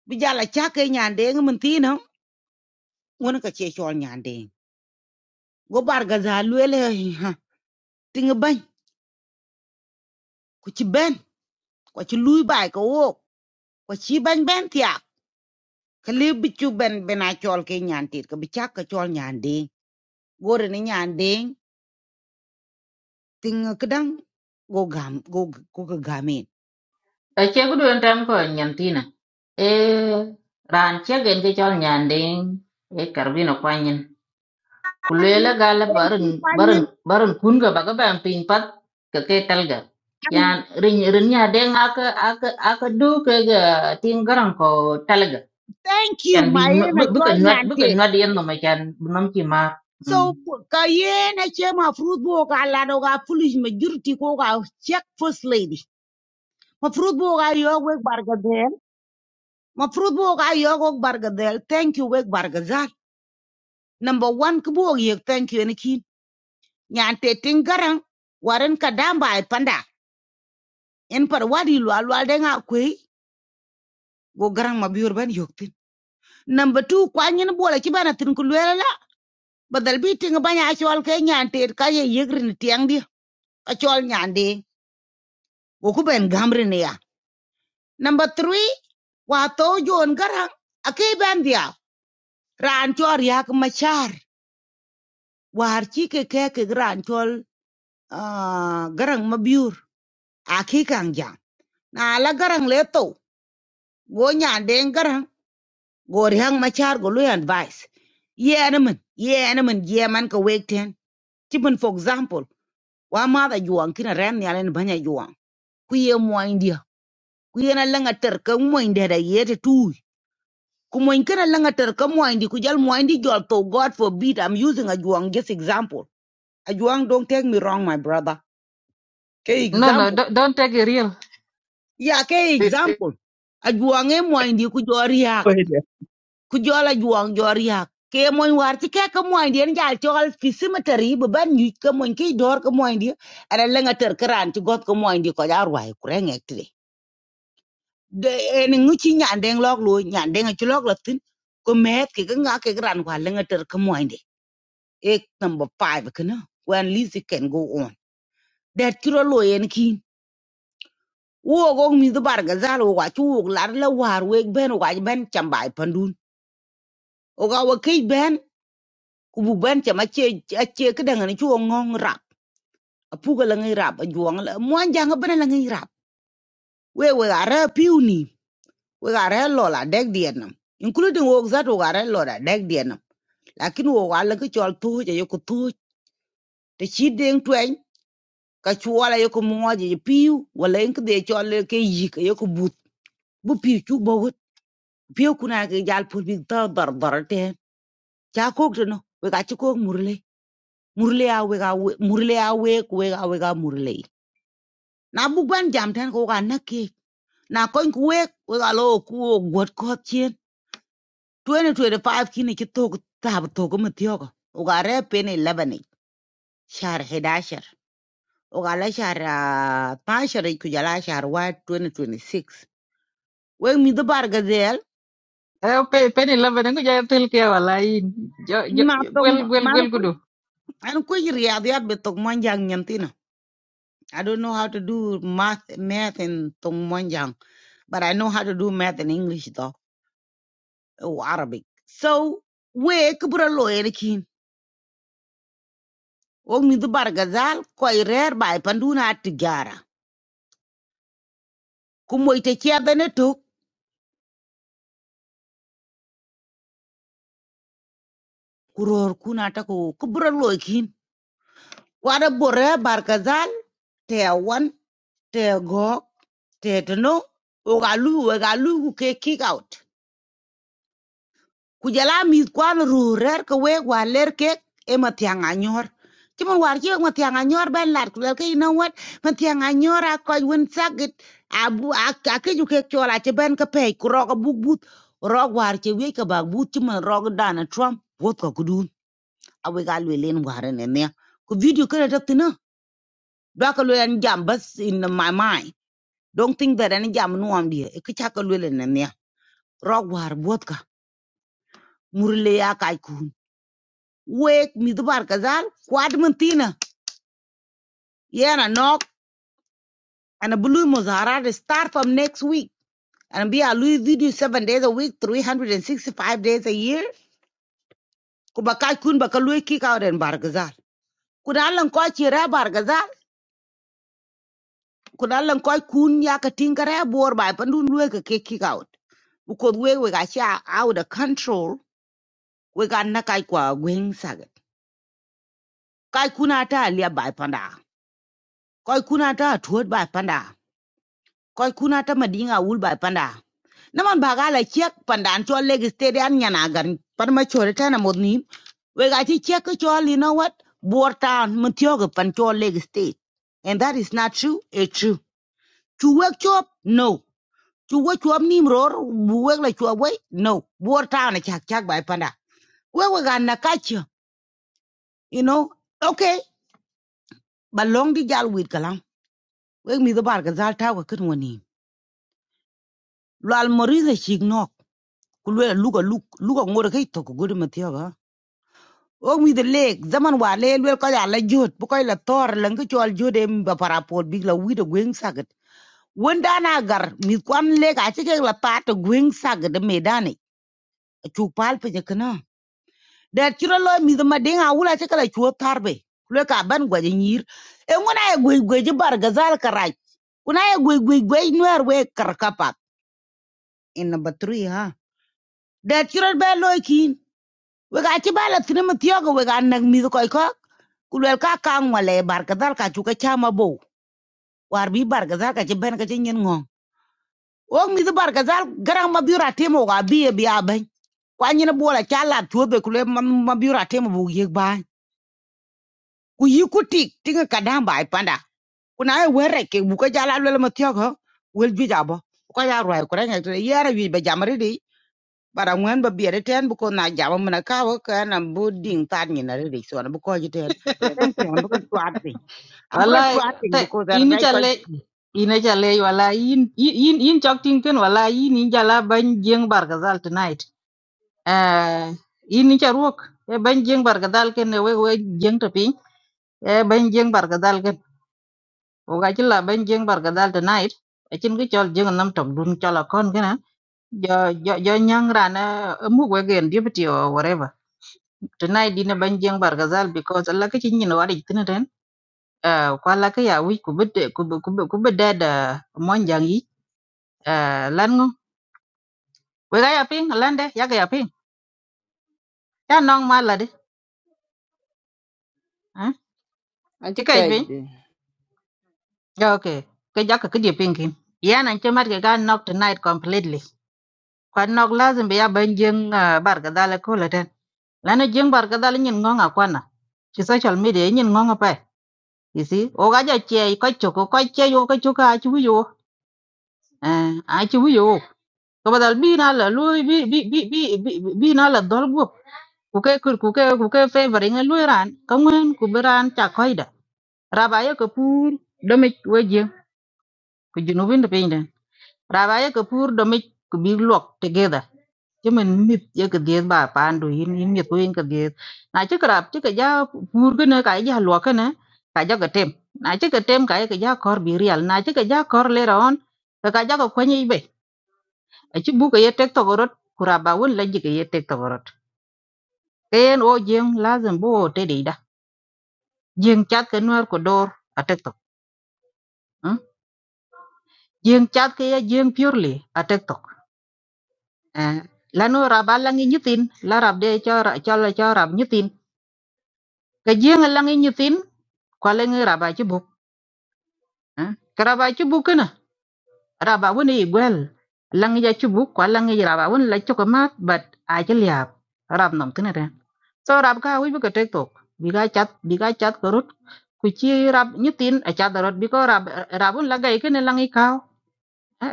bi jala cha ke nyande ngi mun tino won ka che chol nyande go bar ga za luele ha tinga ban ku ci ben ko ci luy bay ko wo ko ci ban ben tiya ka le bi chu ben bena chol ke nyante ka bi cha ka chol nyande gore ni nyande tinga kedang go gam go go ka gamin ta che gudu en tam ko nyantina e ran che gen ge chol nyanding e karbino kwanyin Barun, barun, barun kunga baga ban piny pat ka ketal telga. yan rin rinya nya deng aka aka aka du ka ga tin garan ko talga thank you yan bi my na chol buka nuat buka nyante nuat yan no ma yan bunom ki ma So Hmm. ka yena chema fruit bo ka lado ka foolish majority ko check first lady. مفروض بوغا يوغ ويك بارغزال مفروض بوغا يوغ ويك بارغزال thank you ويك بارغزال number one كبوغ يوغ thank you انكي يعني تيتين غران وارن كدام باي باندا ان پر وادي لوا لوا دنگا كوي go garang ma biur ban yoktin number 2 kwanyin bola ki bana tin ku lwela la badal bi tin banya chol ke nyan ter ka ye yegrin tiang di ka chol nyan de go ku ben gamrin ya number 3 wa to jon garang ake ban dia ran chor yak machar war ci ke ke ke gran chol ah, garang mabiur a kang jam na la garang le to go nyan den garang go ri hang machar go lu advice ye na man ye na man ye man ka wek ten ti for example wa ma da juang kina ran ya len banya juang ku ye mo india ku ye na la ngater ka mo india da ye te tu ku mo kana la ngater ka mo indi ku jal mo indi jol to god forbid i'm using a juang just example a juang don't take me wrong my brother ke no no example don't, don't take it real ya ke example ajuang e moy ndi ku jori yak Go ahead. yeah. ku jola juang jori yak ke moy war ci ke ko moy ndi en jal tol fi cemetery bu ban ñu ko moy ki dor ko moy ndi ara la nga ter kran ci got ko moy ndi ko jaar way ku reng ek tide de en ngu ci ñandeng lok lu ñandeng ci lok la tin ko met ki nga ke gran kwa la nga ter ko moy ndi ek number 5 kana when least it can go on that kiro lo yen kin. wo go mi do bar ga zal wo ga chu wo lar la war we ben wo ga ben cham bai pandun wo ga wo ke ben ku bu ben cham a che a che ke dang ni chu ngong rap a pu ga la ngai rap a juang la mo an jang ben la ngai rap we we ga ra piu ni we ga ra lo la dek dien nam including wo za wo ga ra lo la dek dien nam lakin wo ga la ke chol tu je yo ku tu te chi deng twen ka chu la yo ku mo je piu wala en ke de chol ke yi ke yo ku but bu piu chu bo piu ku ke jal pu bi ta dar dar te cha kok no we ka chi kok murle murle a we ka murle a we ku we ka we ka murle na bu ban jam tan ko ka na ke na ko ku we we ka lo ku got ko chien 2025 kini ki to ta to ko mtyo ko u ka re pe ne 11 shar 11 u ka la shar ah, 12 ku jala shar wa 2026 we mi do bar ga del Eh, pe pen eleven ngu ja tel ke wala in jo jo ma to gwel gwel ma gwel ko kudu an ko riyadiyat be to man jang nyantina I don't know how to do math, math and tong monjang. but I know how to do math and English though, or Arabic. So we kubura lo erikin. Og mi du bargazal ko rare by panduna tigara. Kumo ite kia beneto kuror kuna tako kubura lo ekin. Wada bore bargazal te a one te a go te to no ogalu ogalu who ke kick out. Kujala jala mith kwan ru ke wek war ler kek e mathiang anyor ci mon war ci mathiang anyor ben lat ku lel ke you know what mathiang anyor a koj sagit a bu a a keju kek chol a ke pey ku rok buk but rok war ci wek ke bak but ci mon rok dana trump wot ko kudun a we gal we len war ne ne ku video kene dak tina do ka lo en jam bas in my mind don't think that any jam no am die e ka ka lo ne ne rok war wot ka murle ya kai kun. wek midbar kazal kwad mentina yana knock and a blue muzharad start from next week and be a lui video seven days a week 365 days a year kubaka kun baka lui kick out and bargazal kunalan ko chira bargazal kunalan ko kun ya ka tingare bor ba pandun lui ka kick out because we we got ya out of control we got na kai kwa gwing saga kai kuna ta lia bai panda kai kuna ta tuot bai panda kai kuna madinga ul bai panda naman ba gala chek pandan chol leg stede an nyana gar pan ma chore tana modni we ga chi chek chol you know what bor town mun tyoga pan chol leg state and that is not true It's true chu work chop no chu work chop nim ror bu wek la chop we no bor town chak chak by panda we we ga na kacho you know okay ba long di jal wit kalam we mi do bar ga zal ta wa kun woni lal moriza chig nok kulwe luga luk luga ngore kai to ko gudu o mi the lake zaman wa le wel ko ya la jot bu koy la tor la nga chol jode mi ba parapol bi la wi de gweng sagat won dana gar mi kwan le ka ci ke la ta to gweng sagat de medani chu pal pe je kana da ci lo mi de ma dinga wula ci kala chu tarbe le ka ban gwa je nyir e ngona e gwe gwe je bar gazal karaj kuna e gwe gwe gwe nwer we kar in number 3 ha da ci lo be lo kin we ka ci bala tinama tiyoga we ga nag mi ko ko kulwel ka kang wale barkazal ka chuka chama bo Warbi bi barkazal ka chben ka chen ngong o mi the barkazal garang ma biura temo ga bi e bi aben kwa nyina bola chala tuobe kule ma ma biura temo bu yek ba ku yi tik tinga kadamba ipanda. panda kuna e were ke buka ka jala lele ma tyo go wel bi jabo ko ya roi ko renga tre yara wi be jamri di bara ngwen ba biere ten bu ko na jabo mena ka wo ka na bu ding tar nyina ri so na bu jiten thank you am bu ko Yep. twat thing am bu wala twat thing te bu ko da ini rai chale ko ina chale wala in in in chok ting ken wala in in jala ban jeng bar gazal tonight eh in ni charuok e ban jeng bar gazal ken ne we we jeng to e ben jeng bar gadal gen o ga ci la ben jeng bar gadal tonight e cin gi chol jeng nam tok dun chol kon gena jo jo jo nyang rana mu we gen deputy or whatever tonight dina ben jeng bar gadal because la ka ci nyin wadi tin den eh ko la ka ya wi ku bede ku be- ku be- ku bede da mon jang yi eh lan ngo we ga ya ping lan de ya ga ya ping ta nong ma la de eh ci Aji kay ping kejde. okay ke jakka ke di ping kin yana ci mat ga knock tonight completely kwan nok lazim bi ya ban jeng ah, barka dala ko la ten lana jeng barka dala nyin ngonga kwana ci social media nyin ngonga pa you see o ga ja che ko choko ko che yo ko choka a ci wiyo eh a ci wiyo ko badal bi na la lu bi bi bi bi bi bi na la dol go ku ke ku ku ke ku ke favor ngal lu ran ka ngwen ku beran ta koida raba ye ko pur do me weje ku jinu bin de Rabaya Kapoor Domich could be locked together. Chimin mit ya ka diet ba pandu yin yin mit win ka diet. Na chi krap chi ka ja pur ka na ka ja lwa ka na ka ja ka tem. Na chi ka tem ka ya ka ja kor bi real. Na chi ka ja kor later on ka ka ja ka kwanyi be. A chi bu ka ye tek to gorot kuraba won la ji ka ye tek to gorot. Ken o jeng lazim bo te de da. Jeng chat ka nuar ko door a tek to. Jeng chat ka ya jeng purely a tek to. à lanu rab alang i nyutin la rab de cho ra- cho la cho rab nyutin ka jeng alang i nyutin kwa leng rab a chubuk à ka rab a chubuk kana rab a woni igwel lang ja chubuk kwa lang i rab a woni la chukamat but a chel yap rab nam tina re so rab ka wi ka tek tok bi ga chat bi ga chat ko rut ku chi rab nyutin a chat rot bi ko rab rab un la ga ikene lang i kaw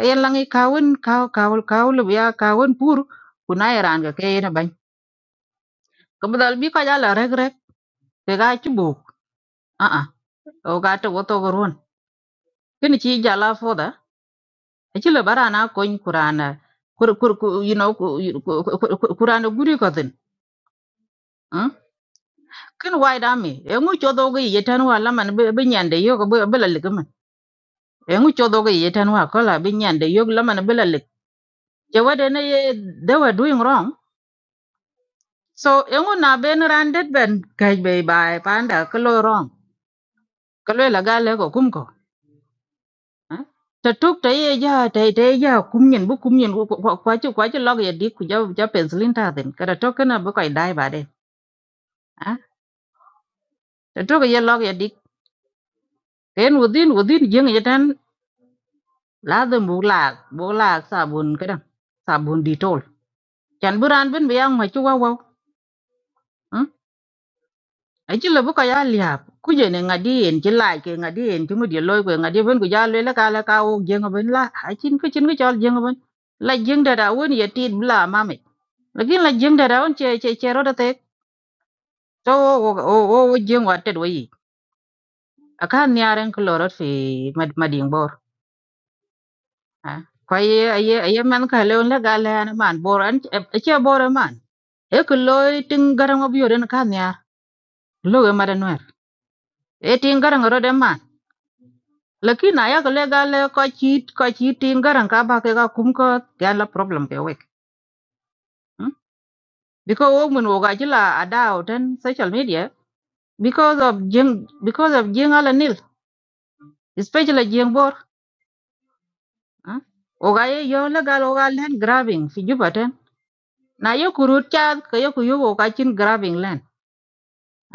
yen lang i kawun kaw kaw kaw lu ya kawun pur kunai ran ga ke na kabudal bi ko jala rek rek te ga ci buk a a o ga to woto go ron kini ci jala foda e ci le barana ko in kurana kur kur ku- you know ku- you- ku- ku- ku- kurana guri ko den kin wai da mi e ngu cho do go ye tan wa la man be be nyande yo go be be la le man e ngu cho do go ye tan wa ko la be nyande yo la man be la le je wade ne ye they were doing wrong so e ngu na ben randet ben kaj be bai panda ko lo wrong ko lo la ga le go kum ko eh ta tuk ta ye ja ta ta ye ja kum nyen bu kum nyen ku kwa chu kwa chu log ya dik ku ja ja pencilin ta den kada to kana bu kai dai ba de ah ta tuk ye log ya dik ken within within jing ya tan la de bu la bu la sabun kada sabun ditol chan bu ran ben bi ang ma chu wa wa aci lo bu ko ya liap ku je ne ngadi en ci laaj ke ngadi en ci mudi loy ko ngadi ben ku ja le la ka la ka wo jeng ben la acin ko cin ko jol jeng ben la jeng da da won ye tit bla mame lakin la jeng da da won che che che ro da te to wo wo wo wo jeng wa te do yi aka ni aren ko lorot fi mad mading bor ha ko ye ye ye man ka le on la ga le an man bor an e, e che bor e man e ko loy tin garan obiore na ka ni ar lo e madanwer e tin garan ro de man lakini aya ko le gal ko chi ko chi tin garan ka ba ke ga kum ko ya la problem ke wek hmm? because wo mun wo ga ji la ada ten social media because of jing because of jing ala nil especially jing bor hmm? wo ga ye yo la gal wo ga len grabbing fi juba ten na yo kurut cha ko yo ku yo wo ga chin grabbing len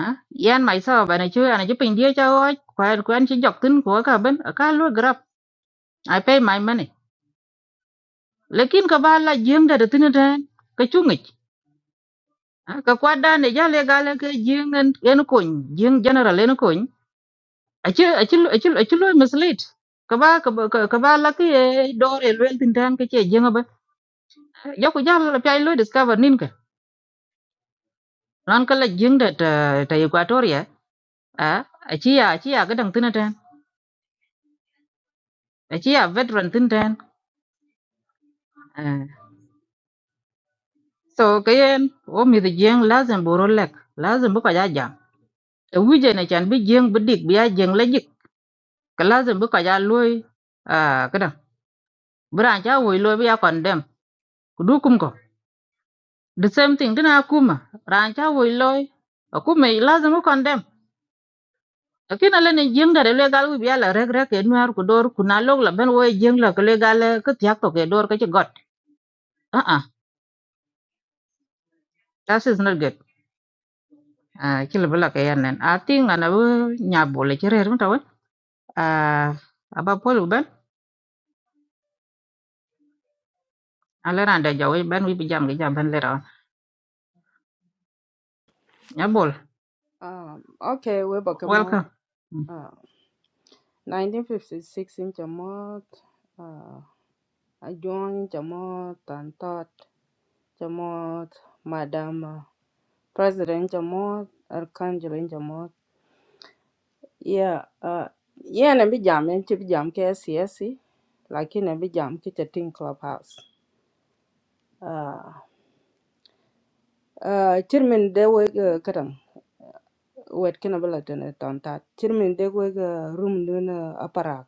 ah yan myself ana chu ana chu pin dia cha wo kwan kwan chi jok tin ko ka ben ka lu grab i pay my money lekin ka ba la jing da da tin ten ka chu Ah, ka kwa dane jale gale ke jing en en kun jing general en kun achi achi achi achi lo mislead ka ba ka ba ka- ka ba la ke dor el wel tin tan ke che jing ba yo ku jam la pai lo discover nin ka ran ka la jing da ta ta equatoria a achi ya achi ya ga dang tin tan achi ya veteran tin tan Ah, so ke yen o mi the jing lazim boro lek lazim bu ka ja jam e wije ne chan bi jing bi dik bi ya jing la jik ka lazim bu ka ja loy Biran cha woi loy biya condemn. Kudu kum ko. The same thing dina kuma. Ran cha woi loy. Akuma lazima condemn. Lakini ale ni jeng da le gal biya la rek rek en mar ku dor ku na log la ben woi jeng la le gal ka tiak to ke dor ka ci got. Ah ah. That is not good. Ah kila bala ka yan nen. I think ana bu nya bole ci reer mutaw. Ah aba polu ben. Ale ran da jaw ben wi bi jam ga jam ben le ran. Nya Um, okay, we back mo. Welcome. Mm. Uh, 1956 in Jamot. Uh, I joined Jamot and taught Jamot, Madam uh, President Jamot, Archangel in Jamot. Yeah, uh, yeah, na bi jam en bi jam ke SCSC, lakini na bi jam ki chatin clubhouse. Uh, uh, chirmin de we uh, kadang wet kina bala tene tontat. Chirmin de we uh, room dun uh, aparak.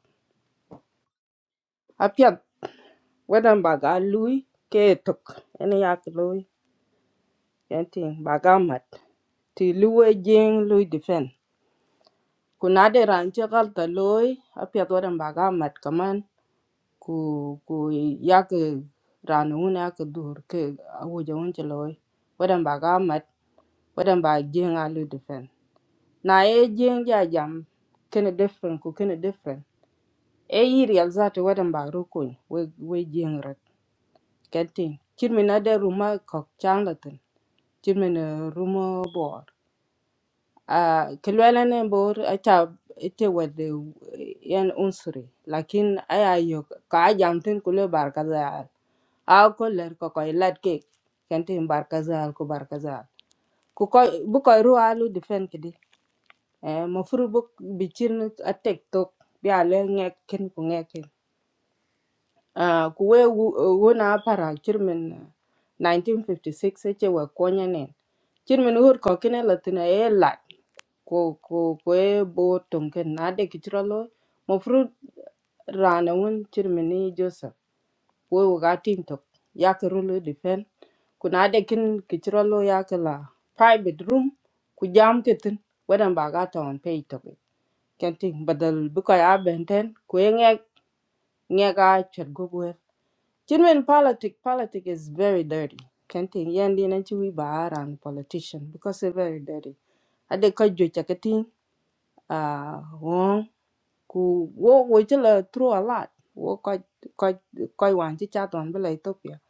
apiat wedan baga lui ke tok ene yak lui yenting baga mat ti luwe jing lui defen kunade ran che galta lui apiat wedan baga mat kaman ku ku yak ran un yak dur ke awuja un che lui wedan baga mat wedan ba jing a lui defen na e jing ja jam kene different ku kene different e yiri alzati wedan ba rukun we we jing getting chin mi na de ruma kok chang la tin chin mi na ruma bor a kelwela ne bor a cha ite wede yan unsuri lakin aya yo ka jam tin kule bar ka zaal a ko ler ko koy lat ke kenti bar ka zaal ko bar ka zaal ku koy bu koy ru alu defen kidi e mo furu bu bi chin a tek tok bi ale ngek ken ku ngek ken Ah, ku we wu- eh, wu na para chirmin 1956 eche we konya nen chirmin hur ko kine latina e lat ko ko ko e bo tonken na de kichro lo mo fru rana won chirmin ni joseph we we ga tin to ya ke rulo defen ku na de kin kichro lo ya la private room ku jam ke tin wedan ba ga ton pe to kenting badal bu ko ya benten ku e nge nge ga chet Genuine politic, politic is very dirty. Kenti yendi nanchi we bahara and politician because it's very dirty. Ade kajo chakati ah wong ku wo wo chila through a lot. Wo koj koj koj wan chi chat wan bela Ethiopia.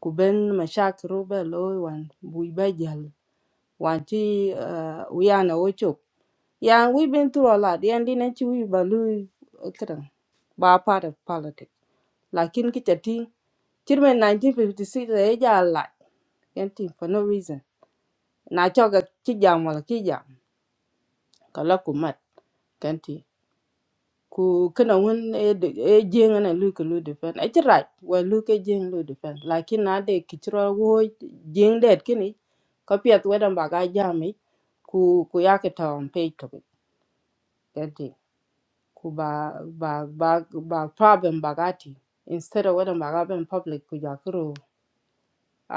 Ku ben mashak robe loy wan bui bajal wan chi ah, wiana wo chok. Yeah, we've been through a lot. Yendi nanchi we balu kadang ba part of politics. Lakin kichati Children 1956 e ja lat kenti for no reason. Na choga chi jam wala chi jam kala kumat kenti. Ku kana won e de- e jeng na lu ku lu defen. E chi right wa lu ke jeng lu defen. Lakin na de kichro wo jeng det kini ko piet wedan baga jami ku ku yake tawon pay to it. kenti. Ku ba ba ba ba problem bagati instead of wedan baga ben public ku jakuro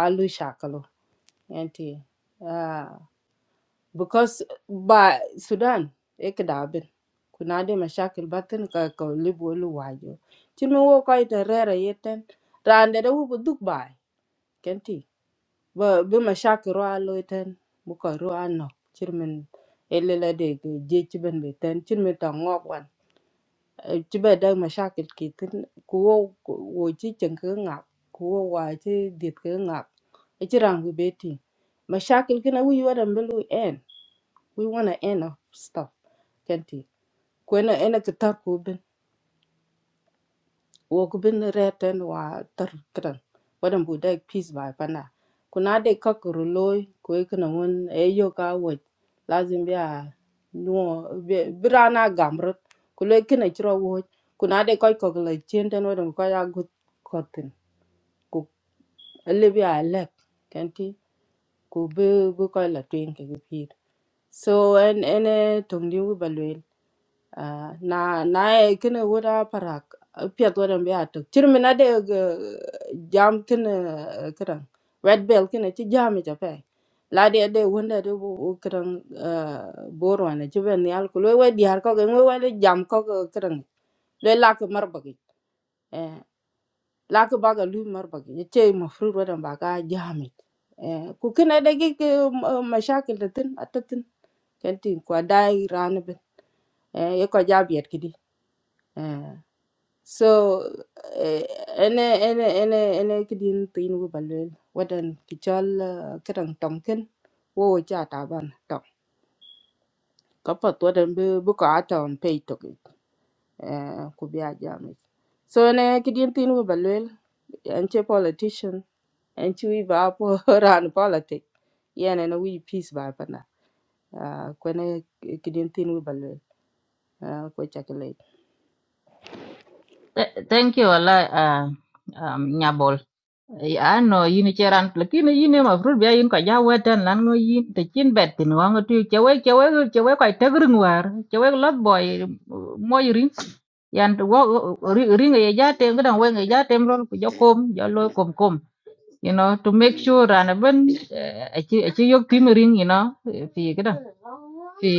alu shakalo kenti. because uh, ba Sudan e kidabin kuna de mashakil batin ka ka libu lu wajo chimi wo ko ita rera yeten rande de wu duk bai kenti ba bi mashakil ro alo yeten bu ko ro anno chirmin elela de ge je chiben be ten chirmin ta ngok wan chibe de mashakil kitin ku wo ku- wo chi cheng ke ngak ku wo wa chi dit ke ngak e chirang bi beti mashakil kina wi wadam belu en we wanna end up stuff kenti kwena ena ki tar ku bin wo ku bin reten wa tar kran wadan bu dai peace by pana kuna de kakuru loy ku ikna won e yo ka wo lazim biya no birana gamrot ku le kina chiro wo kuna de koy ko le chenten wadan ko ya gut kotin ku le biya lek kenti ku bu bu koy la twin ke pir so en ene tongdi wu balwe Ah, na na e kine wuda parak piet wadan bi atuk chirmi na de jam kine kran red bell kine chi jam cha pe la de de wonda de bu kran boron ne chiben ni al kulo we diar ko ge we le jam ko kran le lak mar bagi eh lak baga lu mar bagi ye che ma fru wadan ba ga jam eh ku kine de gi ki, m- eh, mashakil de tin atatin kentin kwa dai ran ben eh ye ko jabiet kidi eh So eh, ene ene ene ene kidin tin wi balwel wadan ki chol kedang tomken wo wo cha taban tong kapat wadan bi bi ko atom pay toki eh ku bi ajami so ene kidin tin wi balwel en che politician en chi wi ba po ran politic yen ene wi peace ba pana ah ko ene kidin tin wi balwel ah ko chakle Th- thank you, Allah, uh, um, Nyabol. ya no yin cheran lakini yin ma fruit bia yin ka ja wetan lan ngo yin te chin bet tin wa ngo tu chewe chewe chewe ka tegring war chewe lot boy moy ring yan wo ring ye ja tem ga we ngi ja tem ron ku jo kom jo lo kom kom you know to make sure ran ben a chi a chi yok tim ring you know fi ga fi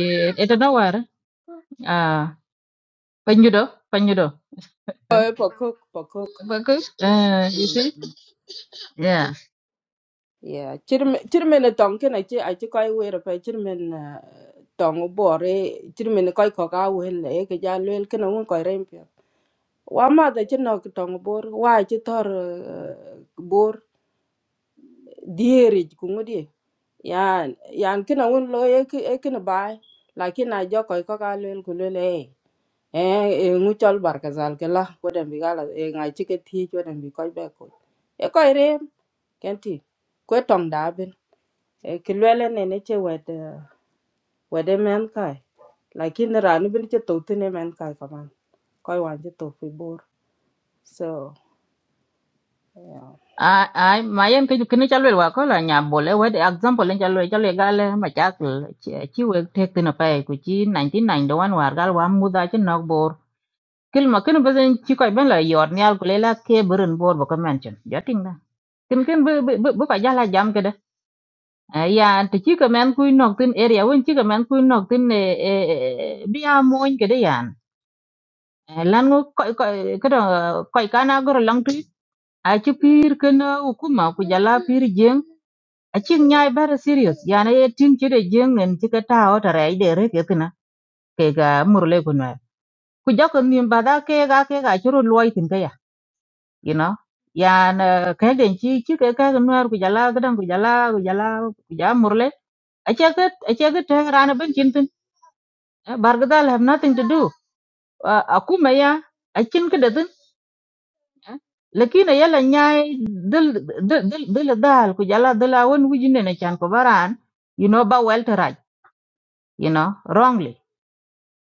eta no war ah panyudo panyudo Oh, eh, pokok pokok ba ku eh you see yeah Yeah, chirmen chirmen tong ken achi achi koi wer pa chirmen uh, tong bore chirmen koi ko ka wen le eh, ke ja lel ken un koi rem pia. Wa ma da chin nok tong bor wa chi tor eh, bor dieri ku ngodi. Yan yan ken un lo e ke e ken bai. Lakin a jo koi ko ka lel ku lel e. Eh e ngu chol bar ka zal ke la ko dem bi gala e ngai chi ke thi cho dem bi koi be ko. E koi rem kenti. Kwe tong da e ki lwele nene che wede wede men kai lakini rani bin che to tine men kai kaman koi wan che to fi bor so yeah. ai ai mà em ma yen ke kini chalwe wa ko la nya bole we de example en chalwe chalwe gale ma chak chi we tek tina pa ku chi 99 do wan war gal wa mu da chi nok bor kil ma kin bezen chi ko ben la yor nyal ku lela cái burun bor bo convention ja ting da cái kin bu bu bu ka jala jam ke de ya ti chi cái men ku nok tin area won chi cái men ku nok tin à, à, à, bia moin cái bi a moñ ke de yan lan ngô coi coi cái ngo ko cái ko cái kana gor lang tu a cái pir ken hukuma ku jala pir jeng acin nyai very serious yana ye tin chide jeng en chika ta ota rai de re ke tina ke ga murle ku na ku jok nim bada ke ga ke ga churu loy tin ka ya you know yan eh, ke den chi chi ke ka nuar ku jala gadan ku jala ku jala ku ja murle acha ke acha ke te rana ben chin tin bargadal have nothing to do Eh, akuma ya acin ke de tin lakini yala nyai dil dil dil dil dal ku jala dil awon wujine na chan ko baran you know ba welteraj you know wrongly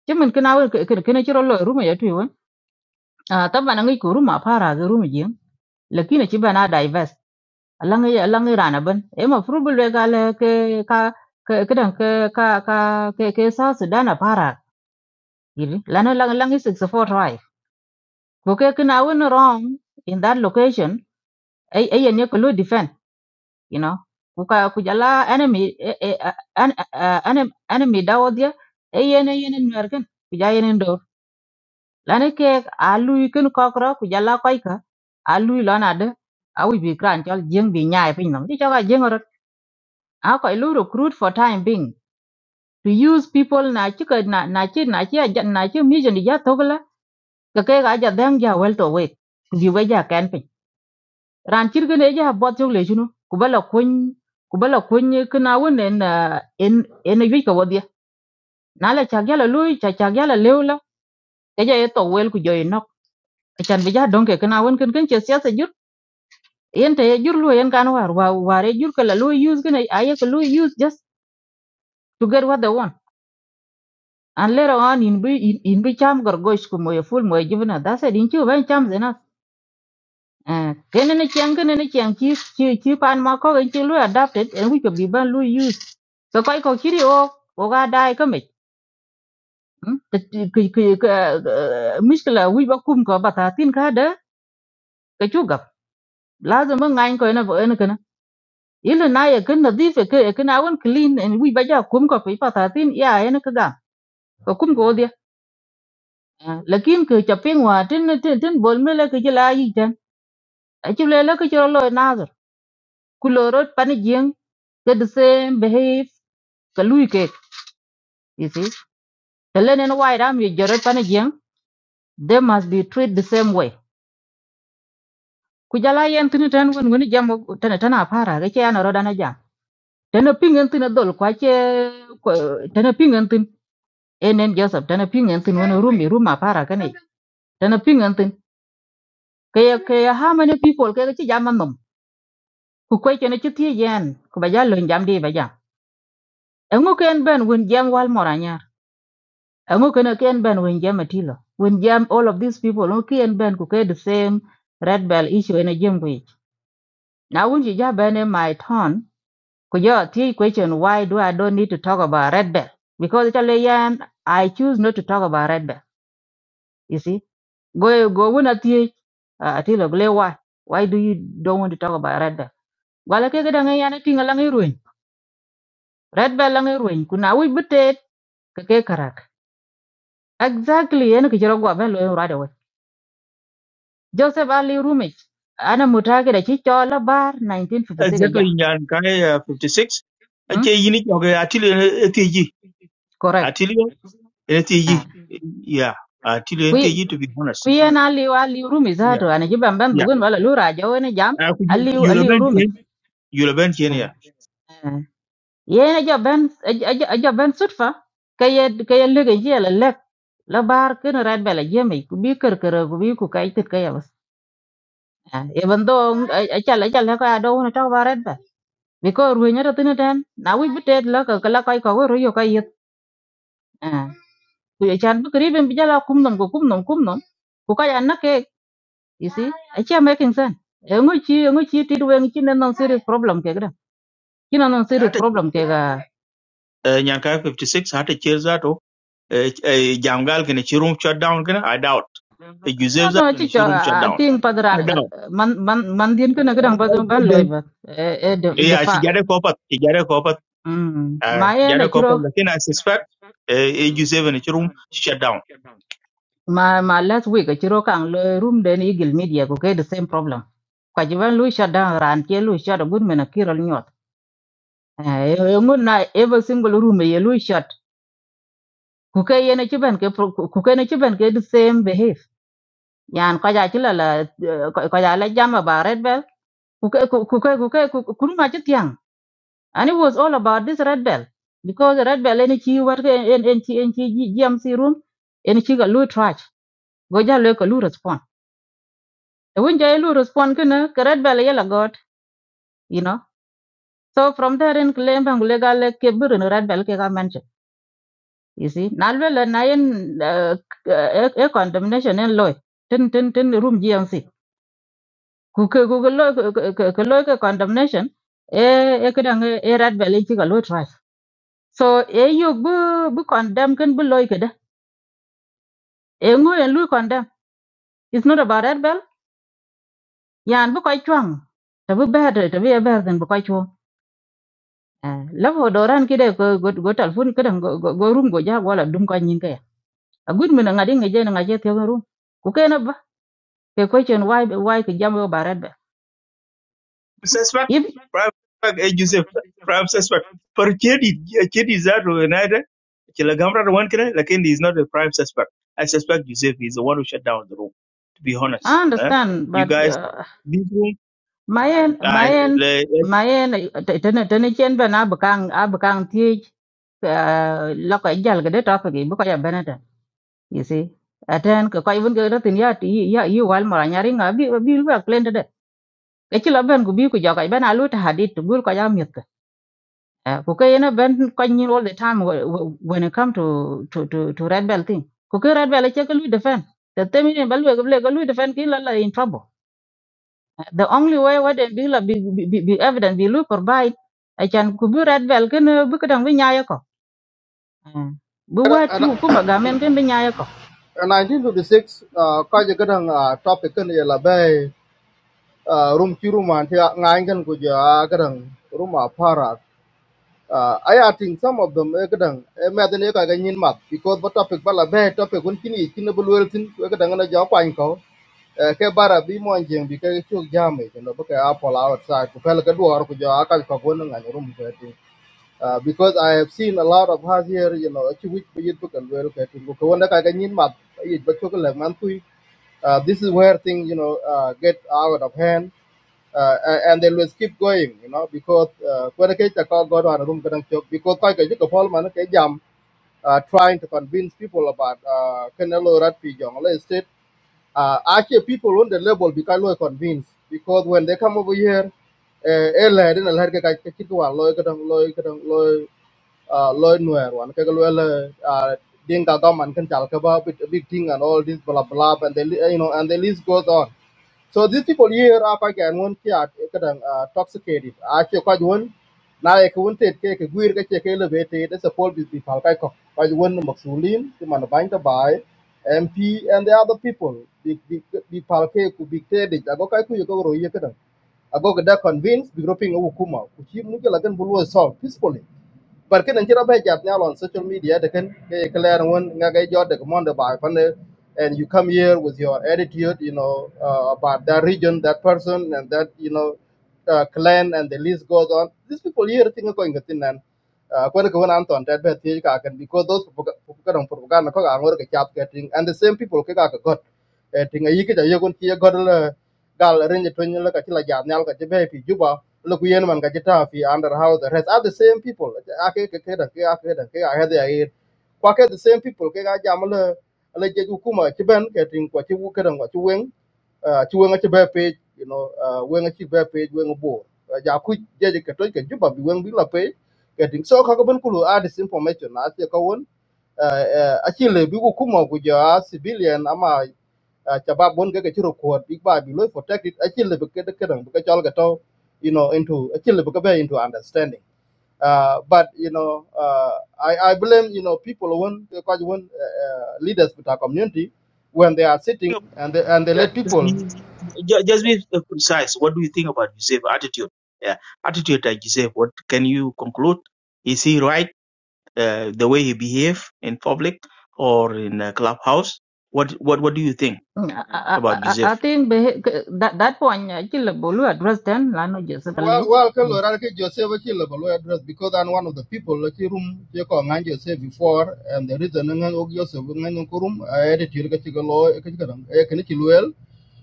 chimin kina we kina chiro lo ruma ya tu won taba na ngi ko ruma para ga ruma jin lakini ci bana divest alangi alangi rana ban e ma furubul we gale ke ka ke kidan ke ka ka ke ke sa Sudan dana para yiri lana lang langi 64 right ko ke kina win wrong in that location ay ay ne ko lo defend you know ku ka ku jala enemy eh, eh, eh, enemy enemy dawodia ay yene yene nerken ku ja yene lani kek a lui kin kokro ku jala koy ka a lui lon ade a wi bi kran chol jeng bi nyaai pin nam ti choka jeng rot a koy lu recruit for time being to use people na chi ka na na chi na chi ja na chi mi jen ja togla ka ke ga ja dang ja wel to we ku bi we ja kan pin ran chir kin e ja bot chok le chunu ku bala kun ku bala kun kina won en ah, en en yu ka wodi na la cha gala lui cha cha gala lewla ka ja e to wel ku jo inok chan bi ja donke kina won kin kin che sia yen te ye jur lo yen kan war wa war ye jur kala lo use gane aye ko lo use just to get what they want and later on in bi in, in bi cham gor goy sku mo ye ful mo ye jibna da se din chu ban cham zena eh kene ne chang kene ne chang chi chi chi pan ma ko gen chi lo adapted and we could be ban lo use so kai ko kiri o o ga dai ka me ki ki miskla wi ba kum ko bata tin ka da ka chu gap lazim ngai ko na ko na ile na ye kin nadif ke ye kin awen clean en wi baja kum ko pe patatin ya en ka ga ko kum go dia Ah, lakin ke chapin wa tin tin tin bol mele ke jela yi tan a chi le le ke jelo lo nazar ku lo rot jing ke the same behave ka lui ke you see tele nen wa ram ye jero pan jing they must be treated the same way ku jala yen tin tan wen wen jam tan tan a para ke ya na ro dana jam tan pingen tin dol kwa che tan pingen tin enen joseph tana ping en tin wono room ruma para kane tana ping en tin kaya kaya how many people kaya chi jam nom ku kwai chene chi tie yen ku ba jalo jam di ba jam engu ken ben win jam wal moranya engu ken ken ben win jam atilo win jam all of these people engu ken ben ku kaya the same red bell issue in a jam ku na wun chi ja ben in my turn ku jo tie question why do i don't need to talk about red bell because it's a yan i choose not to talk about red bell You see, go go when at the at the glare why why do you don't want to talk about red bell? Wala ke kadang yana ting alang iruin. Red bell lang iruin. Kuna wi betet ke ke karak. Exactly yana ke jero gwa ben lo right away. Joseph Ali Rumich ana mutake da chi chola bar 1956 ja. Exactly nyan kai uh, 56. Hmm? Ache yini okay atili etiji. Correct. Atili etiji. Ah. Yeah. Atili Kui etiji to be honest. kui yana Ali Ali Rumich Yeah. zato ana chi bamban Yeah. bugun wala lura jawe ne jam. Uh, could you Ali you Ali lament Rumich. him? You lament him yeah. yen aja ben aja aja aja ben sutfa kaya kaya lege je la lek la bar ken rat bela jemi ku bi ker ker ku bi ku kai tit kaya bas e bando aja la aja la ka do na ta barat ba mi ko ru nya tin tan na wi bitet la ka la kai ka ru yo kai yet ku ya chan bu kri ben bijala kum nom ku kum nom kum nom ku kaya na ke you see aja making sense e ngo chi ngo chi ti wen chi na non serious problem ke gra chi na non serious Ata problem ke ga uh, nyan kai 56 hata cheza to eh, eh, jangal kene chirum shut down kene I doubt. Eh, No, Joseph no, zato ni chicho, chirum shut ah, down. ting I padaran, er, doubt. man, man, man din kena Eh, kedang eh, padung ban loy the- bat, eh, eh, de, Yeah, she defa. got a copper. She got a copper. Hmm. Uh, Ma eh, na jada couple, chiro, like, I suspect uh, AG7 in the room shut down. ma, ma last week, eh, chiro kang loy room den eagle media, okay, the same problem. Kajiban lui shut down ran, kia lui shut, a good mena kiral nyot. Eh, eh, ngun na every single room ye lui shut. Kuke ye na chiban ke, pro- ku- kuke na chiban ke the same behave. Yan kaja chila la, eh, kaja la jama ba red bell. Kuke, kuke, kuke, kuke, kuke, kuke, kuke, And it was all about this red bell because the red bell any chi work in in chi in chi GMC room any chi ga lu trash go ja le ka lu respond. The win ja lu respond kana ka red bell yela got you know. So from there in claim bang le ga le in red bell ke ga mention. You see nalwe le na yen uh, a condemnation in law tin tin tin room GMC ku Google ku ke lo ke lo ke condemnation Eh, e kadang eh eh, red bell in chi ga lu trash. So eh you bu bu condemn kan bu loy engo en lui condemn it's not about that bell yan bu koy chuang. ta bu ber ta bi ber den bu koy chu la vo doran kide go go go telephone kidan go go go room go ja wala dum ko nyin kaya. a good mina ngadi ngaje na ngaje te room ku ke na ba ke question why why ke jam yo barat ba Suspect, if prime suspect, AG7, prime suspect. For Chedi, Chedi is that United. Chilagamra, the one can, like, he is not the prime suspect. I suspect Joseph is the one who shut down the room, to be i honest. eh? understand You but guys, uh, this room, mayen I, mayen like, I mayen tene tene chen ba na bakang a bakang ti la ko jal ga de topic bu ko ya benata you see aten ko kai bun ke ratin ya ti ya yu wal mara nyari nga bi bi ba klende de ke chila ben ku bi ku jokai ben alu ta hadit tu gul ko ya mit ke ko ke ene ben ko nyin all the time wh- wh- when it come to to to, to red belt thing ko ke red belt che ke lu defend the temi ne balu ke ke lu defend ki la la in trouble Eh, the only way what they be la bi bi bi bi evident bi lu provide I can ku bi red belt, ken eh, bi kedang bi nyaya ko Eh, bi wat yu ku ma gamen ken bi nyaya ko Uh, 1956 uh, ko je kadang uh, topic kan ye la uh, room kiruman ti ngangen ku ja gadan room a para uh, i think some of them e gadan e meden e ka ganyin map because the topic bala be topic kun kini kini bulweltin e gadan na ja kwan ko Eh, ke bara bi mon jeng bi ke chuk jame no be ka apol outside ku pel ka duor ku ja ka ko gon ngan room ku ti uh, because i have seen a lot of us here you know chi wich bi yit bu kan wel ka ti ko wona ka ganyin map yit ba chuk le man tui uh, this is where things you know uh, get out of hand uh, and they will keep going you know because when I ke ta ko go ran rum kan chok because I get ko pol man ke jam uh, trying to convince people about uh, Canelo Rat Pijong State. Uh, actually, people on the level because they are convinced because when they come over here, eh la den la ka ka kit wa loy ka dang loy ka dang loy ah, loy nuer wan ka loy la ah, ding ka man kan chal ka ba big big thing and all this blah blah and they you know and the list goes on so these people here are quite and one kia kadang uh, toxicated. Actually, quite one. Now I can't take a weird cake elevated. That's a poll with people. I cock quite one Maxulin, the man bind the by MP and the other people. Big big big palke could be traded. I go kaku you go royakadam. I go get convinced, be groping a wukuma, which you mugalagan will solve peacefully. But kan chira ba jat nyal on social media they can declare one, won nga ga jot de and you come here with your attitude you know uh, about that region that person and that you know uh, clan and the list goes on these people here think are going to kwene ko an ton tet bet ka ken because those ka dong propaganda ko angor ke chap ke ting and the same people ke ka ka got Eh, ting a yike ja yegon ti god le gal renye to nyela ka tila jam nyal ka jebe pi juba le yen man ka jita fi under house arrest are the same people ake ke ke da ke ake da ke ake da ye kwa ke the same people ke ga jam le le je hukuma ti ben ke ting kwa ti wu ke dong kwa ti wen uh, ci wëng ci page you know uh, wëng ci bɛ page wëng bo ja ku je je ka toy juba bi wëng bi la page ka so ka kulu a disinformation na ce ka won a ci le bi ku kuma ku ja civilian ama ta ba bon ga ka ci record big ba bi lo protect it a ci le bi ka ka dang you know into a ci into understanding uh, but you know, uh, I, I blame you know people when uh, uh, leaders with our community when they are think sitting about and they, and they that. let just people be, ju- just be precise. What do you think about Joseph's attitude? Yeah, attitude that Joseph, what can you conclude? Is he right? uh, the way he behaved in public or in a clubhouse? What what what do you think Mm, I, I, I about I- I Joseph? think beha- k- that that point actually bolu address then la no je Well, sabaliu well, ke lo rar ke Joseph e ke lo lo address because I'm one of the people like room ke ko ngan Joseph before and the reason ngan og Joseph ngan ko room I edit ke ke lo ke ke dang e ke ke well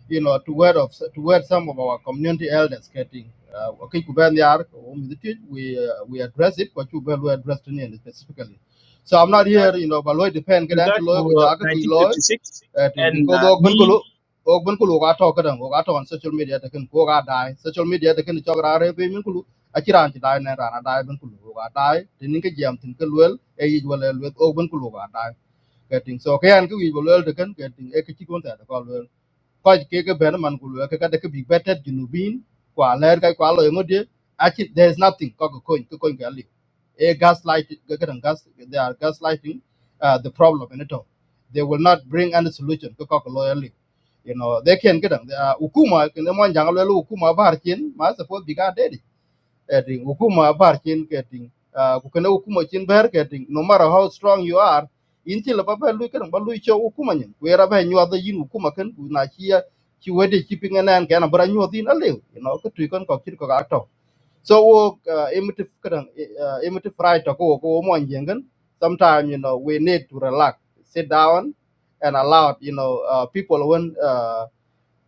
you know to word of to word some of our community elders getting uh, okay ku ben yar o mi dit we uh, we address it ko chu ben we address to specifically so I'm not regard here you know but lo depend ke dan regard ti to lo ku uh, ja ke ki lo 1956 I think and because uh, ok ben me kulu ok ben kulu ga to kadan ok ato on social media ta kan ko ga dai social media ta kan to ra re pe min kulu a kiran ti dai na ra na dai ben kulu ga dai tin ke jam tin ke lwel e yi wala lwel ok ben kulu ga dai ka ting so ke an ku yi lwel ta kan ka ting e ke ti kon ta ko lwel ko ke ke ben man kulu ke ka de ke bi betet junubin kwa ler ka kwa lo ngode a there is nothing ko ko ko ko a gaslight, gas. they are gaslighting uh, the problem in it all. They will not bring any solution to loyally. You know, they can get them. Ukuma, can the one jangle Ukuma Barchin, must suppose be got daddy. Getting Ukuma Barchin getting, uh, Ukuma Chin Bear getting, no matter how strong you are, until a papa look at them, but look your Ukuman, wherever you are the Yin Ukuma can, who not here, she waited keeping an end, can, but I knew a brand new thing a little, you know, to you can cock it so wo emotive kadang uh, emotive right to ko ko mo ngengan. Sometimes you know we need to relax, sit down, and allow you know uh, people when uh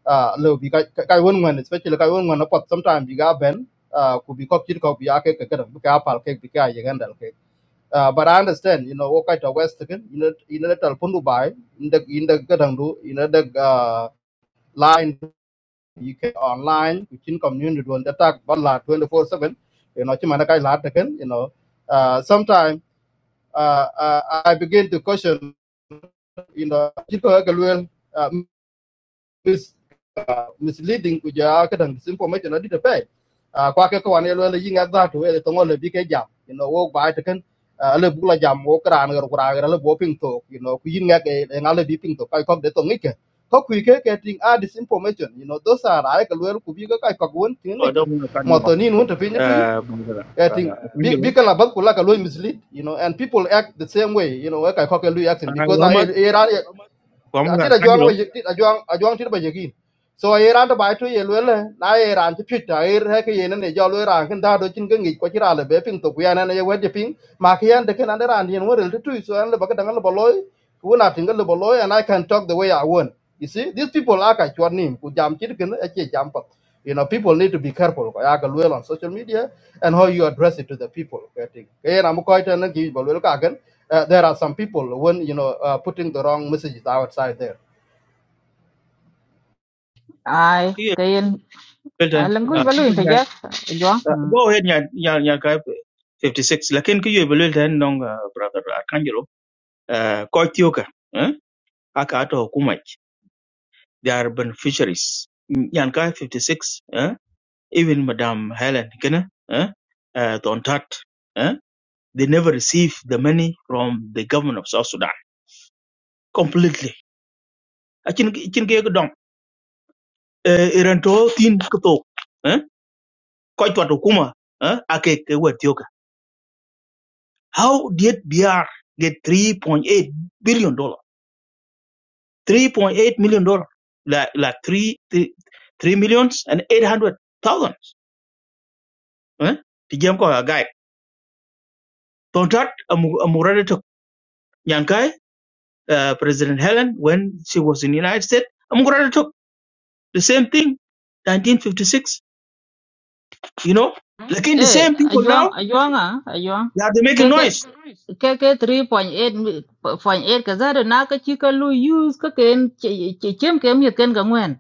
uh low bi kai when when especially kai when when apart sometimes you got ben uh could be cocked could be ake ke kadang ka apal, ke bi ka yegan dal ke. Uh, but I understand, you know, what kind of West again, you know, you know, that Pundu by in the in the Gadandu, you know, the uh, line you can online within community One they talk about lot 24/7 you know chimana kai you know uh sometimes uh, uh I begin to question you know chiko ga luel misleading ku ja ka disinformation adi te pe a kwa ke ko ne lo le yinga da to ele to ngol bi ke jam you know wo ba te kan ale bu jam wo kran gar kura gar le bo ping to you know ku yinga ke e ngale bi ping to kai ko de to ngike ko ku ke ke ting a disinformation you know those are ai ka lo ku bi ka kai ko won ting oh, I ngike don't want to cut mo you off to ni won te pin tu e uh, brother ting uh, bi bi Arcangelo ka la ba ku la ka lo mislead you know and people act the same way you know ka ko ke lu acting uh, because na Muhammad e Muhammad atira juang Arcangelo ba tira juang a juang tira ba so e ran to bai to ye lwele e ran ti pita e re ke ye ne jo lwe ran kin da do chin ngi be ping to ku ya na ye wedi ping ma ki yan de ken ande so an the ba ka le boloy ku na tinga le boloy and i can talk the way i want you see these people are ka chwa nim ku jam chit ken e che jam pa you know people need to be careful I ya well on social media and how you address it to the people Okay, ting ke na mo ko ta na ki bo lwele ka uh, there are some people when you know uh, putting the wrong messages outside there ai kiyo kayen belten langu uh, balu open that, inteja juang uh, go ahead nya nya nya ka 56 lakin kiyo belten nong uh, brother Arcangelo uh, ko tioka eh aka ato hukumai they are beneficiaries Mm, yan ka 56 Eh? even Madame Helen Kene, eh, uh, Tontat, eh, they never receive the money from the government of South Sudan completely. Achin chin ke dom iran to tin kto eh ko to to kuma eh ake ke wetioka. How did BR get 3.8 billion dollar? 3.8 million dollar like like three three three millions and 800 thousands eh ti jam ko ga guide. Tontat amurade to uh, President Helen when she was in the United States. I'm going to talk the same thing, 1956, you know. Like in the eh same people juang now, juang ah juang they are ke making ke noise. ke ke 3.8 0.8 ka zaro na ka chi ka lu use ka ken che che- chem ke mi ken ga ngwen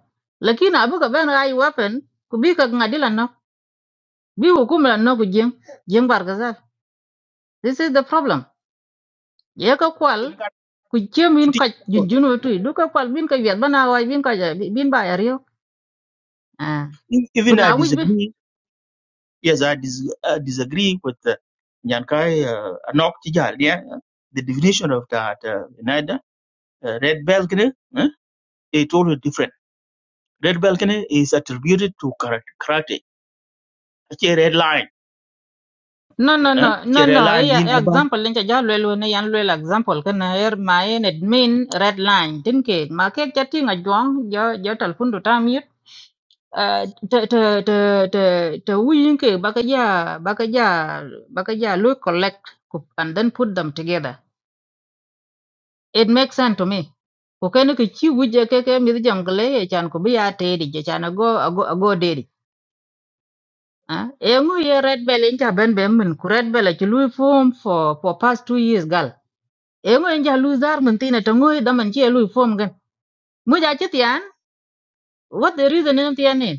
lakini abu ka ben ai weapon ku bi ka ngadila no bi hukum la no ku jeng jeng bar ga zaro this is the problem ye ka kwal ku chem in ka jun jun we tu du ka kwal bin ka yet bana wa bin ka ja- bin ba ya rio ah E- ku Even I na wi bi disagree. Yes, I, dis- I disagree with uh, Nyankai uh, Anok Tijal, yeah, the definition of that uh, Nida, uh, Red Balcony, eh? it's totally different. Red Balcony is attributed to karate. karate. It's a red line. no no no Uh, it's no a red no e line. ya e example len ja le lo ne yan le example ka na er ma en admin red line tin ke ma ke ja ti nga jong jo jo tal fun du tam yit Ah, te te te te te wi yin ke ba ka ja ba ka ja ba ka ja lo collect ku- and then put them together it makes sense to me ko ken ke chi wuje ke ke mi jongle e chan ko biya te di je chan go go go de di ah e ngu ye red bell in cha ben ben min ku red bell e chi lui form for for past 2 years gal e ngu en ja lu zar min tina to ngu da man chi e lui form gan mu ja chi tian what the reason in tian ni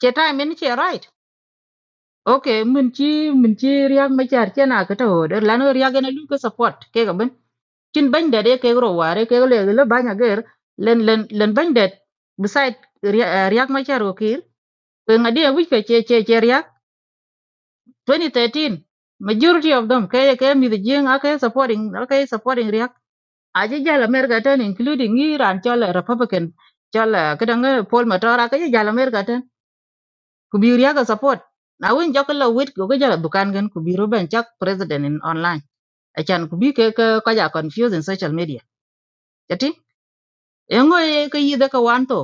che time in che right okay min chi min chi riak ma char chena ka to de lano riak na lu ka support ke ga ben chin ban de de ke ro ware ke le le banya ger len len len ban de beside riak ma char okir kwe ngadi which ke che che che riak 2013 majority of them ke ke mi the jing ake supporting ake supporting riak aje jal America ten including Iran chol Republican chol kadang Paul Matora ke jal America ku bi riyaga support na win joko lo wit go ga jala dukan gen ku bi ruben chak president in online achan ku bi ke ke ko ja confuse in social media jati engo ye ke yide ka wan to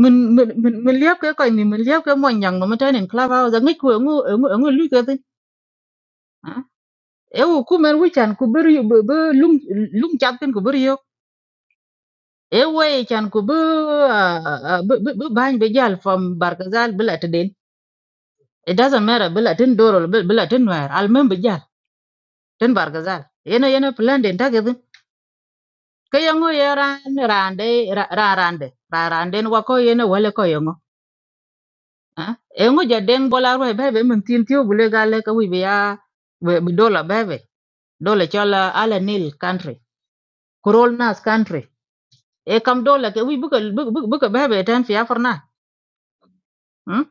min min min min liap ke ko ni min liap ke mon yang no meten in club house ngi ku engo engo engo lu ke tin e wo ku men wi chan ku ber yu- be be lum lum chak tin ku ber yo e wo ye chan ku be ah, ah, be be be ban be jal from barkazal bila tedin it doesn't matter bila tin dorol bila tin wer al mem be jal tin barkazal yene yene plan den takedi ke yango ye ran rande ra ra- rande ra rande wa ko yene wale ko yango ah yango jaden bola ro be be min tin tio bule gale ka wi be ya be be dola be be dola chola ala nil country kurol nas country e kam dola ke wi buka buka buka be be tan fi afarna hm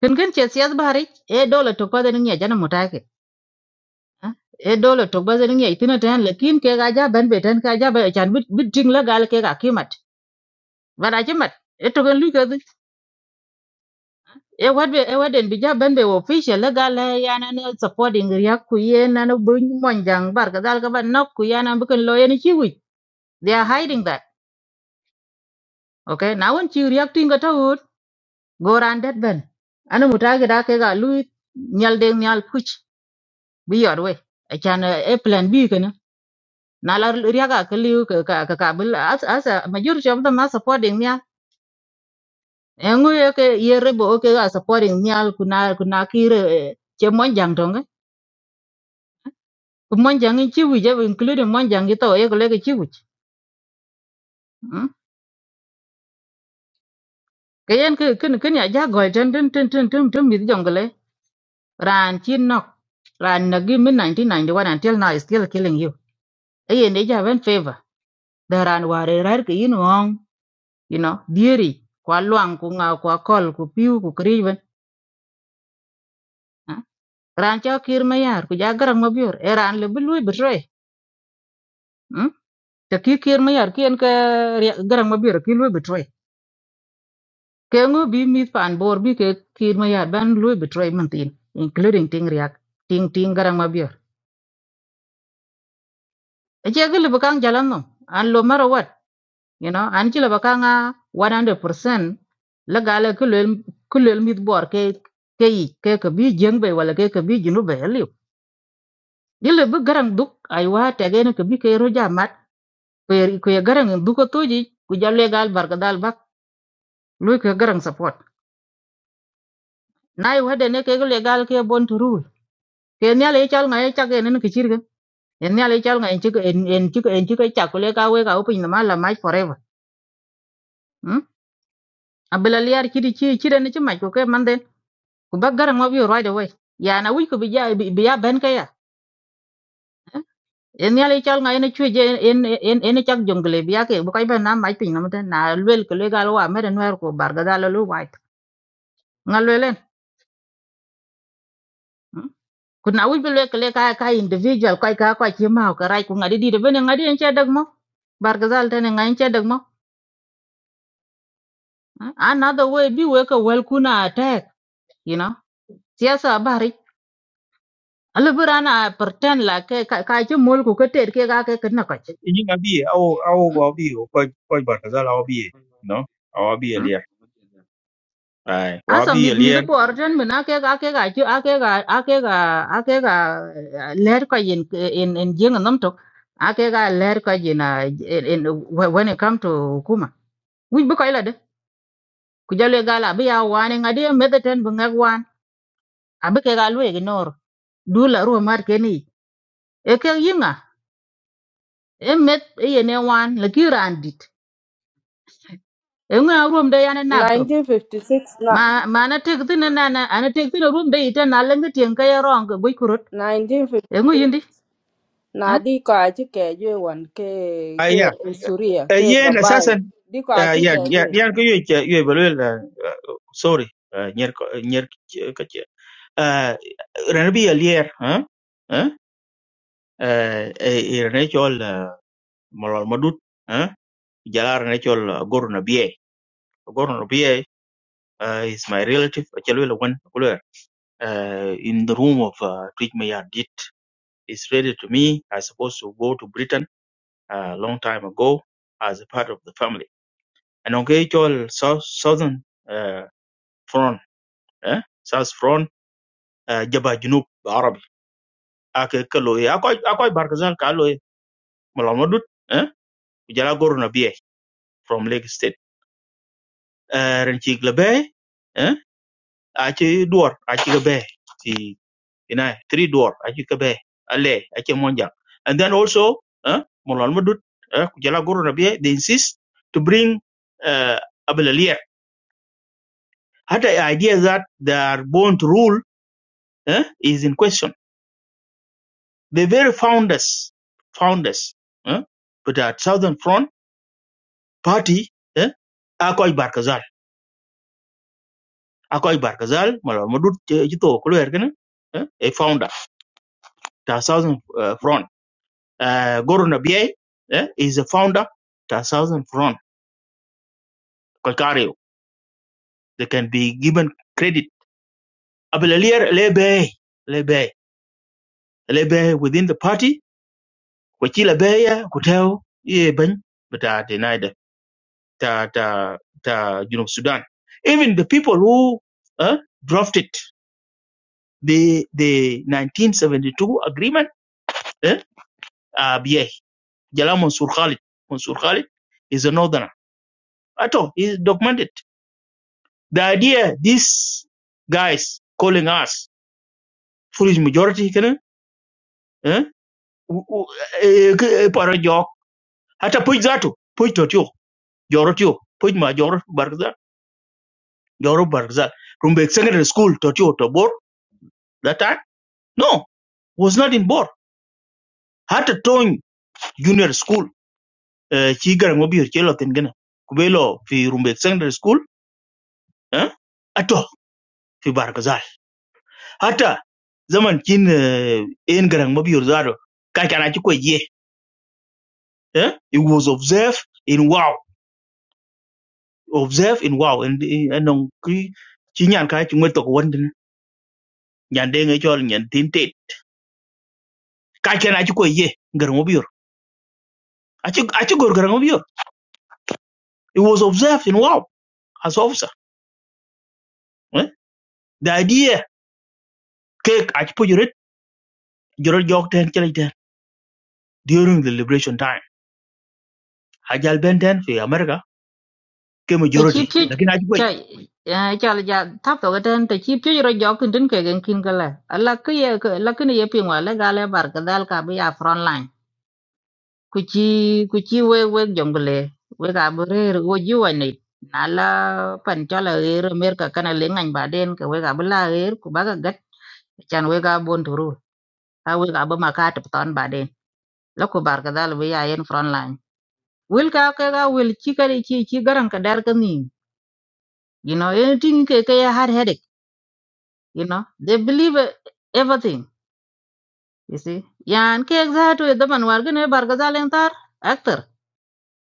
kin kin che sias bari e dola to ko den nge jana mutake ah e dola to ba den nge itina tan lekin ke ga ja ben be tan ka ja be chan bit bit ting la gal ke ga kimat but a chimat etoken lui kadhi e wadbe e waden bija benbe official la gala yana ne supporting ya ku yena no bun monjang bar ka dal ka ban nok ku yana bukan lo yani chiwi they are hiding that okay now when you reacting ka tawut go ran that ben ana mutage da ke ga lui nyal deng nyal puch bi yor we e chan eh, e plan b kana na la riaga ka liu ka ka ka ka bil as as a majority of them are supporting ya engu ye ke ye rebo ke ga supporting nyal kuna kuna kire eh, che monjang tonge ku monjang in chiwu je including monjang to ye ko le ke chiwu mm ke yen ke ken ken ya ja go ten ten ten ten ten ten mi jongle ran chin nok ran nagi min 1991 until now is still killing you e ye ne ja ben favor da ran ware rar ke yin wong you know dieri kwa luang ku nga kwa kol ku piu ku kriben ran cho kir mayar ku ja garang mabior e ran le bulu Mm? ta ki kir ma yar kien ka ria- garang ma biro ki lui betray ke ngu bi mi pan bor bi ke kir ma yar ban lui betray man tin including ting riak ting ting garang ma bir e che gele bakang jalan no an lo mara wat you know an chi la bakang a 100% la gala kulel kulel mit bor ke ke yi ke ka bi jeng be wala ke ka bi jinu be liu dile bu garang duk ay wa te ge ka bi ke ro jamat ko ye ko ye garang duk ko toji ku jalle gal barka dal bak lui ke garang support nai wede ne ke le gal ke bon to rule ke ne le chal ngai chak en ne ke chirga en ne le chal ngai chik en en chik en chik chak le ka we ka upin na mala mai forever hm abela liar chiri chi chire ne chimai ko ke manden ku bagara ngo bi right away ya na wi ko bi ya bi ya ben ka ya en ne le chal ngai ne chue je en en en chak jongle bi ya ke bu kai ben na mai pin na mate na lwel ke le gal wa mere nwer ko barga dal lu wai ngal lwelen kuna wic bi lwek le ka ka individual kai ka kwa chi ma ka rai ku ngadi di de bene ngadi en chedag mo bargazal tene ngai chedag mo Eh, another way bi we ka wel kuna attack you know siasa bari ala burana pretend la ke ka ka chi mol ku ka ter ke ga ke kana ka Inyinga bie au au wabie kwa kwa barazala wabie no awabie lier ay asa wabie mid mid lier bor jan mena ke ga ke ga chi ake ga ake ga ake ga eh, ler ka yin in in jeng nam tok ake ga ler ka yin ah, in in- when it come to hukuma wic bi ko ku jalo gala bi ya wane ngadi medeten bu ngak wan abi ke galu ignore du la ruwa mat keni e ke yinga e met e yene wan la ki randit e nga ruom de yana nakto ma 1956 ma na tek thin na na ana tek tin ruom de ita na lenga tien ka yarong go kurut na e ngu 1956 yindi ha na di ko achi ke jwe wan ke ay ke ya insuria Eh, ke yen gabai sasa di ko aki ke yan yan jwe yan ko yue che yue belwe la eh, sorry eh, nyer ko- nyer ka che eh ren bie lier ha eh eh eh, ren chol eh, molol madut eh jalar ren chol eh, gorno bie gorno bie eh, is my relative chelwe one, wan kulwer eh, in the room of uh, Twitch Mayardit Israeli to me. I supposed to go to Britain uh, a long time ago as a part of the family. And on Gaychol South Southern uh, Front, eh? South Front, uh, Jabba Junub Arabi. Ake kaloye akoy akoy barkazal kaloye malamadut eh? Kujala goru na biye from Lake State. Uh, Renchi glabe eh? Achi duar achi glabe ina three door achi kabe ale achi monja and then also uh, molal madut uh, kujala guru rabia they insist to bring uh, abelalia had the idea that they are born to rule uh, is in question the very founders founders uh, but at southern front party uh, akoy barkazal akoy barkazal molal madut jito kulo ergena uh, a founder the southern uh, front uh, guru Nabiye. uh, is a founder The southern front Calcario. They can be given credit. Abelalier lebe, lebe, lebe within the party. Kwachi lebe ya kuteo ye bany, but uh, denied it. ta ta ta you know Sudan. Even the people who uh, drafted the the 1972 agreement, eh, uh, yeah, Jala Mansur Khalid. Mansur Khalid is a northerner. At all, is documented. The idea these guys calling us foolish majority, can, eh? u- u- e- ke- e paro jok hata puj zato puj to tio joro tio puj ma joro bargzal joro bargzal from the secondary school to to bor that time no was not in bor hata tony junior school eh, chi gara ngobir chelo tin gana kubelo fi rumbe secondary school eh ato fi bargzal hata zaman kin eh, en gara mobi zaro ka kana chi ko ye eh it was observed in wow observe in wow in anong ki chi nyan ka chi ngeto ko wonde nyan de nge chol nyan tin te ka ken a chi ko ye ngar biur a chi a chi gor gar biur it was observed in wow as officer eh? the idea cake a chi po juret jorot jok ten chele ten during the liberation time a jal ben ten fi america ke te chi majority pye lakin a chi ko cha eh, cha la ja tap to gaten te chi pye ro jok tin tin ke gen kin gala ala ke ye ke la ke ne ye pingwa la gale bar ka dal ka bi ya front line kuchi kuchi we we jongle we ga bere go jiwa ni nala pan chala er mer ka kana le ngan baden ka we ga bla er ku baga gat chan we ga bon turu ta we ga ba makat ton baden la ku bar ka dal we ya en front line wil ka ka ga wil chi ka di chi chi garan ka dar ka ni you know anything ke ke ya har headache you know they believe uh, everything you see yan ke exact we da man war ne bar ka dal en tar actor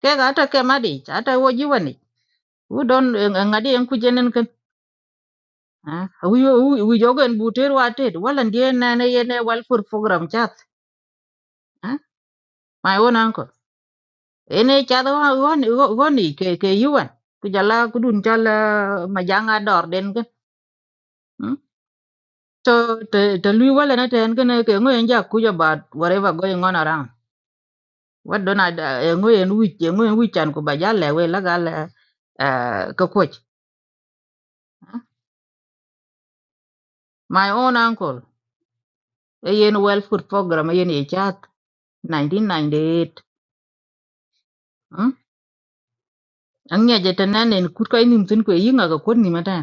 ke ga ta ke madi ta wo jiwa wu don ngadi en kujenen ken ah, wi wi wi jogen buter watet wala na nane yene wal for program chat ah, my own uncle ene chat wa won won ni ke ke yuan ku jala ku dun jala majanga dor den ken hmm? to te te lui wala na ten ken ke ngoyen ja ku ja ba whatever going on around what don ada ngoyen wi ngoyen wi chan ku ba jale we la gal eh, ka koch my own uncle yen well food program yen e chat 1998 mm? ang ya jatana nen kut kai nim tin kwe yinga ga kon ni mata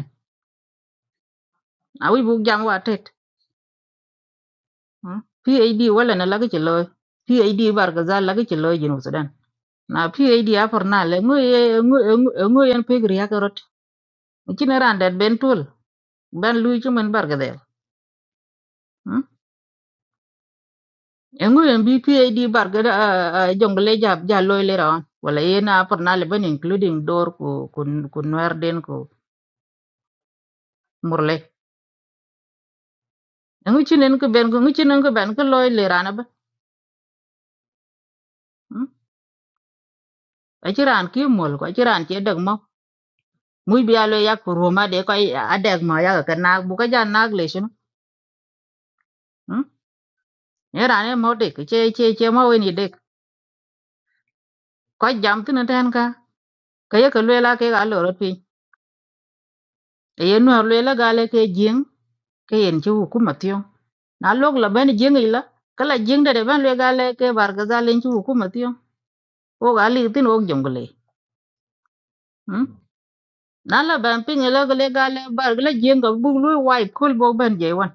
a wi bu jam wa tet mm? PAD wala na lagi ci loy PAD bar ga za lagi ci loy jinu sudan na PAD a for na le ngo ye ngo ngo ngo yan pe gri ya karot ci na ran dat ben tul ban lu ci men bar ga del mm? ngo yan bi PAD bar ga da, ah, ah, jongle jab ja ja loy le rawan wala ye na for na le ben including dor ko ko ko nwer den ko murle ngu chi nen ko ben ko ngu chi nen ko ben ko loy le rana ba Mm. a chi ran ki mol ko a chi ran che dag mo mu bi alo ya ko roma de ko a dag ma ya ka na bu ka ja na le shi ne rane mo de ke che che che mo we ni de ko jam tin ten ka ka ye ko le la ke ga lo ro pi e ye no le la ga le ke jing ke yen chi ku ma tyo na lok la ben jing i la kala jing de de ben le ga le ke bar ga za len chi ku ma tyo o ga li tin o jong le hmm? na la ban ping la ga le ga le bar la jeng ga bu lu wai kul bo ben je wan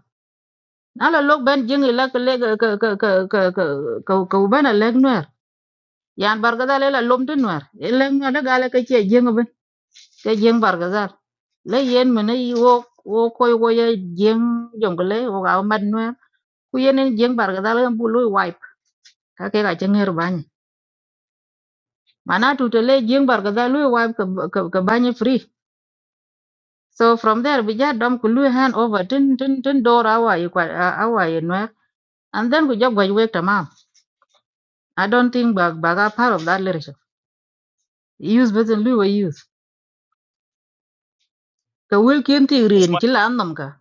na la lok ben jeng la ka le ka ka ka ka ka ka ka ben la nwer yan bar ga le la lom tin nwer le nwer la ga le ka che jeng ben ka jeng bar ga za le yen me ne wo wo koy wo ye jeng jong ga le wo ga man nwer ku yenen jeng bar ga le bu lu wai ka ke ga che nger ban mana tu te le jeng bar ga lu wai ka ka ka ban free So from there, we just dump Kulu hand over tin tin tin door our you quite our and then we just go wake them up. I don't think bag bag part of that leadership. Use better than Lua use. The will kin ti rin my, chila andam ka.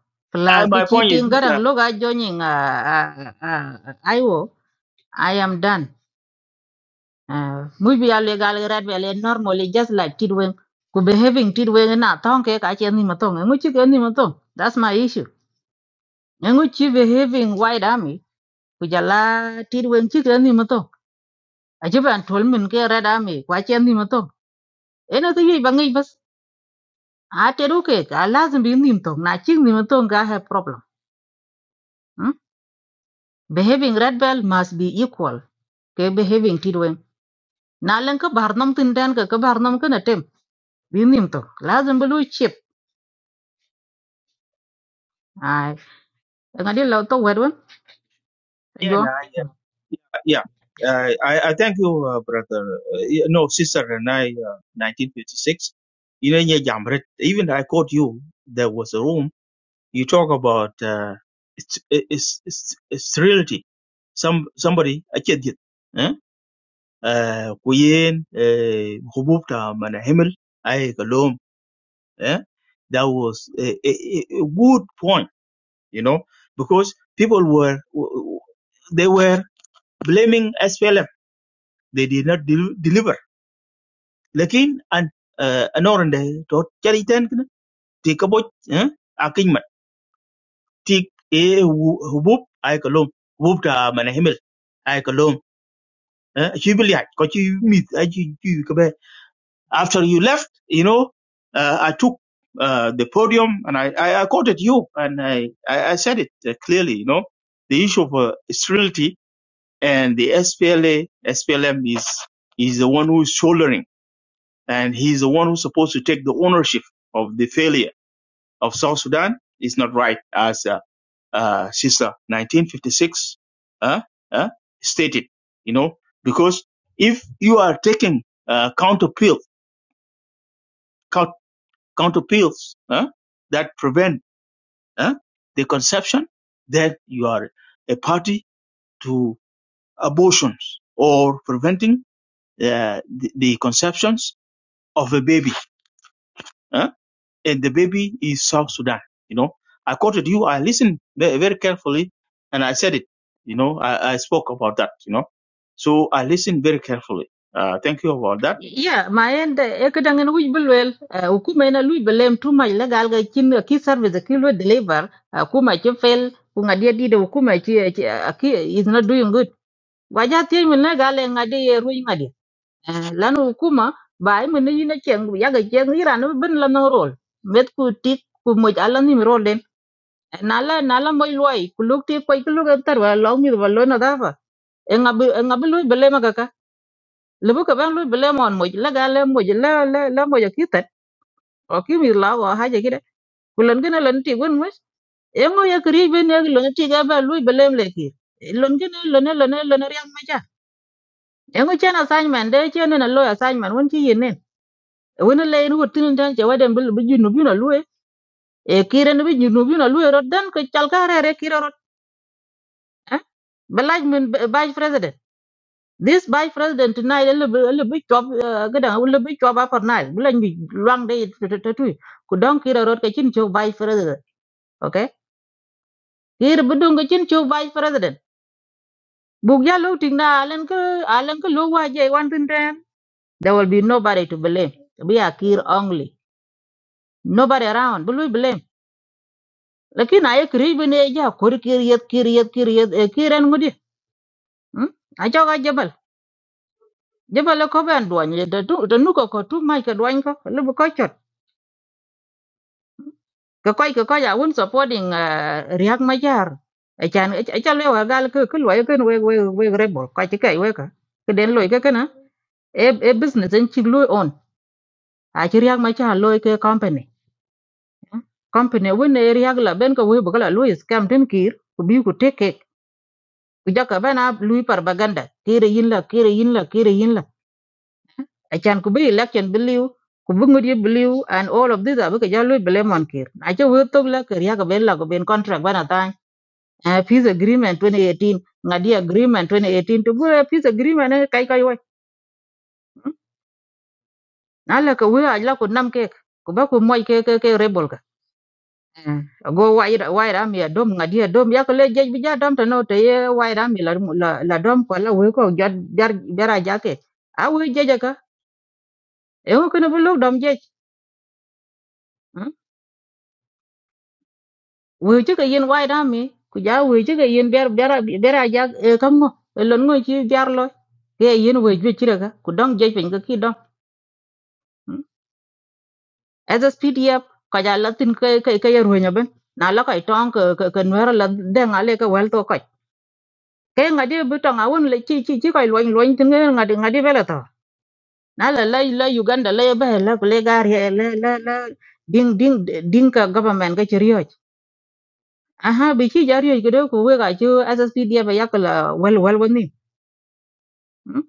I, Plus the my point is cheating this, uh, garang loga joining uh uh, uh, Iwo. I am done. Maybe I legal red well normally just like Tidwing. Ku behaving Tidwing and not tongue cake I can't matong. And which you can matong. That's my issue. And which you behaving white army. ku jala tit wen chi ken ni mato a chi ban tol min ke ra da me kwa chen ni mato e na ti ba ngi bas a te ru ke ka lazim bi nim to na chi ni mato ga ha problem hmm? behaving red bell must be equal ke behaving tit wen na len ka bar nam tin dan ka ka bar nam ka na tem bi nim to lazim bu lu chip ai ngadi lo to wed wen yeah, jo nah, yeah. I, I I thank you, uh, brother. Uh, yeah, no, sister, and I, uh, 1956. You know, yeah, Jamret. Even I quote you. There was a room. You talk about uh, it's, it's, it's, it's reality. Some somebody I can't get. Eh? Uh, Kuyen, uh, hubub ta mana kalom. Eh? That was a, a, a a good point, you know, because people were w- w- they were blaming SPLM they did not del- deliver lakin an uh, anorande to charitan kana ti kabo eh akin man ti e hu- hubub ay ko lom hubub ta man himel ay ko lom eh chi bili haj, ko chi mit ay chi chi ko be after you left you know uh, i took uh, the podium and I, I i quoted you and i i, I said it uh, clearly you know the issue of uh, sterility and the SPLA SPLM is is the one who is shouldering and he's the one who's supposed to take the ownership of the failure of South Sudan. It's not right, as uh, uh, Sister 1956 uh, uh, stated, you know, because if you are taking uh, counter pill, count, counter pills uh, that prevent uh, the conception, then you are a party to abortions or preventing uh, the, the conceptions of a baby. Uh, and the baby is South Sudan. You know, I quoted you. I listened very, very carefully, and I said it. You know, I, I spoke about that. You know, so I listened very carefully. Uh, thank you about that. Yeah, my end e ka dangan wij belwel u kuma ina lui belem too much legal ga kin a key service a key lo deliver a kuma ke fail ku ngadia di de kuma ke a key is not doing good waja te min na gale ngadi ye ru ngadi lan u kuma ba ai min ina ken ya ga ken ira no ben la no rol met ku tik ku mo ala ni rol den Eh, nala nala moy loy ku luk ti ko ku luk tar wa lo mi wa lo na dafa en abi en abi lui belem ga lebu ka bang lu bele mon mo la ga le mo la la la mo ki tet o ki mi la wa ha je ki de kulan gena lan ti gon mo e ngo ya kri be ne lo ti ga ba lu bele le ki lon gena lo ne lo ne lo ne riam ma ja e ngo chen assignment de chen na lo assignment won ki yin ne won le ni wut tin tan je wa dem bel bu junu bi na lu e ki ren bi junu bi na lu ro dan ko chal ka re re ki ro belaaj min baaj president this by president tonight a little bit a little bit job gada a little bit job for night bulan bi long day tu ku don kira rot ka chin cho by president okay kira budung ka chin cho by president buk ya lo ting na alan ka alan ka lo wa je wan tin ten there will be nobody to blame we are kir only nobody around bulu blame lakin ay kri bene ja kor kir yet kir yet kir yet kiran ngudi hmm acha ga jabal jabal ko ban duan da tu da nu ko ko tu mai ka duan ko lu ko ka koy ka koy awun supporting uh, riak majar chan cha le wa gal ke ke loy ken we we we rebel ka ti kai we ka ke den loy ke kana e e business en chi loy on a chi riak majar loy ke company company won e riak la ben ka we bu kala loy scam tin kir ku bi ku tek kek ku jaka ben a lui propaganda kire yin la kire yin la kire yin la a chan ku bi election believe ku bu ngodi believe and all of these abu ka ja loy blame on kir a cha we tok la ke riak ben la ko ben contract bana ta uh, peace agreement 2018 ngadi agreement 2018 to go peace agreement eh, kai kai wai ala ka wira ala ko nam ke ko ba ko moy ke ke ke rebel ka Eh, go wai ra- wai ram ya dom ngadi dom ya ko le jej bi ja dom to no te ye wai ram la la la dom ko la we ko jar jar jara ja ke a we jeja ka e ko no bu dom jej mm. we che ka yen wai ram mi ku ja we che ka yen ber bera bera ja e kam ngo Eh, lon ngo chi jar lo ke yen we ju chi ra ka ku dom jej pin ka ki dom Hmm? SSPDF ko ja latin ke ke ke yer honya ben na la kai tong ke ke ke nwer la de nga le ke wel to kai ke nga di bu tong awun le chi chi chi kai loin loin tin nge nga di nga di bele to na la la la Uganda la ba la le gar ye le le le ding ding ding ka government ke chi rioj aha bi chi ja rioj gede ko we ga chi SSPDF ya ka la wel wel woni Hmm?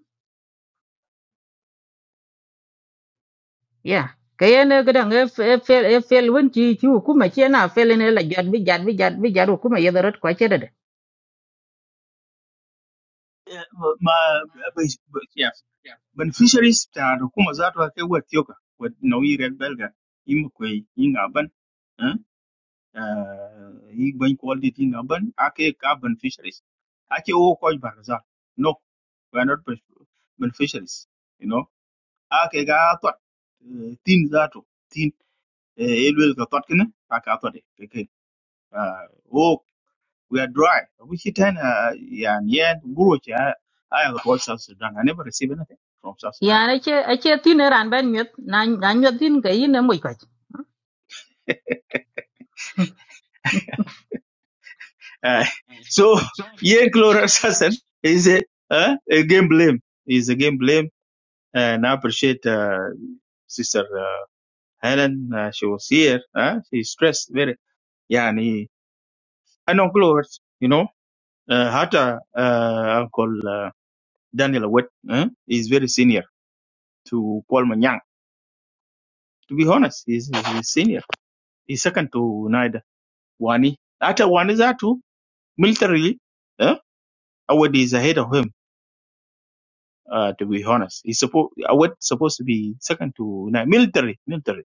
yeah ke ye ne gede nge fel fel won chi chi ku ma chi na fel ne la jat bi jat bi jat bi jat ku ma ye darot ko che Eh, ma ba- ba- yes beneficiaries ta da kuma za ta kai wa tiyoka wa nauyi red belga in kwai in aban eh eh, yi ban quality in aban ake ka beneficiaries ake wo ko barza no we are not beneficiaries, you know. a ke ga tot eh, tin zato tin eh, elwel ka tot kene ka ka tot ke ke Ah, oh we are dry we sit in uh, yeah and yeah guru cha i have watched south sudan i never receive anything from south sudan yan ache ache tin ran ben nyut na na nyut tin ke yin mo ko uh, so yeah chloro assassin is a uh, a game blame is a game blame and i appreciate uh, sister uh, helen uh, she was here uh, she stressed very yeah and he, i know chloro you know uh, hata uh, Daniel Awet eh, is very senior to Paul Manyang. To be honest, he's, he's senior. He's second to Naida Wani. After Wani Zatu, militarily, eh, Awet is ahead of him. Uh, to be honest, he's supposed Awet supposed to be second to Nai military. Military.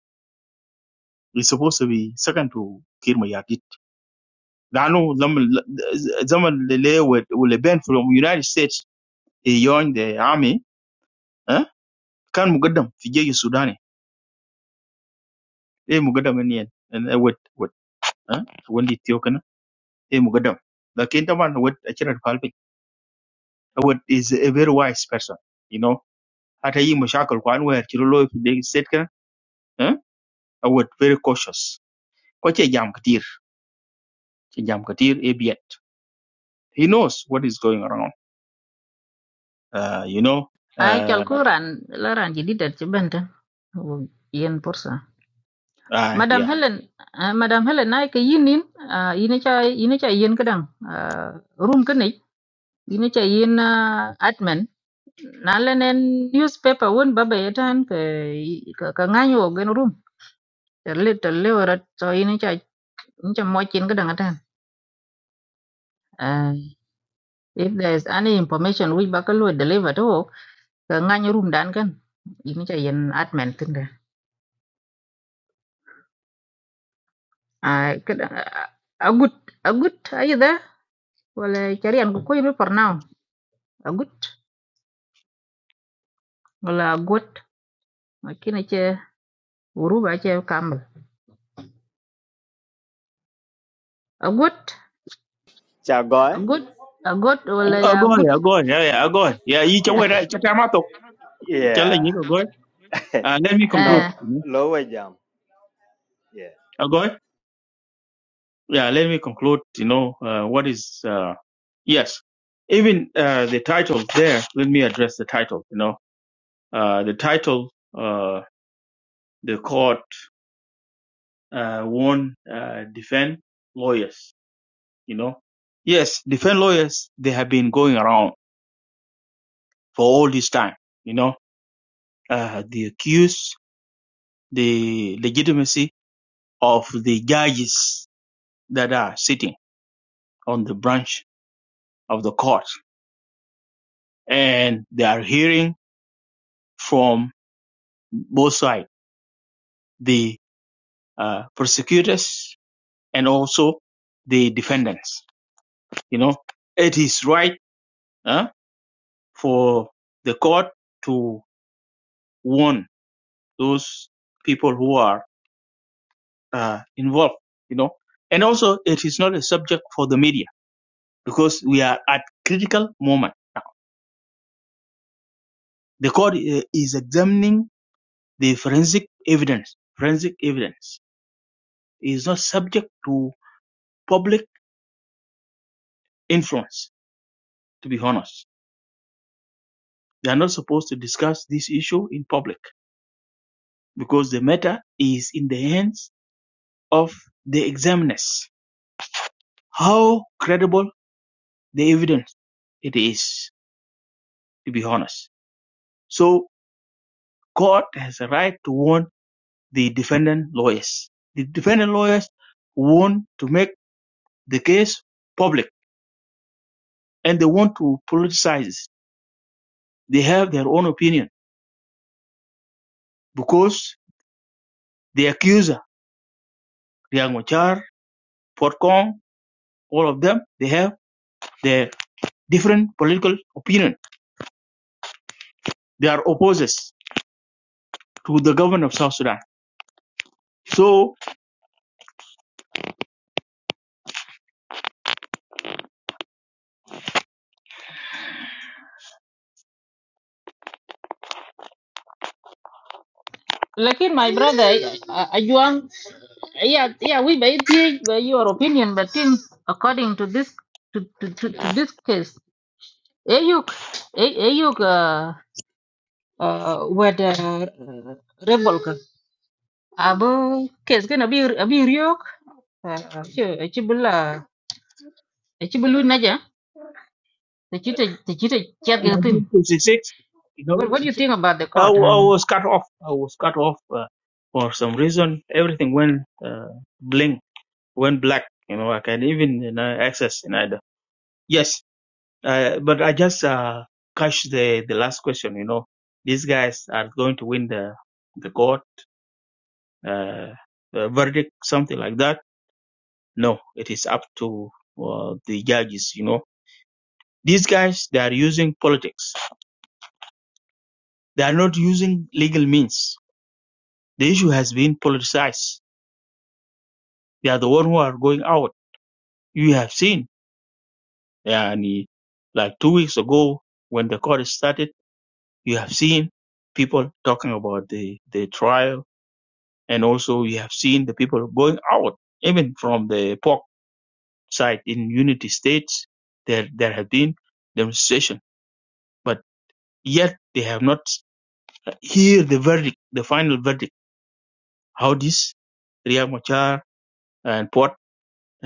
He's supposed to be second to Kirma Yadid. Lano Zaman Zaman Lele Awed will ban from United States. He joined the army. Eh, kan mugaddam fi jeji Sudani. Eh, mugaddam en yen. En Awed, Awed. Eh, e mugadam lakin taban wad a kira palpin wad is a very wise person you know hata yi mashakal kwan wer kiro lo fi de set kan eh wad very cautious ko ce jam katir ce jam katir e biet he knows what is going around uh, you know ai uh, chal ku ran la ran ji didet ci benta yen porsa ah madam yeah helen ah, madam helen nay ke yin nin ah, yini cha yini cha yen kadang ah, room ke ni yini cha yen ah, admin na lenen newspaper won baba yetan ke ka ka nganyo gen room terle terle warat so yini cha yini cha mo chin kadang atan Ah, if there is any information which bakalo deliver to ka ngany room dan kan ini cha yen admin tin da ai ka agut agut ayo da wala charian ko koy be for now agut wala agot makina che uru ba che kambal agot Chagoy? agot agot wala ya agoy agut agoy yeah yeah agoy yeah yi ce Yeah. wera ce tamato ce la yeah. yi agoy uh, let me conclude no, eh you know? lower jam. Yeah. agoy yeah let me conclude you know uh, what is uh, Yes. Even uh, the title there, let me address the title. You know, uh, the title, uh, the court uh, won uh, defend lawyers, you know. Yes, defend lawyers, they have been going around for all this time, you know. Uh, they accuse the legitimacy of the judges that are sitting on the branch of the court. And they are hearing from both sides, the uh, prosecutors and also the defendants. You know, it is right uh, for the court to warn those people who are uh, involved. You know, and also it is not a subject for the media because we are at critical moment now. The court uh, is examining the forensic evidence. Forensic evidence is not subject to public influence. To be honest, they are not supposed to discuss this issue in public Because the matter is in the hands of the examiners. How credible the evidence it is, to be honest. So court has a right to warn the defendant lawyers. The defendant lawyers want to make the case public and they want to politicize. it. They have their own opinion because the accuser, Liang Machar, Fort Kong, all of them, they have their different political opinion. They are opposers. to the government of South Sudan. So lakin my brother ajuang yeah yeah we by your opinion but in according to this to to to, to this case ayuk ayuk uh, wed uh, rebel ka abu kes kana bi abi riok ci ci bula ci bulu naja te ci te ci te chat in ga tin 1956, you know, what, what do you think about the I, court w- I huh? was cut off. I was cut off uh, for some reason. Everything went uh, blink, went black. You know, I can even you know, access in either. Yes, uh, but I just uh, catch the the last question. You know, these guys are going to win the the court uh, uh, verdict, something like that. No, it is up to uh, the judges. You know, these guys they are using politics They are not using legal means. The issue has been politicized. They are the one who are going out. You have seen, yani, like two weeks ago when the court started, you have seen people talking about the, the trial. And also you have seen the people going out, even from the POC side in Unity States. There, there have been demonstration, but yet they have not hear the verdict, the final verdict, how this Riyad Machar and Potter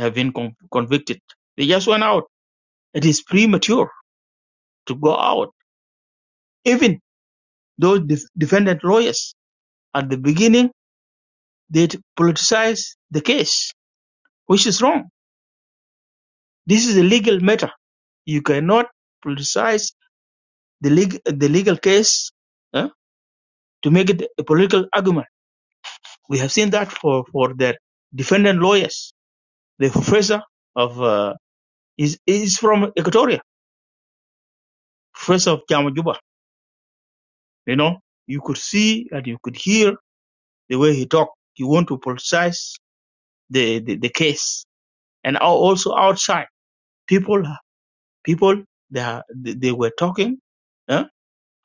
have been con- convicted. They just went out. It is premature to go out. Even those def- defendant lawyers at the beginning, they politicize the case, which is wrong. This is a legal matter. You cannot politicize the, leg- the legal case eh, to make it a political argument. We have seen that for, for their defendant lawyers. The professor of uh, is is from Equatoria, professor of Jamajuba. You know, you could see and you could hear the way he talked. He want to politicize the, the, the case. And also outside, people, people, they, are, they they were talking huh,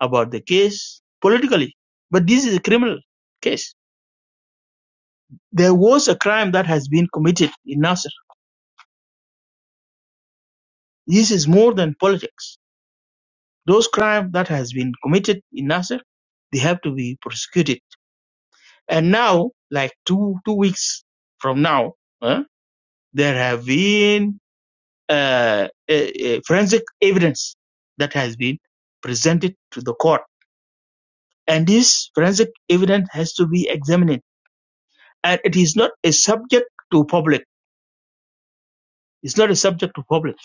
about the case politically. But this is a criminal case. There was a crime that has been committed in Nasser. This is more than politics. Those crimes that has been committed in Nasser, they have to be prosecuted. And now, like two two weeks from now, huh, there have been uh, a, a forensic evidence that has been presented to the court. And this forensic evidence has to be examined. And it is not a subject to public. It's not a subject to public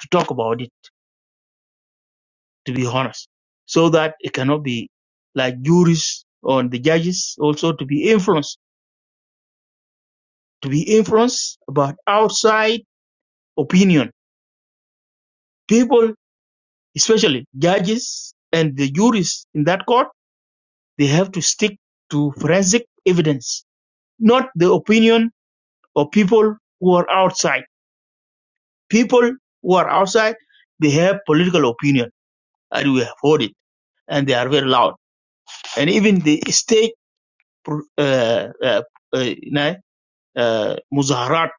to talk about it, to be honest. So that it cannot be like juries or the judges also to be influenced, to be influenced about outside opinion. People, especially judges and the juries in that court, they have to stick to forensic evidence not the opinion of people who are outside. People who are outside, they have political opinion, and we have heard it, and they are very loud. And even the state, uh, uh, uh, you know, uh, muzaharat,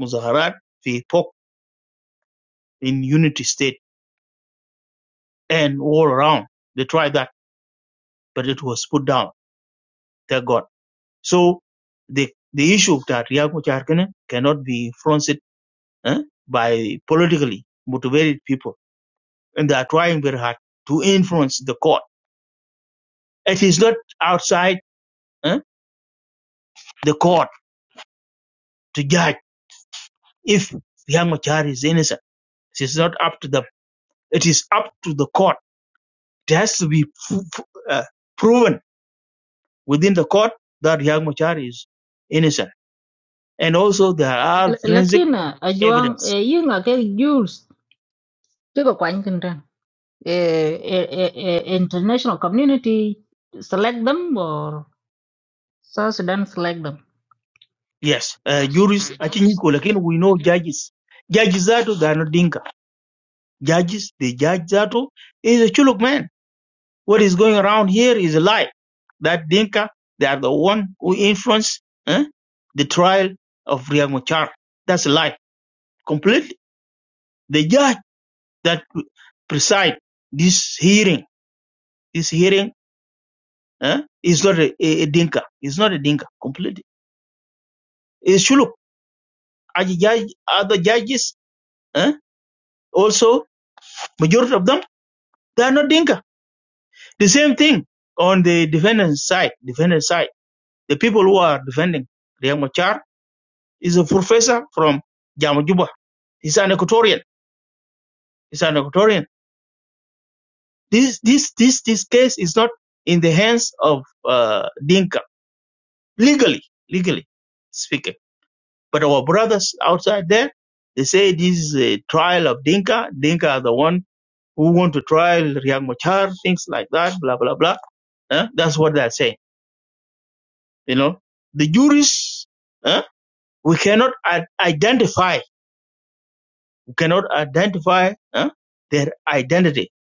muzaharat, they poke in unity state and all around. They tried that, but it was put down. Thank God. So the the issue that Riek Machar cannot be influenced eh, by politically motivated people and they are trying very hard to influence the court. It is not outside eh, the court to judge if Young Machar is innocent. It is not up to them. It is up to the court. It has to be f- f- uh, proven within the court that Young Machar is innocent. And also there are forensic lakin uh, ajuang evidence. eh, yinga ke jules te ko kwany kin tan Eh, eh, eh, eh, international community select them or South Sudan select them Yes, uh, juries, actually, we know judges. Judges that they are not dinka. Judges, the judge Zato is a chuluk man. What is going around here is a lie that Dinka, they are the one who influenced eh, the trial of Riek Machar. That's a lie. Completely. The judge that preside this hearing, this hearing eh, is not a, a, a Dinka. It's not a Dinka. Completely. It's Shuluk. Other judge- other judges, eh, also, majority of them, they are not Dinka. The same thing on the defendant's side. Defendant's side. The people who are defending Riek Machar is a professor from Jamajuba. He's an Equatorian It's an Equatorian. This this this this case is not in the hands of uh, Dinka legally, legally speaking. But our brothers outside there, they say this is a trial of Dinka. Dinka are the one who want to trial Riyad Machar, things like that, blah blah blah. Huh? That's what they're saying. You know, the jurists, huh? we cannot i- identify, we cannot identify huh? their identity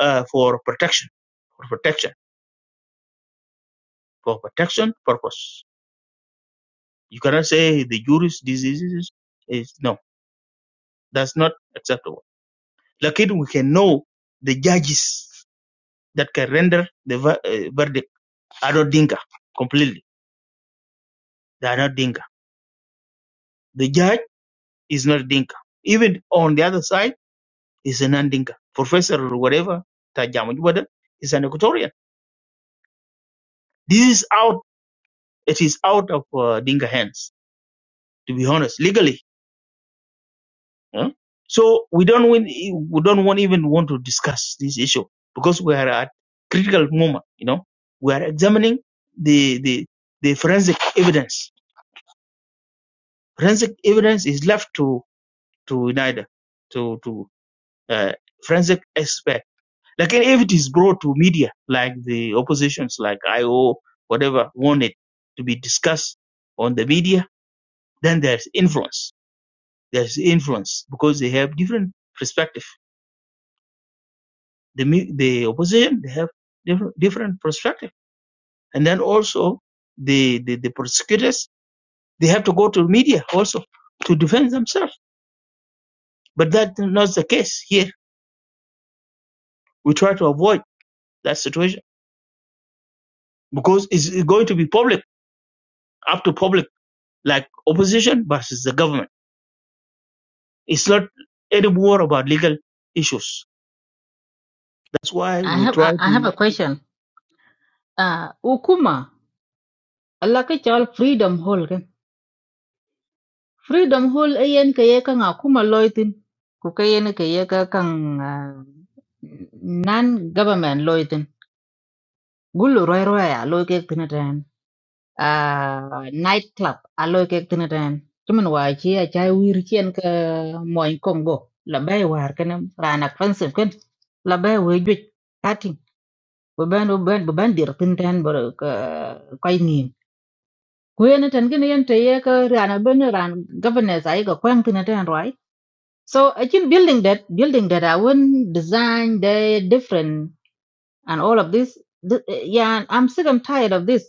uh, for protection, for protection, for protection purpose You cannot say the Jewish diseases is no, that's not acceptable. Like it, we can know the judges that can render the ver- uh, verdict are not Dinka completely. They are not Dinka. The judge is not Dinka. Even on the other side is a non-Dinka professor or whatever. Tajamu Jubada is an Equatorian. This is out. It is out of uh, Dinka hands. To be honest, legally Huh? So we don't win, we don't want even want to discuss this issue because we are at critical moment. You know, we are examining the the the forensic evidence. Forensic evidence is left to to neither to to uh, forensic expert. Like if it is brought to media, like the oppositions, like IO, whatever, want it to be discussed on the media, then there's influence. There's influence because they have different perspective the the opposition they have different different perspective, and then also the, the the prosecutors they have to go to media also to defend themselves. But that's not the case here. We try to avoid that situation because it's going to be public up to public, like opposition versus the government. It's not any war about legal issues. That's why I we have try I I have to. a question. Uh, Ukuma, Allah ka chol freedom hole kan freedom hole e yen ka ye ka nga kuma loitin ku ka yen ka ye ka kan non government loitin gulu roi roi a loi ke tinatan a night club a loi ke tinatan tuman wa chi a chai wir chien ka moin kongo la bai war kan rana fansel kan la bai we juj patin bu ban bu ban bu ban dir tintan bo ka kai ni kuyene ten gene yen te ye ka rana ben ran governors ai ga kwang tin ten right so i think building that building that i wouldn't design the different and all of this Th- yeah and i'm sick and tired of this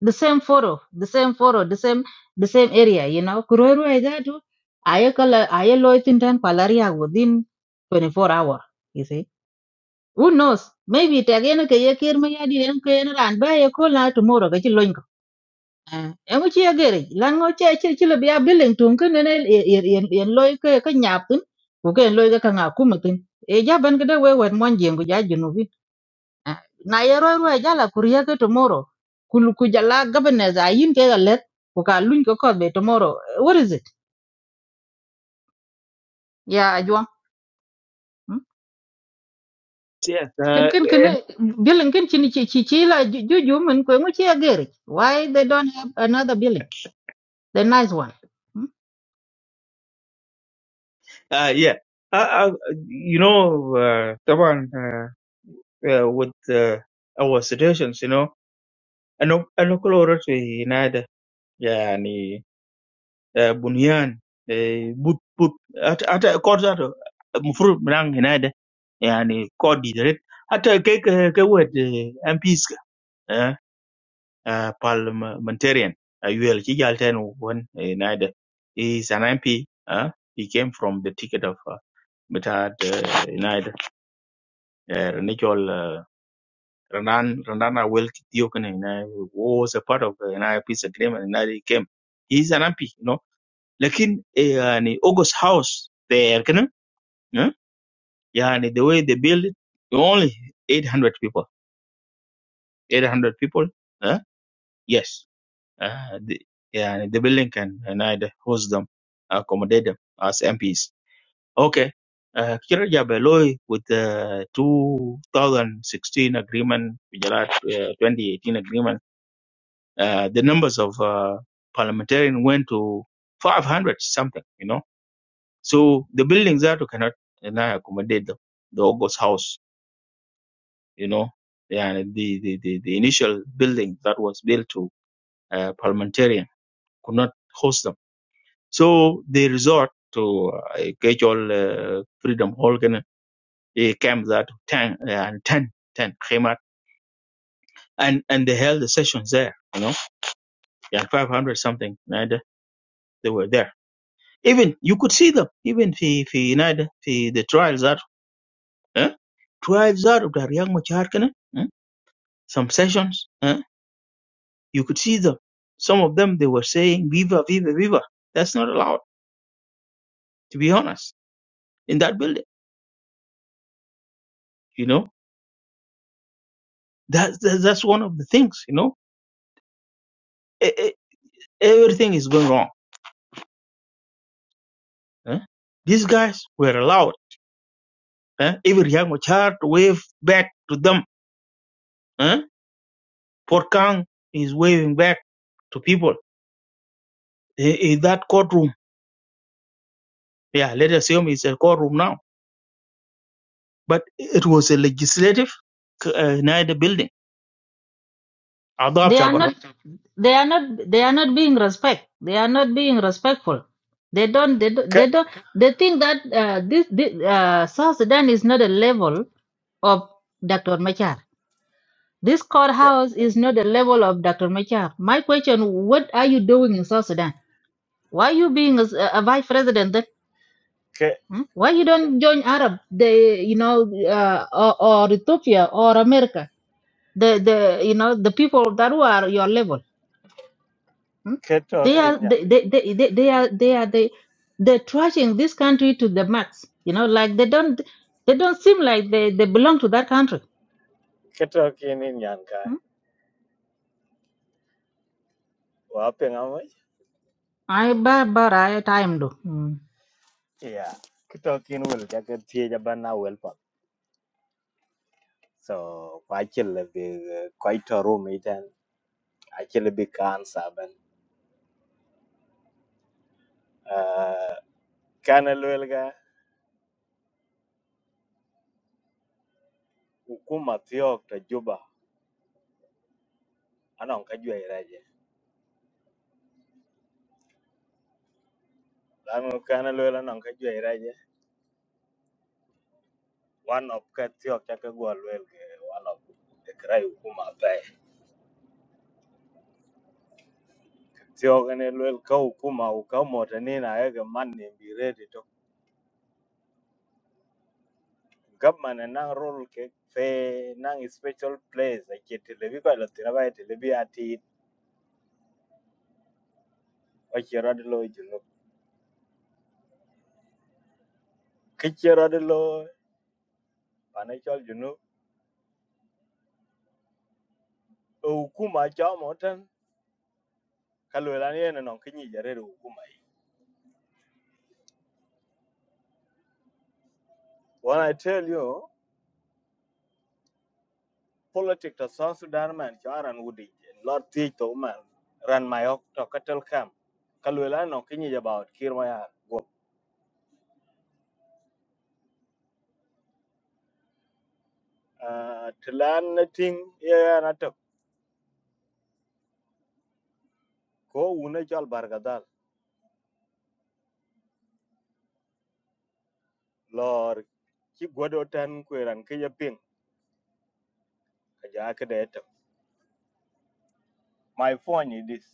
the same photo, the same photo, the same the same area, you know. Kurueru Aizatu, I loitintan palaria within twenty four hour, you see. Who knows? Maybe it again kayakirma yadi and kayana and ba a cola tomorrow, ke Ah, emu ci agere lan ngo ce ci ci le biya billing tun ken ne yen yen yen loy ke ke nyapun ko ken loy ke kanga kumatin e ja ban gede we wet mon jengu ja junubi Ah, na ye roy roy jala kuriya ke tomorrow kul ku jala gabane za yin ke galet ko ka luñ ko ko be tomorrow Eh, what is it ya ajwa hmm? Yes, ken uh, ken ken eh, billing ken ci ni ci ci ci la ju ju ju mun ko ngo ci agere why they don't have another billing the nice one Hm? uh, yeah. Uh, uh, you know, uh, Taban, uh, uh, with uh, our situations, you know. And no, and no color should be neither. Yeah, ni bunyan, eh, but but, at at a course that, most menang neither. Yeah, ni Kody direct. At a ke ke ke what MP's ah, parliamentarian. A ULC alternate neither. He's an MP. Ah, he came from the ticket of Metad neither. Renegual. Renan Renan Awel Kitiokene you know, was a part of the you peace agreement and he came. He's an MP, you know. Lakin eh, yani, August House there, can you know, eh, yani, the way they build it, only 800 people. 800 people, eh, yes. Uh, the, yani, the building can and I the host them, accommodate them as MPs. Okay. Uh, Kira Jabeloi with the 2016 agreement, Gujarat, uh, 2018 agreement uh, the numbers of uh, parliamentarians went to 500 something, you know. So the buildings that cannot you know, accommodate the, the August house, you know, and the, the, the, the initial building that was built to uh, parliamentarian could not host them. So they resort to uh, casual uh, freedom hall, can- a camp that 10 uh, and 10 10 came out and, and they held the sessions there, you know, yeah, 500 something, and they were there even you could see them even في في نادي في the trials that eh? trials that of the رياض machar, كده eh? some sessions eh? you could see them some of them they were saying viva viva viva that's not allowed to be honest in that building you know that's that's, that's one of the things you know E- e- everything is going wrong eh? these guys were allowed eh? even Riyad Machar to wave back to them eh? Port Kang is waving back to people in, in that courtroom Yeah, let's assume it's a courtroom now. But it was a legislative uh, near the building. They are not they are not they are not being respect. They are not being respectful. They don't they don't they, Ke don't, they think that uh, this, this uh, South Sudan is not a level of Dr. Machar. This ke courthouse is not the level of Dr. Machar. My question, what are you doing in South Sudan? Why are you being a, a vice president then? ke Hmm? Why you don't join Arab, the, you know, uh, or, or Ethiopia or America, the, the, you know, the people that were your level? Hmm? ke They are talking ya. they they, they, they, they are they are the they're trashing this country to the max. You know, like they don't they don't seem like they, they belong to that country. Ke talking in yan kai. Hmm? Wa ping amoi? I ba ba ra time do. Hmm. Yeah. Ke talking will ja ke tie ja bana well pa. So kwa chile bi quite a room itan. A chile bi kan saben. Uh, kana lwel ga ukuma tiok ta juba. Anong ka jwe iraje. Lano kana lwel anong ka jwe one of ka tiok chake gwa one of the cry ukuma pay. tiok ne lwel ka ukuma ukamote ni na ege man ni be ready to government na role ke fe na special place ke telebi ko la tira ba telebi ati o chero de lo juno ke de lo pane chol juno ukuma cha moten kalwela ni ene kinyi jare ukuma when i tell you politic to South Sudan man charan wudi lot ti to man ran my ok to katel kam kalwela no kinyi about kirma ya go tlan ting ya na to ko una chal bargadal lor ki godo tan ku ran ke ya ping ka ja ke de to my phone is this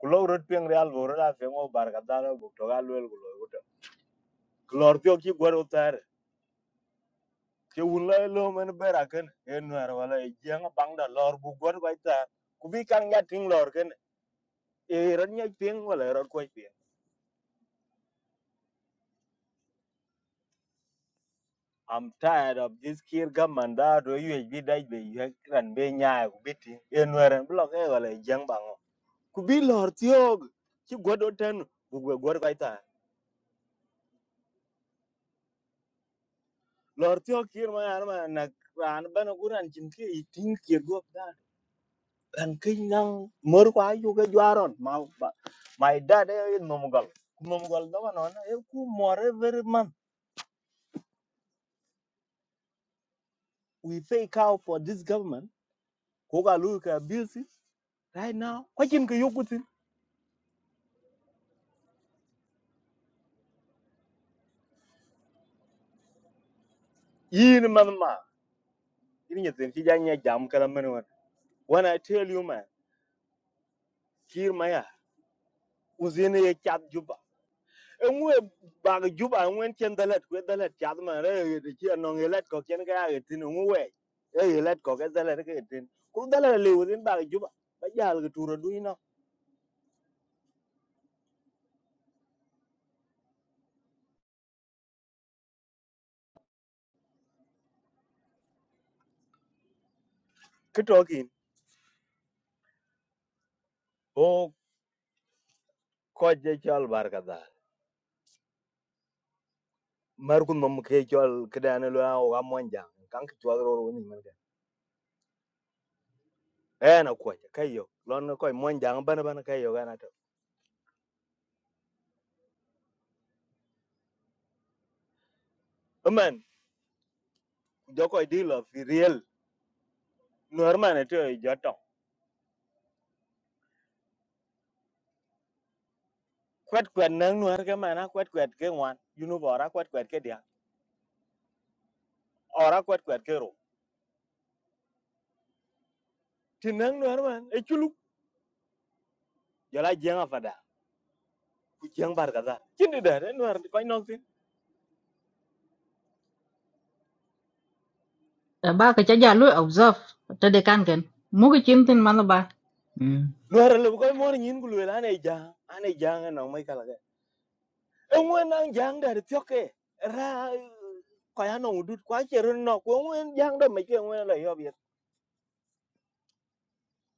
kulo rot ping real go ra fe ngo bargadal go to galwel go lo go to klor ti ki godo tar ke wun la lo men bera ken en war wala e jeng bang da lor bu god bai ta ku bi kan ya ting lor ken e ran nya ting wala ro ko pin i'm tired of this kid gaman da do yu bi dai be yu ran be nya Kubi bi ting en war en blok e wala e jeng bang o. ku bi lor tiog ki god o ten bu be god ta lor tiog kir ma yar ma na ran ban ku ran chin ki i ting kir go da thằng kinh năng mới quá vô cái gió rồi mà mà my dad ấy nomugal nomugal đó mà nói là em cứ more every month we pay cow for this government cố gắng lui cái bills ấy. right now quá chừng cái yêu tin yên mà mà yên nhật tiền chỉ dành nhà jam cái làm mình when I tell you man kia mày à uzine ye chat ngwe bag juba ngwen chen dalet kwe dalet chat ma re de chi no ngelet ko chen ga ga tin ngwe e ngelet ko ga dalet ke tin ku dalet le within bag juba ba jal ga turo du ino kitokin o ko je chal bar ka da mar kun mum ke chal kidane lo o ga monja kan ki chal ro ni men ga e na ko je kayo lon ko monja ban ban kayo ga na to man jo ko di lo fi real normal to e jo to joto kwet kwet nang nuar ke mana kwet kwet ke ngwan yunu bora kwet kwet ke dia ora kwat kwat kero tinang nuar man e chulu jala jenga fada ku jeng bar kaza kindi da re nuar ko nok tin Ta Ba ka cha ja lu observe ta de kan ken. Mu ki chin tin man ba. Hmm. nuar le ko mor nyin ku le ane ja ane ja na mai kala ga e ngwen nang jang da re tyoke ra ko ya no udut kwa chero no ko ngwen jang da mai ke ngwen la yob yet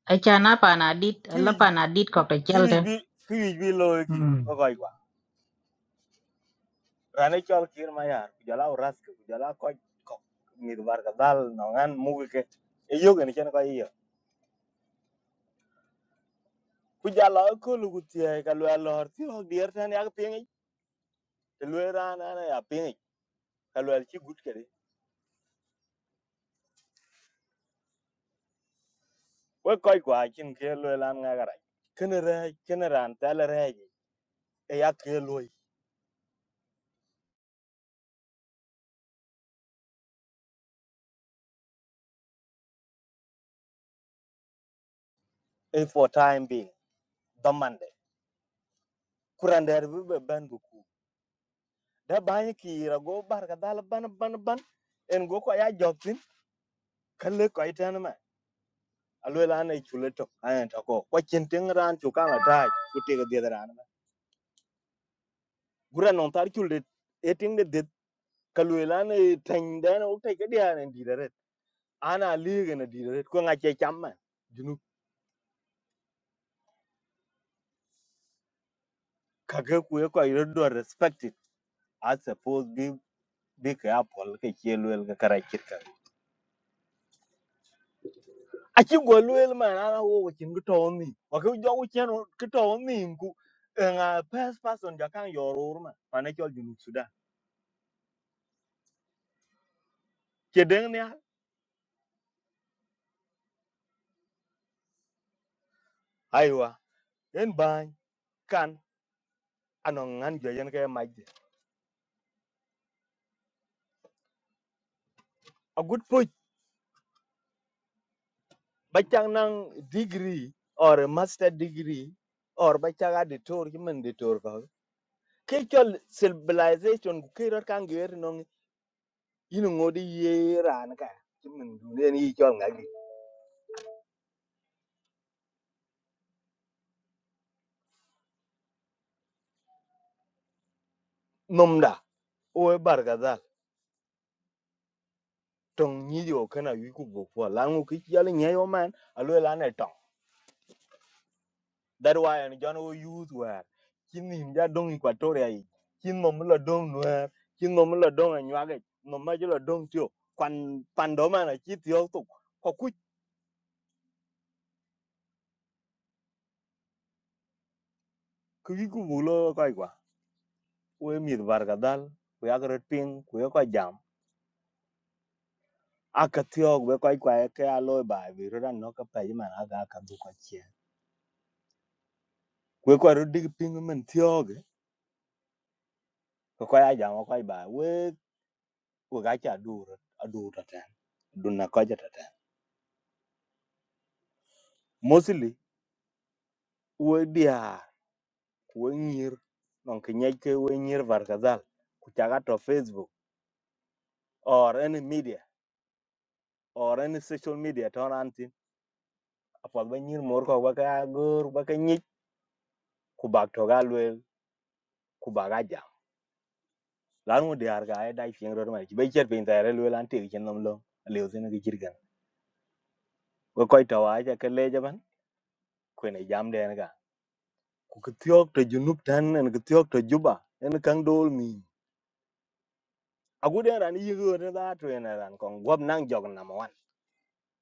Ai cha na pa na dit ki la wij bi- pa na dit ko ta ki chel wij ten. bi ki wij bi lo e ki Hmm. ko ko wa rane chol kir ma yar ku jala uras ku jala ko ko mi bar kaza no ngan mu ke e yogen chen ko i ku ja lo ko lu ku tie ka lwa lo ti ho dier tan ya ping te lwe ran an ya ping ka lwa chi gut ke de we koi kwa chin ke lwe lan nga ga ra ken re ken ran ta le re e ya ke lwe e for time being the monday kuran der bi be ban bu ku da ba yi ki ra go bar ka dal ban ban ban en go ko ya jok tin ka le koi tan ma a lwe lan e chule to an ta ko ko chin ting ran chu ka ma ta ku te ga de ran gura non tar chule e ting de de ka lwe la ne tɛŋdɛn wo dia ne diidaret an a liige ne diidaret ku ŋace cam mɛn junu kake ku ye kɔc respected a suppose bi bi ke a pɔl ke cie lueel ke kara cit ka aci guɔ lueel mɛn an a wo wecin ke tɔɔ nim wake jɔ ku cien ke tɔɔ nim ku eŋa person jɔ kaŋ yɔɔr wor mɛn pane cɔl junub sudan ce deŋ aiwa en baany kan anɔŋ ŋan jɔ yen ke mac de a gut bacang nang degree or a master degree or bacaga ditor kiman ditor ka ke chol civilization ke rot kan ger nong yin ngodi ye ran ka kiman dune ni chol ngagi nomda o barga da tong ni yo kana yu ku bo kwa langu ki yal nya yo man alo lan That's why and John will use where kin him ja dong Equatoria yi. Kin nom la dong nuer, kin nom la dong anyuage, nom ma jula dong tio. Kwan pandoma na chit yo tok. Ko kuch kuyi ku bulo koi kwa. We mit varga dal, we agret ping, we ko jam. Aka tio we koi kwa ke aloy ba vi rodan no ka pa jima na ga ka du ko chie. We ko ro dig ping men tio ge. Ko ko ya jam ko ba we we ga cha dur adur ta tan. Dunna ko ja ta tan. Mostly we dia wenyir non kinyeke wenyir varkazal kuchaga to facebook or any media or any social media ton antin apod ba nyir mor ko ba ka gor ba ka nyik kubak to galwel kubaga jam lan mu diar ga ai dai fieng ror mai be cher pin tare lwel anti chen nom lo leu zene gi jirgan ko koy to wa ja ka le jaban kwene jam den ga ku kitiok to junub tan en kitiok to juba en kang dol mi aguden ran yigo ne da to en ran kon gob nang jog nam one.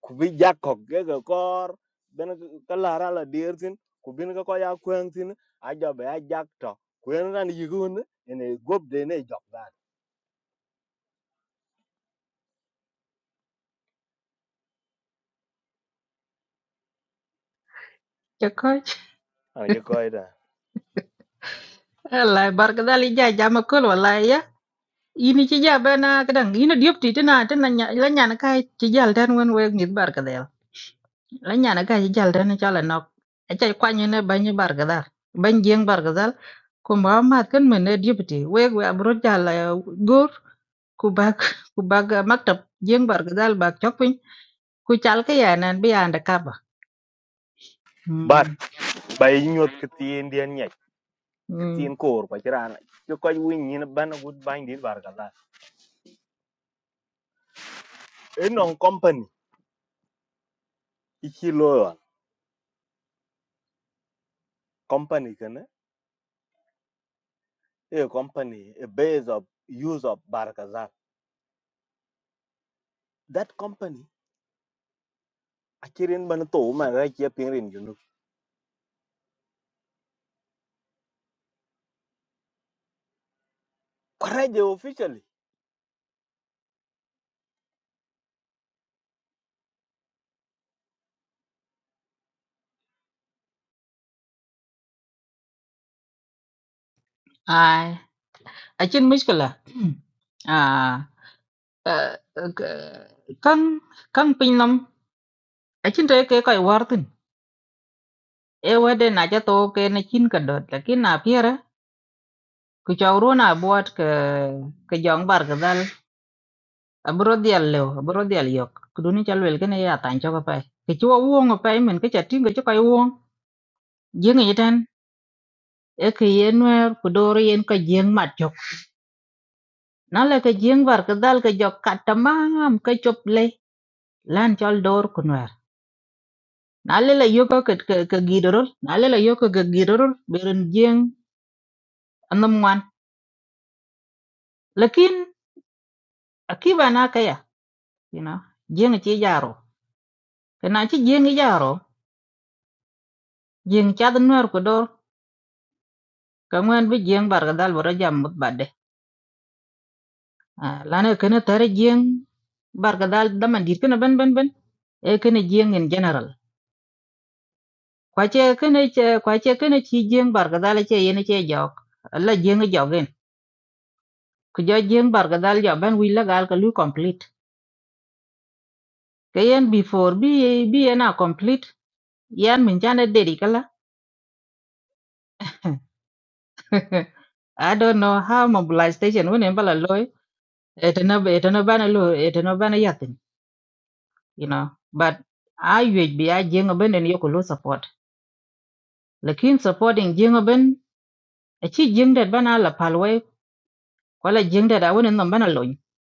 ku bi jakok ke ga kor ben ka lara la dir tin ku bin ka ko ya kwen tin a jo be a jak to kwen ran yigun ene gob de ne jok dan Cha ko. an je ko ida Allah barka dali ja jama kul wallahi ya. ini ci ja bena kadang ina diop ti tina tina nya la nya na kai ci jal den wen we ngi bar ka del la nya na kai ci jal den ci ala nok a ci kwa ni ne ban bar ka dal ban jeng bar ka dal ko ma ma kan men ne diop ti we we abro jal gor ku bag ku bag maktab jeng bar ka dal bag chok pin ku chal ka ya nan bi anda ka ba bar mm bay nyot ke tin den nyek ke mm tin kor pa tiran je ko win ni ban gut ban dir bar ka la e non company ichi lo company kana e company a base of use of bar ka that company akirin ban to ma ra che pin rin junu kare je officially ai a chin mushkila à ờ, ờ, ờ, căng căng pin lắm acin to ke koy wartin e wede na ja to ke na chin ka dot lakin na piera ku chawru na buat ke ke jong bar ga dal abro dial lew abro dial yok kuduni chal wel gene ya tan cho ka pai ke chuo wong pa men ke chatin ke choy wong jeng ni tan e ke yenwer ku dor yen ka jeng mat chok na le ke jeng bar ga dal ke jok katamam ke chop le lan chol dor kunwer na le le yo ke ke gidorol na le le yo ke gidorol beren jeng anam wan lakin akiba na kaya you know jeng chi jaro kana chi jeng jaro jeng chad nuer ko dor ka ngwen bi jeng bar ga dal bora jam mut badde la ne kana tare jeng bar ga dal dama dir kana ben ben ben e kana jeng in general kwa che kana che kwa che kana chi jeng bar ga dal che yene che jok la jeng jogen ku jo jeng bar ga dal jo ben wi la gal ka lu complete kayen before bi bi ena complete yan min chane dedi kala I don't know how mobilization when in Balaloy, it no it no ban lo it no ban yatin, you know. But I would be I jing a ben and yokulu support. Lakin supporting jing a a chi jing that ban ala palway, while a jing that I wouldn't no ban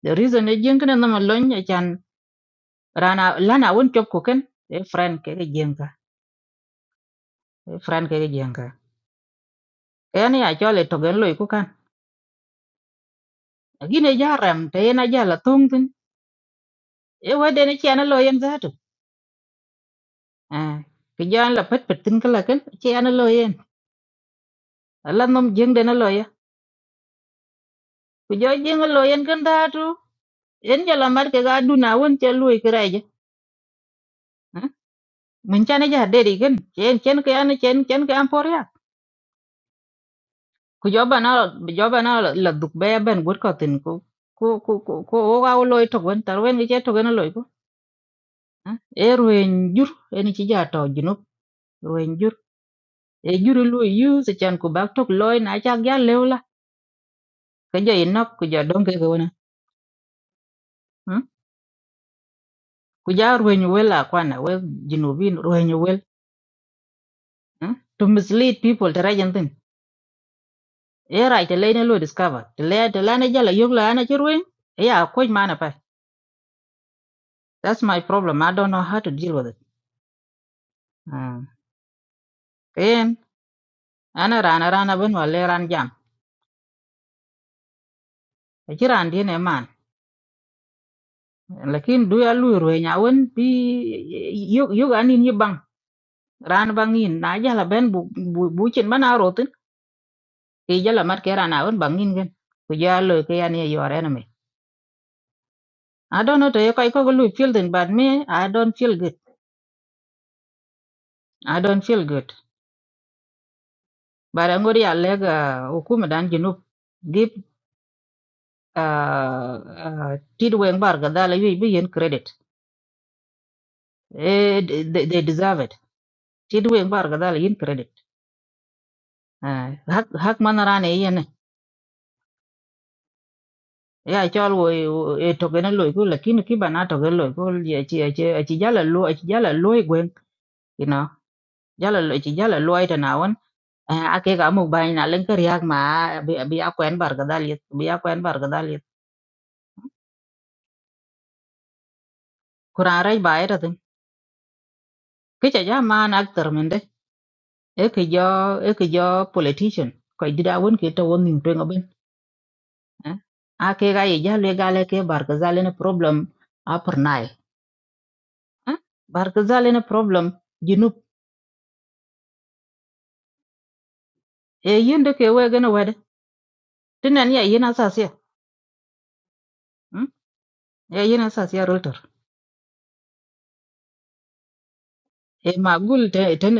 The reason a jing and no alone, I can rana lana won't chop cooking, a friend kege jinga, a friend kege jinga. Any I jolly to gen loy cookan. Again a jaram, tayena jala tungtin, a wedding a channel loy that. à cái gió là phết phết tin cái là cái chị anh lo yên là nó dương đến lo ya cái gió dương lo yên cái đó chú yên cho làm cái gà đun nào yên cho lui cái này mình cha này giờ để đi cái chén chén cái anh chén chén cái anh phải à cái gió bà nó gió bà nó là đục bé bên quất cái tin cô cô cô cô cô gà lo thôi quên tao quên cái chết thôi quên lo cô e rồi jur en chỉ giờ tao junub rồi jur e jur lui use chan cô bác thôi lo nãy chắc giá leo la cái giờ nó cái giờ đông cái cái kuja ruwenyo wel akwana we jinubin ruwenyo wel eh? to mislead people to rajan tin era ite lene lo discover te le te lene jala yog la ana chirwen ya koj mana pa that's my problem i don't know how to deal with it Ah, ken ana rana rana ben wale ran jam achiran dine man lakin du ya lu ruwenya won bi yog yog anin yi bang ran bangin na jala ben bu bu bu chin mana rotin ke jala mat ke rana won bangin gen kuja lo ke ya ne yore na I don't know to you, kai ko lu feel then but me I don't feel good. I don't feel good. But I'm going to leg hukuma dan junub give uh tidweng bar gadala yu bi yen credit. Eh, they, they deserve it. Tidweng bar gadala yin credit. Ah, Hak hak manarane yen ya chol wo wo- e togene loy ko lakini kiba na togene loy ko ye chi chi chi jala lo chi jala loy gwen jala lo ci jala lo ta na won a ke ga mu bai na len riak ma bi bi a kwen bar gadal yet bi a kwen bar gadal yet kuran rai bai ta tin ke cha ja man actor men de e ke jo e ke jo politician ko di da won ke ta won nin pe ngaben a ke ga ye jala gale ke bar gadal ne problem a per nai bar gadal ne problem junub e yende ke we gana wede tinan ya yina sasia ya yina sasia e ma gul te ten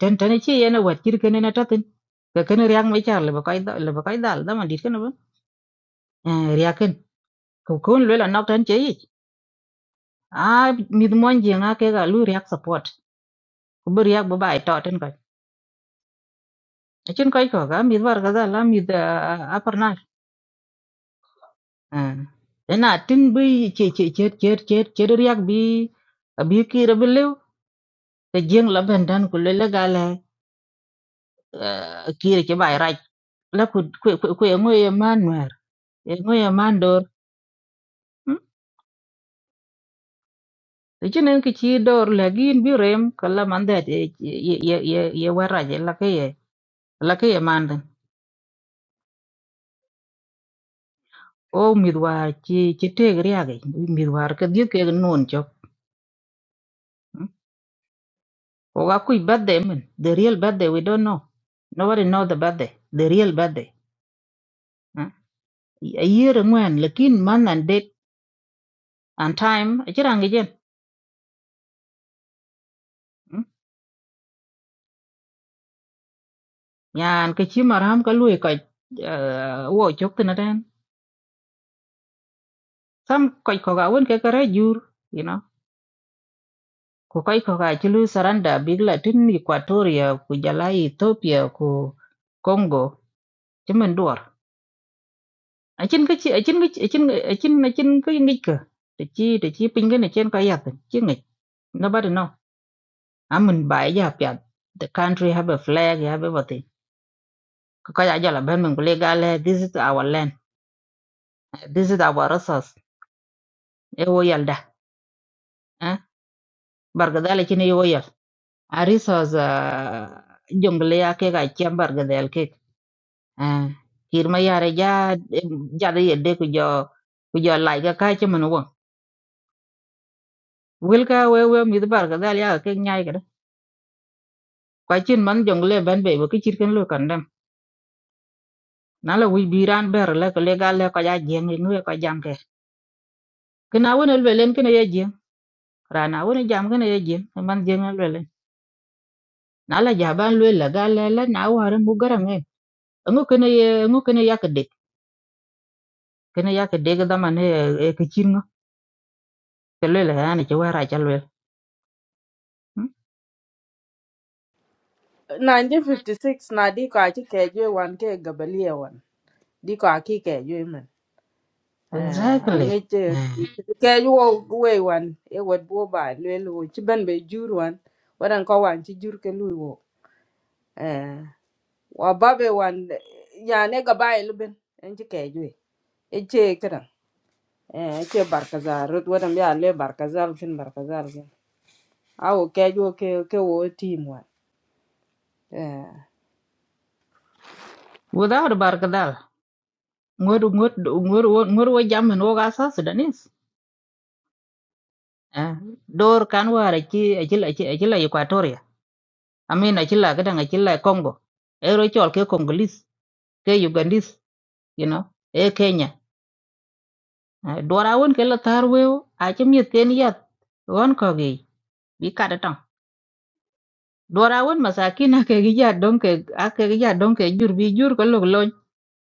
ten ten chi yana wat kir ken na tatin ka ken riang mai char le ba kai da le ba kai dal da man dit ken ba ria ken ko kon le la nok tan che yi a mi mon je nga ke ga lu riak support ko bu riak ba bai to ten ka chin kai ko ga mi war ga da la mi da a par na ena tin bi che che che che che che riak bi bi ki ra bi le te jeng la ben dan ku le la eh, kir ci bay raj la ku ku ku ku ngo ye man mer ye ngo ye man dor ti chenen ki chi dor la gin bi rem kala man de ye ye ye ye war raj la ke ye la ke ye man den o mi dwar chi chi te gri age mi dwar ke di ke non chok o ga ku birthday men the real birthday we don't know nobody know the birthday the real birthday a year ngwen lakin man and date and time chirangi jen nhan ke chi maram ka lui ka wo chok tin den sam koi ko ga won ke kare jur you know ko koi ko ga chi lui saranda big la tin equatoria ku jala ethiopia ku congo chi men duor a chin ke chi a chin ke a chin a chin a chin ke ngi ke de chi de chi ping ne chen ka yak chi ngi nobody know amun ba ya pya the country have a flag you have everything ko ka ya jala ben men ku le ga le this is our land this is our resource e wo yalda bargadal ci ne yoya arisa za jongle ya ke ga ci bargadal ke ah kirma yare ja ja de yedde ku jo ku jo lai ga ka ci mun won wil ka we we mi bargadal ya ke nyai ga kwa chin man jungle ban be ba ki chir ken lo kandam na la wi biran ber la ko le ga le ko ja jeng ni nu ko jam ke kna wona le len kna ye jeng rana wona jam kna ye jeng man jeng le len na la ja ban le la ga le la na waran bu garam e ngo kna ye ngo kna ya ke kene yake dege dama ne e ke chingo kelele yani che wara chalwe 1956 na di ko achi ke jwe wan ke gabalia wan di ko aki ke jwe eh exactly angi che Eh. ke wo we wan e wet bo ba le lu chi ben be jur wan wadan ko wan chi jur ke lu wo eh wa ba be wan ya ne ga ba e lu ben en chi ke ju e che kra eh che barkazar rut wadan ya le barkazar kin barkazar kin awo ke ju ke ke wo team wan eh without barkadal ngur ngur ngur ngur wo jamen wo gasa sudanis Eh, dor kan wara chi achila chi achila equatoria amin achila kadang achila congo ero chol ke congolese ke ugandese you know e kenya Eh, dwara won ke la tarweo achimiet ken yat won kogi bi kada tang. dwara won masakin ake gi ja don ke ake gi ja don ke jur bi jur ko lok lony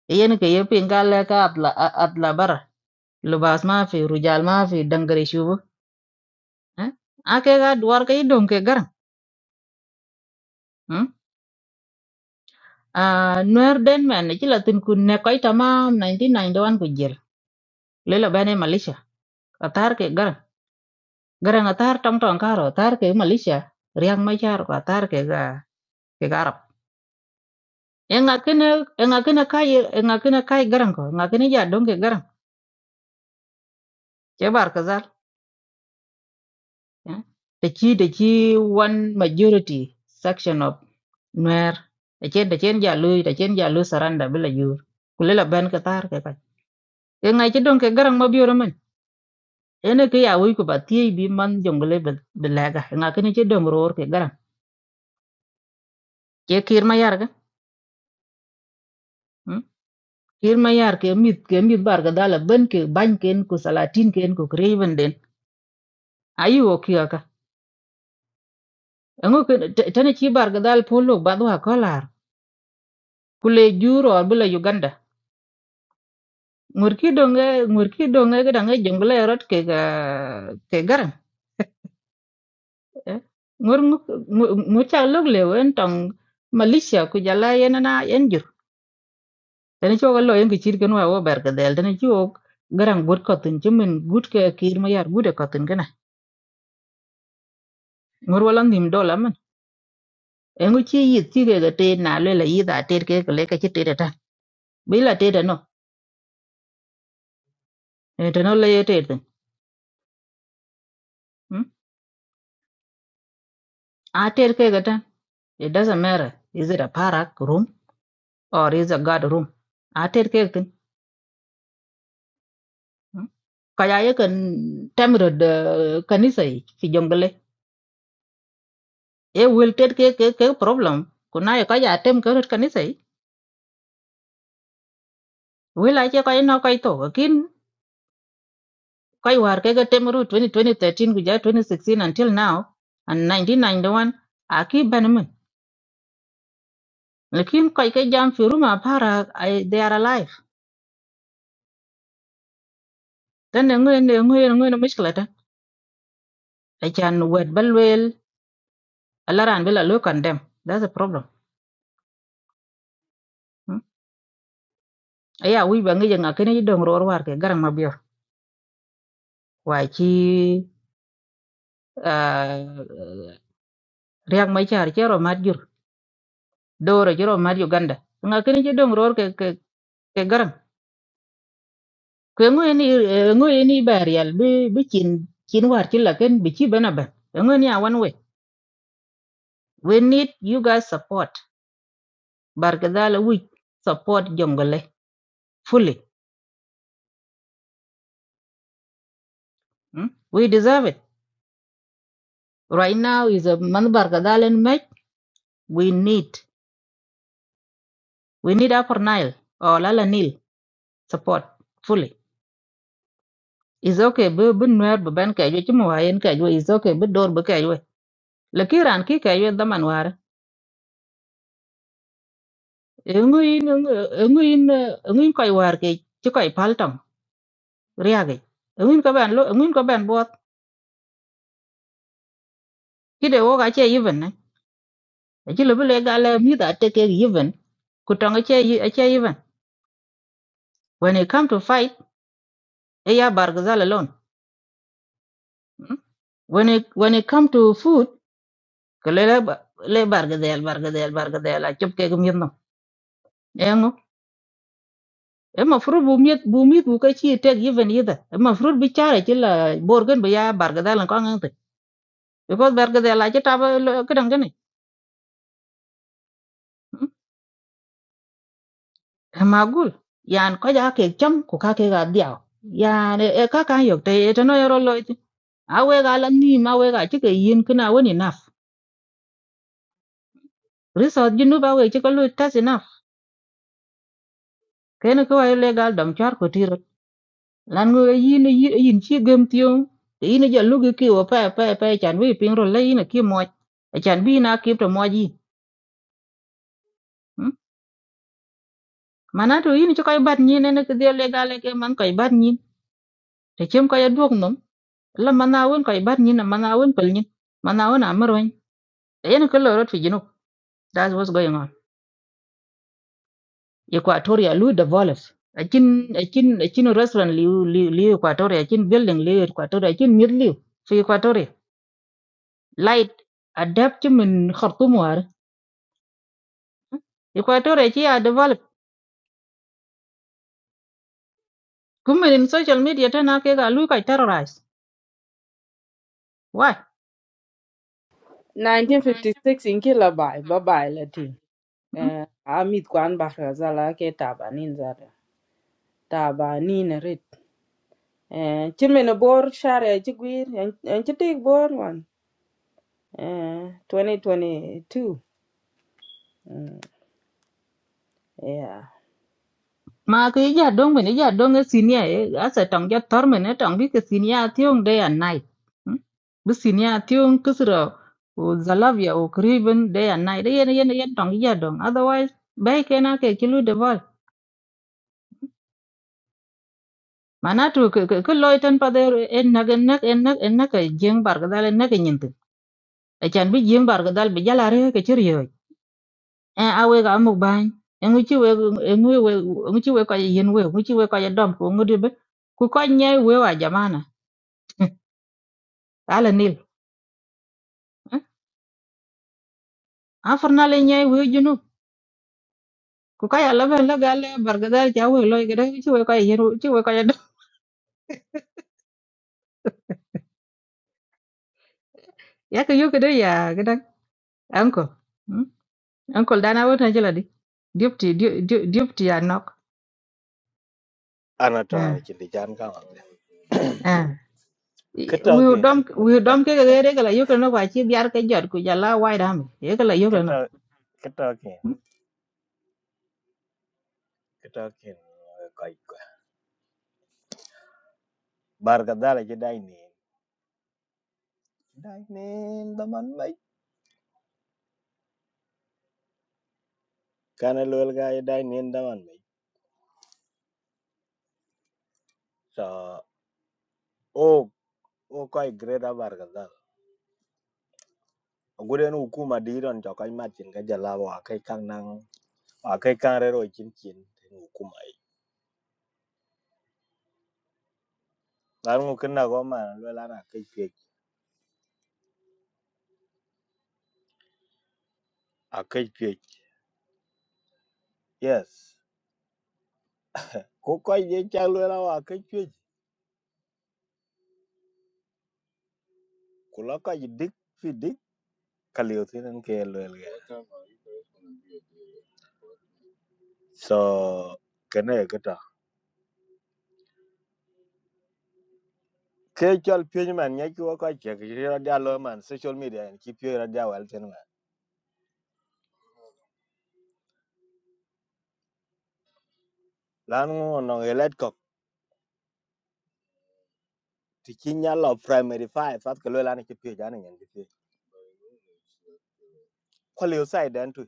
yen ke ye pin ka atla a- atla bara lubas ma fi rujal ma fi dangare shubu eh? ake ga dwar ke don ke gar hmm? a nuer den men ci la tin kun ne koy tamam 1991 ku jel le bane malaysia atar ke gar gar na tar tong tong karo tar ke malaysia riang ma char ko tar ke ga ke garap enga kene enga kene kai enga kene kai garang ko enga kene ja don ke garang Ke bar kazal. eh. Da chi da chi one majority section of Nuer. Da chen da chen jalu da chen jalu saranda bila yur. Kulela ben katar ke kai. Ke ngai ke dong ke garang ma biyo ramen. Ene ke ya wui ku ba tiye bi man jongle belaga. Nga kene che dong roor ke garang. Ke kir ma yar ga. hmm? Kir ma yar ke mit ke mit bar ka dala ben ke bany ken ku salatin ken ku kreven den. Ayu o kiya ka. Engo ke tane chi bar ka dal polo ba dwa kolar. Kule juro bila Uganda. ngur ki donge ngur ki donge ga dange jongle rot ke ga ke garan eh. ngur ngur cha lok le wen tong malaysia ku jala yen na yen jur tani cho ga lo yen ki chir ken wa wo ber ga del tani cho garan bur ko tin chimen gut ke kir ma yar gude ko tin gana ngur wala nim dola man en ku chi yit ti ke ga te na le la yi da te ke ke le ka chi te ta bi la te da no e te no le ye te te a te ke ga ta it doesn't matter is it a parak room or is a god room ater ke tin kaya ye kan temrod eh, kanisa yi fi jongle e will ter ke ke ke problem kuna ye kaya tem ke rut kanisa yi will a che kaya no kaya to kin kaya war ke ke tem rut 2013 guja 2016 until now and 1991 aki benman lekin kaya ke jam fi room apara I- they are alive then ngoy ngoy ngoy no mishkala ta achan wet balwel alaran bila lo condemn that's a problem Ừ. ya wi ba ngi nga kene dong ror war ke garang ma bior wa chi ah, riak ma char chero mat jur doro chero mat uganda nga kene ji dong ror ke ke ke garang ke ngo ni ngo ni barial bi bi chin chin war chi la ken bi chi bana ba ngo ni awan we we need you guys support bar we support jongole fully hmm? we deserve it right now is a man bar ke we need we need upper nile or lala Nile. support fully is okay bu bu nuer bu ben kay ci mo wayen kay we is okay bu dor bu kay we le ki ran ki kay we daman war nguyin nguyin nguyin koy war ke ci koy paltam riage nguyin ko ben lo nguyin ko ben bot ki de wo ga che even ne ci le bu le ga le mi da te ke even ku tong che che even when it come to fight e ya bargazal alone mm? when it when it come to food ko le le bargazal bargazal bargazal a chop ke gum yinno المفروض بوميت بوميت بوكا شي تك يفن يدا المفروض بيشارة كلا بورغن بيا بارغدا لان كون انت because بارغدا لا تابا كدن غني معقول يعني كجا كي كم كوكا كي غادياو يعني إيه كاكا يوك تي تنو يرو لويت awe ga lan ni ma we ga chike yin kina woni naf resort jinu ba we chike lu tas enough kene ko ay legal dom char ko tiro lan người yin na yin yin chi gem tiong te yin ja lu gi ki wa pa pa pa chan wi ping ro le yin ki mo e chan bi na ki to mo ji Hmm? mana to yin cho kai bat ni ne ne ke de le ga le ke man kai bat ni te chem kai duok nom la mana won kai bat ni na mana won pel ni mana won amar wen te yin ko lo rot fi jinu that's what's going on equatoria lu de volas a chin a chin a chin restaurant li li li equatoria chin building li equatoria chin mid li fi equatoria light adapt ci min khartum war equator ci ya develop kum min social media tana ke ga lu kai terrorize why 1956 in kila bai ba bai la team eh amit kwan barkazar la ke tabanin za tabanin rit eh chimin bor share chi gwir en chi tik bor wan eh 2022 Mm, yeah ma ke ja dong min ja dong e senior e asa tong ja tor min e tong bi ke senior tiong day and night Mm. bi senior tiong kusro o zalavia o kriven day and night yen yen yen tong ja dong otherwise bai kena ke ki lu develop manatu ke ke loiten pa der en nagen nak en nak en nak jeng bar ga dalen nak nyin achan bi jiem bar dal bi jala re ke chir yo a we ga mu ban en uchi we en we we uchi we ko yen we uchi we ko dom ko ngudi be ku ko nye we wa jamana ala nil a farna le nye we junu ku ka ya laban la gal bar ga dal ja we loy gede uchi we ko yen uchi we ko dom ya ke yo gede ya gede anko anko dana wona jela di deputy deputy ya nok anata chitichan kaŋade wiu kitokin dom wiu dom ke ga re ga la yokre no wa chi biar ke jot ku jala wai dam ye ga la yokre no kito kitokin kitokin koikkwe barka dhara chidainin chidainin daman mei kana luel ga chidainin daman mei so o o koi greda barka dhara oguden ukuma diron to koi matin ga jalawa kai kan nan a kai kan rero chin chin tin ukuma i dan ukinna go ma luel ana kai pye a kai pye yes ko koi je cha luel a kai pye kula koi dik fi ka liu tin ke lel ge so cái này cái đó, cái chal pye mình, nhớ ko ka che ki ra da lo man social media en ki pye ra da wal tin ma lan ngo no elet ko ti ki nya lo primary five phát cái lo lan ki pye ja ne nyen ki pye ko liu sai đến thôi,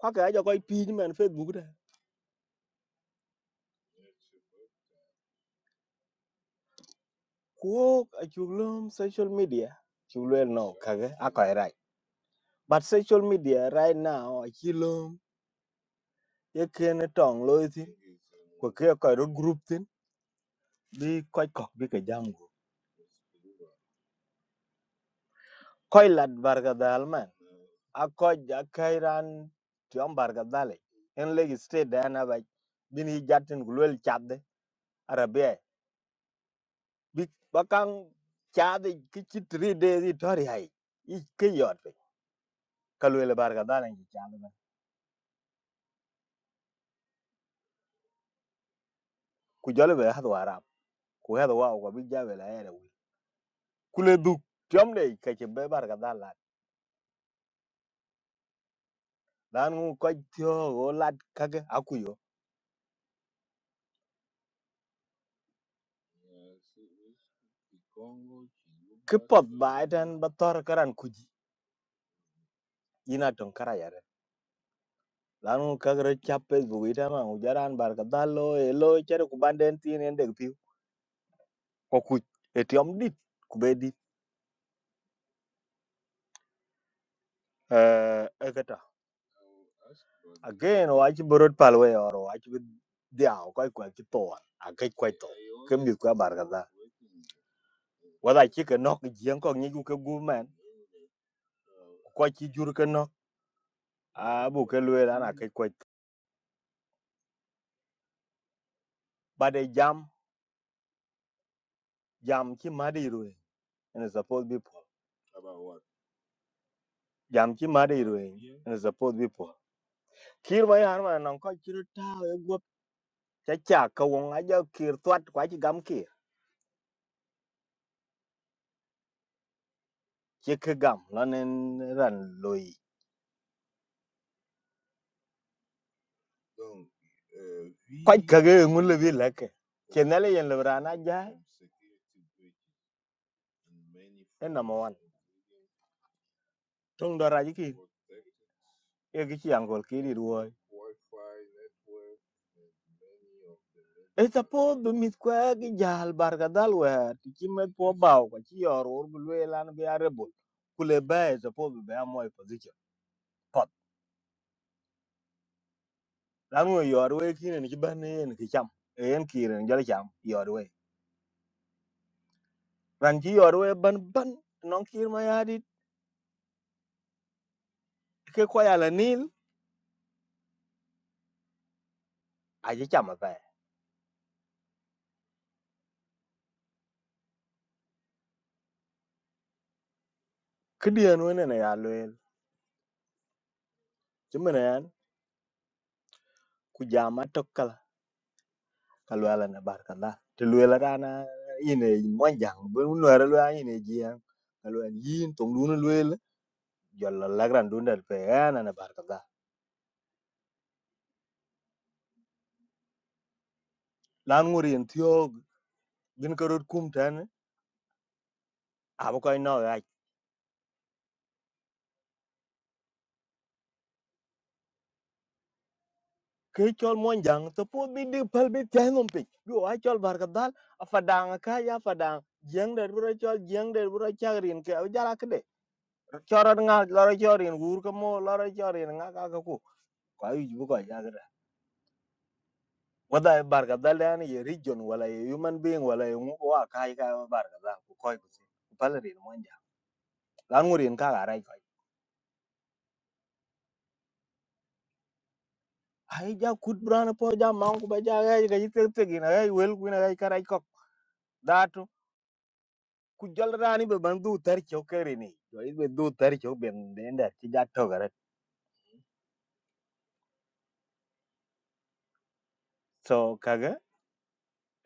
ko cái ja ko pye mình facebook đó, ko a chu lo social media chu lo no ka ge a ko but social media right now a chi lo ye ken tong lo tin ko ke ko ro group thì, đi ko ko bi cái jam koy lat barka dal man a koy a kai ran tiom barka dale en legi state da na ba bin hi jatin gulwel chadde arabe bi bakang chadde ki chi 3 days i tori hai i ke yot eh. kalwel barka dale ki chadde ba ku jole be hadu arab ku hadu wa ko bi jabe la ere wi kule du tiom de ka che be barka dale dan ngu koy tio go lat kage akuyo ki pot ba eten ba tor karan kuji ina ton lanu kakra chap facebook itama ujaran bar ka dalo elo chere ku banden tin en deg piu ko ku etiom dit ku bedi eh ekata again o achi borot palwe oro achi diao ko ko achi to akai ko to kemi ko bar ka da wada chi ke nok jien ko ngi ku gu men ko chi jur ke nok a bu ke lwe ran akai ko bade jam jam chi madi ruwe and it's supposed to be poor. jam chi madi ruwe and it's supposed to be poor. kir ma yar ma nan ko chi ta chacha ka wong aja kir twat kwa chi gam kir chi ke gam la nen ran loi kwa ka ge ngul le bi leke ke na le yen le rana ja en number 1 tong do ra cái e gi chi ăn gọi ki ri rồi ấy ta po bu mit kwa cái jal bar ga dal wa ti chi met po baw kwa chi yor ur bu le lan bi arebul kule ba e ta po bu ba mo e position pot lan wo yor we ki ne cái ban ne en ki cham E en ki ren jal cham yor we ran ci yor we ban ban non kir ma ya dit ke ko ya la nil a ji chama pe kdien wene ne ya loel ci mene yan ku jama tokkala ka loela ne barkala te loela rana ine monjang bu noere loela ine jiyan ka loela yin tong duna loel jolla lagran dundal pe yana ne barkala lan ngurin tiog din ko rot kum tan aba koy no ke chol mon jang to po bi di pal bi tay nom pin yo a chol bar ka dal a fadang ka ya fadang jeng der bro chol jeng der bro chagrin ke a jala kde chorot nga loro chorin gur ko mo loro chorin nga ka ka ku ka yu bu ko ya gra wada e bar ka dal yani ye region wala ye human being wala ye ngu ko ka ka e bar ka dal ku koy ku se ku pal rin mon jang lan ngurin ka ga rai koy ai ja kut brana po ja mang ku ba ja ga ga yitek tegina ga wel ku na ga karai kok datu ku jol rani be ban du tar chok kare ni do it be du tar chok ben den da ti ja to gare so kaga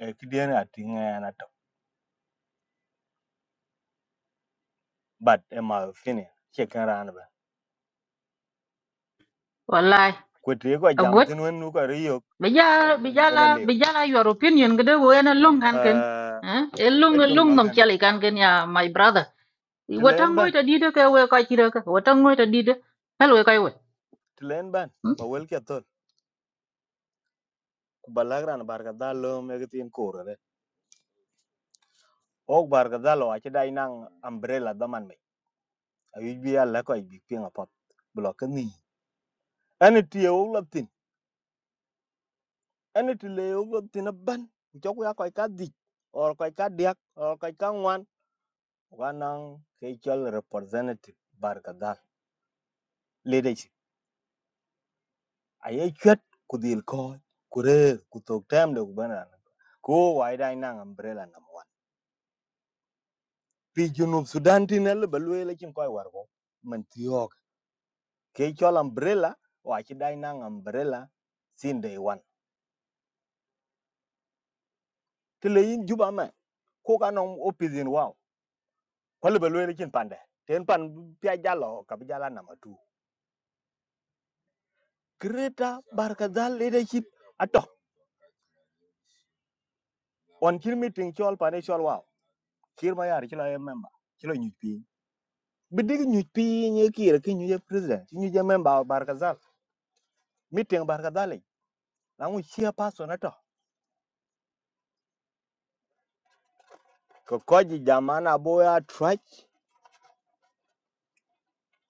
e ti den a ti nga na to but e ma fini che kan ran ba wallahi ku ti ko a jam god tin wen nu ko ri yo Bija bijala ena leo bijala your opinion gede wo ena lung kan ken. eh Eh? E lung e tum ra nom gana chali kan ken ya my brother. ti len Watango ban ita dide ka we ka chira ka. Watango ita dide. Hel we we. ti len ban Hmm? ba wel ke to ku balag ran bar ga dal lo me ga tin ko ok bar dalo dal wa ti dai nang umbrella da man me ayu bi ala ko bi pinga pop blok e ni ani ti o la ene ti le yogo tina ban ku chok ya koy ka di, or koy ka diak or koy ka ngwan wa nang ke chol representative bar ka dal leadership aye chwet ku dil ko ku re ku tok tem de ku bana ko wai dai nang umbrella number 1 pi junub sudan tin le balwe le chin koy war ko man tiok ke chol umbrella wa chi dai nang umbrella sin day one tele yin juba ma ko ka nong opizin wa Kwa lebe lwe kin pande. Ten pan pia jalo kabi jala nama tu. Greta barkazal lede chit. Ato. On kir meeting chol pane chol wow. Kir ma yari chila member. Chila nyuj pi. Bidig nyuj pi nye kira ki nyuje president. Nyuje member barkazal. Meeting barkazal le. Langu chia person ato. Kokoji jamana boya trach.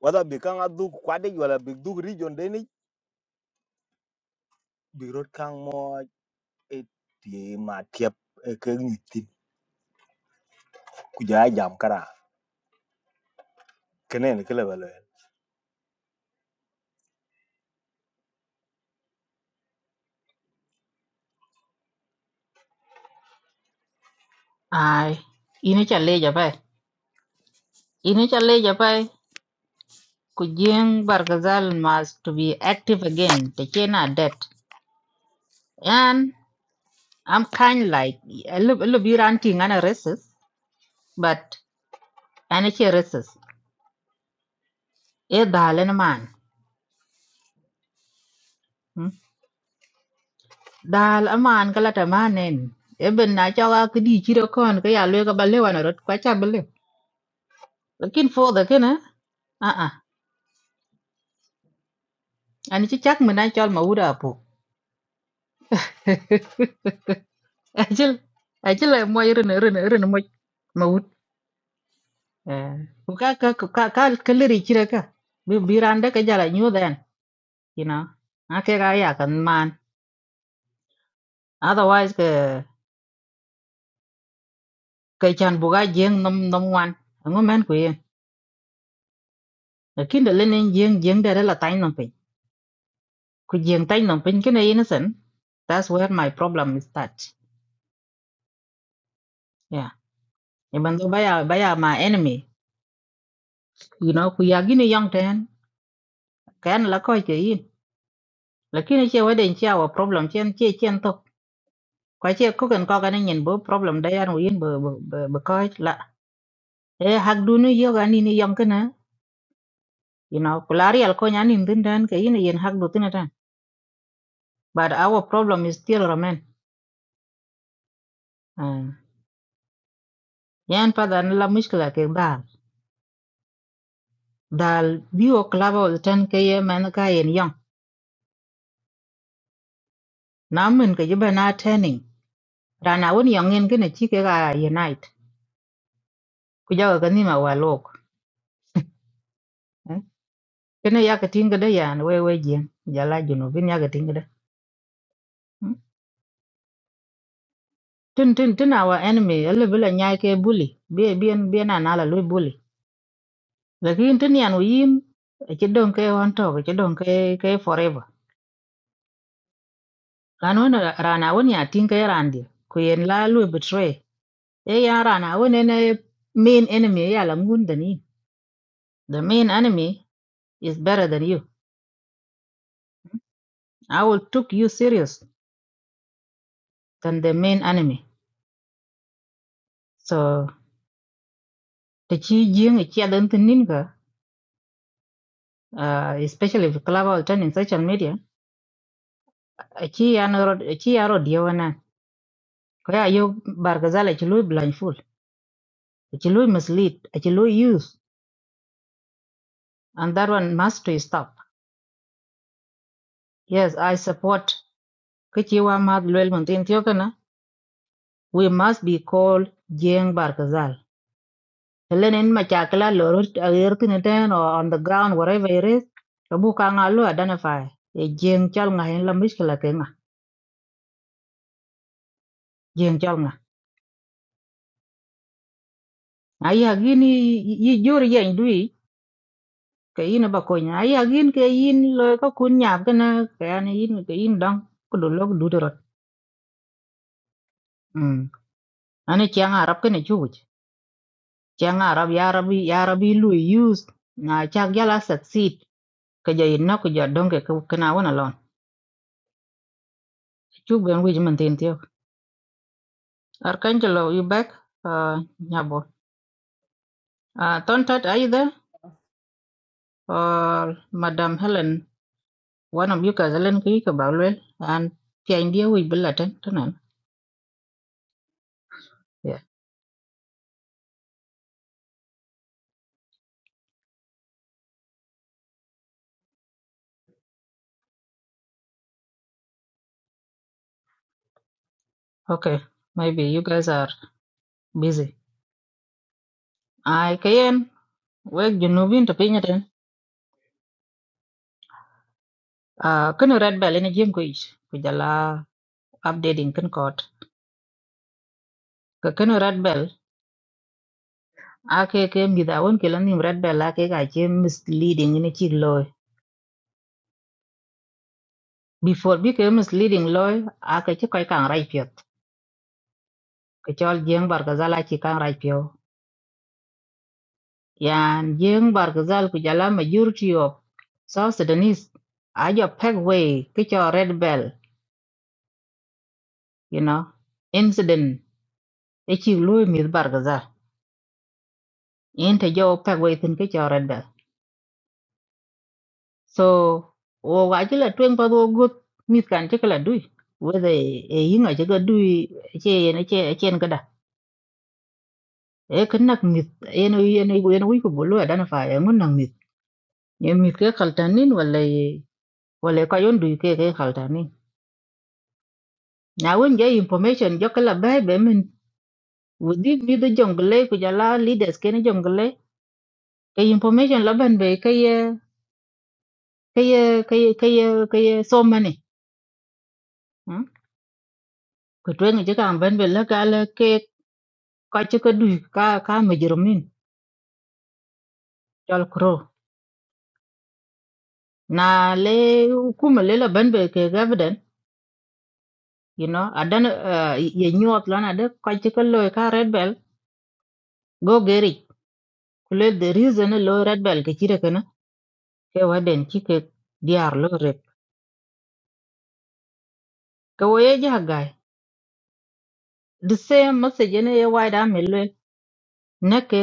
Wada bikang aduk kwadej wala bi bigduk region deni. Birot kang mo e ti ma tiap e ke nyuj tin. Kujaya jam kara. Kenen kele Ai. Ini chale ja pai. Ini chale ja pai. Kujeng Barkazal must to be active again. Tekena debt. And I'm kind like a little bit anti a racist, but and it's a racist. A dalen man. dal aman kala tamanen eben na chawa kidi chiro kon ka ya lwe ka balewa na rot kwa cha bale lakin for the kana a a ani chi chak mena chol ma uda po ajil ajil ay mo irin irin irin mo ma ud eh ku ka ka ku ka ka kaleri chira ka bi biranda ka jala nyu den you know ake ga ya kan man otherwise ka ka chan buga jeng nom nom wan ngo men ku yen lakin de lenen jeng jeng de la tain nom pe. ku jeng tay nom pin kene innocent that's where my problem is that yeah even though baya baya my enemy you know ku ya gini young ten kan la ko ke yin lakini che waden che our problem chen che chen to ko che ko kan ko kan nyen bo problem da yan win bo bo bo ko la e hak du nu yo gani ni young kana you know ku la real ko nyan in din dan ke yin yin hak du tin dan but our problem is still remain uh, yan pa dan la mushkila ke dal dal biwo klabo tan ke ye man ka yin young Namun ka jiba na tani rana wani yongin gina chi ke ga unite ku jaga ka nima walok eh? kene ya ka tinga da yan we we jien jala junu bin ya ka tinga da hmm? tin tin tin awa enemy ele bila nyai ke bully bi bien bien ana la lui bully lakin tin yan yin ke don ke on to ke don ke ke forever rana wani rana wani ya tinga ya randi ku yen la lui betray e ya rana wani ne main enemy ya la mun da ni the main enemy is better than you I will took you serious than the main enemy. So the chi jing a chi adon ninka, uh, especially if club or turn in social media, a chi anarod a chi arod Diwana, Kaya yo bargazala chi lui blindfold, a chi lui mislead, a chi lui use, and that one must to stop. Yes, I support kichi wa mad luel muntin tiokana. We must be called jing bargazal. lenin machakla lo ertine ten or on the ground wherever it is rabu ka nga lo identify e jeng chal nga hen la mishkila ke nga jeng chal nga ay hagin yi jor yen dui ke yin ba ko nya ay hagin ke yin lo ka kun nyap ke na ke an yin ke yin dang ko do lok du dorot mm ane chiang arab ke ne chuj chiang arab ya rabi ya rabi lu use na chak yala succeed ke jayin na ko jadong ke kana wana lon chu ben wi man tin Archangelo, you back? Uh, Nyabo. Uh, Tontat, are you there? Or Madam Helen, one of you guys, Helen Kuyikabalwell, and the idea we will attend tonight. Yeah, okay. Maybe you guys are busy. I can wake Junubin to pin it in. Uh, can red bell in a gym Kujala updating kan court. Can you red bell? Ake came with a one killing red bell, ake I came misleading in a chick loy. Before became misleading loy, ake chick I kang not write Kachol Jiang Bargazal achi kang raj pio. Yan Jiang Bargazal kujala majority of South Sudanese. Ajo peg way kicho red bell, you know, incident. Ichi lui mith Bargazal. Inte jo peg way thin kicho red bell. So, wo gaji la tueng pa do gut mith kan chikala dui. Whether e yinga chika dui che yen che chen kada. E kanak mith yen yen yen yen wiku bulu identify ngun nang mith. Yen mith ke kaltanin wala wala ko yon du ke ke kaltani na won je information jo kala be be min wudi mi do jongle ku jala leaders ken jongle ke information laban be ke ye ke ye ke ye ke ye ke ye so mane ko to ngi ka ban be la kala ke ka che ka du ka ka me jerumin jol kro na le kuma le laban be ke gavden you know adan uh, ye nyuot lan ade ka che ka lo ka red bell go geri kule the reason lo red bell ke chire kana ke waden chike diar lo rep ke wo ye ja gai the same message ne ye wai da mel wel ne ke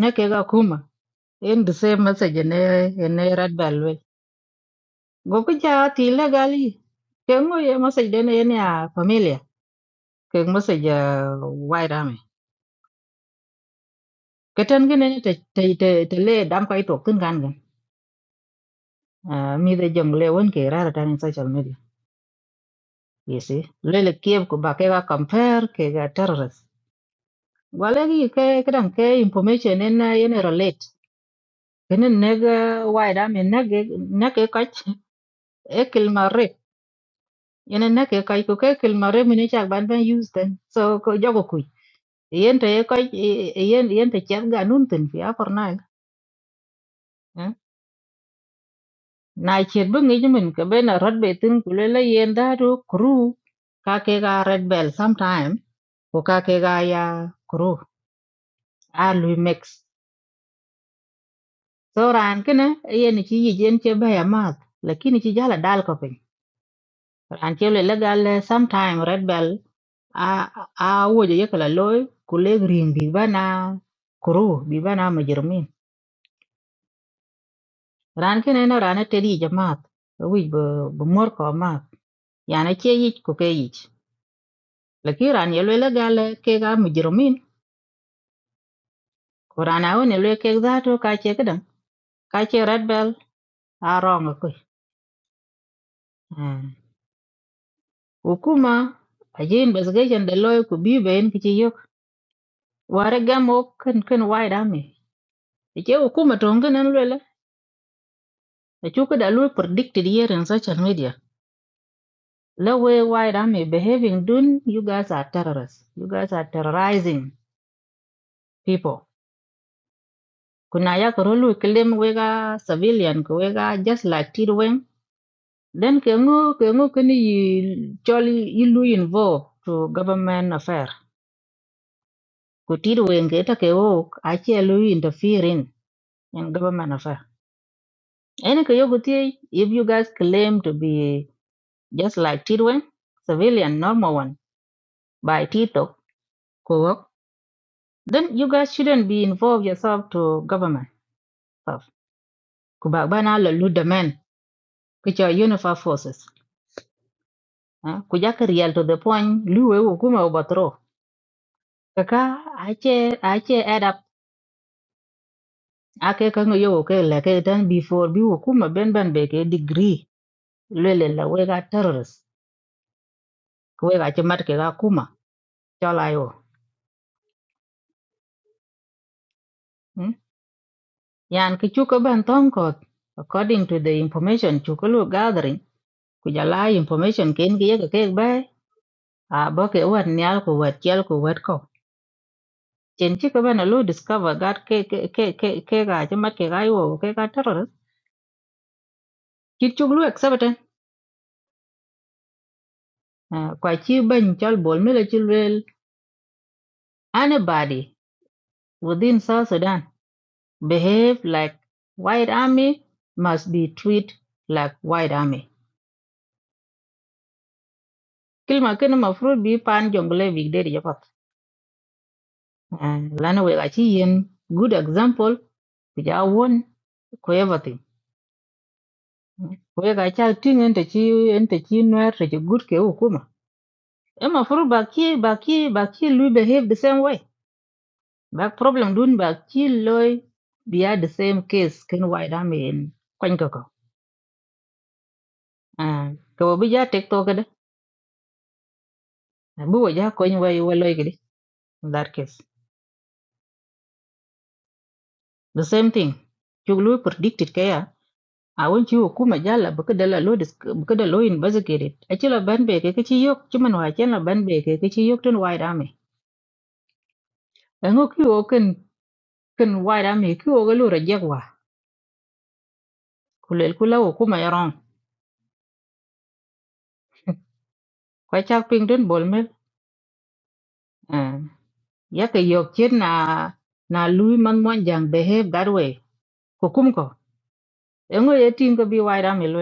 ne ke ga kuma en the same message ne ye ne rat bal wel go ku ja ti la gali ke ngo ye message de ne ye ne a familia ke message ah, wai da me ke tan ge ne te te te te le dam kai to kun gan gan Ah, mi de jong le won ke ra ra ta ni social media you see le le kiev ko ba ke ga compare ke ga terrorist Gwala ki ke kidan ke information ena ene relate. Kenen nega waida men nege nege kach ekil mare. Yene nege kach ko ke ekil mare mene chak ban ben use den. So ko jogo kui. Yen te ye kach yen yen te chat ga nun tin fi apar nag. Na chet bu ngi jimin ke ben a rat be tin kulela yen da do kru ka ke ga red bell sometime ko ka ke ga ya kru. A lui mix. so ran kene yen ci yijen ce be amat lakini ci jala dal ko pin ran ce le legal eh, sometime red bell a a woje yekala loy ku le green bi bana kuru bi bana majirmin ran kene na ran te di jamat wi be be mor ko amat yana ce yich ku ke yich lakini ran ye le legal ke ga majirmin ko ran a woni le ke zato ka ce kadan ka ce red bell a wrong ko Hukuma aje investigation de loy ku bi ben ki yok ware gam o ken ken wide army je hukuma to ngen an lwela a chuka da lu predicted here in social media la way wide army behaving dun you guys are terrorists you guys are terrorizing people kuna ya ko lu claim we ga civilian ko we ga just like tirwen then ke ngu ke ngu ken yi choli yi involve to government affair ko tirwen ke ta ke o a che lu interfering in government affair. Any Kayoguti, if you guys claim to be just like Tidwin, civilian, normal one, by Tito, Kuwok, then you guys shouldn't be involved yourself to government stuff. Kubagbana lulu the men, which are unified forces. eh, Kujaka real to the point, luwe wukuma overthrow. Kaka, ache, ache add up. Ake kango yo ke leke then before bi wukuma ben ben beke degree. Lele la wega terrorist. Kwega chemat kega kuma. Chola yo. Hmm? yan ki chuka ban ton ko according to the information chuka lu gathering ku jala information ken ki yaka kek bai a bo ke wat nyal ku wat chel ku wat ko chen chi ka ban lu discover gat ke ke ke ke ke ga che mat ke ga yo ke ga terror ki chuk lu accept eh, kwa chi ban chal bol mele chi wel anybody within south sudan behave like white army must be treated like white army kilma ken mafruit bi pan jongle big daddy Eh, lana we gachi yen good example kuja won ko everything we gacha ting ente chi ente chi noer te good ke hukuma ema furu baki baki baki lui behave the same way back problem dun baki loy biya the same case ken why da men kwen ko ko Ah, ko bi ja tek to kada bu wa ja kwen wai wa loy gidi in that case the same thing chuglu predicted kaya awon ci hukuma jala baka dala lo dis baka da lo investigated aci la ban be ke ci yok cuman wa ken la ban be ke ci yok tun wai dame ngo ki wo ken ken wai dame ki wo galo rajek wa kulel kula hukuma yaron kwa chak ping dun bol mel ya ke yok chen na na lui man mon jang behave that way hukum ko ngo ye tin ko bi wai dame lo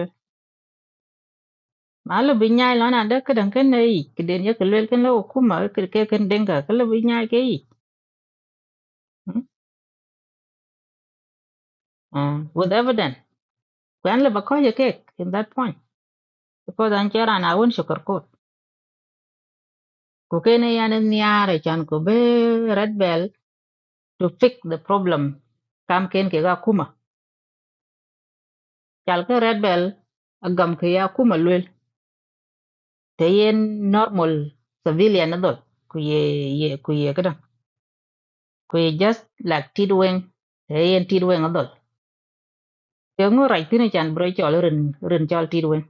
malo bi nyai lon anda kadan ken nei kiden ya ke lel ken lo hukuma ke ke ken denga kala bi nyai ke yi Hmm? Ah, with evidence kwen le bakoje kek in that point because an chera na won sugar coat ko kene yan niare chan ko be red bell to fix the problem kam ken ke ga kuma chal ke red bell agam ke ya kuma lwel te yen normal civilian adol ku ye ye ku ye kada ku ye just like tidwen te yen tidwen adol ke ngo rai tine chan bro chol rin rin chol tidwen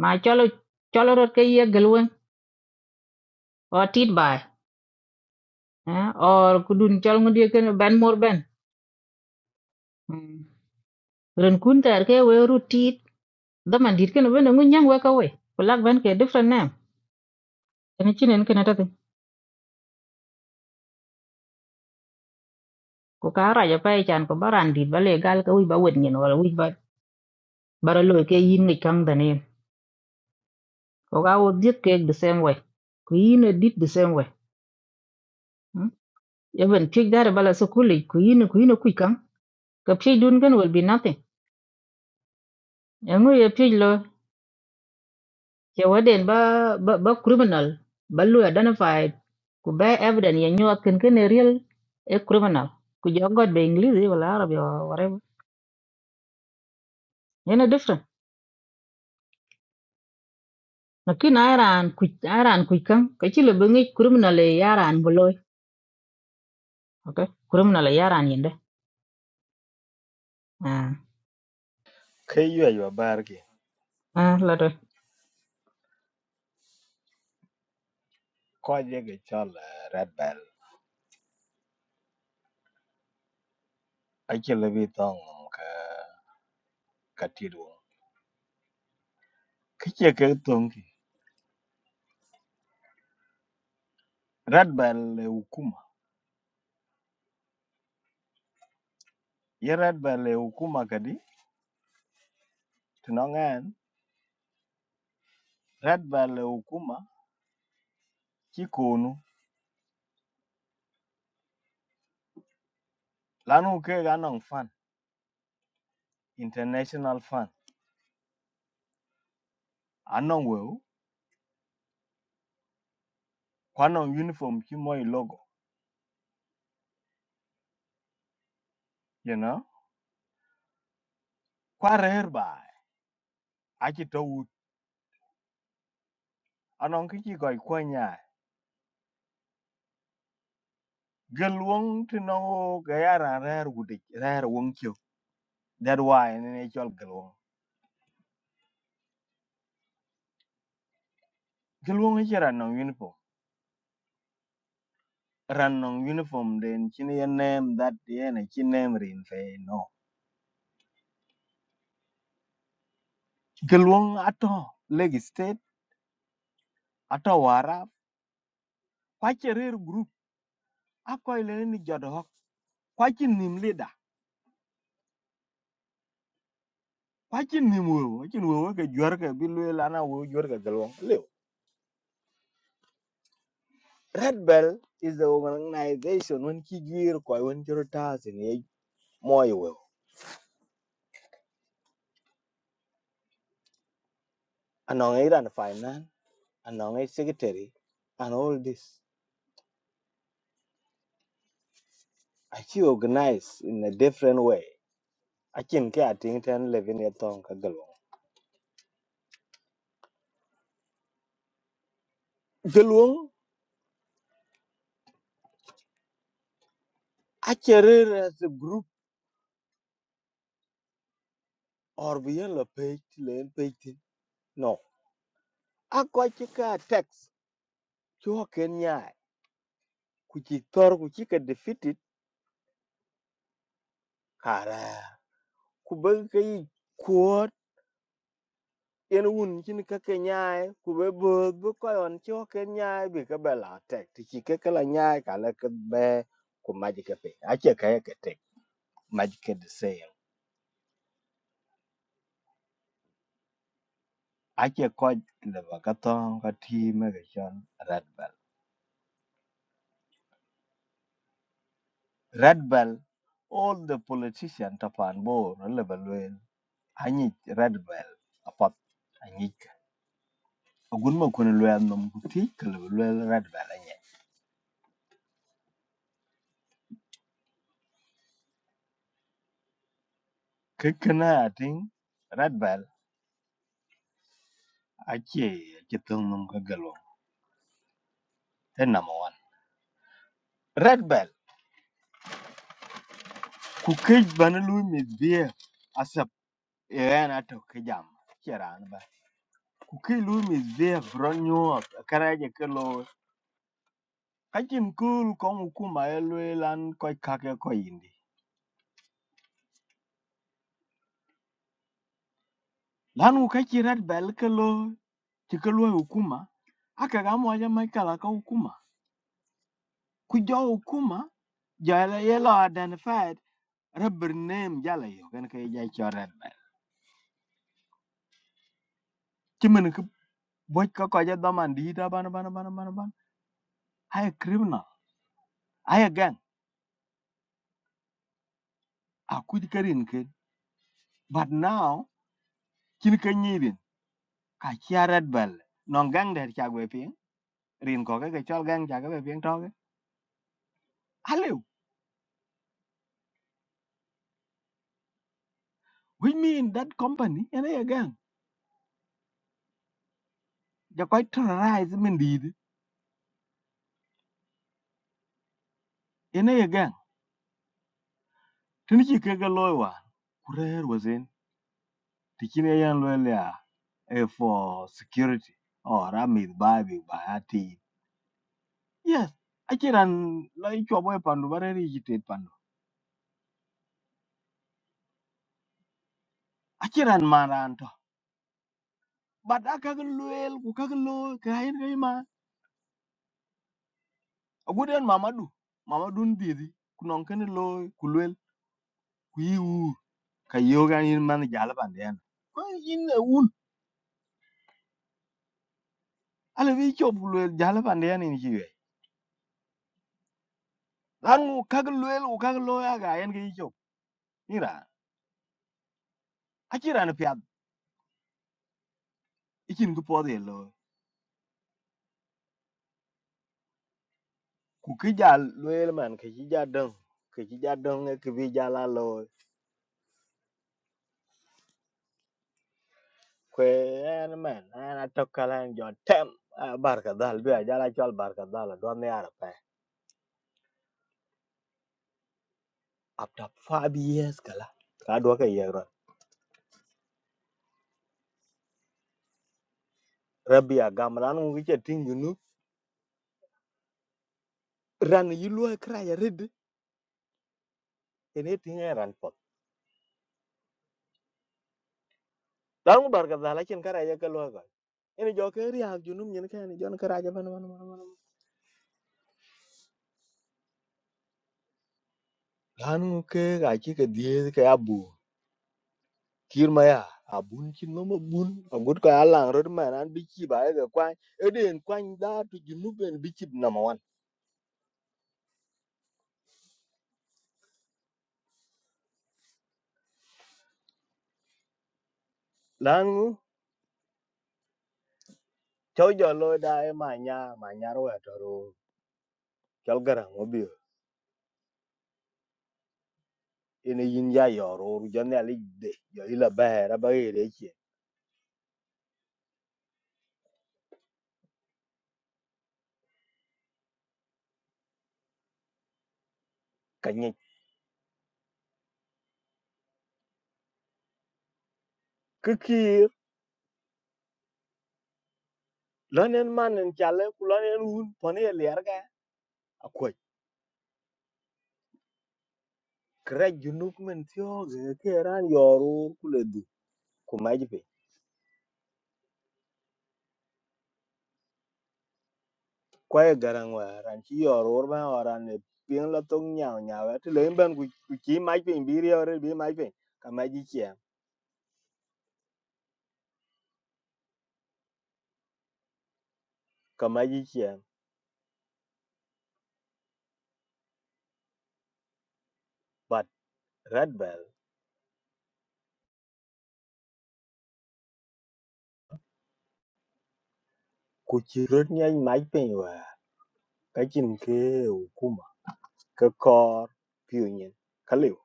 ma cholo cholo rot ke ye gelwen o tidbai or kudun chol ngodie ken ban mor ben Mm. ren kun tar ke we ru tit da man dit ken ben ngun nyang we ka we ko lak ben ke different name ene chinen ken ta ko ka ra ja pai chan ko baran dit ba le gal ka wi ba wet nyen wala wi ba bara lo ke yin ni kang da ne ko ga wo dit ke the same way ku yin e dit the same way mm? even pig da bala so kuli ku yin e- ku yin ku kang ka pig dun ken will be nothing engu ye pig ya waden ba ba, ba criminal ba lu identified ku ba evidence, ya nyuat ken ken a real a criminal ku jogot be english wala arabi or whatever yana different lakin iran ku iran ku kan ka ci le bengi criminal ya iran boloy okay criminal ya iran yende ah ke yuɛc ba baar ki ah la do kɔc yeke cɔl rat bɛl acïlë bï thöŋ ka ka tit wöŋ ki ce kek thöŋ ki red bɛl e ukuma ye rat bɛl e ukuma kadi tɛ nɔŋɛn rat bɛl e ukuma ci koonu lanu kek a nɔŋ fan international fan a nɔŋ weu ku a uniform ci moi logo you know ku a ba, baai aci tɔ wut a nɔŋ ki ci kɔc kuɔny yaai gel wöŋ tɛ nɔŋ o ke ya raan reer That why in actual Galwang. Galwang is a non uniform. Run non uniform then chini a name that yeah na chin name rin fe no. Galwang ato leg state ato wara kwache rare group ako ile ni jodho kwache nim leader kwache nim wo chin wo ke jwar ke bilwe lana wo jwar ke Galwang. Leo. Red Bell is the organization when ki gwir kwa when jiro tas in ye moyo wo. Anong iran finance, anong e secretary and all this. achi organize in a different way achin ke ating ten levin ya tong ka galong galong acherer as a group or be a la page len page no akwa chika text cho kenya ku chi tor ku chi ka defeated kara ku ba kai kuot en un chin ka kenya ku be bo bo ko on cho kenya bi ka bela text chi ke kala nya ka la ka be ku majike pe ache ka ya ke text majike ache kɔc leba ka thɔŋ ka tii meke cɔl red bell red bell all the politician tapan bor leba lueel anyic red bell apath anyic ke agun ma kune lueel nom ku tii ke leba lueel red bell anyɛ kekena atiŋ red bell ace ace thöŋ nom ka gelwom te number one red bell ku kec bana lui mithbia asep eɣɛn atök ki jam ci raan ba ku ki lui mithbia bro nyuɔɔt karaje ke kachin kul ko mukuma e lwe lan koy kake ko yindi lan ku kachi rat bel ke lo ti ke lo hukuma aka ga mo ja mai kala ka hukuma ku jo hukuma jala ye lo identified rubber name jala yo kan ka ja cho rat bel ti men ku boy ka ko ja daman di da ban ban ban ban ban ay criminal ay gang a ku di karin ke but now kin ka nyirin ka chi rat bel non gang der cha gwe pin rin ko ka ke chol gang cha ga be pin to which mean that company ene ye gang ja koy terrorize men did ene ye gang tini chi kega loy wa kurer wazen tikine yan loy la e for security or amid babi ba ati yes achiran loy chobo e pandu bareri jite pandu achiran maranto but akaga loyel ku kaga loy kain kai ma aguden mamadu mamadu ndidi kunon kene loy kulwel kuyiu kayoga in man jalaban den ko in ala wi chop luel jala pande yan in jiwe dan u kag luel u kag lo ya ga yan ki chop ira akira na pya ikin ku pode lo ku ki jal luel man ki ji ja dong ki ji ja dong e ki bi jala lo kwe yan man an atok kalan jo tem Ah, barka dal bi a jala chol barka dal do ne ara pa after five years kala ka do ka yero rabia gamran ngi che tin yunu ran yi luel kra ya red ene tin ran dan mu bar kaza lakin kara ya kalwa ga ina jo ke ri ha junum nyen ka ni jon kara ja ban ban ban ban lanu ke ga ki ka die ka ya bu kir ma ya abun kin no ma bun agut ka alang rod ma nan bi ki ba ga kwa eden kwan da tu junub en bi ki na ma wan lanu to jo lo da e ma nya ma nya ro ya to ro kal gara mo bi ina yin ya yo ro ru jon ya li de yo ila ba ra ba re ki ka ni ki ki lonen man en chale ku lonen un pone ya akwai kra junub men tio ge ke ran yoru kule du kuma jipe kwa e garang wa ran chi yoru ba wa ran ne ping la tong nyao nyao ti le ban ku ku chi mai pe bi ri ore bi mai pe ka mai ji che ka mai ji che but red bell ku chi rot nyai mai pe wa ka chin ke hukuma ka kor piu nyen ka liu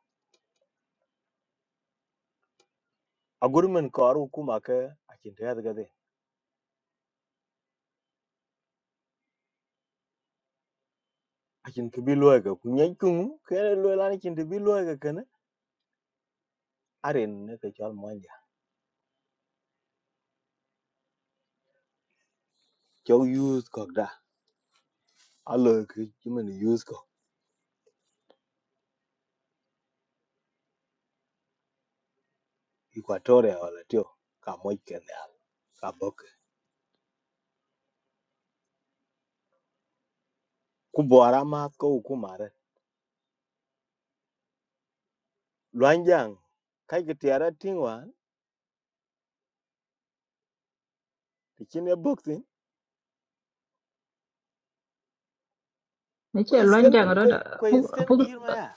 a gurmen kor hukuma ka a chin te ga de a chin ke bi lo ga ku nyai ku ke lo la ni chin te bi lo ga Aren, ne arin ne ke chal mo cho use ko da alo ki chimen use ko equatoria wala tio ka moy ken ya ka bok ku bora ma ko ku mare luanjang kai ki tiara tingwa ti chine boxing ni ko ce lon isen jang ro ko ko da pung isen pung kirma ya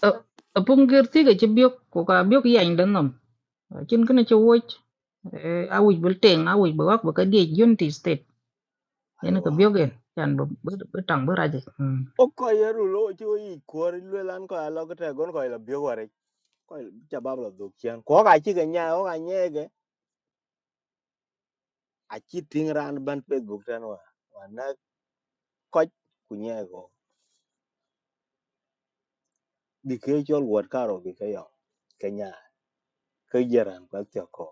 pung gerti ga ci biok ku ka biok yañ dan nom cin kana ci wuc awuc bul teng awuc ba wak ba ka diej yunti ene ko aiwa biogen chan bu bu tang bu raje mm oko yeru lo jo i kor lwe lan ko alo ko te gon ko la bio ware ko jabab la duk chen ko ka chi ga nya o ga nyege a chi ting ran ban facebook tan wa wana ko kunye go dike chol wor karo gi kayo kenya ka jaran kwa tyo ko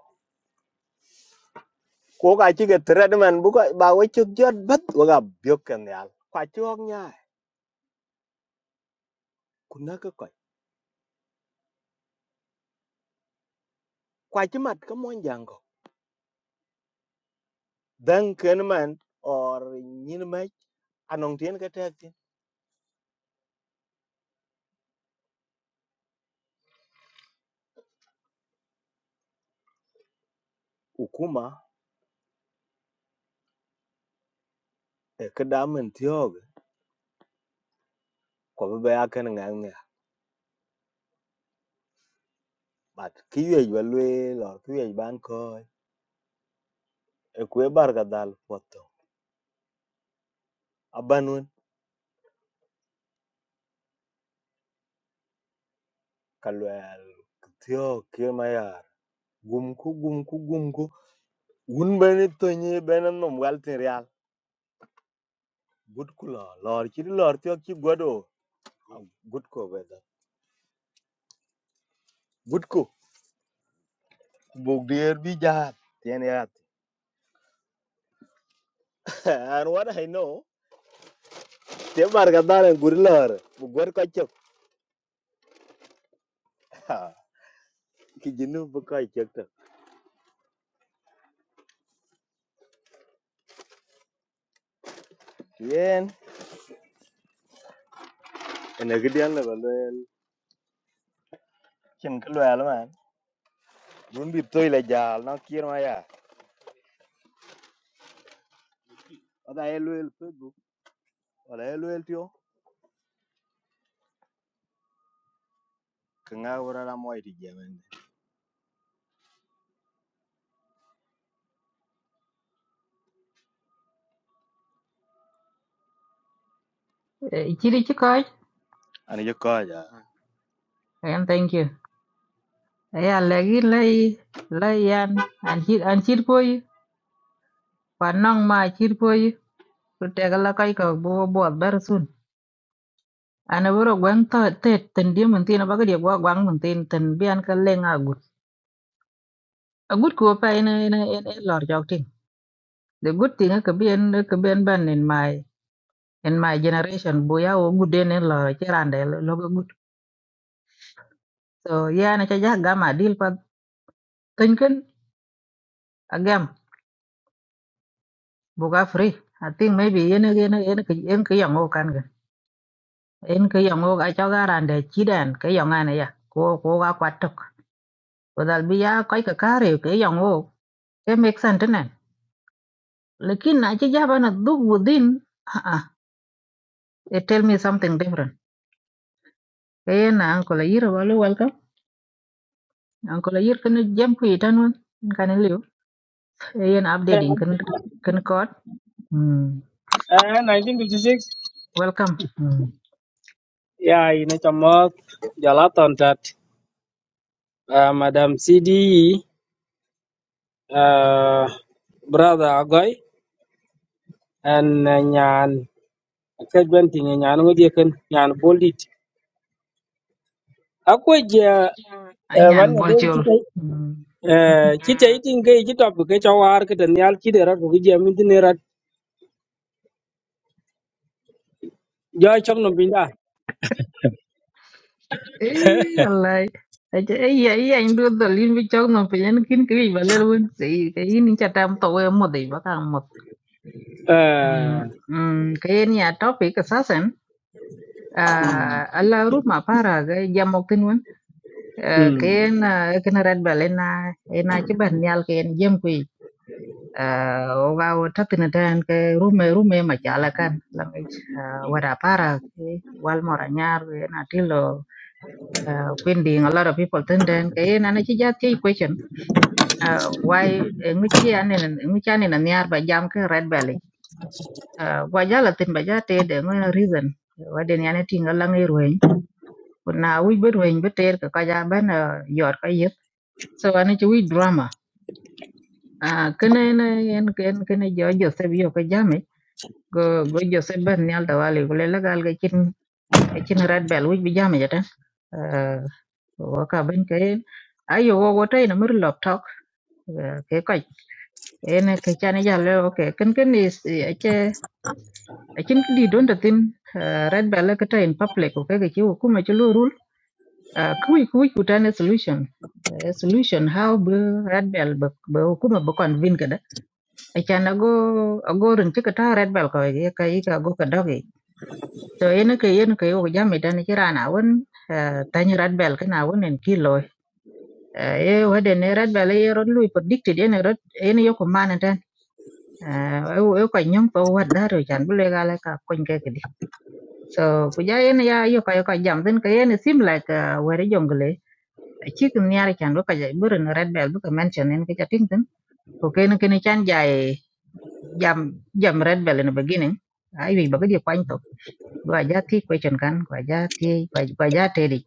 ko ka chi ke tred man bu ko ba we chu jot bat wa ga byok ken yal kwa chu ok nya ku na ka ko kwa chi mat ka mon jang ko dan ken man or nyin ma anong tien ka tek tin ukuma e ka da man tyo ge ko ba ya ken ngang ne bat ki ye ba lwe lor ki ye ban ko e ku bar ga dal foto abanun ka lwel tyo ke ma gumku, gum ku gum ku gum ku un bene tonye bene nom gal real Good ko la lor ci lor ti ci godo good ko be da good ko Buk dir bi jahat. Tiyan ya. and what i know te bar ga dalen gur lor bu gor ko ci ki jinu bu ko ci ta Tiyan. ene gidi yalla ba loyal Cin ke luel man. Bun bi toy le jal. Nang kir ma ya. oda e loyal facebook oda e loyal ti o ka nga wora la moy ti jemen chiri chi koy an je ko ja and thank you ya legi lay lay yan an chir an chir koy pa nang ma chir koy ku tegala kai ko bo bo ber sun ana boro gwang ta te ten di mun tin ba gadi gwa gwang mun tin ten bian ka lenga gut a gut ko pa ene ene ene lor jok ting the good thing ka bien ka bien ban in my in my generation bo ya o gudene lo chirande lo go gut so yeah na cha ja gama deal pat Kany kin agam buka free. I think maybe yen yen yen yen ke yang o kan gan. Yen ke yang o ga cho ga ran de chi dan ke này này à, ya. Ko ko quạt kwat tok. Ko bây giờ ya kai ka kare ke yang o. Ke make sense thế này, Lekin na chi ja bana dug within. Ah ah. It tell me something different. Ke yen na uncle yir walu welcome. Uncle yir kan jam ku itan won. Kan liu. Yen updating kan kan kod. Hmm. And 1956, Welcome. Hmm. yeah, inachamok Jalaton that uh, Madam CDE, uh, Brother Agoy, and uh, Nyan Kadwenting, Nyan Wodiakan, Nyan Boldit. Akwaja, Anyan one of them bolchol. today. kita uh, kita Hmm. itin kai kita bu kai cawar ke dan yal ki dera bu ji amin dinera ja chok no binda Ê, lại ai chứ ấy ấy anh đưa tờ liên với cháu nó phải nhắn kín cái gì và lên luôn gì cái ini chặt tam tổ em một đấy bác hàng một Ừm, eh ừm, cái ini à topic cái sen à hmm alla rút mà para cái jam một tin luôn Ờ, hmm. cái en cái nó red bell en en chứ bạn nyal cái en jam quỳ à oga thắt tin tan cái rume rume mà chả là can là cái vada para cái wal mora cái na uh, when being a lot of people turn then kay na na chi jat chi question uh, why ngi chi an en ngi chi an en niar ba jam ke red belly uh, wa jala tin ba jate de ngi reason wa den yana tinga la ngi ruin na wi be ruin be ter ka ka ja ben uh, yor ka yep so an chi wi drama uh, kene na en ken kene jo jo se bi ka jame go go jo se ben nyal da wali ko le la gal ga chin ga chin red bell wi bi jame jata uh, wa ka ben kay ayo wo wo tay na mir laptop Và kế hoạch ene ke chane ja le oke ken ken is eche echin di don da tin ah, red bell ka ta in public ko ke ki ku ma chulu rul ku ku ku ta ne solution Eh, solution how be red bell be ku ma be kon vin ka da echan ago ago rin ti ka ta red bell ko ye ka i ka go ka dogi so ene ke ene ke yo ja me da ne kira na won ta ni red bell ka na won en kilo e wede ne red bell ye ro lui predicted ene ro ene yo ko man e wo ko nyam ko wadda ro chan bu le gale ka kon ke kidi so ku ja yen ya yo ka yo ka jam den ka yen sim like were jongle chi kun nyar chan bu ka ja bu ren red bell bu ka mention en ke ja ting den ko ken ken chan ja jam jam red bell in the beginning ai wi ba ga di kwan to ba ja ti question kan ba ja ti ba ja te di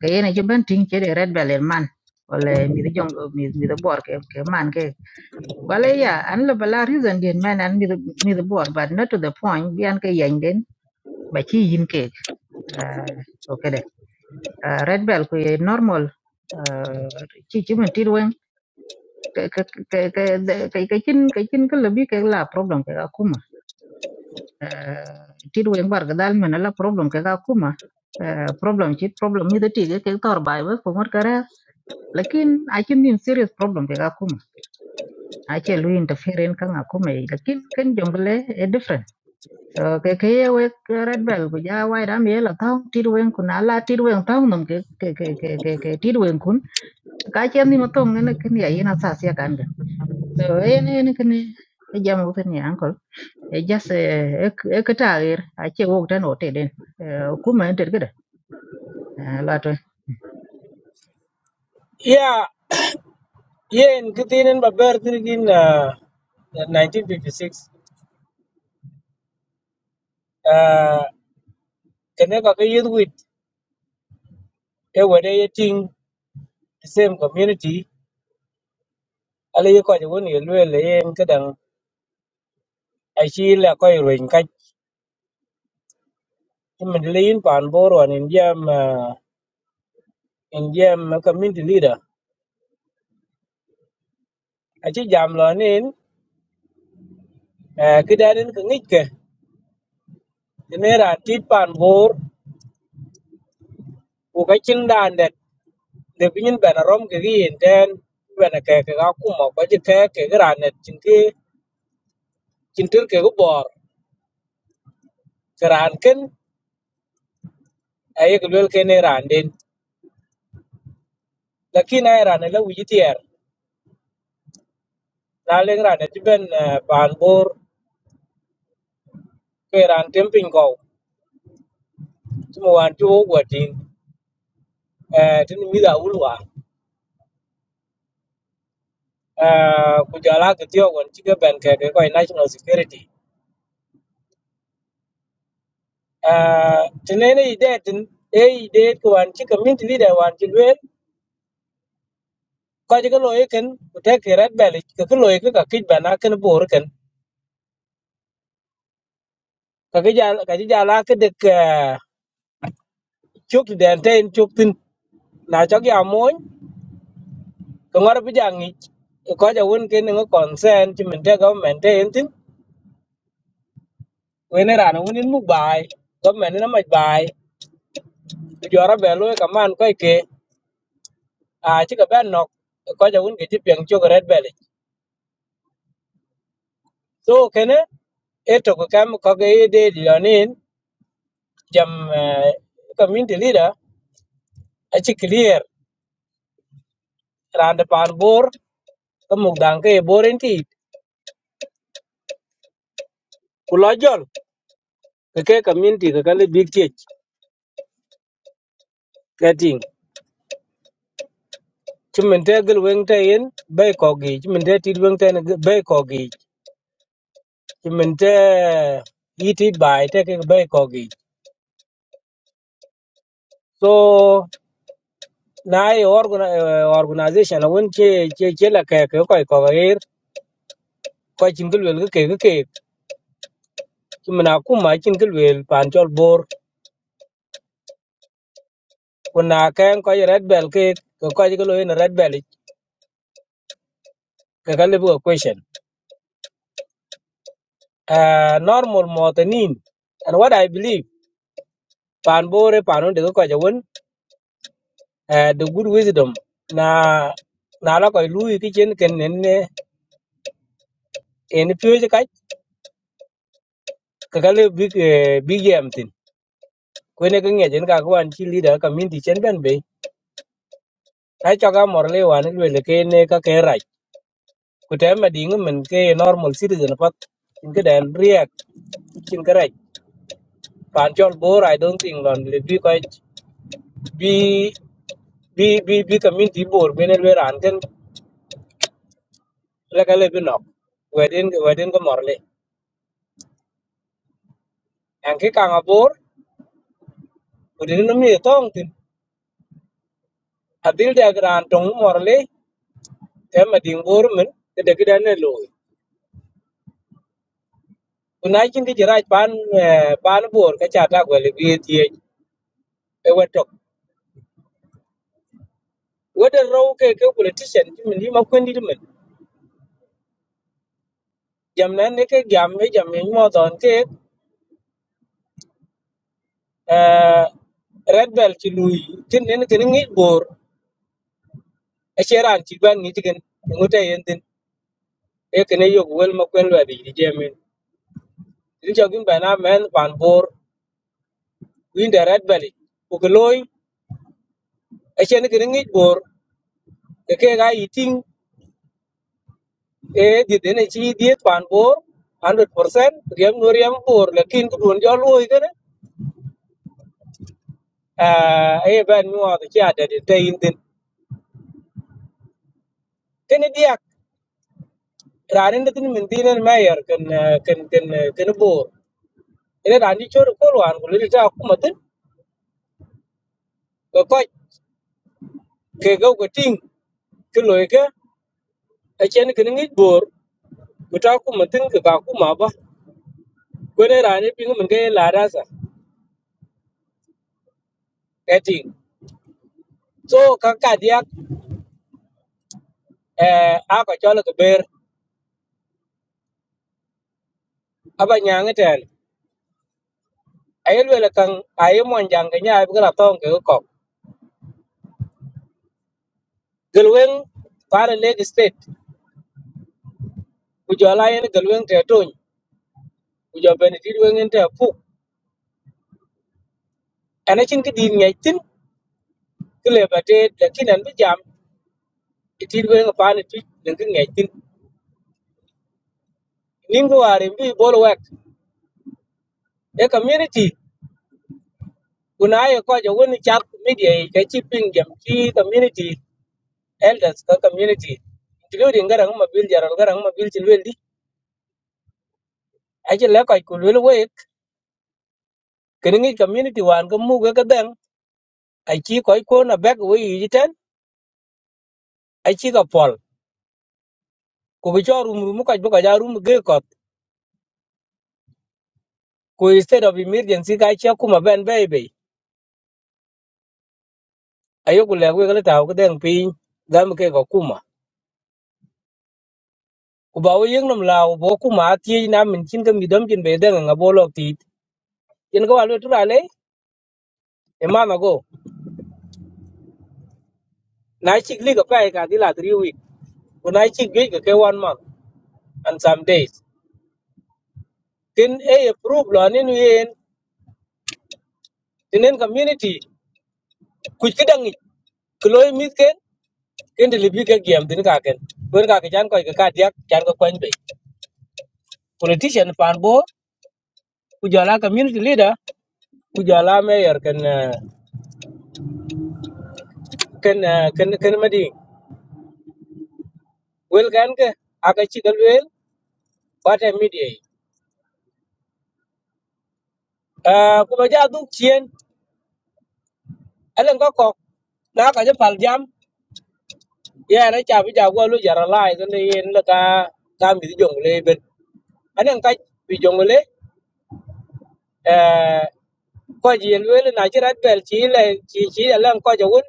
ka yen chi ben ting che de red bell en man ole mi de jong mi mi de bor ke ke man Well, yeah, and the Belarusian did man and with with the board, but not to the point. Bianca Yanden, but she in cake. Uh, okay, then. uh, red bell, we normal. Uh, chi chi mình tiêu quen cái cái cái cái cái cái chín cái chín cái lebih cái là problem cái aku mà tiêu quen bar cái dal mình là problem cái aku mà Uh, problem chi problem như thế thì cái cái tàu bài với cũng mất cái ra. lakin akin nin serious problem cái aku mà ai chơi lui interfere cái aku mà lakin cái jungle a different. so cái ke we red bell bây giờ wai da mi là thong ti wen kun ala ti wen thong nằm cái cái cái cái cái cái ti wen kun cái chuyện ni ma thong ne ke ni ai na sa sia kan ga so e ne ne cái ni cái ja mo cái ni ankol e ja se e cái ta er a che wo ta no te den ku ma enter cái da la to ya Yeah, in Kitinin Babert in uh, 1956, uh, Kanaka youth with a wadating the same community. Ali ko je woni lwe le en kadang a shi la ko yin ka min le yin pan boro an indiam uh, indiam community leader a chi jam lo nin kidaden ka ngik ke ne ra tit pan bor u ka chin dan det de pinin bana rom ke yin ten bana ke ka kuma ko je ke ke ran net chintur ke go bor karan ken aye ko lel ken ran den lakin ay ran la wi tier na le ran ti ben eh, ban bor ke ran temping go tumo wan tu go tin eh tin mi da ulwa eh ku jala ke tio gon ti ke ben ke ke ko national security eh tinene ide tin e ide ko wan ti community leader wan ti lel ko ji ko loye ken ku te ke red bel ke ko loye ke ka kij bana ken bor ken ka ke jala ka ji jala ke de ke chuk den ten chuk tin na cho ya moñ ko ngor bi jangi ko ja won ken ngo consent ci min te government te entin we ne rana wonin mu bai government na mai bai ku jora be lo ka man ko ke a ci ka ben nok ko ja won ke ci peng cho red bele so kene e to ko kam ko ge de lonin jam eh, community leader a ci clear randa pan bor ko mu dan ke boren ti ku lo jol ke ke community ke kale big church ci min te gil weng te yin bei ko gi ci min te tit weng te bay bei ko gi ci min te yiti bai te ke bay ko gi so na ye organa- eh, organization won ce ce ce la ke ke ko e ko er ko cin gil wel ke ke ke ci min akum ma cin gil wel pan chol bor kuna ken ko ye red bell ke ko ko gil wel red bell e, ke ka lebu ko question uh, normal motanin and what i believe pan bore pan de ko ja uh, the good wisdom na na la koy lui ki chen ken nen ne en pyo je kai ka ka le big eh, big yam tin ko ne ka nge chen ka ko an chi leader ka min di chen ben be ai cho ga mor le wan le le ke ne ka ke rai ku te ma ding men ke normal citizen pat in ke dan react chin ka rai pan chol bor i don't think lon le bi ko bi bi bi bi community bor men le ran ken la ka le bi no wedin wedin ko mor le an ke ka ga bor Kudin no mi tong tin. Adil de gran tong morle te ma ding bor men te de gran ne lo. Kunai chin ki jirai pan eh, pan bor ka cha ta gwele bi tie e wetok. Wede row ke ke politician ti men di ma kwendi di men. Jam nan ne ke jam e jam e mo don ke eh, red belt ci luy tin nen ken ngi bor e cheran ci ban ngi tigen ngote yen tin e ken yo wel ma kwen wadi di jemin ni jogin bana men ban bor win the red belt ko loy Echen ki ringi bor ke ga eating e di dene chi di pan bor 100% riem no riem bor lakin ku don jo loy gane e ban mi wa ki ada de te in din ken diak ranin de tin min dinen mayer ken eh, ken ken eh, ken bor ene ran di chor ko wan ku li ta ku matin ko ko ke go ko ting ke loy ke echen ki ringi bor ku ta ku matin ke ba ku ma ba ko ne ran ping min ke la ra sa cái chuyện số các cái đi eh a ko chol ko ber aba nyang ten ay lwele kan ay mon jang ke nyaa bi la ton ke ko gelwen para leg state ku jola yen gelwen te ton ku jo ben ti wen te pu ana chin ki din ngai tin ki le ba te de kin an bi jam ti wen pa ne ti den ki ngai tin nim ko are bi bol wek e community kuna ye ko jo woni chat media ke chi ping jam ki community elders ka community including garang ma bil jaral garang ma bil chin wel aje le koy ku lul we kene community wan ko mu ga den achi koy ko ko na back we yiten achi ga pol ku bi cho rum rum ko ga ja rum ge ko ku instead of emergency ga cha kuma ben be be ayo ku le we ga ta ko den pin dam ke ko kuma ku ba we yeng nam lao bo kuma ti na min chin ga mi dam chin be den nga bo lo ti yen ko alu tura le e ma ma go na chi li ga pa ka di la 3 week ku na chi ge ga ke one month and some days tin e approve lo ni yen tinen community kuc ki daŋic ki lo imith ken kendi libi ke giam thin kaken kwen kaki chan koc ki kat yak chan ko kony bei politician pan bor ku jwala community leader ku jwala mayor ken eh, ken eh, ken ken mading wel kan ke aka ci gal wel kwate media yi Ah, kuma ja duk chien elen ko kok na ka je pal jam ye na cha bi ja go lu jara lai ken yen la ka ka mi jong le ben anen ka bi jong le eh ko ji yen wel na ci rat pel ci chỉ ci ci lan ko ja won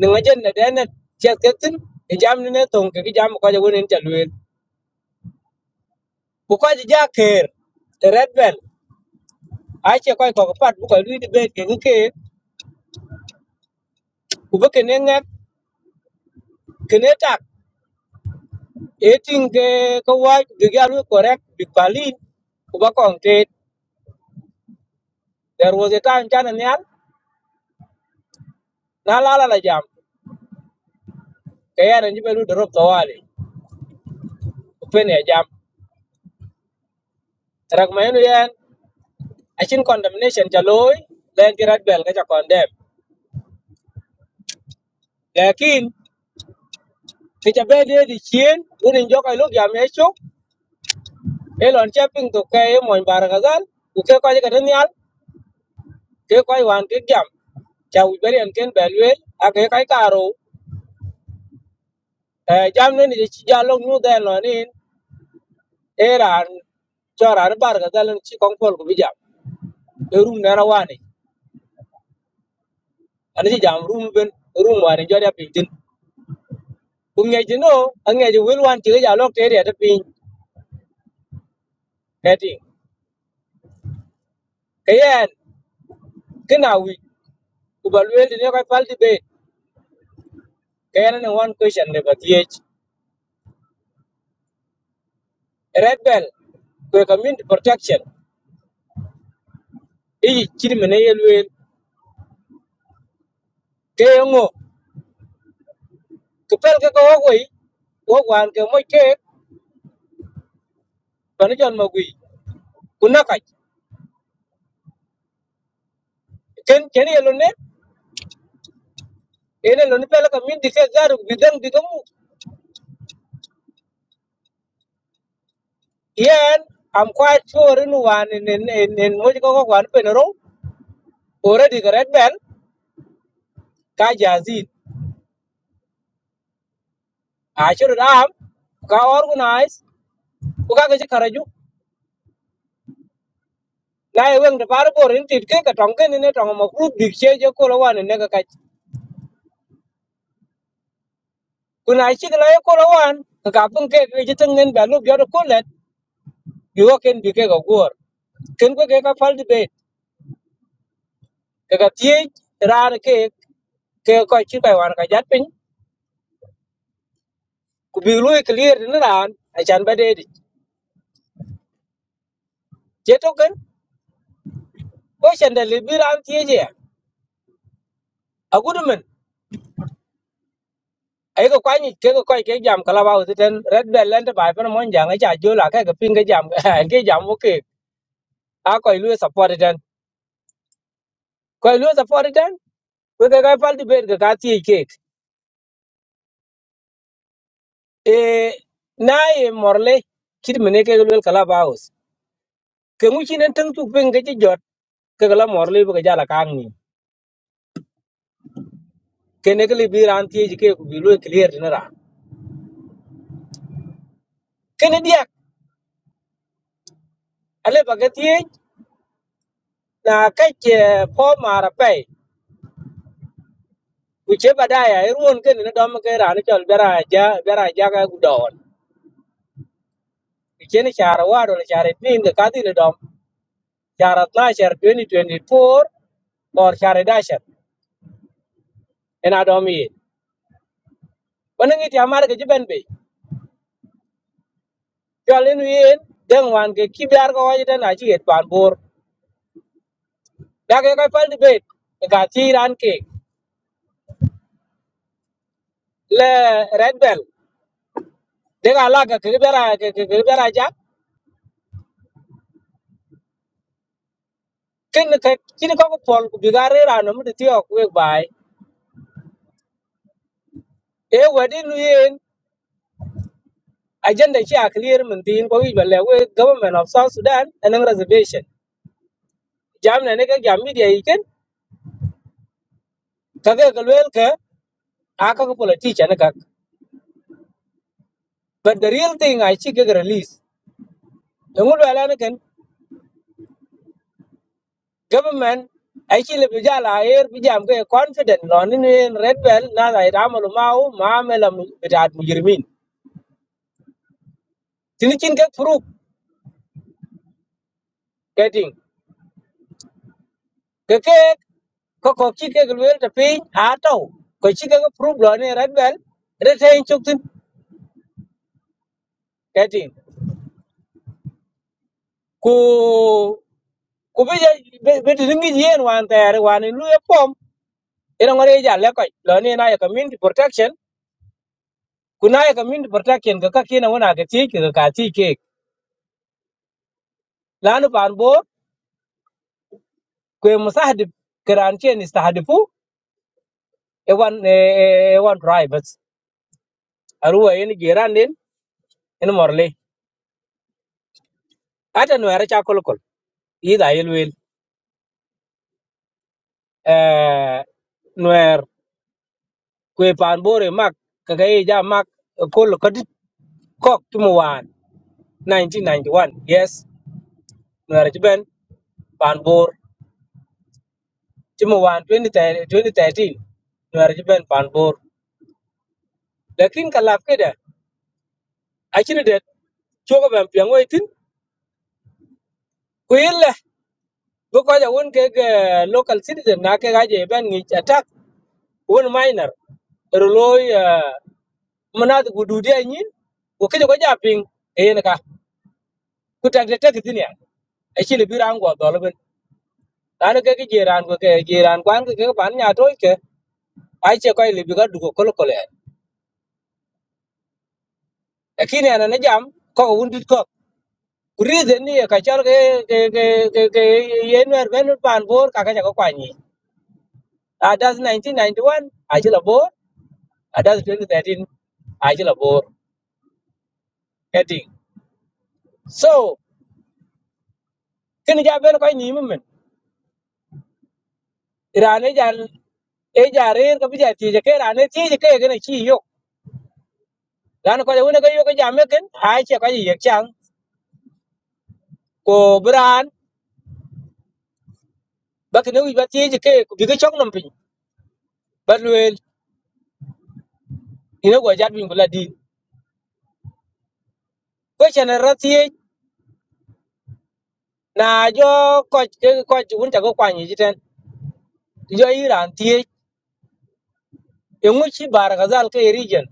ni ma jen de na chết ke tin e jam ni ne ton ke ki jam ko ja won en ta wel bu ko ji ja ker te rat pel a ce ko ko pat bu ko lu di be ke ni ke ku be ke ne ngak ke ne tak e tin ke ko wa bi ga lu correct bị palin ku ba kon te there was a time jana nyal na la la la jam ke anh ấy be lu drop to wale ku pe ne jam rắc mấy người yen achin condemnation ja loy len ki rat bel ka ja condemn lakin ti ja be de di chien unin jo ka lok yam e chok e lon che ping to ke e mon bar gazal. u ke ko ja den yal ke ko wan ke jam ja u beri en ken bel we a ke kai karo jam ne ni chi ja lok nu den lon in e ran cho ran bar ga gal chi kon pol ku bi jam e rum na ra wani ani chi jam rum ben rum wani jo ya ping tin ku ngai ji no an ngai ji wil wan ti ja lok te de ta ping kayen kina wi ubalwel ne ko palti be kayen ne one question ne batiyech red bell ko community protection e chiri mene yelwel kayengo ko pel ka ko woi wo wan ke mo ke pan jon ma wi kuna ka ken ken yelo ne ene lo ne pel community ke garu bidang bigamu yen am quite sure in one in in in, in mo ko ko wan penero already the red bell ka jazid ashur am ka organize ku ka ci karaju na ye weng de par bor in tit ke ka tong ke ne tong mo group dik che je ko lawan ne ka ka ku na chi la ye ko lawan ka ka pung ke ke ji teng ngen ba lu yo de ko let bi wo ken bi ke ka gor ken ko ke ka fal de be ka ka tie ra ne ke ke ko chi ka wan ka jat pin ku bi lu clear ne ran a chan ba de di je to ken ko chen de le bi ran tie je a gudu men ai ka kwani ke ka koi ke jam kala ba uti ten red bell lente ba pe mo jang e cha jo la ka ka pin ke jam ke jam wo ke a ko ilu support den ko ilu support den we ga ga fal dibet ga ka ti ke e na e morle kit mene ke lu kala baus ke mu chinen tang tu pen ga ji jot ke la morle bu ga jala ka ngi ke ne ke li bi ran ti ji ke ku bi lu e clear na ra ke ne dia ale ba ga ti na ka ke po mara pe ku che badaya e ruon ke ne dom ke ra ne chol bera ja bera ja ga gu don ke ne chara wa do ne chara ni ga ka ti ne dom chara 12 2024 or share dasher en adom yi wonen ti amar ke jiben be jolin wien den wan ke kibyar ko wajita na chi et pan bor da ke ko pal debate ga ti ran ke le red bell de ga la ke ke bera ke ke bera ja ken ke chin ko ko pol ku bigare ran mu de ti ok we bai e wadin wien agenda chi a clear mun tin ko wi balle we government of south sudan en reservation jam ne ne ke jam media iken ka ke ke lwel ke aka ko politician But the real thing I see get release. The whole American government actually bijala air bijam ke confident non in in red bell na da ramal mau maamela bidat mujrimin. Tinikin ke proof getting. Ke ke ko ko chi ke gluel ta pin ato. Ko chi ke proof lo ne red bell retain chuktin getting. Ku ku bija bit ringi yen wan ter wan in lu epom. Ina ngore ja lekoy lo ne na ya community protection kuna ya min protection ga kake na wana ga ci ga ka ci lanu pan bo ko musahdi kiran ce ni stahdifu e wan e wan drivers aruwa yin geran din in morle ata no ara cha kolkol ida yelwel eh nuer kwe pan bore mak kagaye ja mak kol kadit kok timo wan 1991 yes nuer ben pan bor timo wan 2013 nuer ben pan bor lakin kalaf keda Actually, det chuko ben piang wai tin ku yille bu ko ja won ke ke local citizen na ke gaje ben ni attack won minor roloy manat gududi anyin ku ke ko ja ping e yen ka ku tak de tak tin ya e chile bi ran go dol ben dan ke ke jiran ko ke jiran kwan ke ke ban nya toy ke ai che ko ile bi ga du ko kol kol e kini ana na jam ko won dit ko ku reason ni ka chal ke ke ke ke yen wer ben pan bor ka ka ja ko kwani Uh, that's 1991, Achila Bor. Uh, that's 2013, Achila Bor. Getting. So, kini ja ben koy ni mum. Irane jan e jare ko bi jati je ke rane ti je ke gene chi yo. Lan ko jawne ko yo ko jam ken ai che ko yek chang ko bran ba kini wi ba ti je ke ko bi ke chok nam pin. Ba luel ina go jat bin bula di. Ko chene rati na jo ko ko un ta go kwani jiten. Jo iran ti e ngu chi bar gazal ke region.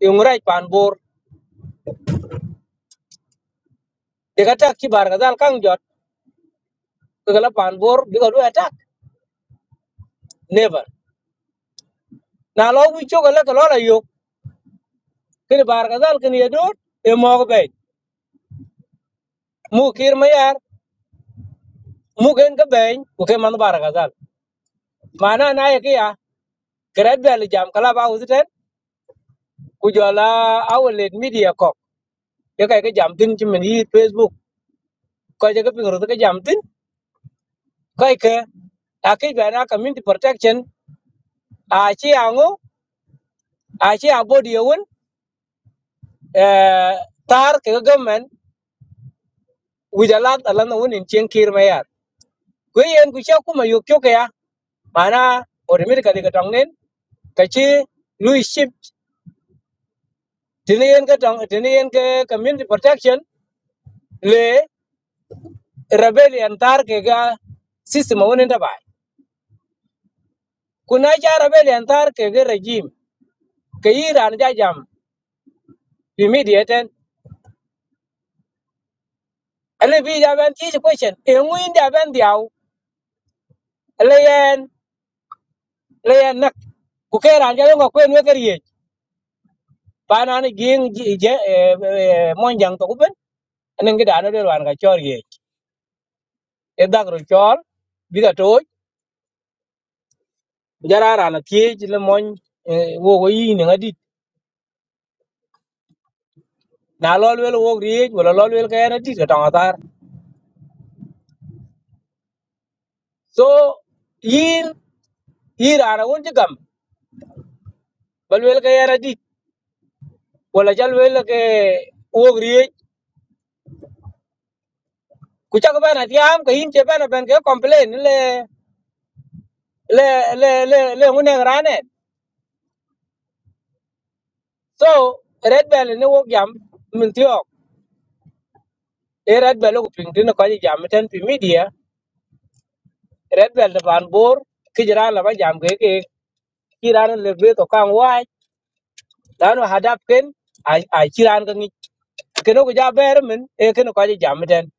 E ngu rai pan they attack ki bar gazal kan jot ko gala pan bor bi ko attack never na lo wi cho gala ko la yo kin bar gazal kin yedo e mo ko be mu kir ma yar mu gen ko be ko ke man bar gazal mana na ye ki ya grad bel jam kala ba uziten ku jola awlet media ko ye kay ke jam tin ci men yi facebook ko je ko pingro ke jam tin ko ke akay be na community protection a ci ango a ci abodi yewon eh tar ke government wijalat alana wunin cien kir mayar gwe yen ku sha kuma yok choke ya mana odemir ka diga tongen ka chi lui ship tini yen ka tong tini yen ka community protection le rebellion tar ke ga system wunin ta bai kuna ja rebellion tar ke ga regime ke iran ja jam immediate ale bi ja ban chi question e ngui nda ban diaw le yen le yen nak ku ke ran ja yo ko en we ke rie pa na ni ging je mon jang to ku nên cái đàn gida no der wan ga chor ye e dag ro chor biga to giờ ra là nó thiê chỉ na tie le cái gì, go yi ne ngadi na lol wel wo ri wala lol wel ga na cái ga ta tar so yin ira ra won jigam bal wel ga na dit wala cái vô ga wo ri ku cái ba na tiam ka yin che ba na ben ga complain là là là le này ra rane so red bell ne wo jam min tiok e red bell nó ping gì, ko jam ten pi media red belt ban bor ki jira la ba jam ke ke kiran le be to kan wai dan hadap ken ai ai kiran kan ken ko ja ber men e ken ko ja jam den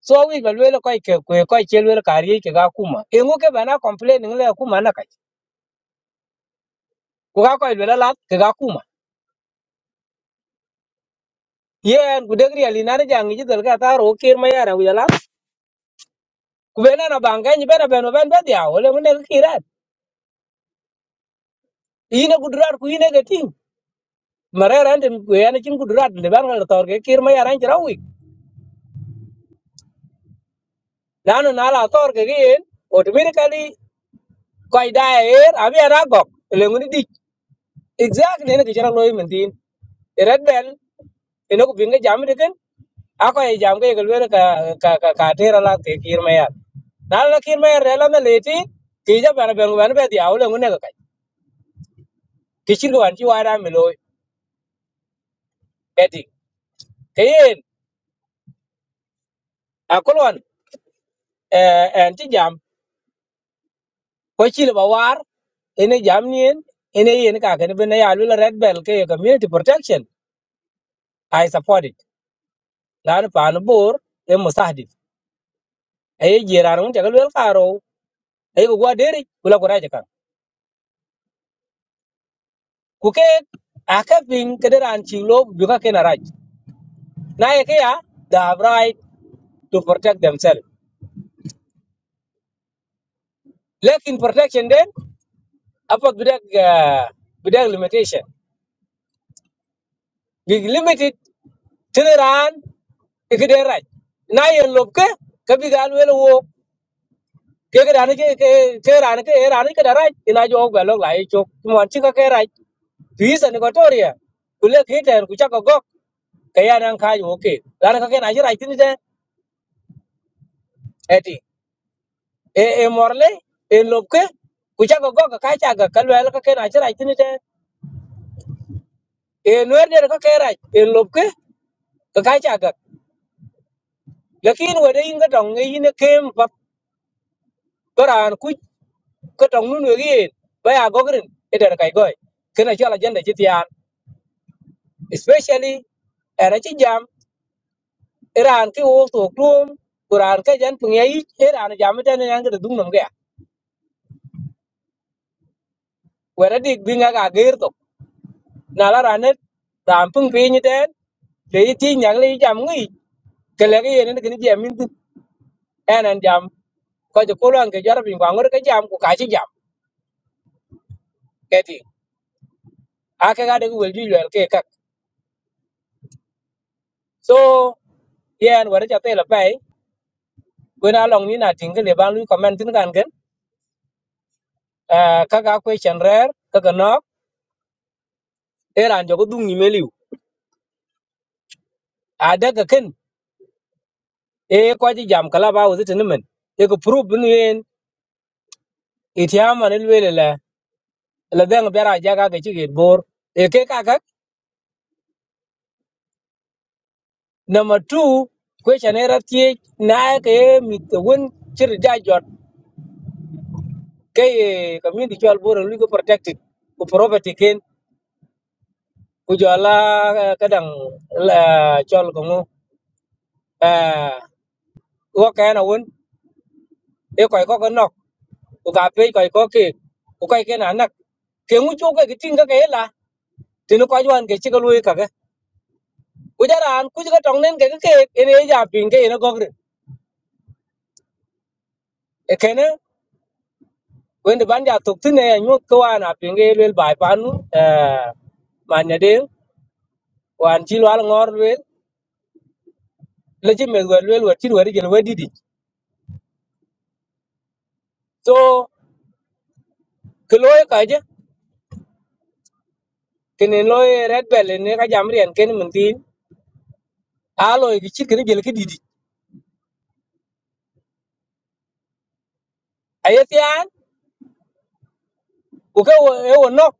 so wi bel wel ko ke ko ko chel wel kari ke ga kuma e ngo ke bana complain le kuma na kai ku ga ko wel la ke ga kuma yen ku degri ali na ja ngi dal ga ta ro kir ma yara wi la ku be na na banga ni be na be no ben be dia ole mun ne kiran ine ku durar ku ine ga ting marera ande ku yana chin ku durar le ban ga tor ke kir ma yara ngi rawi lanu na la tor ke gin automatically koy daer abi ara gok lenguni dik exactly ne ke chara loy mentin red bell eno ku binga jam de ken ako e jam ke gelwer ka ka ka ka tera la ke kir me yar na la kir me yar la me leti ki ja bana ben ben be dia ole ngune ka ki chir wan ti wara me loy eti keyen akolwan eh en ti jam ko chile ba war ene jam nien ene yen ka ken ben ya lu red bell ke community protection i support it laanu paanu bor e musahdif aye jiraan wun jagal wel karo aye ko gwa deri kula ko raja kan ku ke aka pin kederan chilo buka ke na raj na ye ke ya they have right to protect themselves lakin protection den apa bidak ah, bidak limitation big limited tineran ikide raj na ye lobke ka bigal wel wo ke ke dan ke ke ke ran ke ran ke daraj ina jo galok lai chok mon chi ka ke raj Fees and Equatoria, Kulek hit and Kuchako Gok, Kayan and Kaj, okay. Lanaka can I hear I think that Eti, A. A. Morley, A. Lopke, Kuchako Gok, Kajaga, Kalwaka can I hear I think that A. Nuerder Kakera, A. Lopke, Kajaga. Lakin were in the tongue in the came Baran, Kuch, Katongun again, by a gogrin, Eder Kaigoi, can I shall agenda Jitian, especially era ci jam iran ki wo to dum quran ka jan pungi yi iran jam ta ne yang da dum wera dik binga ka gir tok na la ranet ram pung pi ni den le yi ti nyang le yi jam ngi ke le ye ne ni jam min tin en an jam ko je ko lan ke jar bin wa ngor ke jam ku ka chi jam ke ti a ke ga de wel ju wel ke kak so yen wera ja te la pai ko na long ni na ting ke le ban lu comment tin kan gen ka ga question rare ka ga nok e ran jo ko dung ni meliu a de ka ken e ko chi jam kala ba wo tin men e ko proof ni en itiama ne le le la dang bera jaga ke chi git bor e ke ka ka number 2 question era tie na ke mit won chir ja jot ke eh, community chol bor lu ko protected ku property ken ku jola eh, kadang la chol ko ngo eh wo ka na won e ko ko ko nok ku ka pe ko ko ke ku kai ke na nak ke ngu chu ke tin ka ke la tin ko jwan ke chi ko lu ka ke ku jaran ku ka tong nen ke ke ke ene ja pin ke ene gogre e kene wende banja toktine anyuot ko wan apinge lwel bai panu eh, manya ding wan chi lwal ngor lwel lechi meth wet lwel wet chi weri jel wedidi so ke loy kaje kene loy red bell ne ka jam rien ken mun tin a loy ki chi kene jel kididi ayetian ko ke wo e wo nok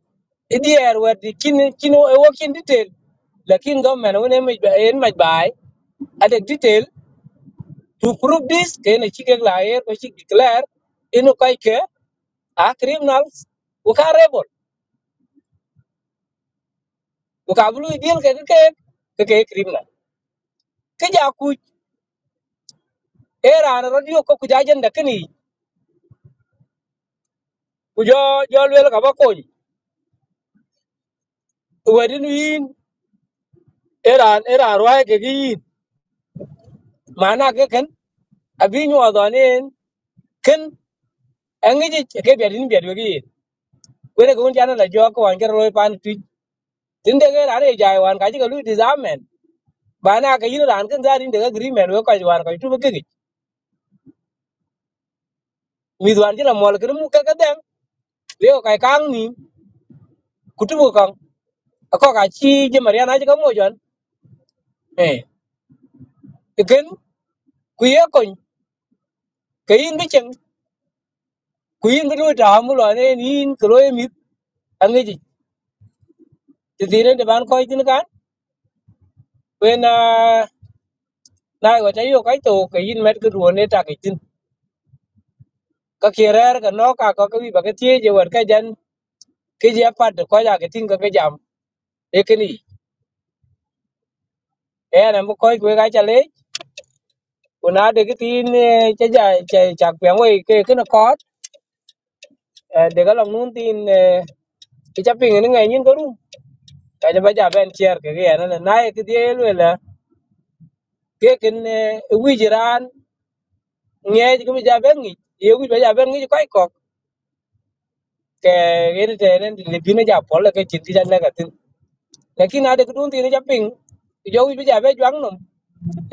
idier wet di kin kin wo- e wo kin detail lakin government wone me en maj bai at a detail to prove this kene chi ke la er ko chi declare inu kai ke a criminals ku ka rebel ku ka blue deal ke ke ke ke criminal ke ja ku era na radio ko ku ja jenda kini ku jo jo lwel ka bako wadi nu yin era era rwa ke gi yin mana ke ken abi nyu adonen ken angi ji ke be din be gi yin wede ko jana la jo ko an ro pan tu tinde ke ra re ja wan ka ji ko lu disamen bana ka yin ran ken za din de agreement we ko ji wan ko tu ke gi mi dwan ji la mol ke mu ke ke den le ko kai kang ni kutubu ko ka chi je mariana je ko mo jon eh ken ku ye kon ke yin bi chen ku yin bi ta mu lo ne yin ko lo mi an ge ji ti dire de ban ko tin kan we na na go ta yo ka to ke in met ko ro ne ta ke tin ka ke rer ka no ka ko ke bi ba ke ti je wer ka jan ke je pa de ko ja ke tin ka ke jam e ke ni e na mo ko we ka cha le ku na de ke tin che ja che cha pe we ke ke na ko de ga long nun tin cái chấp bình nó ngày nhiên có đúng kaja ba ja ben cher ke ge na na ye ke die lu la ke ken wi jiran nge ke ja ben ngi ye wi ba ja ben ngi kai kok ke ge ne te ne le bi ne ja pol ke chin ti ja na ka tin lakin ade ku dun ti ne ja ping jo wi ba ja be jwang nom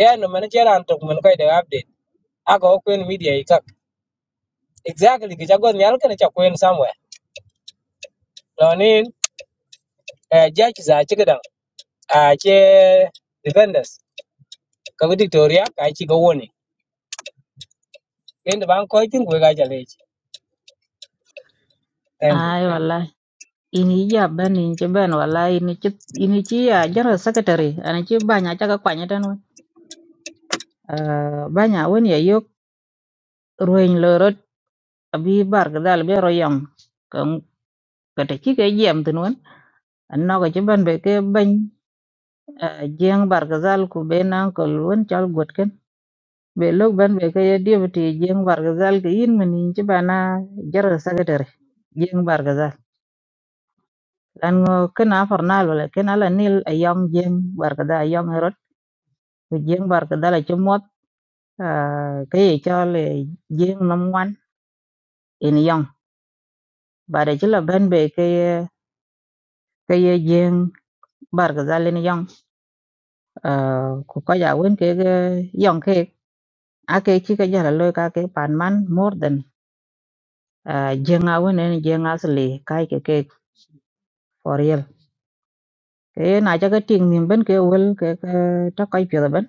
ye no man cher an tok man kai de update a ko kwen media i kak exactly ke ja go nyal ke ne cha kwen somewhere lo nin ja ki za chi gedang a che defenders ka victoria ka chi go woni kende bang ko tin ko ga ja le thank you Ai wallahi ini ya ben in ci ben wallahi ini ci ini ci ya general secretary ana ci banya ca ka kwanya tan won banya won ya yok ruin abi bar ga dal be ro yam ka ka ta ki ga yam tin won an no ga ci ban be ke ban jeng bar ga dal ku be nan ko won chal got ken be lo ban be ke ye deputy jeng bar ga dal ke yin min ci bana jar secretary jeng bar ga dal lan ngo kana farnal wala kana la nil ayam jeng bar ga dal ayam rot ku jeng bar ga dal ci mot ke ye chal jeng nam wan en yam bare ci la ban be ke ke jeng bar ga dal en yam Ah, ko kaja wen ke ge yong ke ake chi ka jala loy ka ke pan man more than ah, jenga wen en jenga sli kai ke ke for real ke na ja ka ting nim ben ke wel ke ke ta kai pye da ben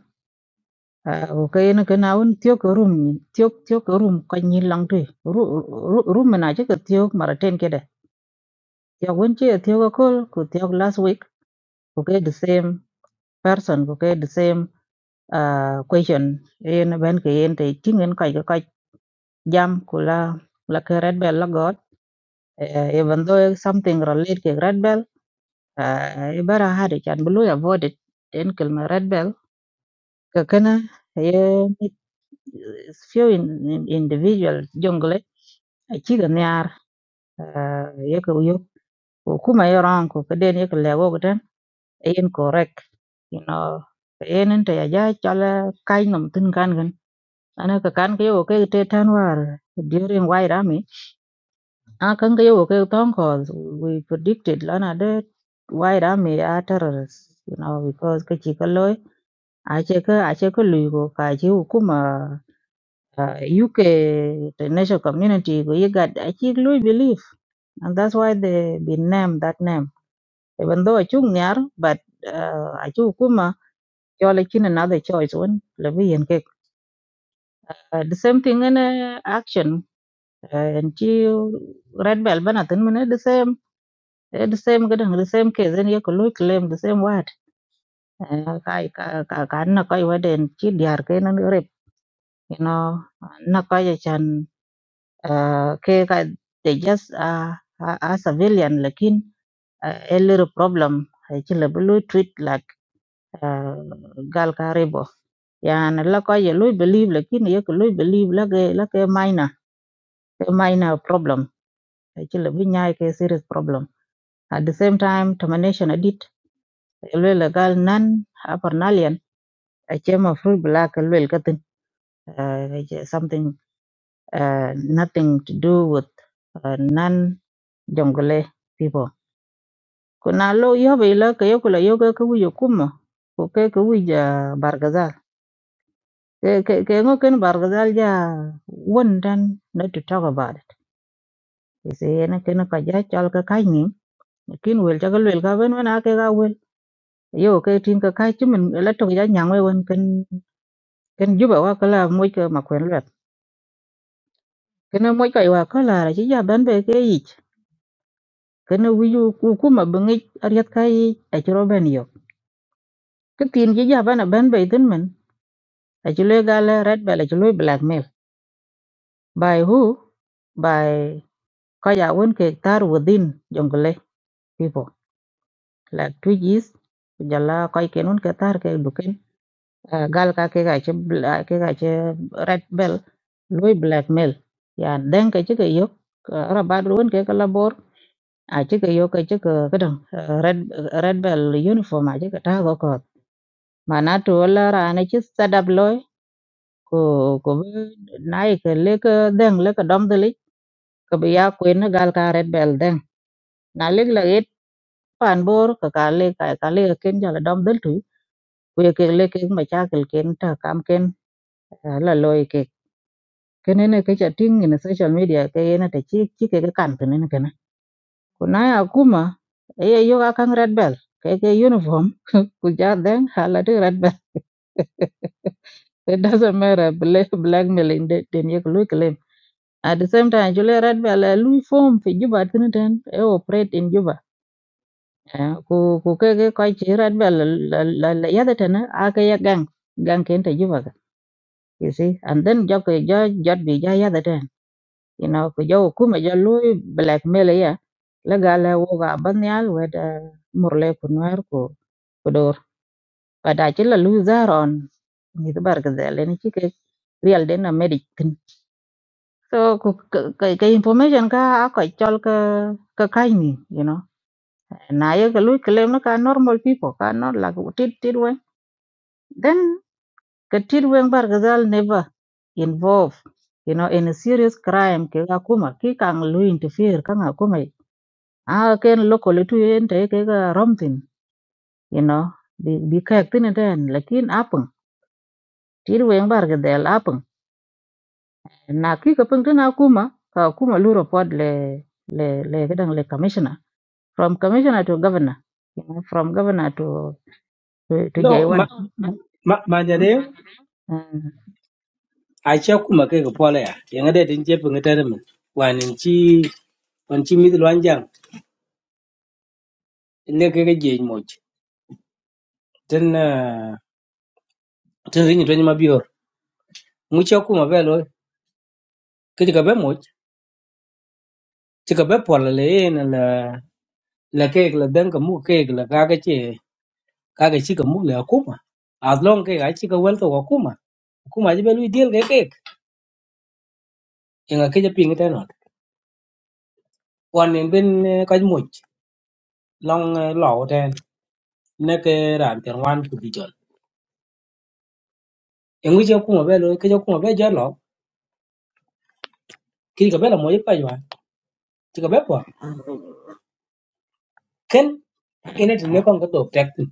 Ah, o ke ne ke na wen tyo ke rum ni tyo tyo ke rum ka ni lang tu ru ru- rum na ja ke tyo mara ten ke de ya wen che tyo ko kol ku tyo last week ko ke the same person ko ke the same ah, question en ben ke en te ting en kai jam kula la ke red bell la god uh, even though something related ke red bell uh, ibara hade chan bulu avoid it den kelma red bell ka kana ye mit- few in, in, individual jungle a chiga nyar uh, ye ko yo ko kuma yo ran ko ka den ye ko lego ko den yen correct you know yen ta ya ja chala kai nom tin kan gan ana ka kan ke yo ke te tan war during white army Ah, kan ga okay. ke phone calls. We predicted lana de why da me terrorists, you know, because ka chi kalloy a che ka a che ka lui go ka chi uh, UK national community go you got a chi lui belief, and that's why they been named that name. Even though a chung nyar but uh, a chi hukuma chola chin another choice one le bi yen Uh, the same thing in uh, action uh, and chi red bell But nothing, the same Eh, the same gadang the same case then you could claim the same word Eh, kai ka ka ka na kai waden chi diar ke nan rep you know na kai chan eh, ke ka they just uh, a, a civilian lakin uh, a little problem eh, chi le blue treat like uh, gal ka rebo yan la kai ye lui believe lakin ye ko lui believe la ke la ke minor ke minor problem Eh, chi le bi nyai ke serious problem at the same time termination edit Lwela gal nan upper Nalian ache mafruit black lwel katin uh, something uh, nothing to do with uh, non jongle people kuna lo yobe ila ke yokula yoga ke wiyo kuma ko ke ke wija bargazal ke ke ke ngo ken bargazal ja won dan not to talk about it is ene ken ka ja chal ka kai ni kin wel ja ka wel ka ben wen ake ga wel yo ke tin ka kai chimen la to ja nyang we won ken ken juba wa kala moy ka ma kwen lat ken moy ka wa kala ra chi ja ban be ke yi ken wi ju ku ku ma bengi ariat ka yi a chi ro ben yo ke tin chi ja ban ban be tin men a chi le Gala, red bel a chi le blackmail by who by ka ya won ke tar within jungle people like two years jala ka ken un ke tar ke duken Ah, gal ka ke ga che ke ga che red bell loy blackmail ya den ke chi ke yo ra ba ruon ke ka a cï yok cï ke këdëng red red bell uniform a cï ke tö kököth ma na two lëra ënë cï thadap loi ko kobo na ïkö lëkë dhëng lëkë döm dhilic kobï ya kwën gal ka red bell dhëng na lïk lagit pan bor këka lïk ka lïk aken jölë döm dhil tui kuye kek lëk kek macakël ken tö kam ken eh, la loi kek kënënë kec ating ïnï social media ke yen ate cï cï kek ïkan kënënë këna kunai akuma ye yoga kang red bell ke ke uniform ku ja den hala de red bell it doesn't matter black blackmailing de den ye lu claim at the same time jule red bell eh, lu form fi juba tin den e operate in juba Eh, ku ku ke ke ko chi red bell la la la ya de ten a ke ya gang gang ken te juba ka you see and then jo ke jo jot bi ja ya you know ku jo kuma ja lui blackmail ya la ga la wo ga ban yal we da murle ku nuer ku ku dor pa da ci la lui zaron ni da bar ga zele ni ci ke real de na medic tin so ku ka information ka a ko chol ka ka kai ni you know na ye ga lui claim na ka normal people ka not like tit tit we then ka tit we bar ga never involved. you know in a serious crime ke ga kuma ki kang lui interfere ka ga kuma Ah, ken locally tu yen te ke ga romtin, you know, bi bi kayak tin den, lakin apeng. Tir weng bar ke del apeng. Na ki ka peng tin akuma, ka akuma lu report le le le kedang le commissioner. From commissioner to governor, you know, from governor to to, to No, J1. ma ma ma jade Hmm? a ce kuma kai ga pola ya. Yanga da din jefe ga tare min. Wanin ci wan ci mi lwan jang. Le kai ga je moj. Tan na tan rin to ni ma biyor. Mu ce kuma ba lo kai ga ba moj. Ci Ci ga ba pola le na la la kai ga dan ga mu kai ga ga ga ce ka ga ci ga mu la kuma. As long kai ga ci ga wal ka wa kuma. Kuma ji ba lu deal ga kai. Yanga kai ga pin ga tare. Wanin ben eh, ka moj. Long law ne ke ran ker wan ku bi jon en wi je kuma be lo ke je kuma be je lo ki ka be la mo je pa jwa ti ka be po ken ene ti ne kon ko to tek tin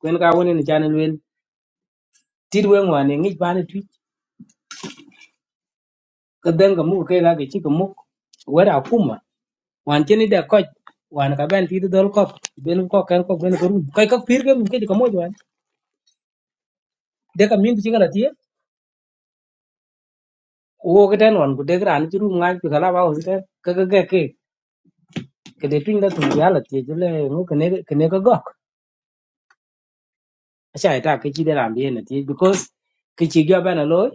kwen ka woni ni chan lwen ti we ngwan ni ba ni tu ka den ga mu ke ga ke ti ka mu we ra kuma wan ti ni da ko wan ka ben ti dol ko be lu ko ken ko ben ko rum kai ka pir ke mu ke ti ka mo jwa de ka min ti ga ti wo ke ten wan ku de ran ti rum ngai ti ka la ba ho ti ka ka ke ke ke de tin da tu ya la ti je le mu ke ne ke ne ka go acha ita ke chi de ram bien ti because ke chi gyo ba na loy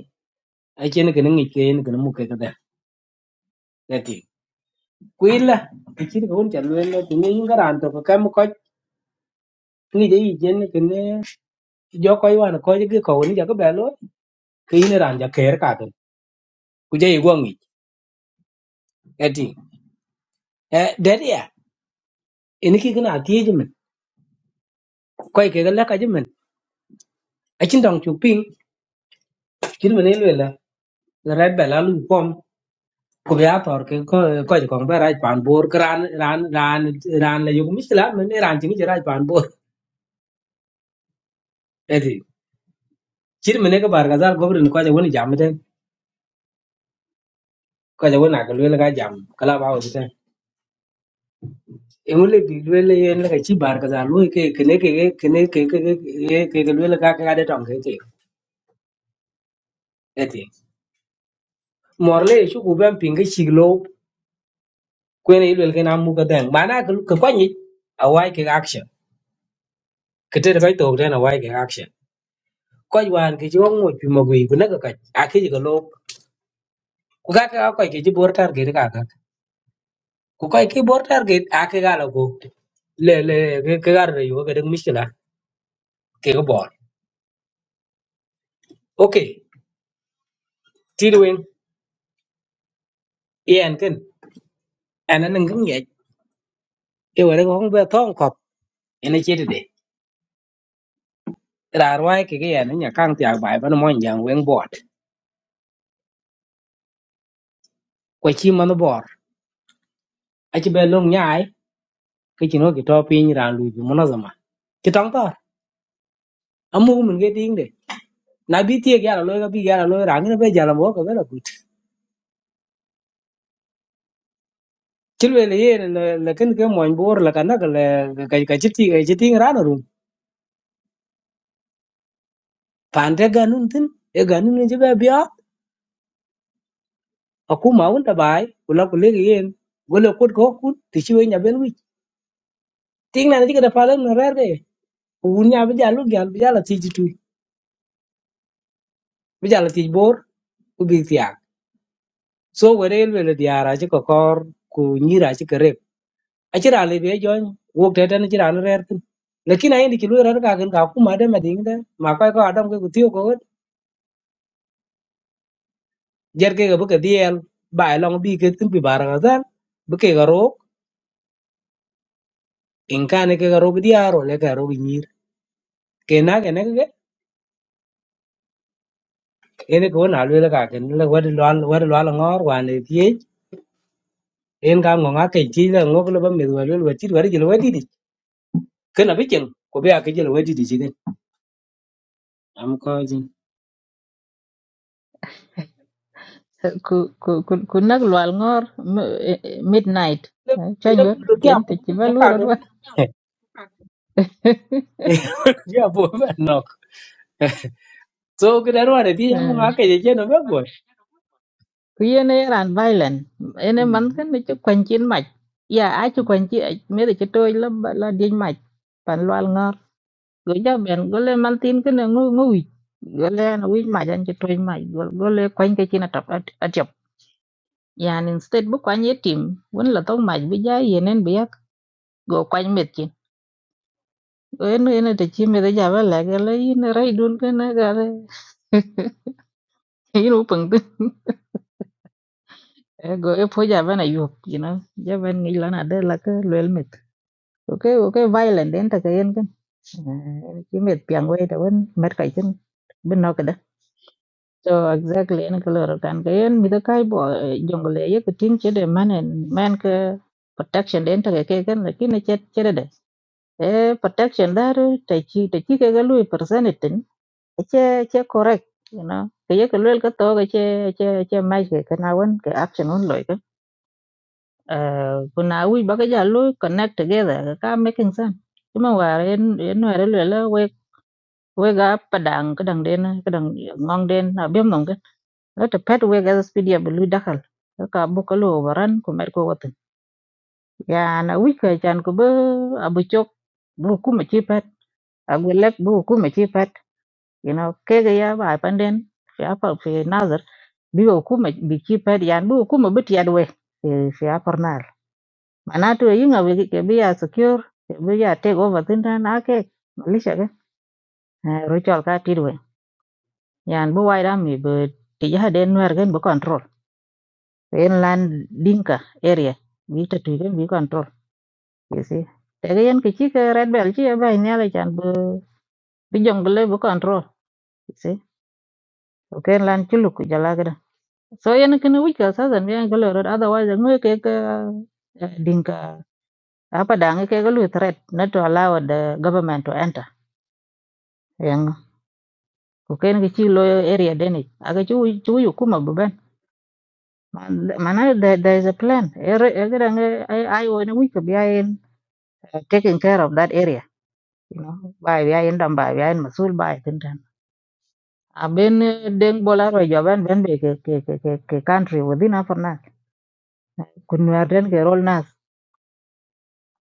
a chen ke ngi ke ni ke mu ke ka da da ti kuila ke chi ko un cha luen le ti ni ga ran to ka mu ko ni de yi jen ke ne jo ko yi wan ko ji ko ni ja ko ba lo ke ni ran ja ke ka ke ku je i go ngi da ti e da ya ni ki na ti ji men ko ke ga la ka ji men a chin dong chu ping chin men le la la ra ba la lu pom ko be ator ke ko ko ko be raj pan bor kran ran ran ran le yug misla men ran tingi je raj pan bor edi chir mene ko bar gazal gobrin ko je woni jamten ko je wona ko le ga jam kala ba o ten e wole bi le le yen le chi bar gazal lo ke kene ke kene ke ke ke ke le ga ga de tong ke ke edi morle shu ku ben pingi chiglo ko ne le ke na mu ga den mana ko ko ni awai ke action kete ko to den awai ke action ko wan ke jo mo pi mo wi ku na ka ka akiji ga kukaka kakwa ke ci bor target kakak ku kai ki bor target ake gala ko le le ke ke gar re yo gadang mishkila ke ga bor okay tidwin yen ken ana nang ngam ye e wara ko ba thong kop ene ci de rar wai ke ga yan nya kang ti bai ban mon yang wen bor ko chi man bor a ci be long nyai ke ci no ki to pin ran lu bi mono zama ki tong tor amu mun ge ding de na bi ti ga lo ga bi ga lo ran ne be jala mo ko be la chilwel yen lekin ke moñ bor la kana ka ka ka chiti ka chiti rano rum pande ganun tin e ganun ni jibe bia aku maun da bai kula kule yen gole kut ko kun ti chiwe nya ben wi ting na ni ka da palen na rare un nya bi jalu gal bi jala ti jitu bi jala ti bor ku bi tiak so were elwe le diara ji ko kor ku nyira ji kare a chira le be joñ wok tete ni chira na rare tin lekin ayin di chilwe rare ka gan ka ku ma de ma ding de ma ko ko adam ke ku tiyo ko jar ke ga baka diel ba e long bi ke tin pi baranga zan bake ga ro in kan ke ga ro bi diaro le ga ro bi nyir ke na ke ne ke ene ko na le ga ke le wa de lwal wa de lwal ngor wa ne tie en ga ngo nga ke ti le ngo le ba mi wa le wa ti wa ji le wa di di ke na bi ken ko be a ke ji le wa di di ji ke am ko ji Uh, ku ku ku ku nak lual ngor m- eh, eh, midnight. le ita ku Chanyo, do kya chen te chiba ko lu ka ke rodwa. ya bo ba nok so ke da ro ne ti mo nga ke je je no ba bo kuyên ấy ran violent ene man kan ni chu kwen chin mach ya a quanh chị, chi me de chu toy là la din mach pan lwal ngor go ja ben go le man tin cái này ngu ngu wi go le na wi ma jan chu toy mach go le kwen ke chin atap atap yan instead bu kwen ye tim won la tong mach bi ja yenen bi yak go kwen met chin en en de chi me de ja ba la ga cái in rai dun kan cái le cái u pung tu E go e po ja ba na yu you know ja ben ngi la na đây là cái lwel met Okay, okay, violent den ta kayen kan. Eh, ki met piang wei ta wen met kai chen bin no kada. So exactly en ko lor kan kayen mi da kai bo eh, jungle ye ko ting che de man en man ke protection den ta ke kan lakin ne chet che de. Eh protection dar ta chi ta chi ke ga lui percentage tin. Che che correct, you know. Ke ye ko lel ka to ga che che che mai ke kana wen ke action on loy uh, kuna wi baka ja lu connect together ka making sense kuma war en en war le le we we ga padang kadang den kadang ngong den na bem nong ke la te pet we ga speed ya bulu dakal ka bu ka lu waran ku met ko watin ya na wi ka chan ko be abu chok bu ku ma chi pet agu lek bu ku ma chi pet you know ke ga ya ba panden fi apa fi nazar bi ku ma bi chi pet yan bu ku ma bit ya we fi fi apar معناته ينغا بيجي كبيا سكيور كبيا تيك اوفر تنتان اكي ماليش اكي ريتشال كا تيدوي يعني بو وايد امي ب تجاه دين نوير كن بو control, فين لان دينكا اريا بي تتوي بي كنترول you see tege yen kichi ke red bell chi ba nyale chan bu bi jong le bu control you see okay lan chi lu ku jala gada so yen kin wi ka sa zan bien galo rod otherwise ngue ke ke dinka apa dang ke galu threat not to allow the government to enter yang ko ken ki chi lo area deni aga chu chu yu kuma baben mana there, there is a plan everything i i ai we could be in uh, taking care of that area you know by we are in dam by we are in masul by tin tan a ben eh, deng bola ro jo ben ben be ke ke ke ke ke country within afar nas kun wer den ke rol nas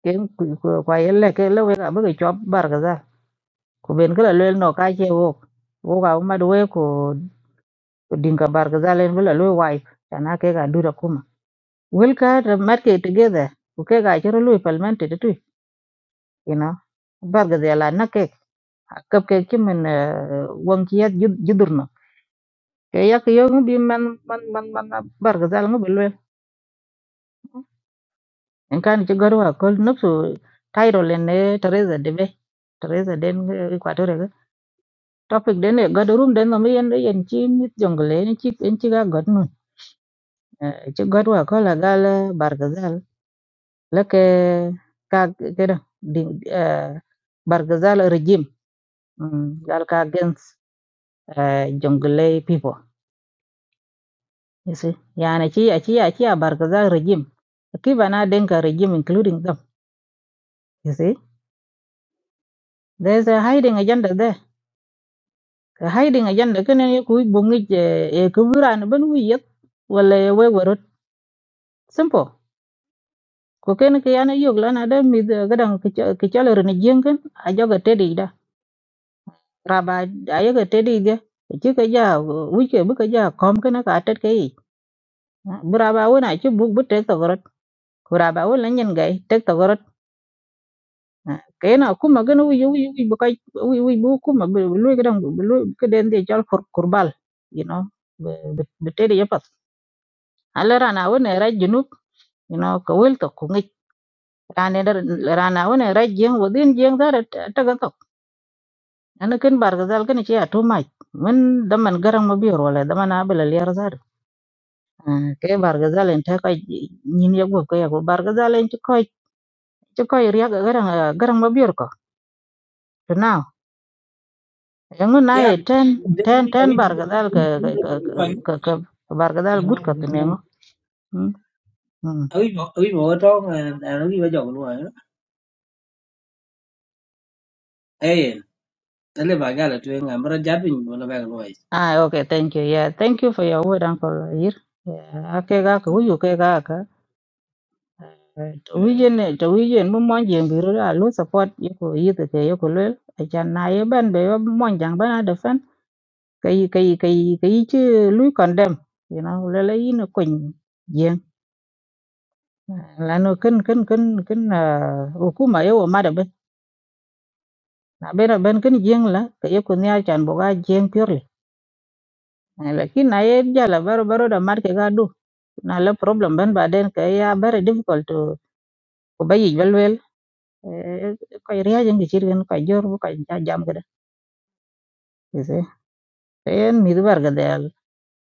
ken ku- ku- kwa yelle ke le we ka be ke chop bar gaza ku ben kala le no ka che wo wo ka ma do we ko dinga bar gaza len bula lo wai kana ke ka dura kuma Will ka the market together. Okay, ga chiro lui palmente de tui. You know. Bar ga de la na ke. Kap ke kim en wang ki yat jidurno. Ke yak yo ngubi man man man man bar ga zal ngubi lwe. En kan ci garwa kol nupsu Cairo le ne Teresa de be. Teresa den Equatorial. ga. Topic den e god room den me and eh, and chin jungle eh, and chip and chiga got no mi yen yen ci nit jongle en ci en ci ga god nun. Ci garwa kol gal bar ga Lake ka keda din eh, Bargazal regime mm, gal ka against eh, Jonglei people. You see, yani chi chi chi Bargazal regime. Kiva na denka regime including them. You see, there's a hiding agenda there. A hiding agenda kene ye kui bungi e kuburan ben wi yet wala we werot simple. Ko ken ke yana yog lana de mid gadang kichalo rene jengen ajoga tedi raba ayeke tedidge ci ke ja wike bi ke ja kom kene ka tet ke yi bi raba won aci buk bi tek thogorot ku raba won la nyen gai tek thogorot ke na kuma gene wi wi wi bi ka wi wi bu kuma bi lu ke dang bi lu ke den de jal kur kurbal you know bi bi tedi yepat ala rana won era junub you know ka wel to ku ngi rana der rana won era jeng wodin jeng dar ta ga to ana ken bar ga zal ken ci atu mai men daman garang ma bi wala daman abala liyar zar Ah, ke bargazal en ta koy nyin ya gop ko ya go bargazal en koy ci koy riya ga garang ah, garang ma biur ko to now yango na yeah, e ten then ten we ten we we bargazal ka we ka vậy. ka ka bargazal good ko to mengo mm mm. Awi awi mo to ngan awi ba jong nuai. Eh, tale ba ga la tu ngan giá japin mo la ba rồi ah okay thank you yeah thank you for your word uncle here yeah ake ga ko yu ke ga ka to wijen to wijen mo mon jeng biro da lo support yoko yite ke yoko lo ajan na ye ban be yo mon jang bana da cái cái cái cái chứ lui còn đâm you know lấy lấy nó quỳnh giang là nó kinh kinh kinh kinh là ô cú mà yêu mà đâm bên là bên là bên kinh giang là cái yêu con nhà chăn chan boga giang purely lakin na ye ja la baro baro da mar ke ga du na là problem bên ba den ke ya very difficult to ko bayi wel wel ko riya jang ki chirin ko jor bu ko jam cái đó thế see en mi du bar ga dal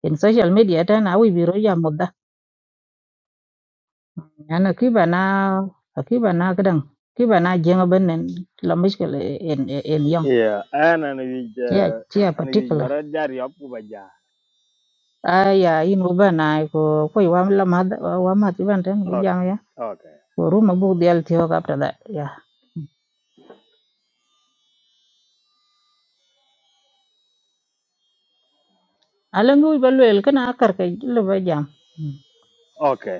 in social media ta na wi biro ya anh ơi kĩ bàn nào kĩ bàn nào cái đống kĩ bàn nào giờ nghe bên này làm mấy cái này an anh Yong yeah and an yi je chưa chưa bắt an được yi không bara jar yop ku ba ja à yeah ino ban này cô cô y làm làm gì bạn này bây giờ okay nha okay cô ruột mang bụng dial thìo cả phải đấy yeah Alan cô phải lấy cái nào cần cái luôn bây giờ Okay.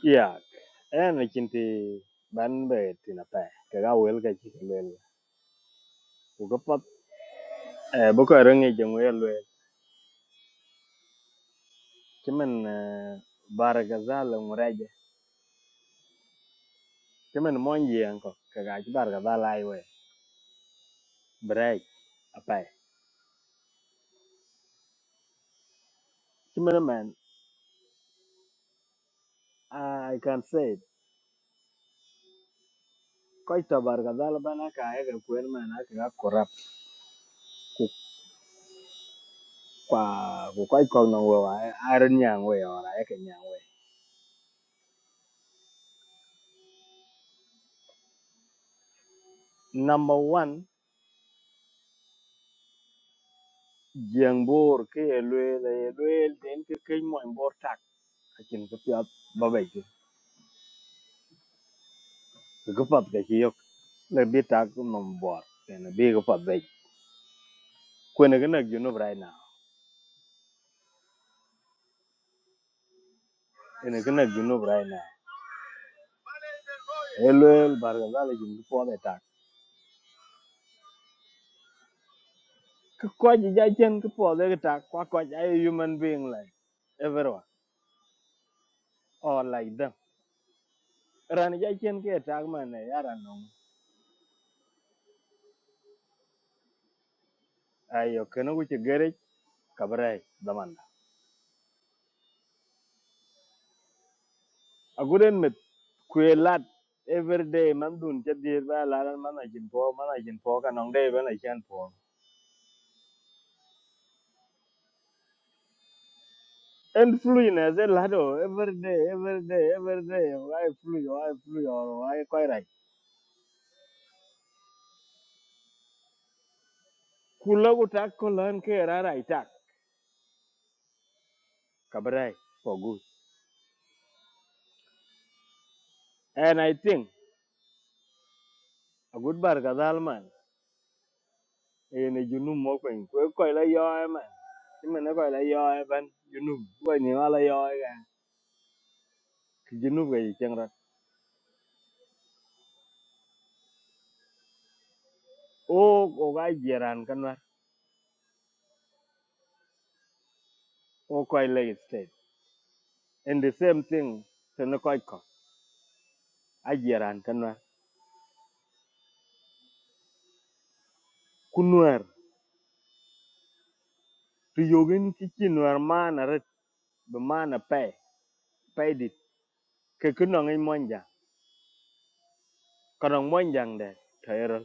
Yeah, ena chinti ban be tina pa ka ga wel ka chi wel ku ga pat e bo ka rangi je mo yel wel kimen barga zal muraje kimen mon je anko ka ga chi barga zal ai we break apa kimen man i can say it. koi ta barga zal bana ka e ga kwen man a ka corrupt ku pa ku koi ko no we wa a ren yang we ora e ka nyang we number 1 jeng bor ke elwe le elwe den ke mo bor ta Akin ka piyat babay ki. Ka kapat ka ki yok. Nag di tak mam buar. Kena bi kapat bay. Kwe na kena junub right now. Kena kena junub right now. Elwel barga zala jin ka pwade tak. Ka kwa ji jajen ka pwade ka tak. Kwa kwa ji ay human being like everyone. Or like them. Rani jajen ka tak man na yara nung. Ayo kena kuche gerech kabrai damanda. Aguden mit kwe lat every day man dun cha dir ba la man na jin po man na jin po ka nong day ba na And flu in as a lado every day, every day, every day. Why flu? Why flu? Or why quite right? Kulagu tak kulan ke rara itak kabrai for good. And I think a good bar gadal man. Ene junu moko in kwe koi la yo ai man. Ima na koi la yo ai ban junu koi ni wala yo ai ga. Ki Junu ga yicheng rat. O o ga jiran kanwa. state. And the same thing Senacoico. I jeran canwa. Kunwer. to na koi ko. A jiran kanwa. Kunwar. Tu yogin kichinwar man are bemana pe pe dit ke kunong monja konong monjang de tero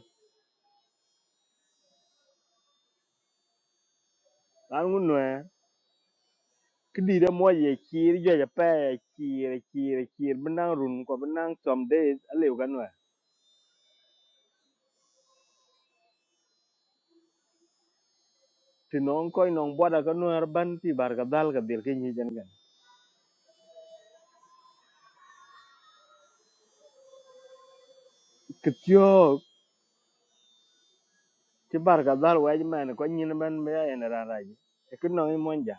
lan unwe kidi de moye kir jo ja pe kir e kir e kir benang run ko benang som de alew kanwe tinong koy nong boda kanwe ban ti bar ka dal ka dir ke nyi jan gan kityo ti bar ka dal wa jman ko nyin ban be en ra e kunong monja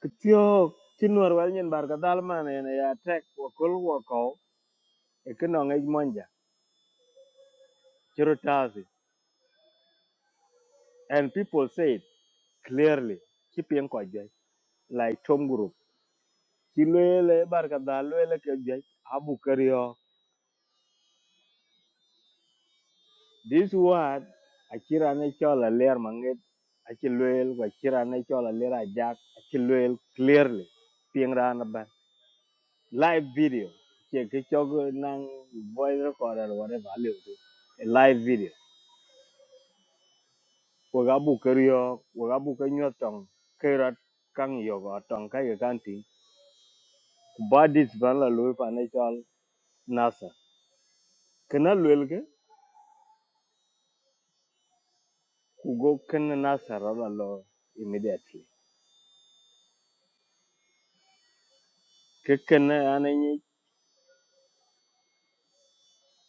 kityo ti nor wa nyin bar ka dal man en ya tek ko kol wo ko e kunong monja churu tazi and people said clearly ci piŋ ko jai like tom group ci loyele barka da loyele ke jai abu kario this word akira ne chola ler manget aci loyel ko akira ne chola ler ajak aci loyel clearly piŋ rana ban live video ke ke chog nang voice recorder or whatever aliu tu a live video wo ga bu kario wo ga bu ka nyotong kairat kang yogo tong kai ka kanti ba dis ban la loy financial nasa Kena lwelke kugo kena nasara la lo immediately. Ke kena anenyi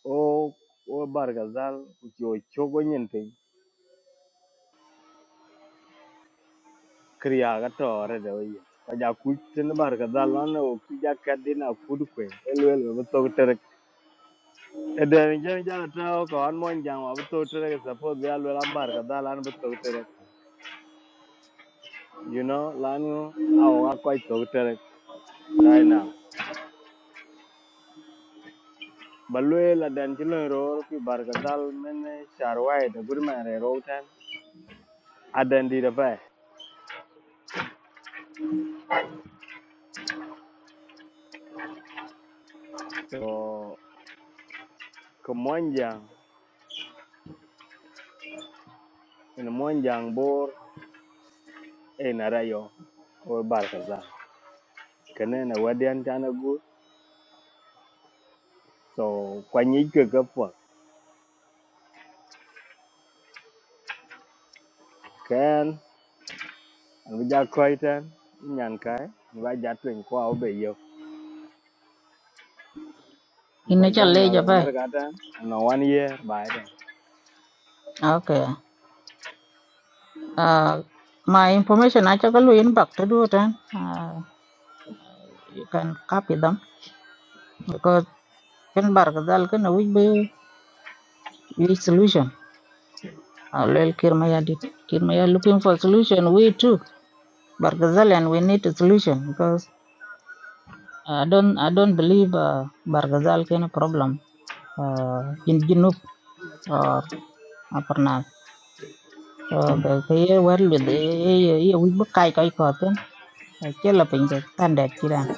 o o bargazal uki o chogo nyente kriya gato orede oye. Kaja kuchene bargazal lana o kija kadina kudukwe elwel wabutok terek. Edere njani jala tao ka wan monjang wabutok terek suppose vya lwel am bargazal lana butok terek. You know lanu awo akwa itok terek right now. Balwe la dan chilo roro ki bargazal mene sharwai da gudma re ada di da so ka monjang ina monjang bor e na rayo o bar ka za kana na wadian ta gu so kwanyi ke ka kan an bi ja koi tan nyan kai ni ba ja twen ko au be yo an hình fa như là ban na lấy cái phải mer ka no one year bai okay ah my information á cho cô luôn inbox từ đầu tranh ah you can copy them because can bark dal cái nào cũng có solution Uh, Lel Kirmayar did. Kirmayar looking for solution. We too, Bargazalian, we need a solution because I don't I don't believe uh, Bargazal can a problem uh, in Junub or Upper Nile. So ke ke ye wer lu de ye ye ye wi bu kai kai ko ten che la pin ke tan det chi ran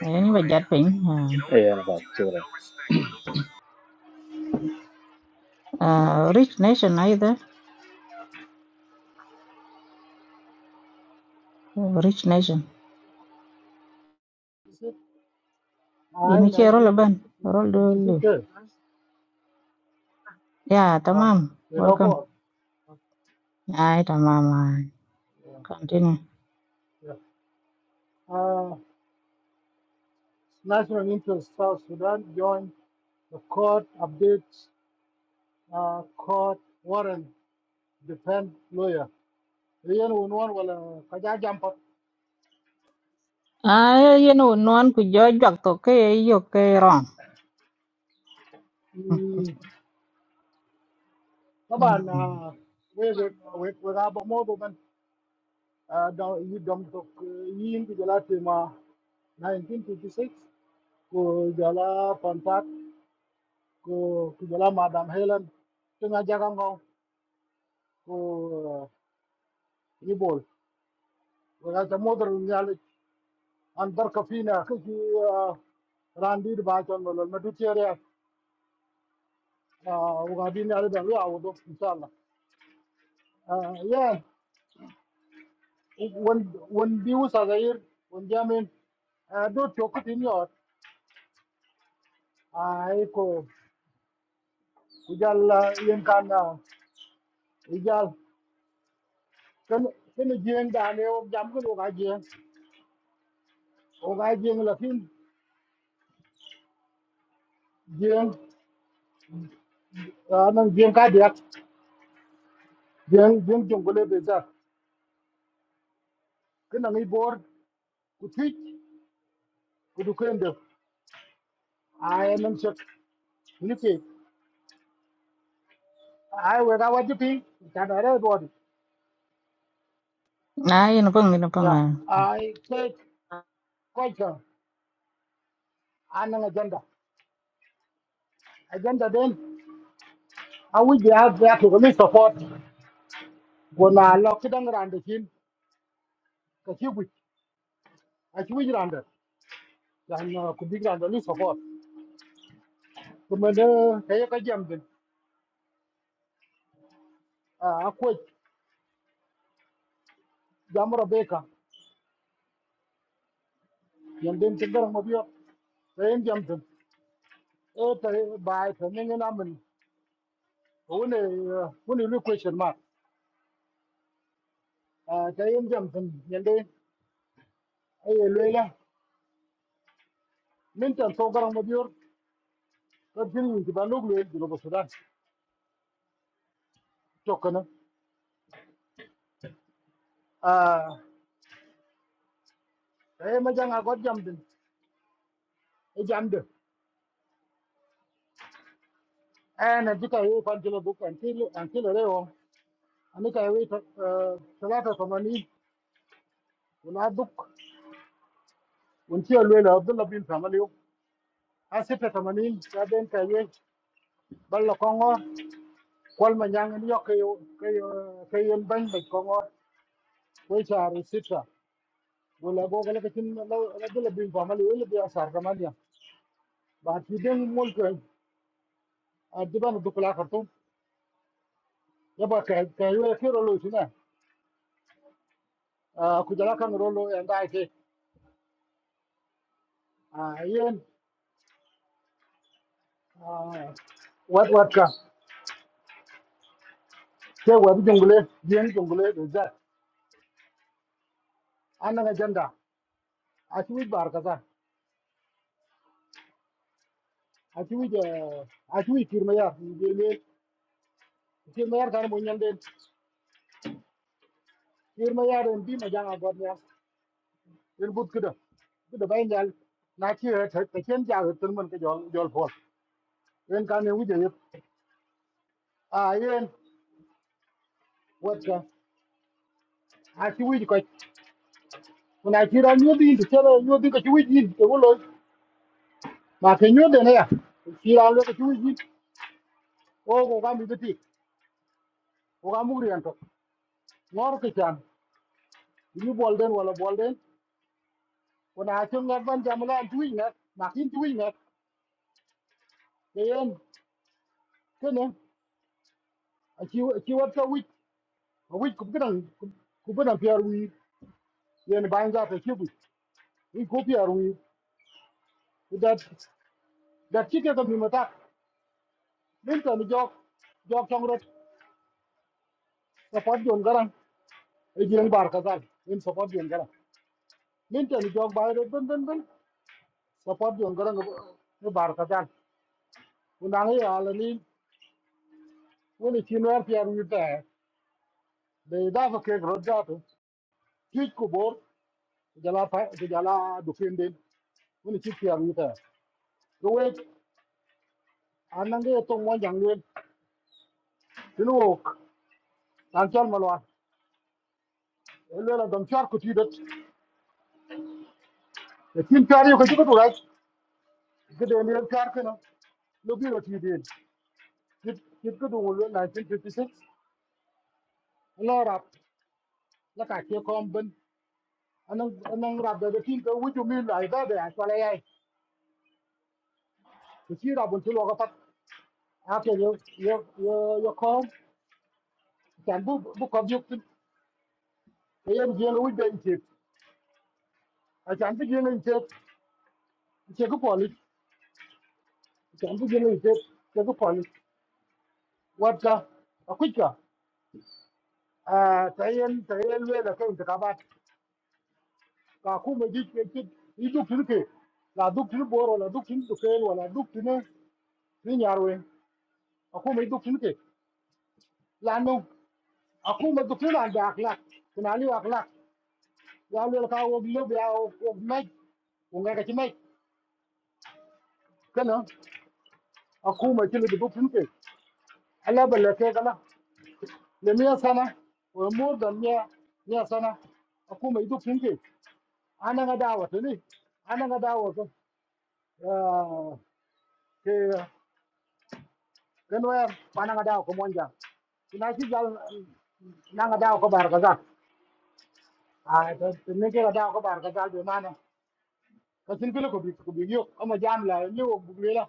ni ba jat pin uh, e na ba chura uh, rich nation either uh, rich nation Is I ini che roll ninety? ban roll do Did you think lu ya No. tamam welcome ai tamam ai. Yeah. continue yeah. Uh, national interest South Sudan joined the court updates. Uh, court warrant defend lawyer. Riyan unwan wala kaja jampa. à yên ổn non cứ gió giặc tổ cái yêu cái rom Hmm. Taban na we we we we gabo mo do man. Uh, dom yi dom kujala tema 1956 kujala contact ku ku madam helen tinga jaga ngo ku ibol wala ta modar nyal an barka fina kiki randi ba ton lol ma du tere u bin ala da ya wudo inshallah ya won won bi usa gair won jamin do chokutin yor ai ko ku jala yen kan ijal kan kan jeng da ne jam ko ga jeng o jeng la fin à nang bien ka dia bien bien jongole beza ke nang ibor kuthi kudu kende ai nang chak ni ke ai we ga wajib pi ta da re do à yên phong yên phong ya à ai ke ko anh anang agenda agenda den a wi ga ga to ga support go na lo ke dang ran de kin ka chi wi a chi wi ran de dan ku bi ran de ni support kuma ne ke ka jam den a ko jam ro be ka yan den ke gar mo bi yo Ờ, tại bài thế nên là mình huống này huống này lưu question mà à cái em chậm thân nhận đi ai lưu là mình chậm số garang mà biểu cái phim mình thì bạn lúc lưu thì lúc đó chọc cái à cái em chẳng có chậm thân cái chậm được anh ấy cái ấy quan chỉ là book anh chỉ anh chỉ là đấy không anh ấy cái ấy cái là cái thằng này cũng là book anh chỉ là lưu là Abdullah bin Samaliu anh sẽ cái thằng này cái bên cái ấy bạn là con kwal ma nyangen yo ke yo ke yo ke yo ban be ko ngor we charu sita wala go gele kin la la gele bin ko mal wala bi asar ka man ya ba ti den mol ko a du kula kartu ya ba ka ka yo ke ro lo sina a ku jala kan ro lo ya dai ke a yen wat wat ka ke wa bi jungule yen jungule de za an janda a ti wi bar ka a ti wi a ti wi kirma ya ni le kirma ya kan mo nyande yer ma yar en bi ma janga god ya en but kuda kuda bay nyal na chi ha thet ka chen ja he tun man ka jol jol phol en ka ne wuje yep a yen wat ka a chi wuje ko na chi ra nyu din te ra nyu din ka chi wuje din te wo lo ma ke nyu de ne ya chi ra lo ka chi wuje o ko ga mi de ti o ga mu ri an to ngor ke chan ni bol den wala bol den ko na chi ngat ban jam la chi wuje na ma kin chi wuje na yen ke ne a chi chi wat ka a wit kum kidan ku bana piyar wi yen ban za ta kibu in ko piyar wi da da kike da mi mata min to ni jok jok tong rot support don garan e giran bar ka zal in support don garan min to ni jok bai rot ben ben ben support don garan no bar ka zal una ne ya la ni woni chinwar piyar wi ta de da fa ke rot da to twit ku bor jala pa jala du fin den woni chi piyar wi ta ko wet anange to mo jangwen شنو وك كان شال ملوان الليلة دم شار كتيدت لكن كاريو كتيدت وغايت كده يعني الكار كنا لو بيرو تيدين كت كت كده ولو 1956 الله راب لك أكيد كم بن أنا أنا راب ده لكن كده وجو مين لا يبغى ده شو لا يعي كتير راب بنتلو غفت أكيد يو يو يو يو كم كان بو بو كم يكتب أيام جيل ويد بنتيب عشان تجيل انتيب تجيك بوليس عشان تجيل انتيب تجيك بوليس وابكا أكويكا Ah, ta yen ta yen le da kan ta ba ka ku me ji ke ki i du tin ke la du tin boro la du tin du ke wala du tin ni nyarwe aku me du tin ke la no aku me du tin da akhlak kuna li akhlak ya le ka wo lo ya wo me ko ga ki me kana aku me ti du tin ke ala balla ke kana aku me du tin ke ana ga dawa thì cái nuôi em ba nàng đào có muốn chẳng thì nói chứ giờ nàng đào có bàn cái gì à thì nên cái đào có bàn cái gì để mà nó cái xin cái lúc có bị có bị yêu ông mà giam là như ông bục lừa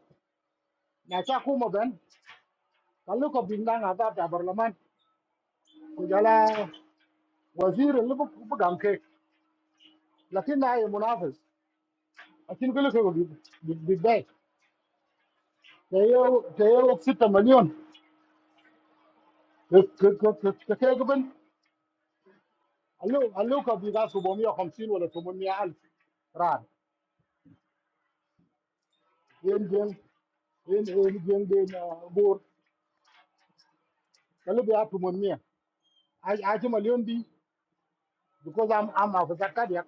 nhà cha khu mà bên cái lúc có bị nàng ta trả bờ làm ăn cứ giờ là wazir là lúc cũng làm kê là khi này munafis cái xin cái lúc có bị bị bị đây thế yêu thế yêu xịt tầm million cái cái cái cái cái cái bên alo alo có bị cái số bốn mươi không xin hoặc là số bốn mươi alf rand yen jeng yen yen jeng de na bor kalu be atu mon mia a a ti malion bi because i'm i'm of zakat ya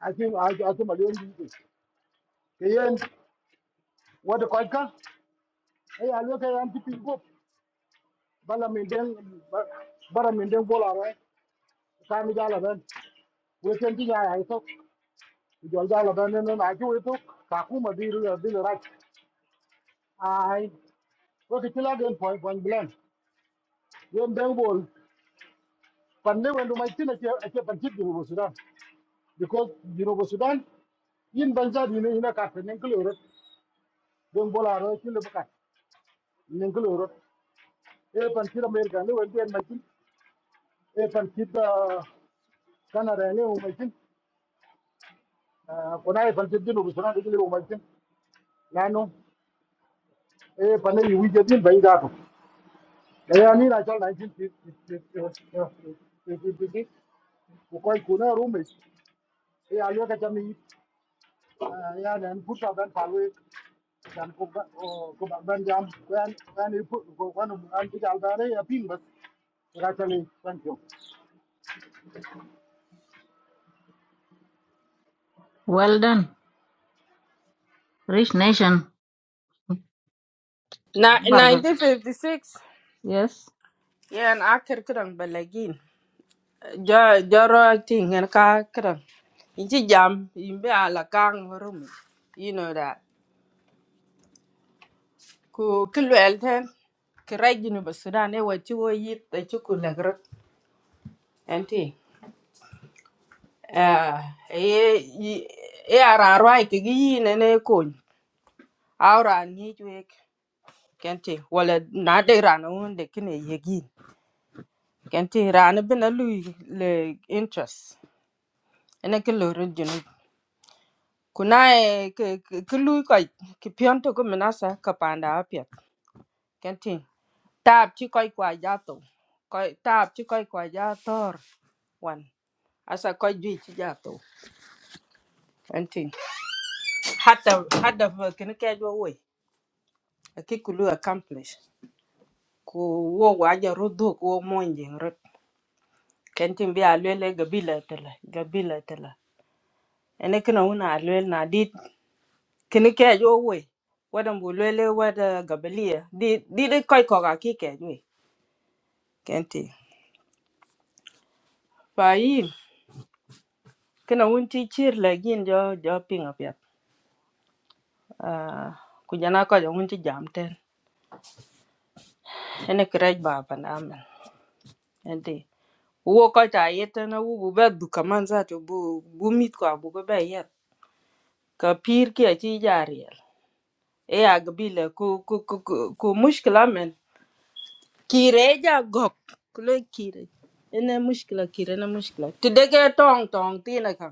i think a a ti malion bi ke yen wada koy ka ay a lo ka yan ti pi go bala min den ba- bara min den bola ra ka mi jala ben we ken ti ya ay to jol jala ben no na ju we to ka ku ma bi ru bi ra ai ko ke ti la den point point blank yen den bol pande wendu mai ti na ke ke pan ti bu sudan because Jinoba Sudan, yin banza di ne ina kat nenkul eurot don bola ro kin le bakat nenkul eurot e pan kir america ne wen den makin e pan kir da canada ne o makin ko na e pan kir dinu busana de le o makin nano e pan ne wi je din bai da to e ya ni na chal 1950 ko koi kuna rume e a lo ka chami ya nan puta ban palwe dan ko ba ko ba ban jam ko an an ko ko ko no an ti dal dare ya pin bas ra chali thank you well done rich nation Na, an barga 1956 yes yan akir kran balagin jo joro ting en ka kran inchi jam imbe ala kang rum you know that ku kilwel ten kiraj jinu ba sudan e wachi wo yit da chuku lagrot Ah, e i- e ara rai ke gi ne ne ko ara ni jwe kenti wala na de rana won de kine ye gi kenti rana bina lui le interest ene ke lo rin jinu kuna e ke ke ke lui ko ke pion to ko menasa ka panda apia kenti tab chi koi kwa jato koi tab chi koi kwa jator wan asa koi jwi chi jato kenti hatta hatta kene ke jo Aki kulu accomplish. Ku wo waja rudu ku wo monjing rut. Kentin bi alwele gabila tala, gabila tala. Ene kina wuna alwele na dit, kini kej wo we. Wada mbu lwele wada gabalia. Di di di koi koga ki kej we. Kenti. Fa yin, kina wun ti chir la gin jo jo ping up yap. Ah, Kujana koja wun ti jam ten. Ene kirej ba pan amen. Enti. Wo koja yetana wu bu be dukaman zatu bu bu mit kwa bu be yet. ka pir ki a ci jariel e ag bile ku ku ku ku ku mushkila men kire ja gok kule kire ene mushkila kire ne mushkila ti dege tong tong tina ka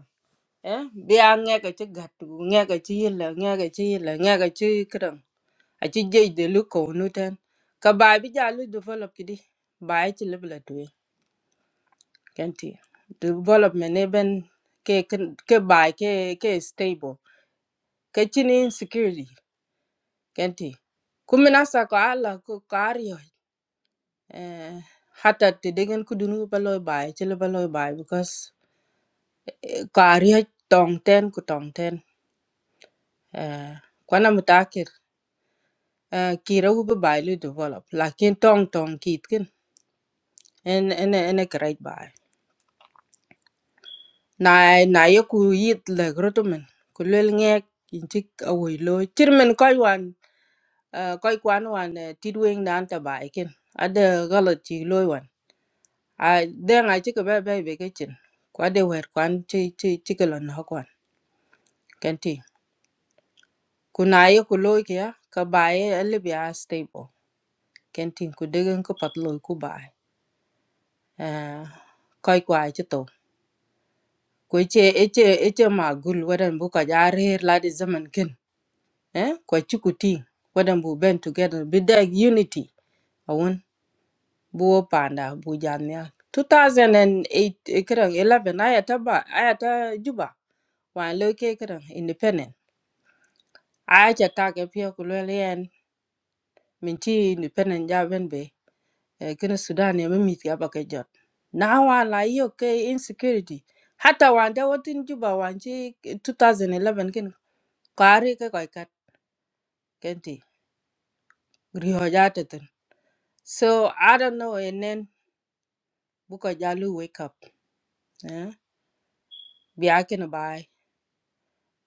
eh bi a nge ka ci gat ku nge ka ci yila nge ka ci yila nge ka ci kran a ci jej de lu ko nu ten ka ba bi ja lu develop kidi ba ai ci lebla tuwe kenti development ne ben ke kin- ke ba ke ke stable ka chin insecurity kenti kumin asa ko ala ko kario eh hata te degen ku dunu ba loy bai chele ba loy bai because kario tong ten ku tong ten eh kwana mutakir eh kira ku ba bai lu develop lakin tong tong kit kin en en en great bai na na ye ku yit le grotumen ku lel ngek inchik awoy lo chirmen koy wan eh koy kwan wan eh, tidweng nan ta bai kin ada galat chi loy a den a chika bai bai bai kichin kwa de wer kwan chi chi chika lon ho kwan kenti kuna ye ku loy kya ka baye alibi a libi a stable kenti ku degen ku pat loy ku bai eh koi kwa chi to ku che eche eche ma gul wadan bu ka ja rer la de zaman kin eh kwa chi ku ti wadan bu ben together be that unity awon bu wo panda bu jamia 2008 eh, kiran 11 ayata ba ayata juba wa loy ke kiran independent ai cha ta ke pio ku le yen min chi ni penen ja ben be ken sudan ya mi ti aba ke jot na wa la yo ke insecurity hatta wa da watin juba wan chi 2011 ken kare ke ko kat ken ti ri ho ja te ten so i don't know and then bu ko ja wake up eh bi a ken bai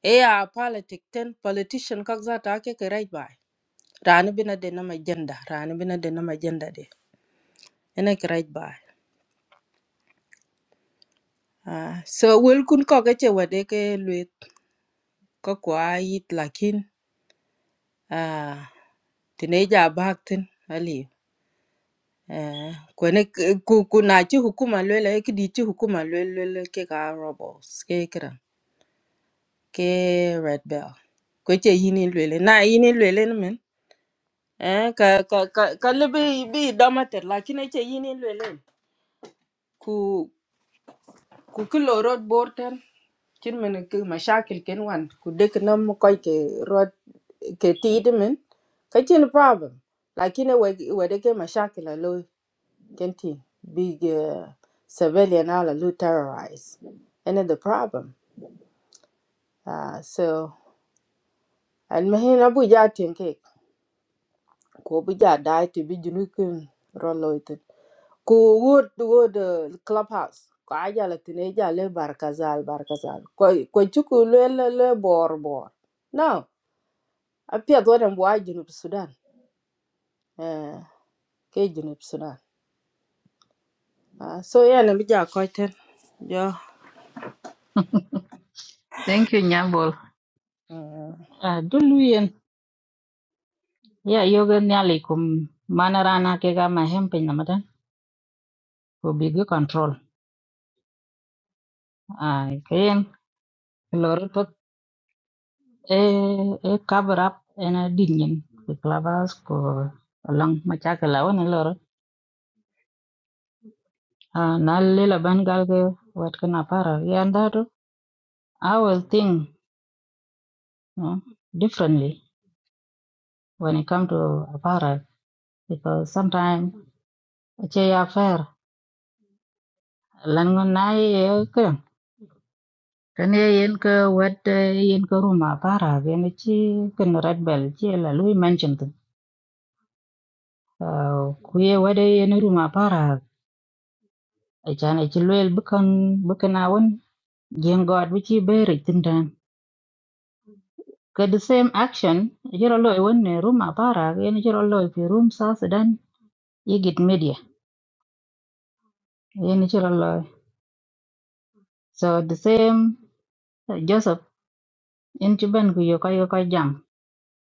e a politic ten politician kak za ta ke ke right bai rani bina de na agenda, jenda rani bina de na ma jenda de ene ke right Ah, so wel kun ko ke che wede ke luet ko kwa yit lakin ah, tine ja bak tin ali eh, kwene k- ku ku na chi hukuma lwele ki di chi hukuma lwele lwele ke ka robots ke kira ke red bell kwe che yini lwele na yini lwele ni men eh, ka ka ka ka libi bi domater lakin e che yini lwele ku ki lo rot bor ten chin men ki mashakil ken wan ku dek nam koy ke rot ke tiid men ka chin problem lakin we we de ke mashakil a lo ken ti big uh, civilian ala lo terrorize and the problem uh, so al mahin abu ja tin ke ko bu ja dai ti bi junu kin ro lo ku wot wot uh, clubhouse ko ajala tine jale barkazal barkazal ko ko chuku le le le bor bor now apia do dem wa junub sudan eh ke junub sudan Ah, so yeah na bija ko ten jo thank you nyambol mm. Ah, dulu yên ya yoga nyali kum mana rana ke ga ma hem pe namata ko big control à cái lor tot e e cover up ena a dinyin ko clavas ko long machakala wona Ah, na lela ban gal ge wat kana para yeah, and that I will think you know, differently when it come to para because sometimes che ya fair lan ngon na ye ke kan ye yen ke wat eh, yen ke ruma para ge ne chi kan red bell chi la lui mention tu Ah, ku ye wade yen ruma para e chan e chi luel bukan bukan awon jeng god bi chi beri Ke the same action jiro loy wonne room apara yen jiro loy fi room South Sudan yigit media yen jiro loy so the same uh, Joseph in chuban ku yoko yoko jam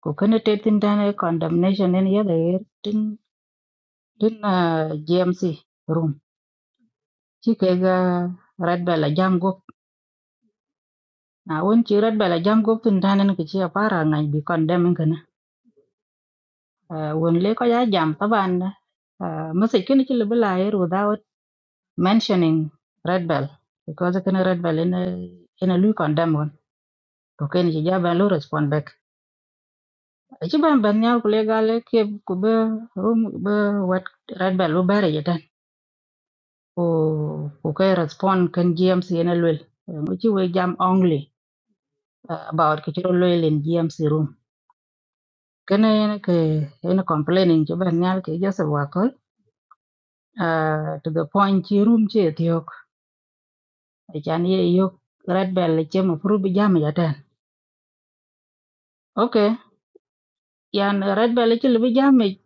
ku kene te tin tane condemnation en yada yer tin tin uh, GMC room chi ke ga red bella jam gop na won chi red bella jam gop tin tane ke chi apara ngai bi condemn kana uh, won le ko ya jam taban uh, masakini chi lebla yer mentioning red bell because kana red bell in a in a lu condemn one to ken ji ja ban lu respond back ji ban ban nyal kule gale ke ku be room be what red bell lu bare jetan ku ku ke respond kan gmc in a lu mu ji we jam only uh, about ke chiro lu in gmc room kana yana ke yana complaining ji ban nyal ke just wakol uh, to the point chi room chi ethiok chan ye yok red bell che mu furu bi jam ja tan Okay. yan red bell ci libi jami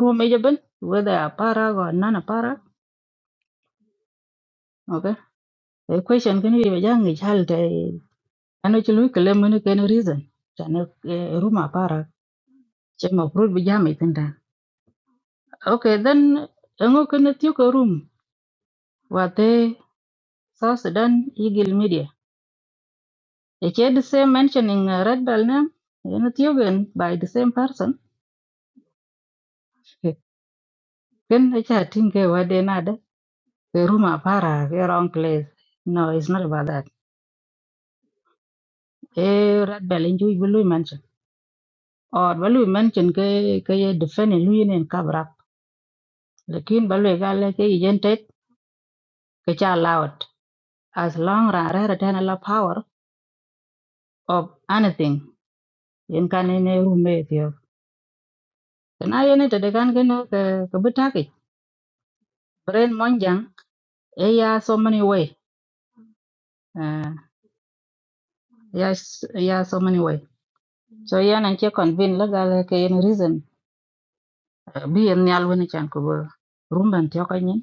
rume jaben whether a para or non a para okay a question can be jangi halte ano ci lu kele mun ken reason tane ruma para ce ma fruit bi jami tinda okay then ngo ken tiu ko room wate south sudan eagle media e ke the same mentioning eh, red bell na eno tiu gen by the same person Okay, ken e cha tinge wade nada ke room para ke wrong place no it's not about that e rat bel en juic bi lui mention or ba lui mention ke ke ye defend en lui nen kabrak lekin ba lui gale ke yen tek ke cha laut as long ra ra ra tan la power of anything yen kan ne rume tio na yen te de kan ke no ke ke bitaki brain monjang e ya so many way uh, ya s- ya so many way so yan an che convin la gale ke yen reason bi en nyal woni chan ko rumban tio ka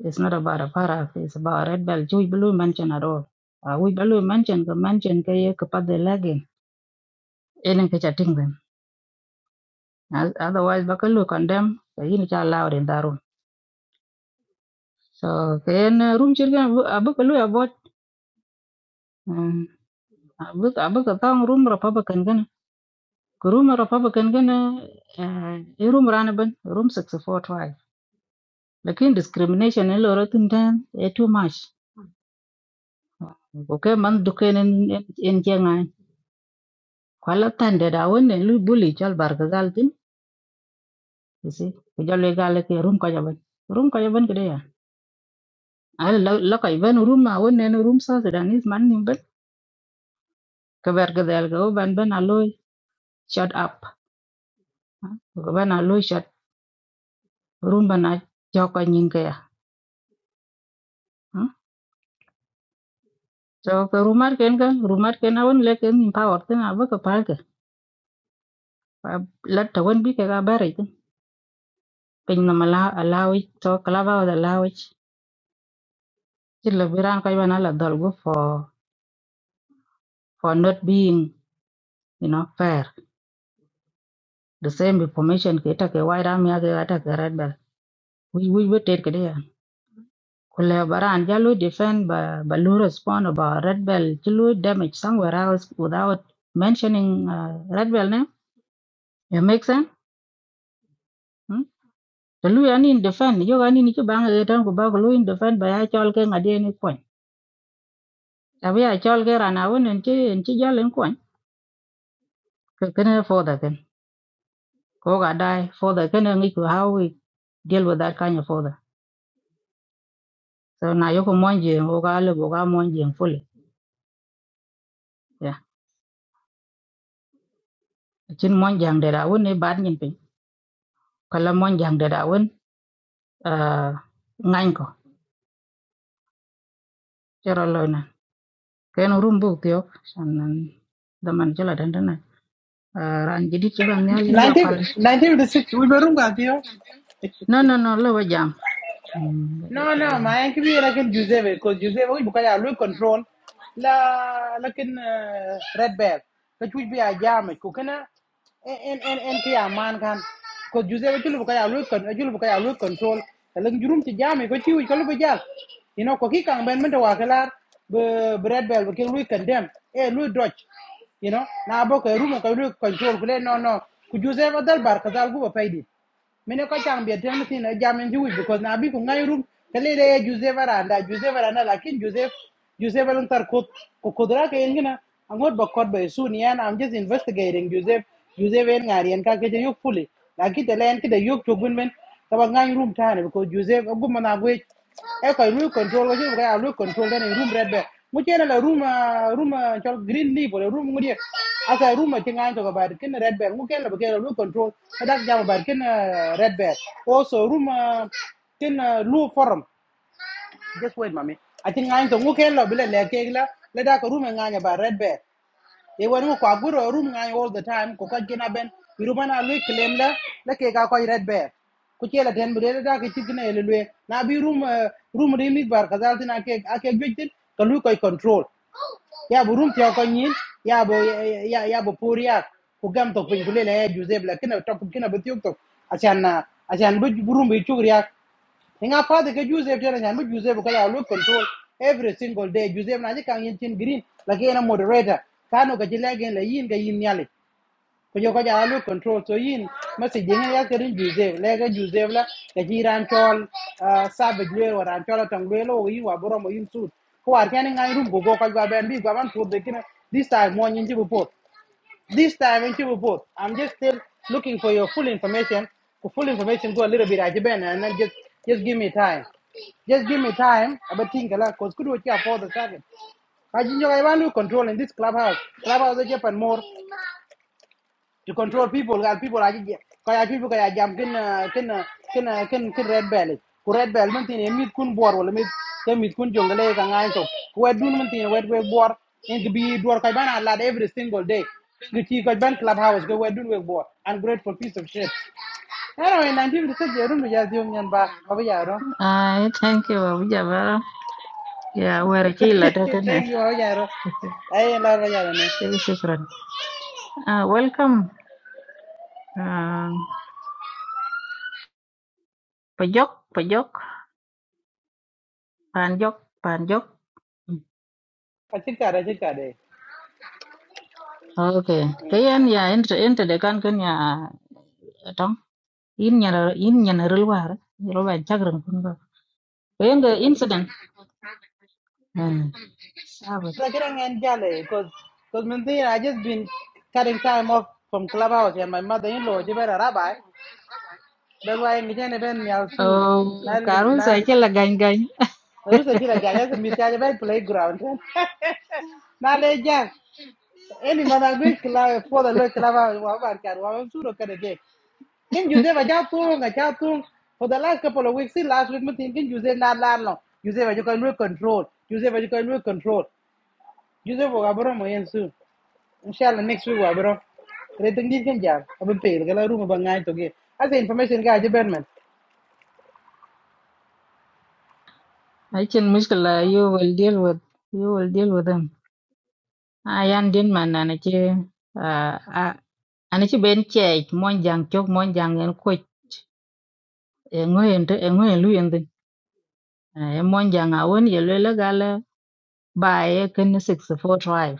It's not about a para. It's about red belt. Chui blue mention at all. Uh, we blue mention the mention ke ye kapat the lagging. Enen ke chatting them. As- Otherwise, bakalu condemn. The yin cha allowed in that room. So then room chirgan abakalu abot. Abak abak atang room Republican gan. Room Republican gan. Uh, eh, room ranaban. Room sixty four twelve. Lakin discrimination in lorotin dan. Eh too much. Okay, man duken in in jenga. kwala tande da wonne lu buli chol barka galtin isi ko jolle gale ke rum ko jaban rum ko jaban kede ya ala la la ko ban rum ma wonne no rum sa da ni man nim ban ka barka dal go ban ban aloy shut up ah, ko ban aloy shut rum bana joko nyin ke ya ah. so ko rumar ken ka rumar ken awon le ken nim power tin aba ka palka la ta won bi ke ga bare tin pin na mala alawi to kalaba da lawi ci le biran ko ban ala dol go for for not being you know fair the same information ke ta ke white army ke ata ke red bell we we we take it Kulle kule baran jalu defend ba ba lu respond about red bell jalu damage somewhere else without mentioning uh, red bell name it makes sense hmm? jalu yani in defend yo yani ni ke bang ke tan ko ba ko lu in defend ba ya chol ke ngade ni kon tabi ya chol ke rana won en chi en chi jalen kon ke kene for the ken ko ga dai for the ken ngi ko how we deal with that kind of further so na yoko monje ko ga le boga ga monje fully chin mon jang de da won e bad nyin pin kala mon jang de da won uh, ngain ko chero loy na ken rum bu tyo sanan da man jala dan dan na uh, ran jidi ci ban yal yi ba pal 1956 we were room got here no no no lo wa jam Mm, ba jo no, te no. My auntie, but I can use it. Because use it, we can control. Like, but I can red bell. But which be a jam? Because na, en en en en kiaman kan. Because use it, we can control. Because we can control. But when you run the jam, because you can run the jam. You know, because he can't bend. But we can learn the red bell. Because we can jam. Hey, we can dodge. You know, now we can run. We can control. No, no. Because use it, we can bar. Because I go with my dad. Mene ko chang biya tem si na jamen ji wuj because na bi ku ngai rum kale de Joseph Aranda Joseph Aranda lakin Joseph Joseph alun tar ko ko kodra ke yin gina angot ba kod ba su ni an I'm just investigating Joseph Joseph en ngari en ka ke yok fully lakin de len ke de yok to gun men ngai rum tane because Joseph agum na gwe e ko lu control ko ji ka lu control den room red mu ce la room ah, room ah, chol green leaf wala room ngudi asa room ti ngai to bar kin red bear mu ken la ke lu control ka dak jam bar kin ah, red bear also room ah, kin ah, lu forum just wait mami ati ngai to mu ken la bile le ke la le dak room ngai ba red bear e wani mu kwa guro room ngai all the time ko ka gina ben iruma na lu claim la la ke ka ko red bear ku cela ten bu deda ke cikna ele lue na bi room room re mi bar kazal tin ake ake gwitin ka lu koy control yeah, we run the oxygen. Yeah, we yeah yeah we pour it. We give them talking to the lens. Juiceable. Can talk because can be difficult. Asian, asian, but we run very sugar. They are fast. Can juiceable. Asian, but juiceable. Control every single day. Juiceable. Now they can maintain green. Like I am moderate. Can I get the leg in the ear? Can I get the ear? ko yo ko ja lu control so yin ma si jing ya ke rin juze le ga juze la ke ji ran chol ah, savage le wa ran chol tang le lo yi wa boro mo yin su ko ar ken ngai rum go go ka ga ben bi ga ban pu de kin this time mo nyin ji bu pot this time in ji bu pot i'm just still looking for your full information for full information go a little bit aji ben and then just just give me time just give me time about think a lot because could what you afford the target I think you know I want to control in this clubhouse clubhouse is Japan more to control people gal people aji je- ko ya people ko ya jam ken uh, ken uh, ken uh, ken ken red bell ku red bell man tin emit kun bor wala mit ke mit kun jongale ka ngai to ku wed dun man tin wed we bor in to be dor ko bana lad every single day ngi ti ko ban club house ko wed dun we bor ungrateful piece of shit Ano en anti bi se jerum ya zium nyan ba ba ya ro. ai thank you abu jabara ya wara ki la da dan na Thank you ba ya ro. Ay la ba ya ro ne. shukran shukran. uh, welcome uh, pajok pajok panjok panjok Achika ra chika okay kayan ya ente ente de kan kan ya tong yin nyana yin nyana rilwar roba chagran kun ba wenga incident Mm. Sabe. because I just been cutting time off from clubhouse and my mother-in-law, she been a rabbi. That's why I'm going to be out soon. Na Oh, Karun sa na, ke la gañ gañ. rusa kila jaja se miti aja bai playground. Na leja, any mana gwe kila for the low clubhouse wa ba kar wa wa suro kare ke. Kin Jose ba cha tung a cha tung for the last couple of weeks. See last week mutin kin Jose na la no. Jose ba jo kan control. Jose ba jo kan control. Jose ba ga bro mo yen soon. ان شاء الله next week wa bro re tang dit kan jam abin pe ga la room ba ngai to ge as information ga je ben I can muscle you will deal with you will deal with them. Ayan din man na na ci a ana ci ben cey mon jang chok mon em en em ngoyen te ngoyen lu yen din. E mon jang a won ye le la by a kin 64 tribe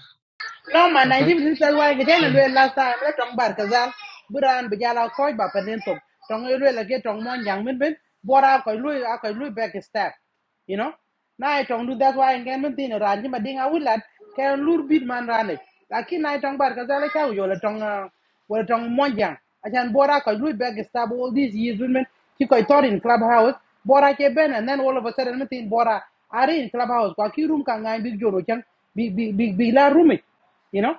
No man, okay 1956 wai ke chen Mm. lue last time le tong bar kazal. Buran bija la koi ba panen tong. Tong e lue la ke tong mon yang min bin. Bora ko lue a ko lue back a step. You know? now i e tong du that. why I'm ngen min tin ran ji ma ding a wilat ke lur bit man ran e. Lakin na e tong bar i e ka yo le tong ah, wo le tong mon yang. Achan bora ko lue back a step all these years min. Ki ko tor in clubhouse. Bora ke ben and then all of a sudden min tin bora are in clubhouse. Kwa ki room ka ngai big joro chan. Big big big big la room e. You know,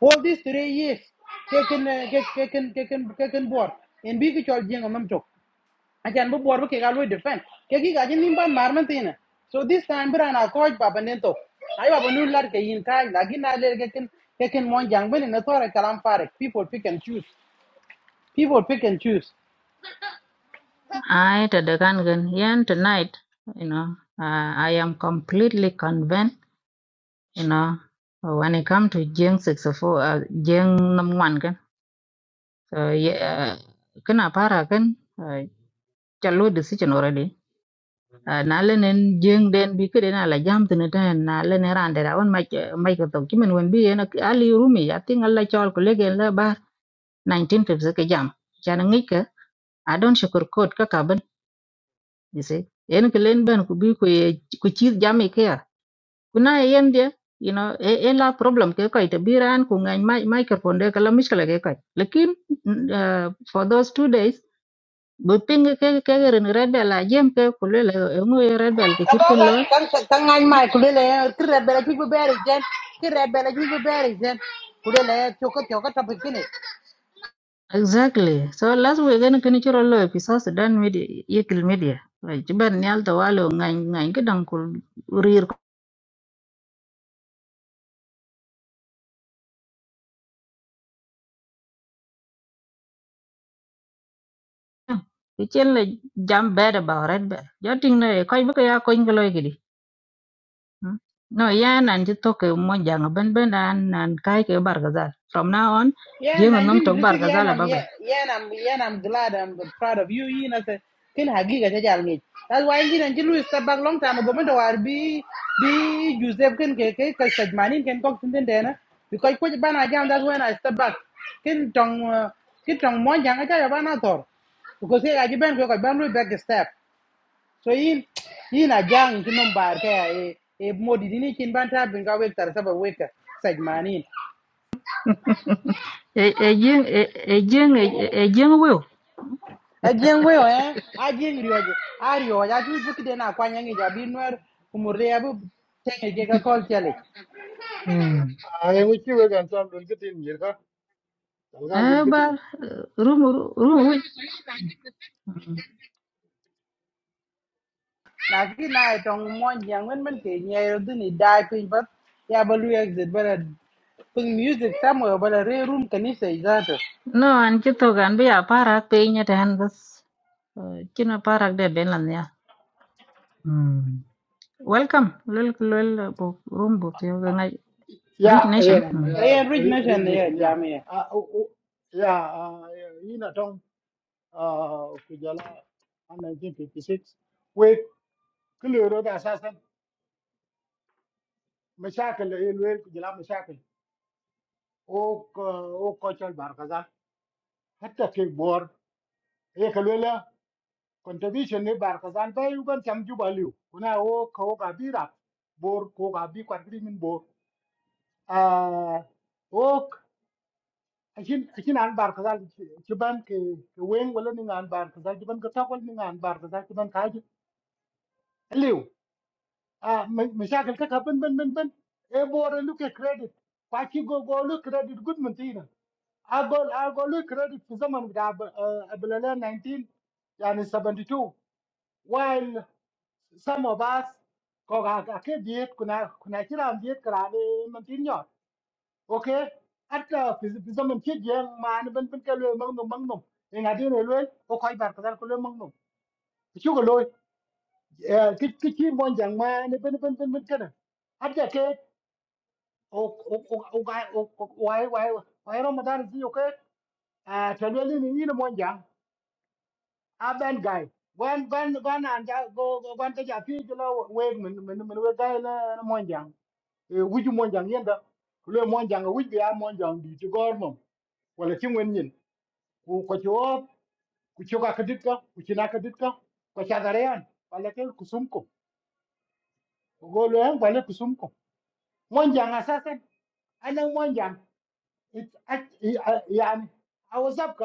all these three years taken uh, ke- taken taken taken board in big chol jing on them talk. I can be board because ke galu defend. Ke ki gajin nimba marman tina. So this time bra na coach baba nento. Ai baba nu lar ke yin kai lagi na le ke ken ke ken mon jang ben na tore kalam farek. People pick and choose. People pick and choose. i to the kan gan yen tonight you know uh, i am completely convinced you know when it come to jing 64 uh, jing number 1 can. so yeah kana para can? uh, chalo decision already uh, na lenen jing den bi kede na la jam tene ten na lenen rande da on mai mai ko to kimen wen bi en ali rumi ya tinga la chol ko legen la bar 1950 ke jam chan ngike adon shukur kot ka you see en ke len ben ku bi ku ye ku chi jam ke ya ku na yen dia you know e e la problem ke ko te biran ku ngai mai mai ke ponde kala miskala ke ko lekin n- uh, for those two days bu ping ke ke ren red bell a jem ke ku le le e ngu ye red bell ke chir Kabo ken ka lo kan kan ngai mai kulele ki rebele ki be beri jen. Ki rebele ki be beri jen. Kulele choka choka tapikini. exactly so last we gen ken chiro lo e pi so sudan media yekil media like ban nyal to walo ngai ngai ke dang ku rir ko ke chen le jam bad about red bell joting ne ko bu ke ya ko ngi lo Mm. No, yeah, nan ci toke mo jang ben ben nan nan kai ke bargazal. From now on, Yeah, jeng nom tok 1956, yeah, bargazal and I'm, ba be. yeah, yeah, and I'm, yeah, and I'm glad, I'm proud of you, you know, say, kin hagiga ta jal ngi. That's why you know, you lose step back long time ago, but war be, be Joseph kin ke ke ke sajmanin kin kok tintin dena. Because kwa bana jam, that's when I step back. Kin tong, uh, kin tong mo jang aja ya bana tor. Because here I ben ko ban lu back step. So in, in a jang kin nom bar ke e e modi dini kin ban ta bin ka wek tar saba wek sajmanin. E e jeng e e jeng e e jeng wew. Ajeng weo eh, ajeng rioje, a rioje, a tu buki de na kwanya ngi jabi nuer kumurde ya bu tenge ke ka kol chale. Mm. ay ngi ci we gan tam dul gitin yir ka dal E gan dul bar gitin rum rum wi. Na ki na etong mon jang wen men ke nye yo duni dai pin bat ya balu exit bala ping music somewhere bala re room kanisa izato. No, an ci tokan bi a parak pe nyata han bas. Kina parak de ben lan ya. Mm. Welcome. Lol lol bo rum bo yo ngai ya rich nation. eh an Mm. Ayen rich ri nation ya nation ya jami a ya ina tong ku jala an 1956 we kulero da sasan mashakil el ku jala mashakil o o ko chal bar kaza hatta ke bor e contribution ne bar ka zan bai ugan cham ju balu kuna o ko ga bi rap bor ko ga bi kwat bi min bor a o akin akin an bar ka zan ci ban ke ke wen wala ni an bar ka zan ci ban ka takol ni an bar ka zan ci ban ka ji lew a me shakal ka ka ban ban ban ban e bor lu ke credit kwa ki go go lu credit good mun tina a go a go lu credit fi zaman da abulala 19 yani seventy two. while some of us có cả cả cái diet của na của na chỉ làm diet cái này mình tin nhở, ok at là bây giờ mình chết giang mà nó vẫn vẫn cái lối măng nồng măng nồng thì ngày đi này lối có khoai bạc cái lối măng nồng chú cái lối cái cái chi mòn giang mà nó vẫn vẫn vẫn vẫn cái này at là cái o o o o cái o o o cái o cái Ramadan gì ok à cho nên là như nó mòn giang à bên gai when when when anh cha go go- when cái cha phi cho nó quê mình mình mình we gai nó nó mon jang e wuju mon jang yenda le mon jang wuj bi a mon jang di to gormum wala ci wen ñin ku chỗ ci wo ku ci ka kadit ka ku ci na kadit ka ko ci agare yan wala ke ku sum ko ko go lo yan wala ku sum ko mon jang anh ana mon jang It act, yeah, yeah, I was up.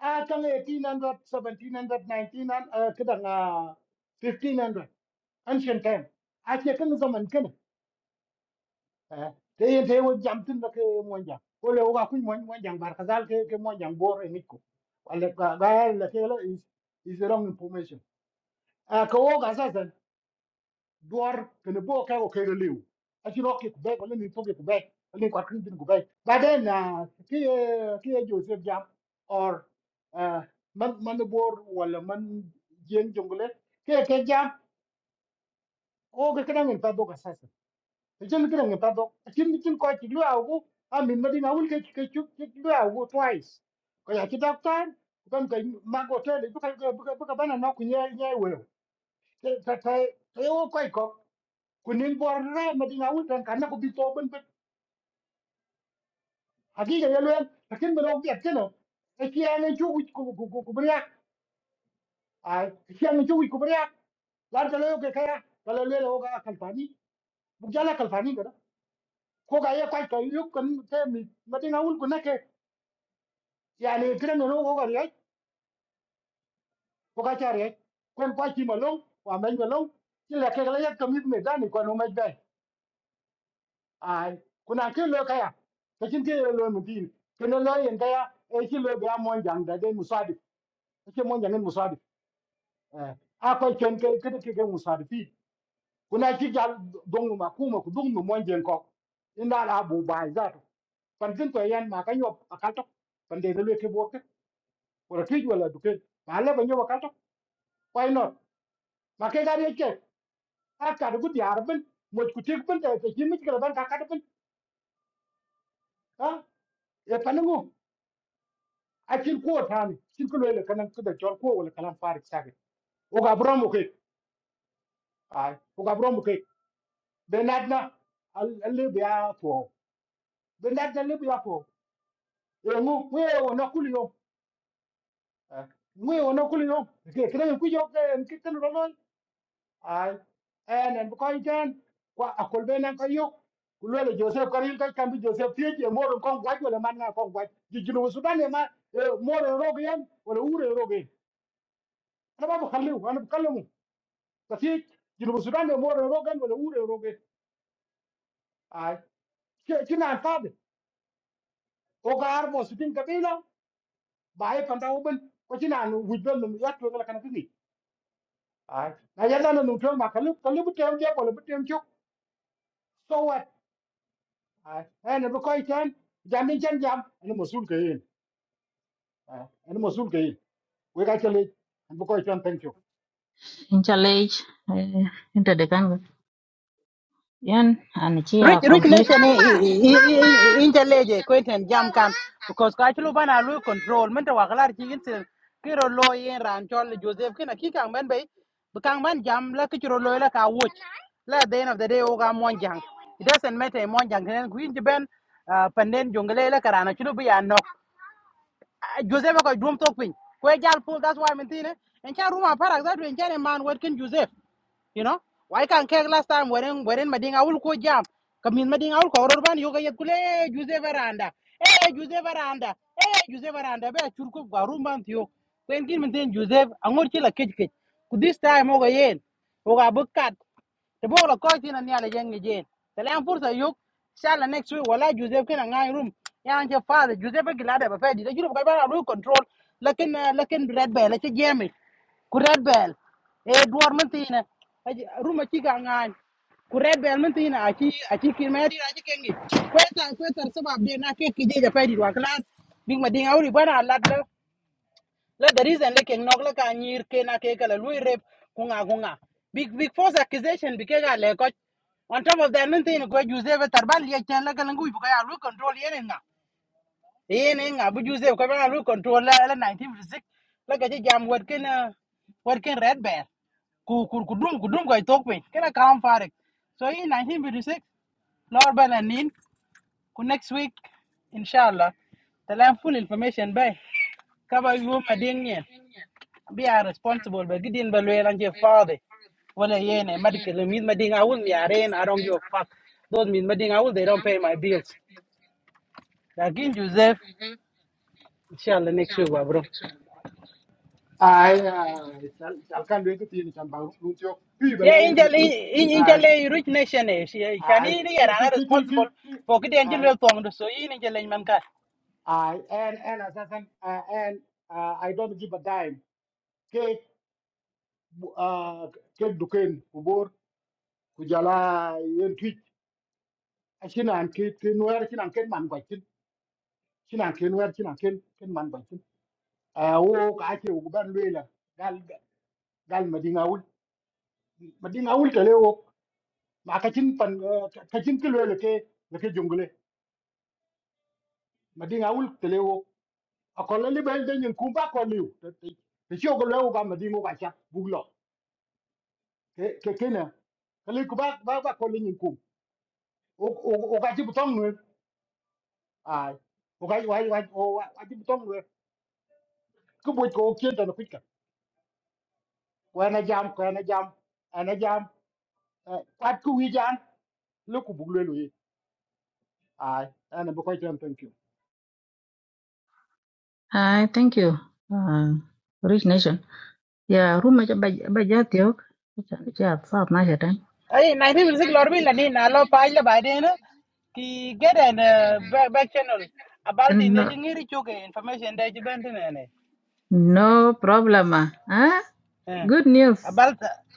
Ah, kang eighteen hundred, seventeen hundred, nineteen hundred, 1700, 1900, uh, uh, 1500, ancient time. Ah, siya kan zaman kan. Eh, tayo tayo jam tin na ke monjang. Kole oga kuy mon monjang bar kazal ke ke monjang bor eniko. Wala ka is is the wrong information. Ah, ko oga duar kene bo ka ko kere liu aci ro ke kube ko leni to ke kube leni ko kin din kube baden na ki eh, ki eh, joseph jam or eh, man man bor wala man jen jongle ke ke jam o ke kana ngin pa do ka sasa te jen kana ngin pa do kin kin ko ti lu awu amin madina wul ke ke chu ke lu awu twice ko ya ki doctor kan ka mago tele bu ka bu ka bu ka bana na ku nye nye we te te te o ko ko kunin bor re ma dinga wul tan kan ko bito ben ben hakika ya len lakin ma dog yet keno e kiyane chu ku ku ku ku bria a kiyane chu ku bria lar ka lo ke kaya ka lo le lo ga kalfani bu jala kalfani kada ko ga ya kai to yu kan te mi ma dinga wul ku nake yani kiran no ko ga re ko ga chare kon pa chi ma lo wa men ga lo ti la ke la ya kamit me dani ko no me dai ai kuna ke lo kaya ta kin ke lo mu din ken lo yen kaya e ki lo ga mon jang da de musadi ke mon jang musadi eh a ko ken ke ke ke ke musadi fi kuna ki gal dong ma ku ma ku dong mu mon jang ko inda la bu bai za to pan kin to yan ma ka nyop akal to pan de lo ke bo ke wala ti wala du ke ma le ba nyop akal to why not ma ke ga de ke a ka du di arbin mo ku ti bin ta ke ki mi ke ban ka ka bin ha e panu akin ko tani kin ko le kanan ko da jol ko wala kalan farik sake o ga bro mo ke ay o ga bro mo ke be nadna alle be ya to be nadna le be ya to e ngu we o na kuli yo we o na kuli yo ke kire ku yo ke en ki tan ro non ay en en ko iten kwa akol be nan ko yo ku le joseph karin ka kan bi joseph tie je mo ron kon gwaj wala man na kon gwaj ji jinu sudan e ma mo ron rogen wala ure rogen ana ba ko khallu ana ko kallamu kasi junuba sudan de more rogan wala ure roge ai kinan fad o gar mo sutin kabila bai panda oben ko kinan wujbel no yatlo ngala kana kini ai na yalla no nutro ma kalu kalu butem je ko butem chuk so what ai ene bu koy ten jamin chen jam ene mosul kayin ene mosul kayin we ga chele ene bu koy ten thank you Inchalage. Inta de kan Yan, and she are Rich, rich complete. nation i i i intelege kwenten jam kan because ka chulu bana lu control men ta wakalar chi insil kiro lo yen ran chol Joseph kina ki kang ben bay kang ban jam la ki chiro lo la ka wuch la at the end of the day o ga mon jang it doesn't matter mon jang nen kuin ji ben uh, panden jongale la karana chulu bi ya Ah, Joseph ko dum tok pin ko e jal pul that's why min tine en cha ruma parak that en cha man what can Joseph you know why can kek last time weren weren mading awul ko jam kamin mading awul ko ror ban yoga kule "Eh, Joseph aranda eh Joseph aranda eh Joseph aranda be chur ko garum ban tiyo ko en kin min tin Joseph angor chila kech kech ku this time oga yen oga bukat te bo la ko tina ni ala jeng jen te le fursa yok shala next week wala joseph kina ngai room ya je father joseph gilada ba fedi de juro ba ba ru control lakin ah, lakin red bell ke jemi ku red bell e duwar mun tina ruma ci ga ngai ku red bell mun tina a ci a ci kin meri a ci ja la the reason like keng nok la ka nyir ke na ke kala lui rep kunga kunga big big false accusation bi le ko on top of that nothing ko juse be tarbal ye chen la kala ngui bu ka lu control ye nga ye ne nga bu juse ko ba lu control la la 1956 la ga ji jam wor ken ah, wor ken red bear ku ku ku dum ku dum ko tok pe kana kam farik so in 1956 lor balanin ku next week inshallah talam full information bay kaba yu ma ding yeah be are responsible but gidin ba lawyer and your father wala yene medical min mading awul mi aren i don't give a fuck those min mading awul they don't pay my bills lakin joseph inshallah next week wa bro ai chal chal kan de tin chan ba nu chuk pi yeah bela we angel kit ai angel rich nation eh shi- shani ai ni ki era na ki ki responsible ki for kidi ki angel wel tong do so yin angel man ka I and and as I said, uh, and uh, I don't give a dime. Ke uh, ke duken kubur kujala yen tweet. Shin an ke ke nuer shin an ken man kwa shin shin an ke nuer shin an ken ken man kwa shin. Uh, wo ka ake wo ban lela gal gal madinga ul madinga ul tele wo ma ka chin pan uh, ka chin ke lela ke le ke jungle madinga ul tele wo akola libel den yen kumba ko liu. Te te te shogo lewo ga madinga ka cha buglo. ke ke kenya kali ku ba ba ba ko linyin ku o o o ga jibu tong nwe ai o ga wa wa o wa jibu tong nwe ku bo ko kien ta no pitka ko na jam ko na jam ana jam pat ku wi jan lu ku bu le lu ai ana bu ko jam thank you I thank you, uh, Rich Nation. Yeah, room aja bajatiok. She are far nicer ay 1956 lor bi la ni na lo pa la ba de na ki get an uh, back, back channel about in the And. ngiri choke information de ben No problem, Huh? eh Good news. abal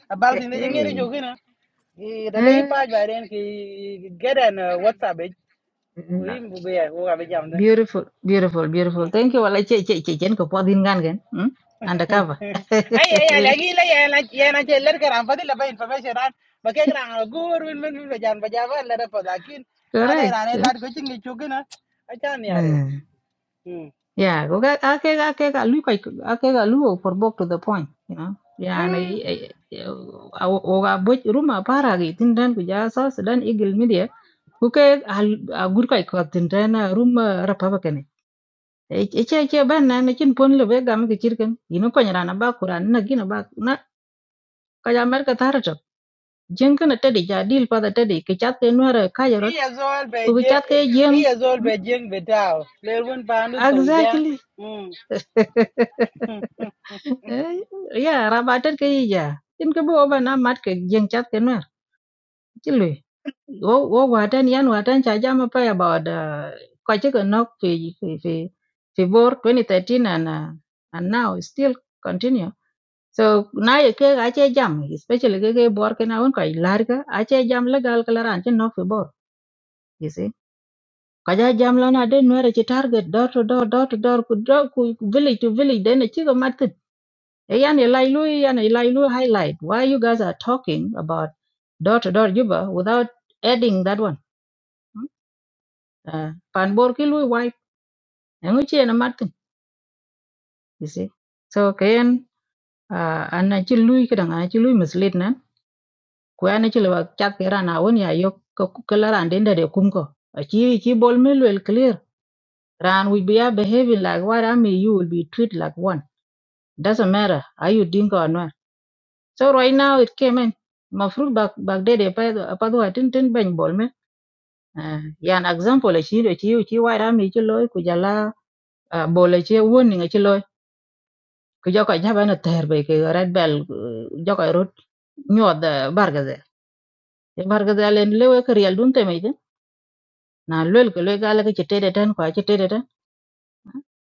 abal tin je ngere Hey. jogina i de lein hey. page ba den ki geden whatsapp e Eh, ko no. him bu ge ko ga be jam de Beautiful, beautiful, beautiful. Thank you. Wala che che che chen ko podin gan gan. Hmm? Undercover. ay ay ay lagi la ya na ya na je ler karam fadi la ba information ran ba ke gran gur win men ba jan ba ja ba la da pa lakin na de Correct. ran Eh? la go chingi chugina acha ni are Hmm. hmm Yeah, go ga ake ga ake ga lu kai ake ga lu for book to the point, you know. Yeah, na hmm i- i- i- o ga bo ruma para gi tindan ku ja sa Sudan Eagle Media. Ku ke a gur kai ko tindan ruma rapa ce ce ben na na chin pon le be gam ke chirken ino ko nyara na ba kuran na gina ba na ka ja mer ka tar ta jeng kana tedi ja dil pa da tedi ke chat ke nuara ka jarot iya zol be ku ke chat ke jeng iya zol be Hmm, betao le won pa ndu exactly ja Eh, ya rabatet ke ya chin ke bo ba na mat ke jeng chat ke nuar chilwe wo wo watan yan watan cha ja ma pa ya ba da ka che ke nok fi fi fi fi bor 2013 and uh, and now still continue so na ye ke ga che jam especially ke ke bor ke na won ko lar ga a che jam le gal kala ran che no fe bor you see ka ja jam la na de no re che target door to door door to door ku door ku ku village to village de ne chi ga mat kin. e yan e lai lu yan e lai lu highlight why you guys are talking about door to door juba without adding that one hmm? uh, pan bor ki lu wai ngu che na mat kin, you see so ken uh, an na chi lu ki dang an na chi lu mislead na kwen ci lo chak ran awon ya yo ko la ran den de kum ko ci ci bol mi lwel clear ran we be behaving like what I mean you will be treated like one doesn't matter are you dingo or not so right now it came in my fruit back back there pa pa do tin tin ben bol mi Ah, yan example ci do ci ci wa ra mi ci lo ku jala ah, bol ci won ni ci lo ku joko nya ba na ter be ke red bell eh, joko rut nyod bargaze bargaze len lewe ke real dun te me na lwel ke lwe gala ke chetede ten kwa chetede ten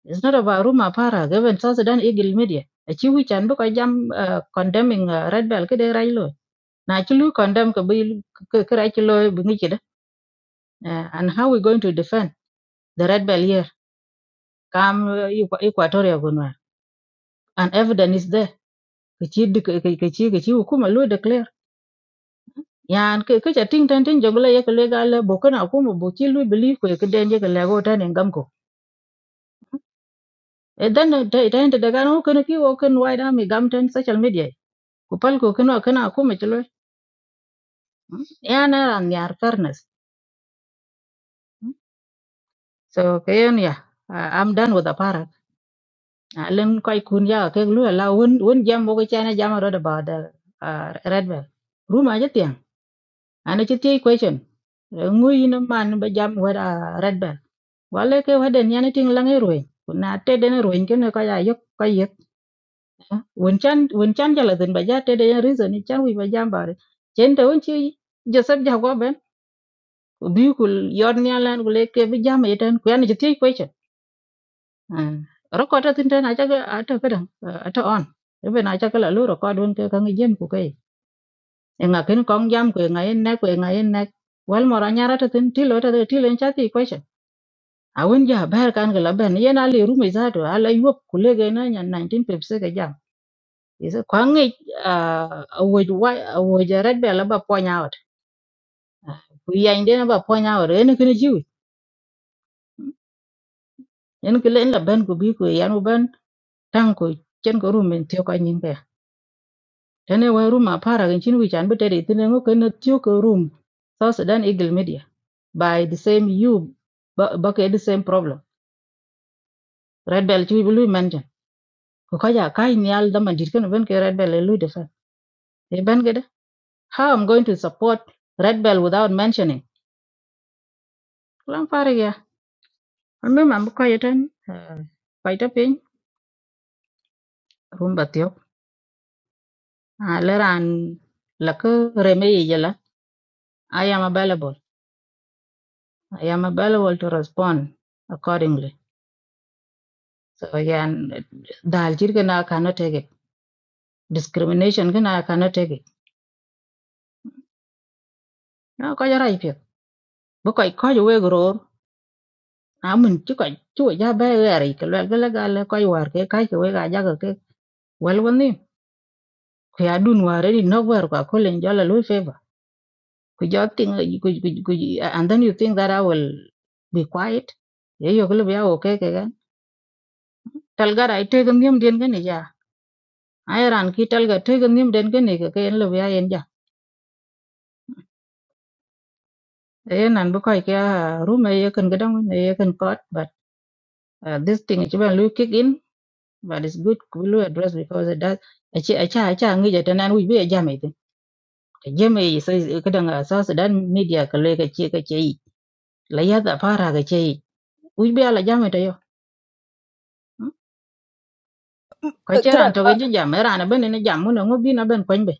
it's not about room apara given south sudan eagle media achi wi chan bu ko jam uh, condemning uh, red bell ke de rai lo na chi lu condemn ke bi ke ke rai chi lo bu ngi chede uh, and how we going to defend the red bell here kam uh, Equa- equatoria gunwa and evidence is there ke chi di- ke ke ke chi ke chi hukuma lu declare yan ke ke chating tan tin jogla ye ke le gala bo kana hukuma bo chi lu believe ko ye ke den ye ke le go tan engam e dan da da da daga no kan ki wo kan wai da mi gam ten social media ku pal ko kan kana ku me chlo ya na ran yar fairness Mm. so kayen ya ah, i'm done with the parrot Ah, len kai kun ya ke lu la won won jam bo ko chana jam ro da ba da ah, red bell ruma je tiang ana che ti question ngui na man ba jam wa da red bell wale ke wa den yana ting lang e ruin kuna te den ruin ken ka ya yok Ah, wen chan wen chan jala den ba ja tede ya reason ni chan wi ba jambare chen de won chi joseph ja go ben ko bi ku yor ni alan ku le ke bi jama yeten ku yana jiti ko che ro ko ta tin den aja ga ata ka dan ata on be na aja kala lu ro ko don ke kan jem ku kai e nga ken kong jam ku e nga en na ku e nga en na wal mo ra nyara ta tin ti lo ta ti len cha ti ko che a won ja ber kan ga la ben yena le ru me za to ala yop ku le ga na nya 19 pepse ga Isa kwa ngi a woj wa a woj red bell ba point out. Ku yan den ba point out en kin jiw. En kin len la ben ku bi ku e yan u ben tan ku chen ko room en tio ka nyin be. Tene wa room a para gin chin wi chan bete de tene ngo ken tio ko room. South Sudan Eagle Media by the same you ba ba ke the same problem. Red bell chui blue mention. Ku ka ja kai nyal da man dit ken ben ke red bell e lu de fa. E ben ke de. How I'm going to support red bell without mentioning. Lang fare Wan ma bu ko yeten ko ita pin rum batio. A leran la ko reme yela. I am available. I am available to respond accordingly. So yan dal jir gana cannot take it. Discrimination gana cannot take it. No ko jara ipi. Bu ko ko je we gror. A mun ci ko ci ja ba we ari ke le le gal ko war ke kai ke we ga ja ke. Wel woni ko ya dun ware ni no war ko ko len jala lu fe could you think could, could, could, you, uh, and then you think that I will be quiet ye yo kle bia okay ke gan tal ga rai te gam yum den gan ja ai ran ki tal ga te gam yum den gan ke ke lo bia yen ja e nan bu kai ke room ye kan gadam ye kan caught but uh, this thing is when you kick in but it's good we will address because it does acha acha acha ngi ja tanan we be ja mai tin ke je mai sai kadan asas dan media ka le ka ce ka ce yi la ya da fara ka ce yi we be ala ja mai ta yo ko Eh, kira cheran to ah, genji jam era ben ne jam mun ngo bi na ben kwen be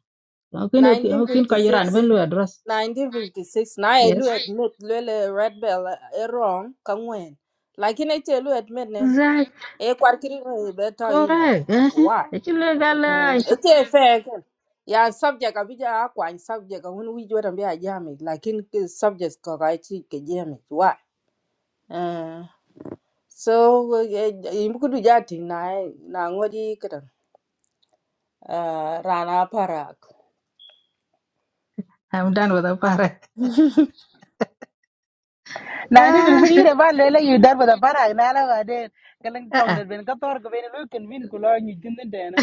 ngo kin ngo kin ko iran ben 1956 lu address 1956 na yes elu admit le le red bell eh, eh, wrong kangwen lakini ite elu admit nen right e kwarkiri beto ino correct eh why e chi le Mm, gala ite fair kan ya subject abija kwa subject wani wiji wata biya jami lakin ki subject ka ka ci ke jami wa Eh, so eh, eh, in buku du jati na na ngodi kadan eh, rana parak i'm done with the pare 90 ah minutes kire ba lele yu dar ba para na la ba de kalang tong ah de ben ka tor ko ben lu ken vin ku lo ni tin den de na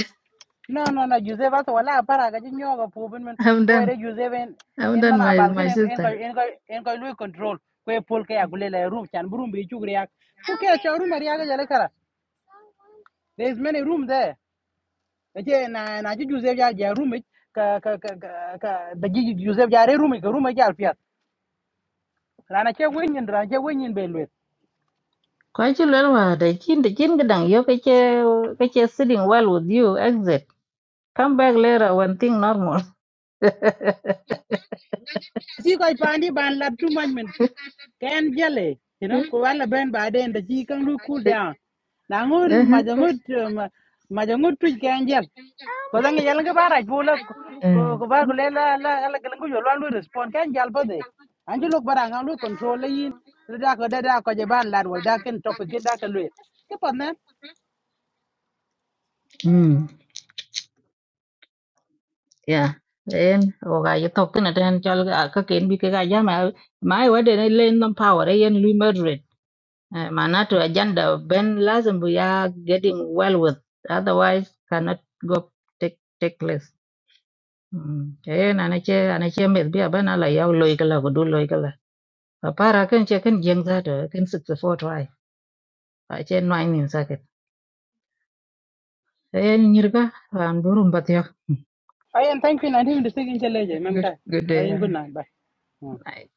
no no no Joseph ba wala para ga jin yoga pu ben men i'm ko done re juse ben i'm en done mana my bal ken my en en ko sister en ko en ko lu control ko e pol ka ya gule le room chan bu room bi chu gre ku ke cha room ri ga jale kala there is many room there na je na na ji juse ya ya room ich, ka ka ka ka ka- da ji juse ya re room ich, ka room ja alfiat na na che wen nyen ra che wen nyen be lu ko chi le wa de kin de kin gedang yo ke che ke che sitting well with you exit come back later when thing normal si ko pandi ban lab tu man can jelly you know ko wala ben ba den da ji kan lu cool down na ngur ma ja ngur eh, ma ja ngur tu can jel ko da ngi yalla ga bara bu la ko ko ba ko le la eh la la ga ngu yo lan lu respond can jal ba de an ji lu bara ngam lu control la yin lu da ko da da ko je ban lad wal da topic kin da ka lu ke pa na Ừ, yeah. Then oga you talk na ten chal ga- ka ken bi ke ga ja ma ma wa de ne len non power e yen lui moderate. Eh, Maana to agenda ben lazim we are getting well with otherwise cannot go take take less. Mm. Eh na na che na che me bi aba na la yaw loy kala ko du loy kala. Pa para ken che ken jeng za to ken 64 try. Pa che no ai nin saket. Eh nyirga ran burum batyo. i am thank you na him de sigin jelle je Good ka good i day. am ah, good night bye Hmm. Night.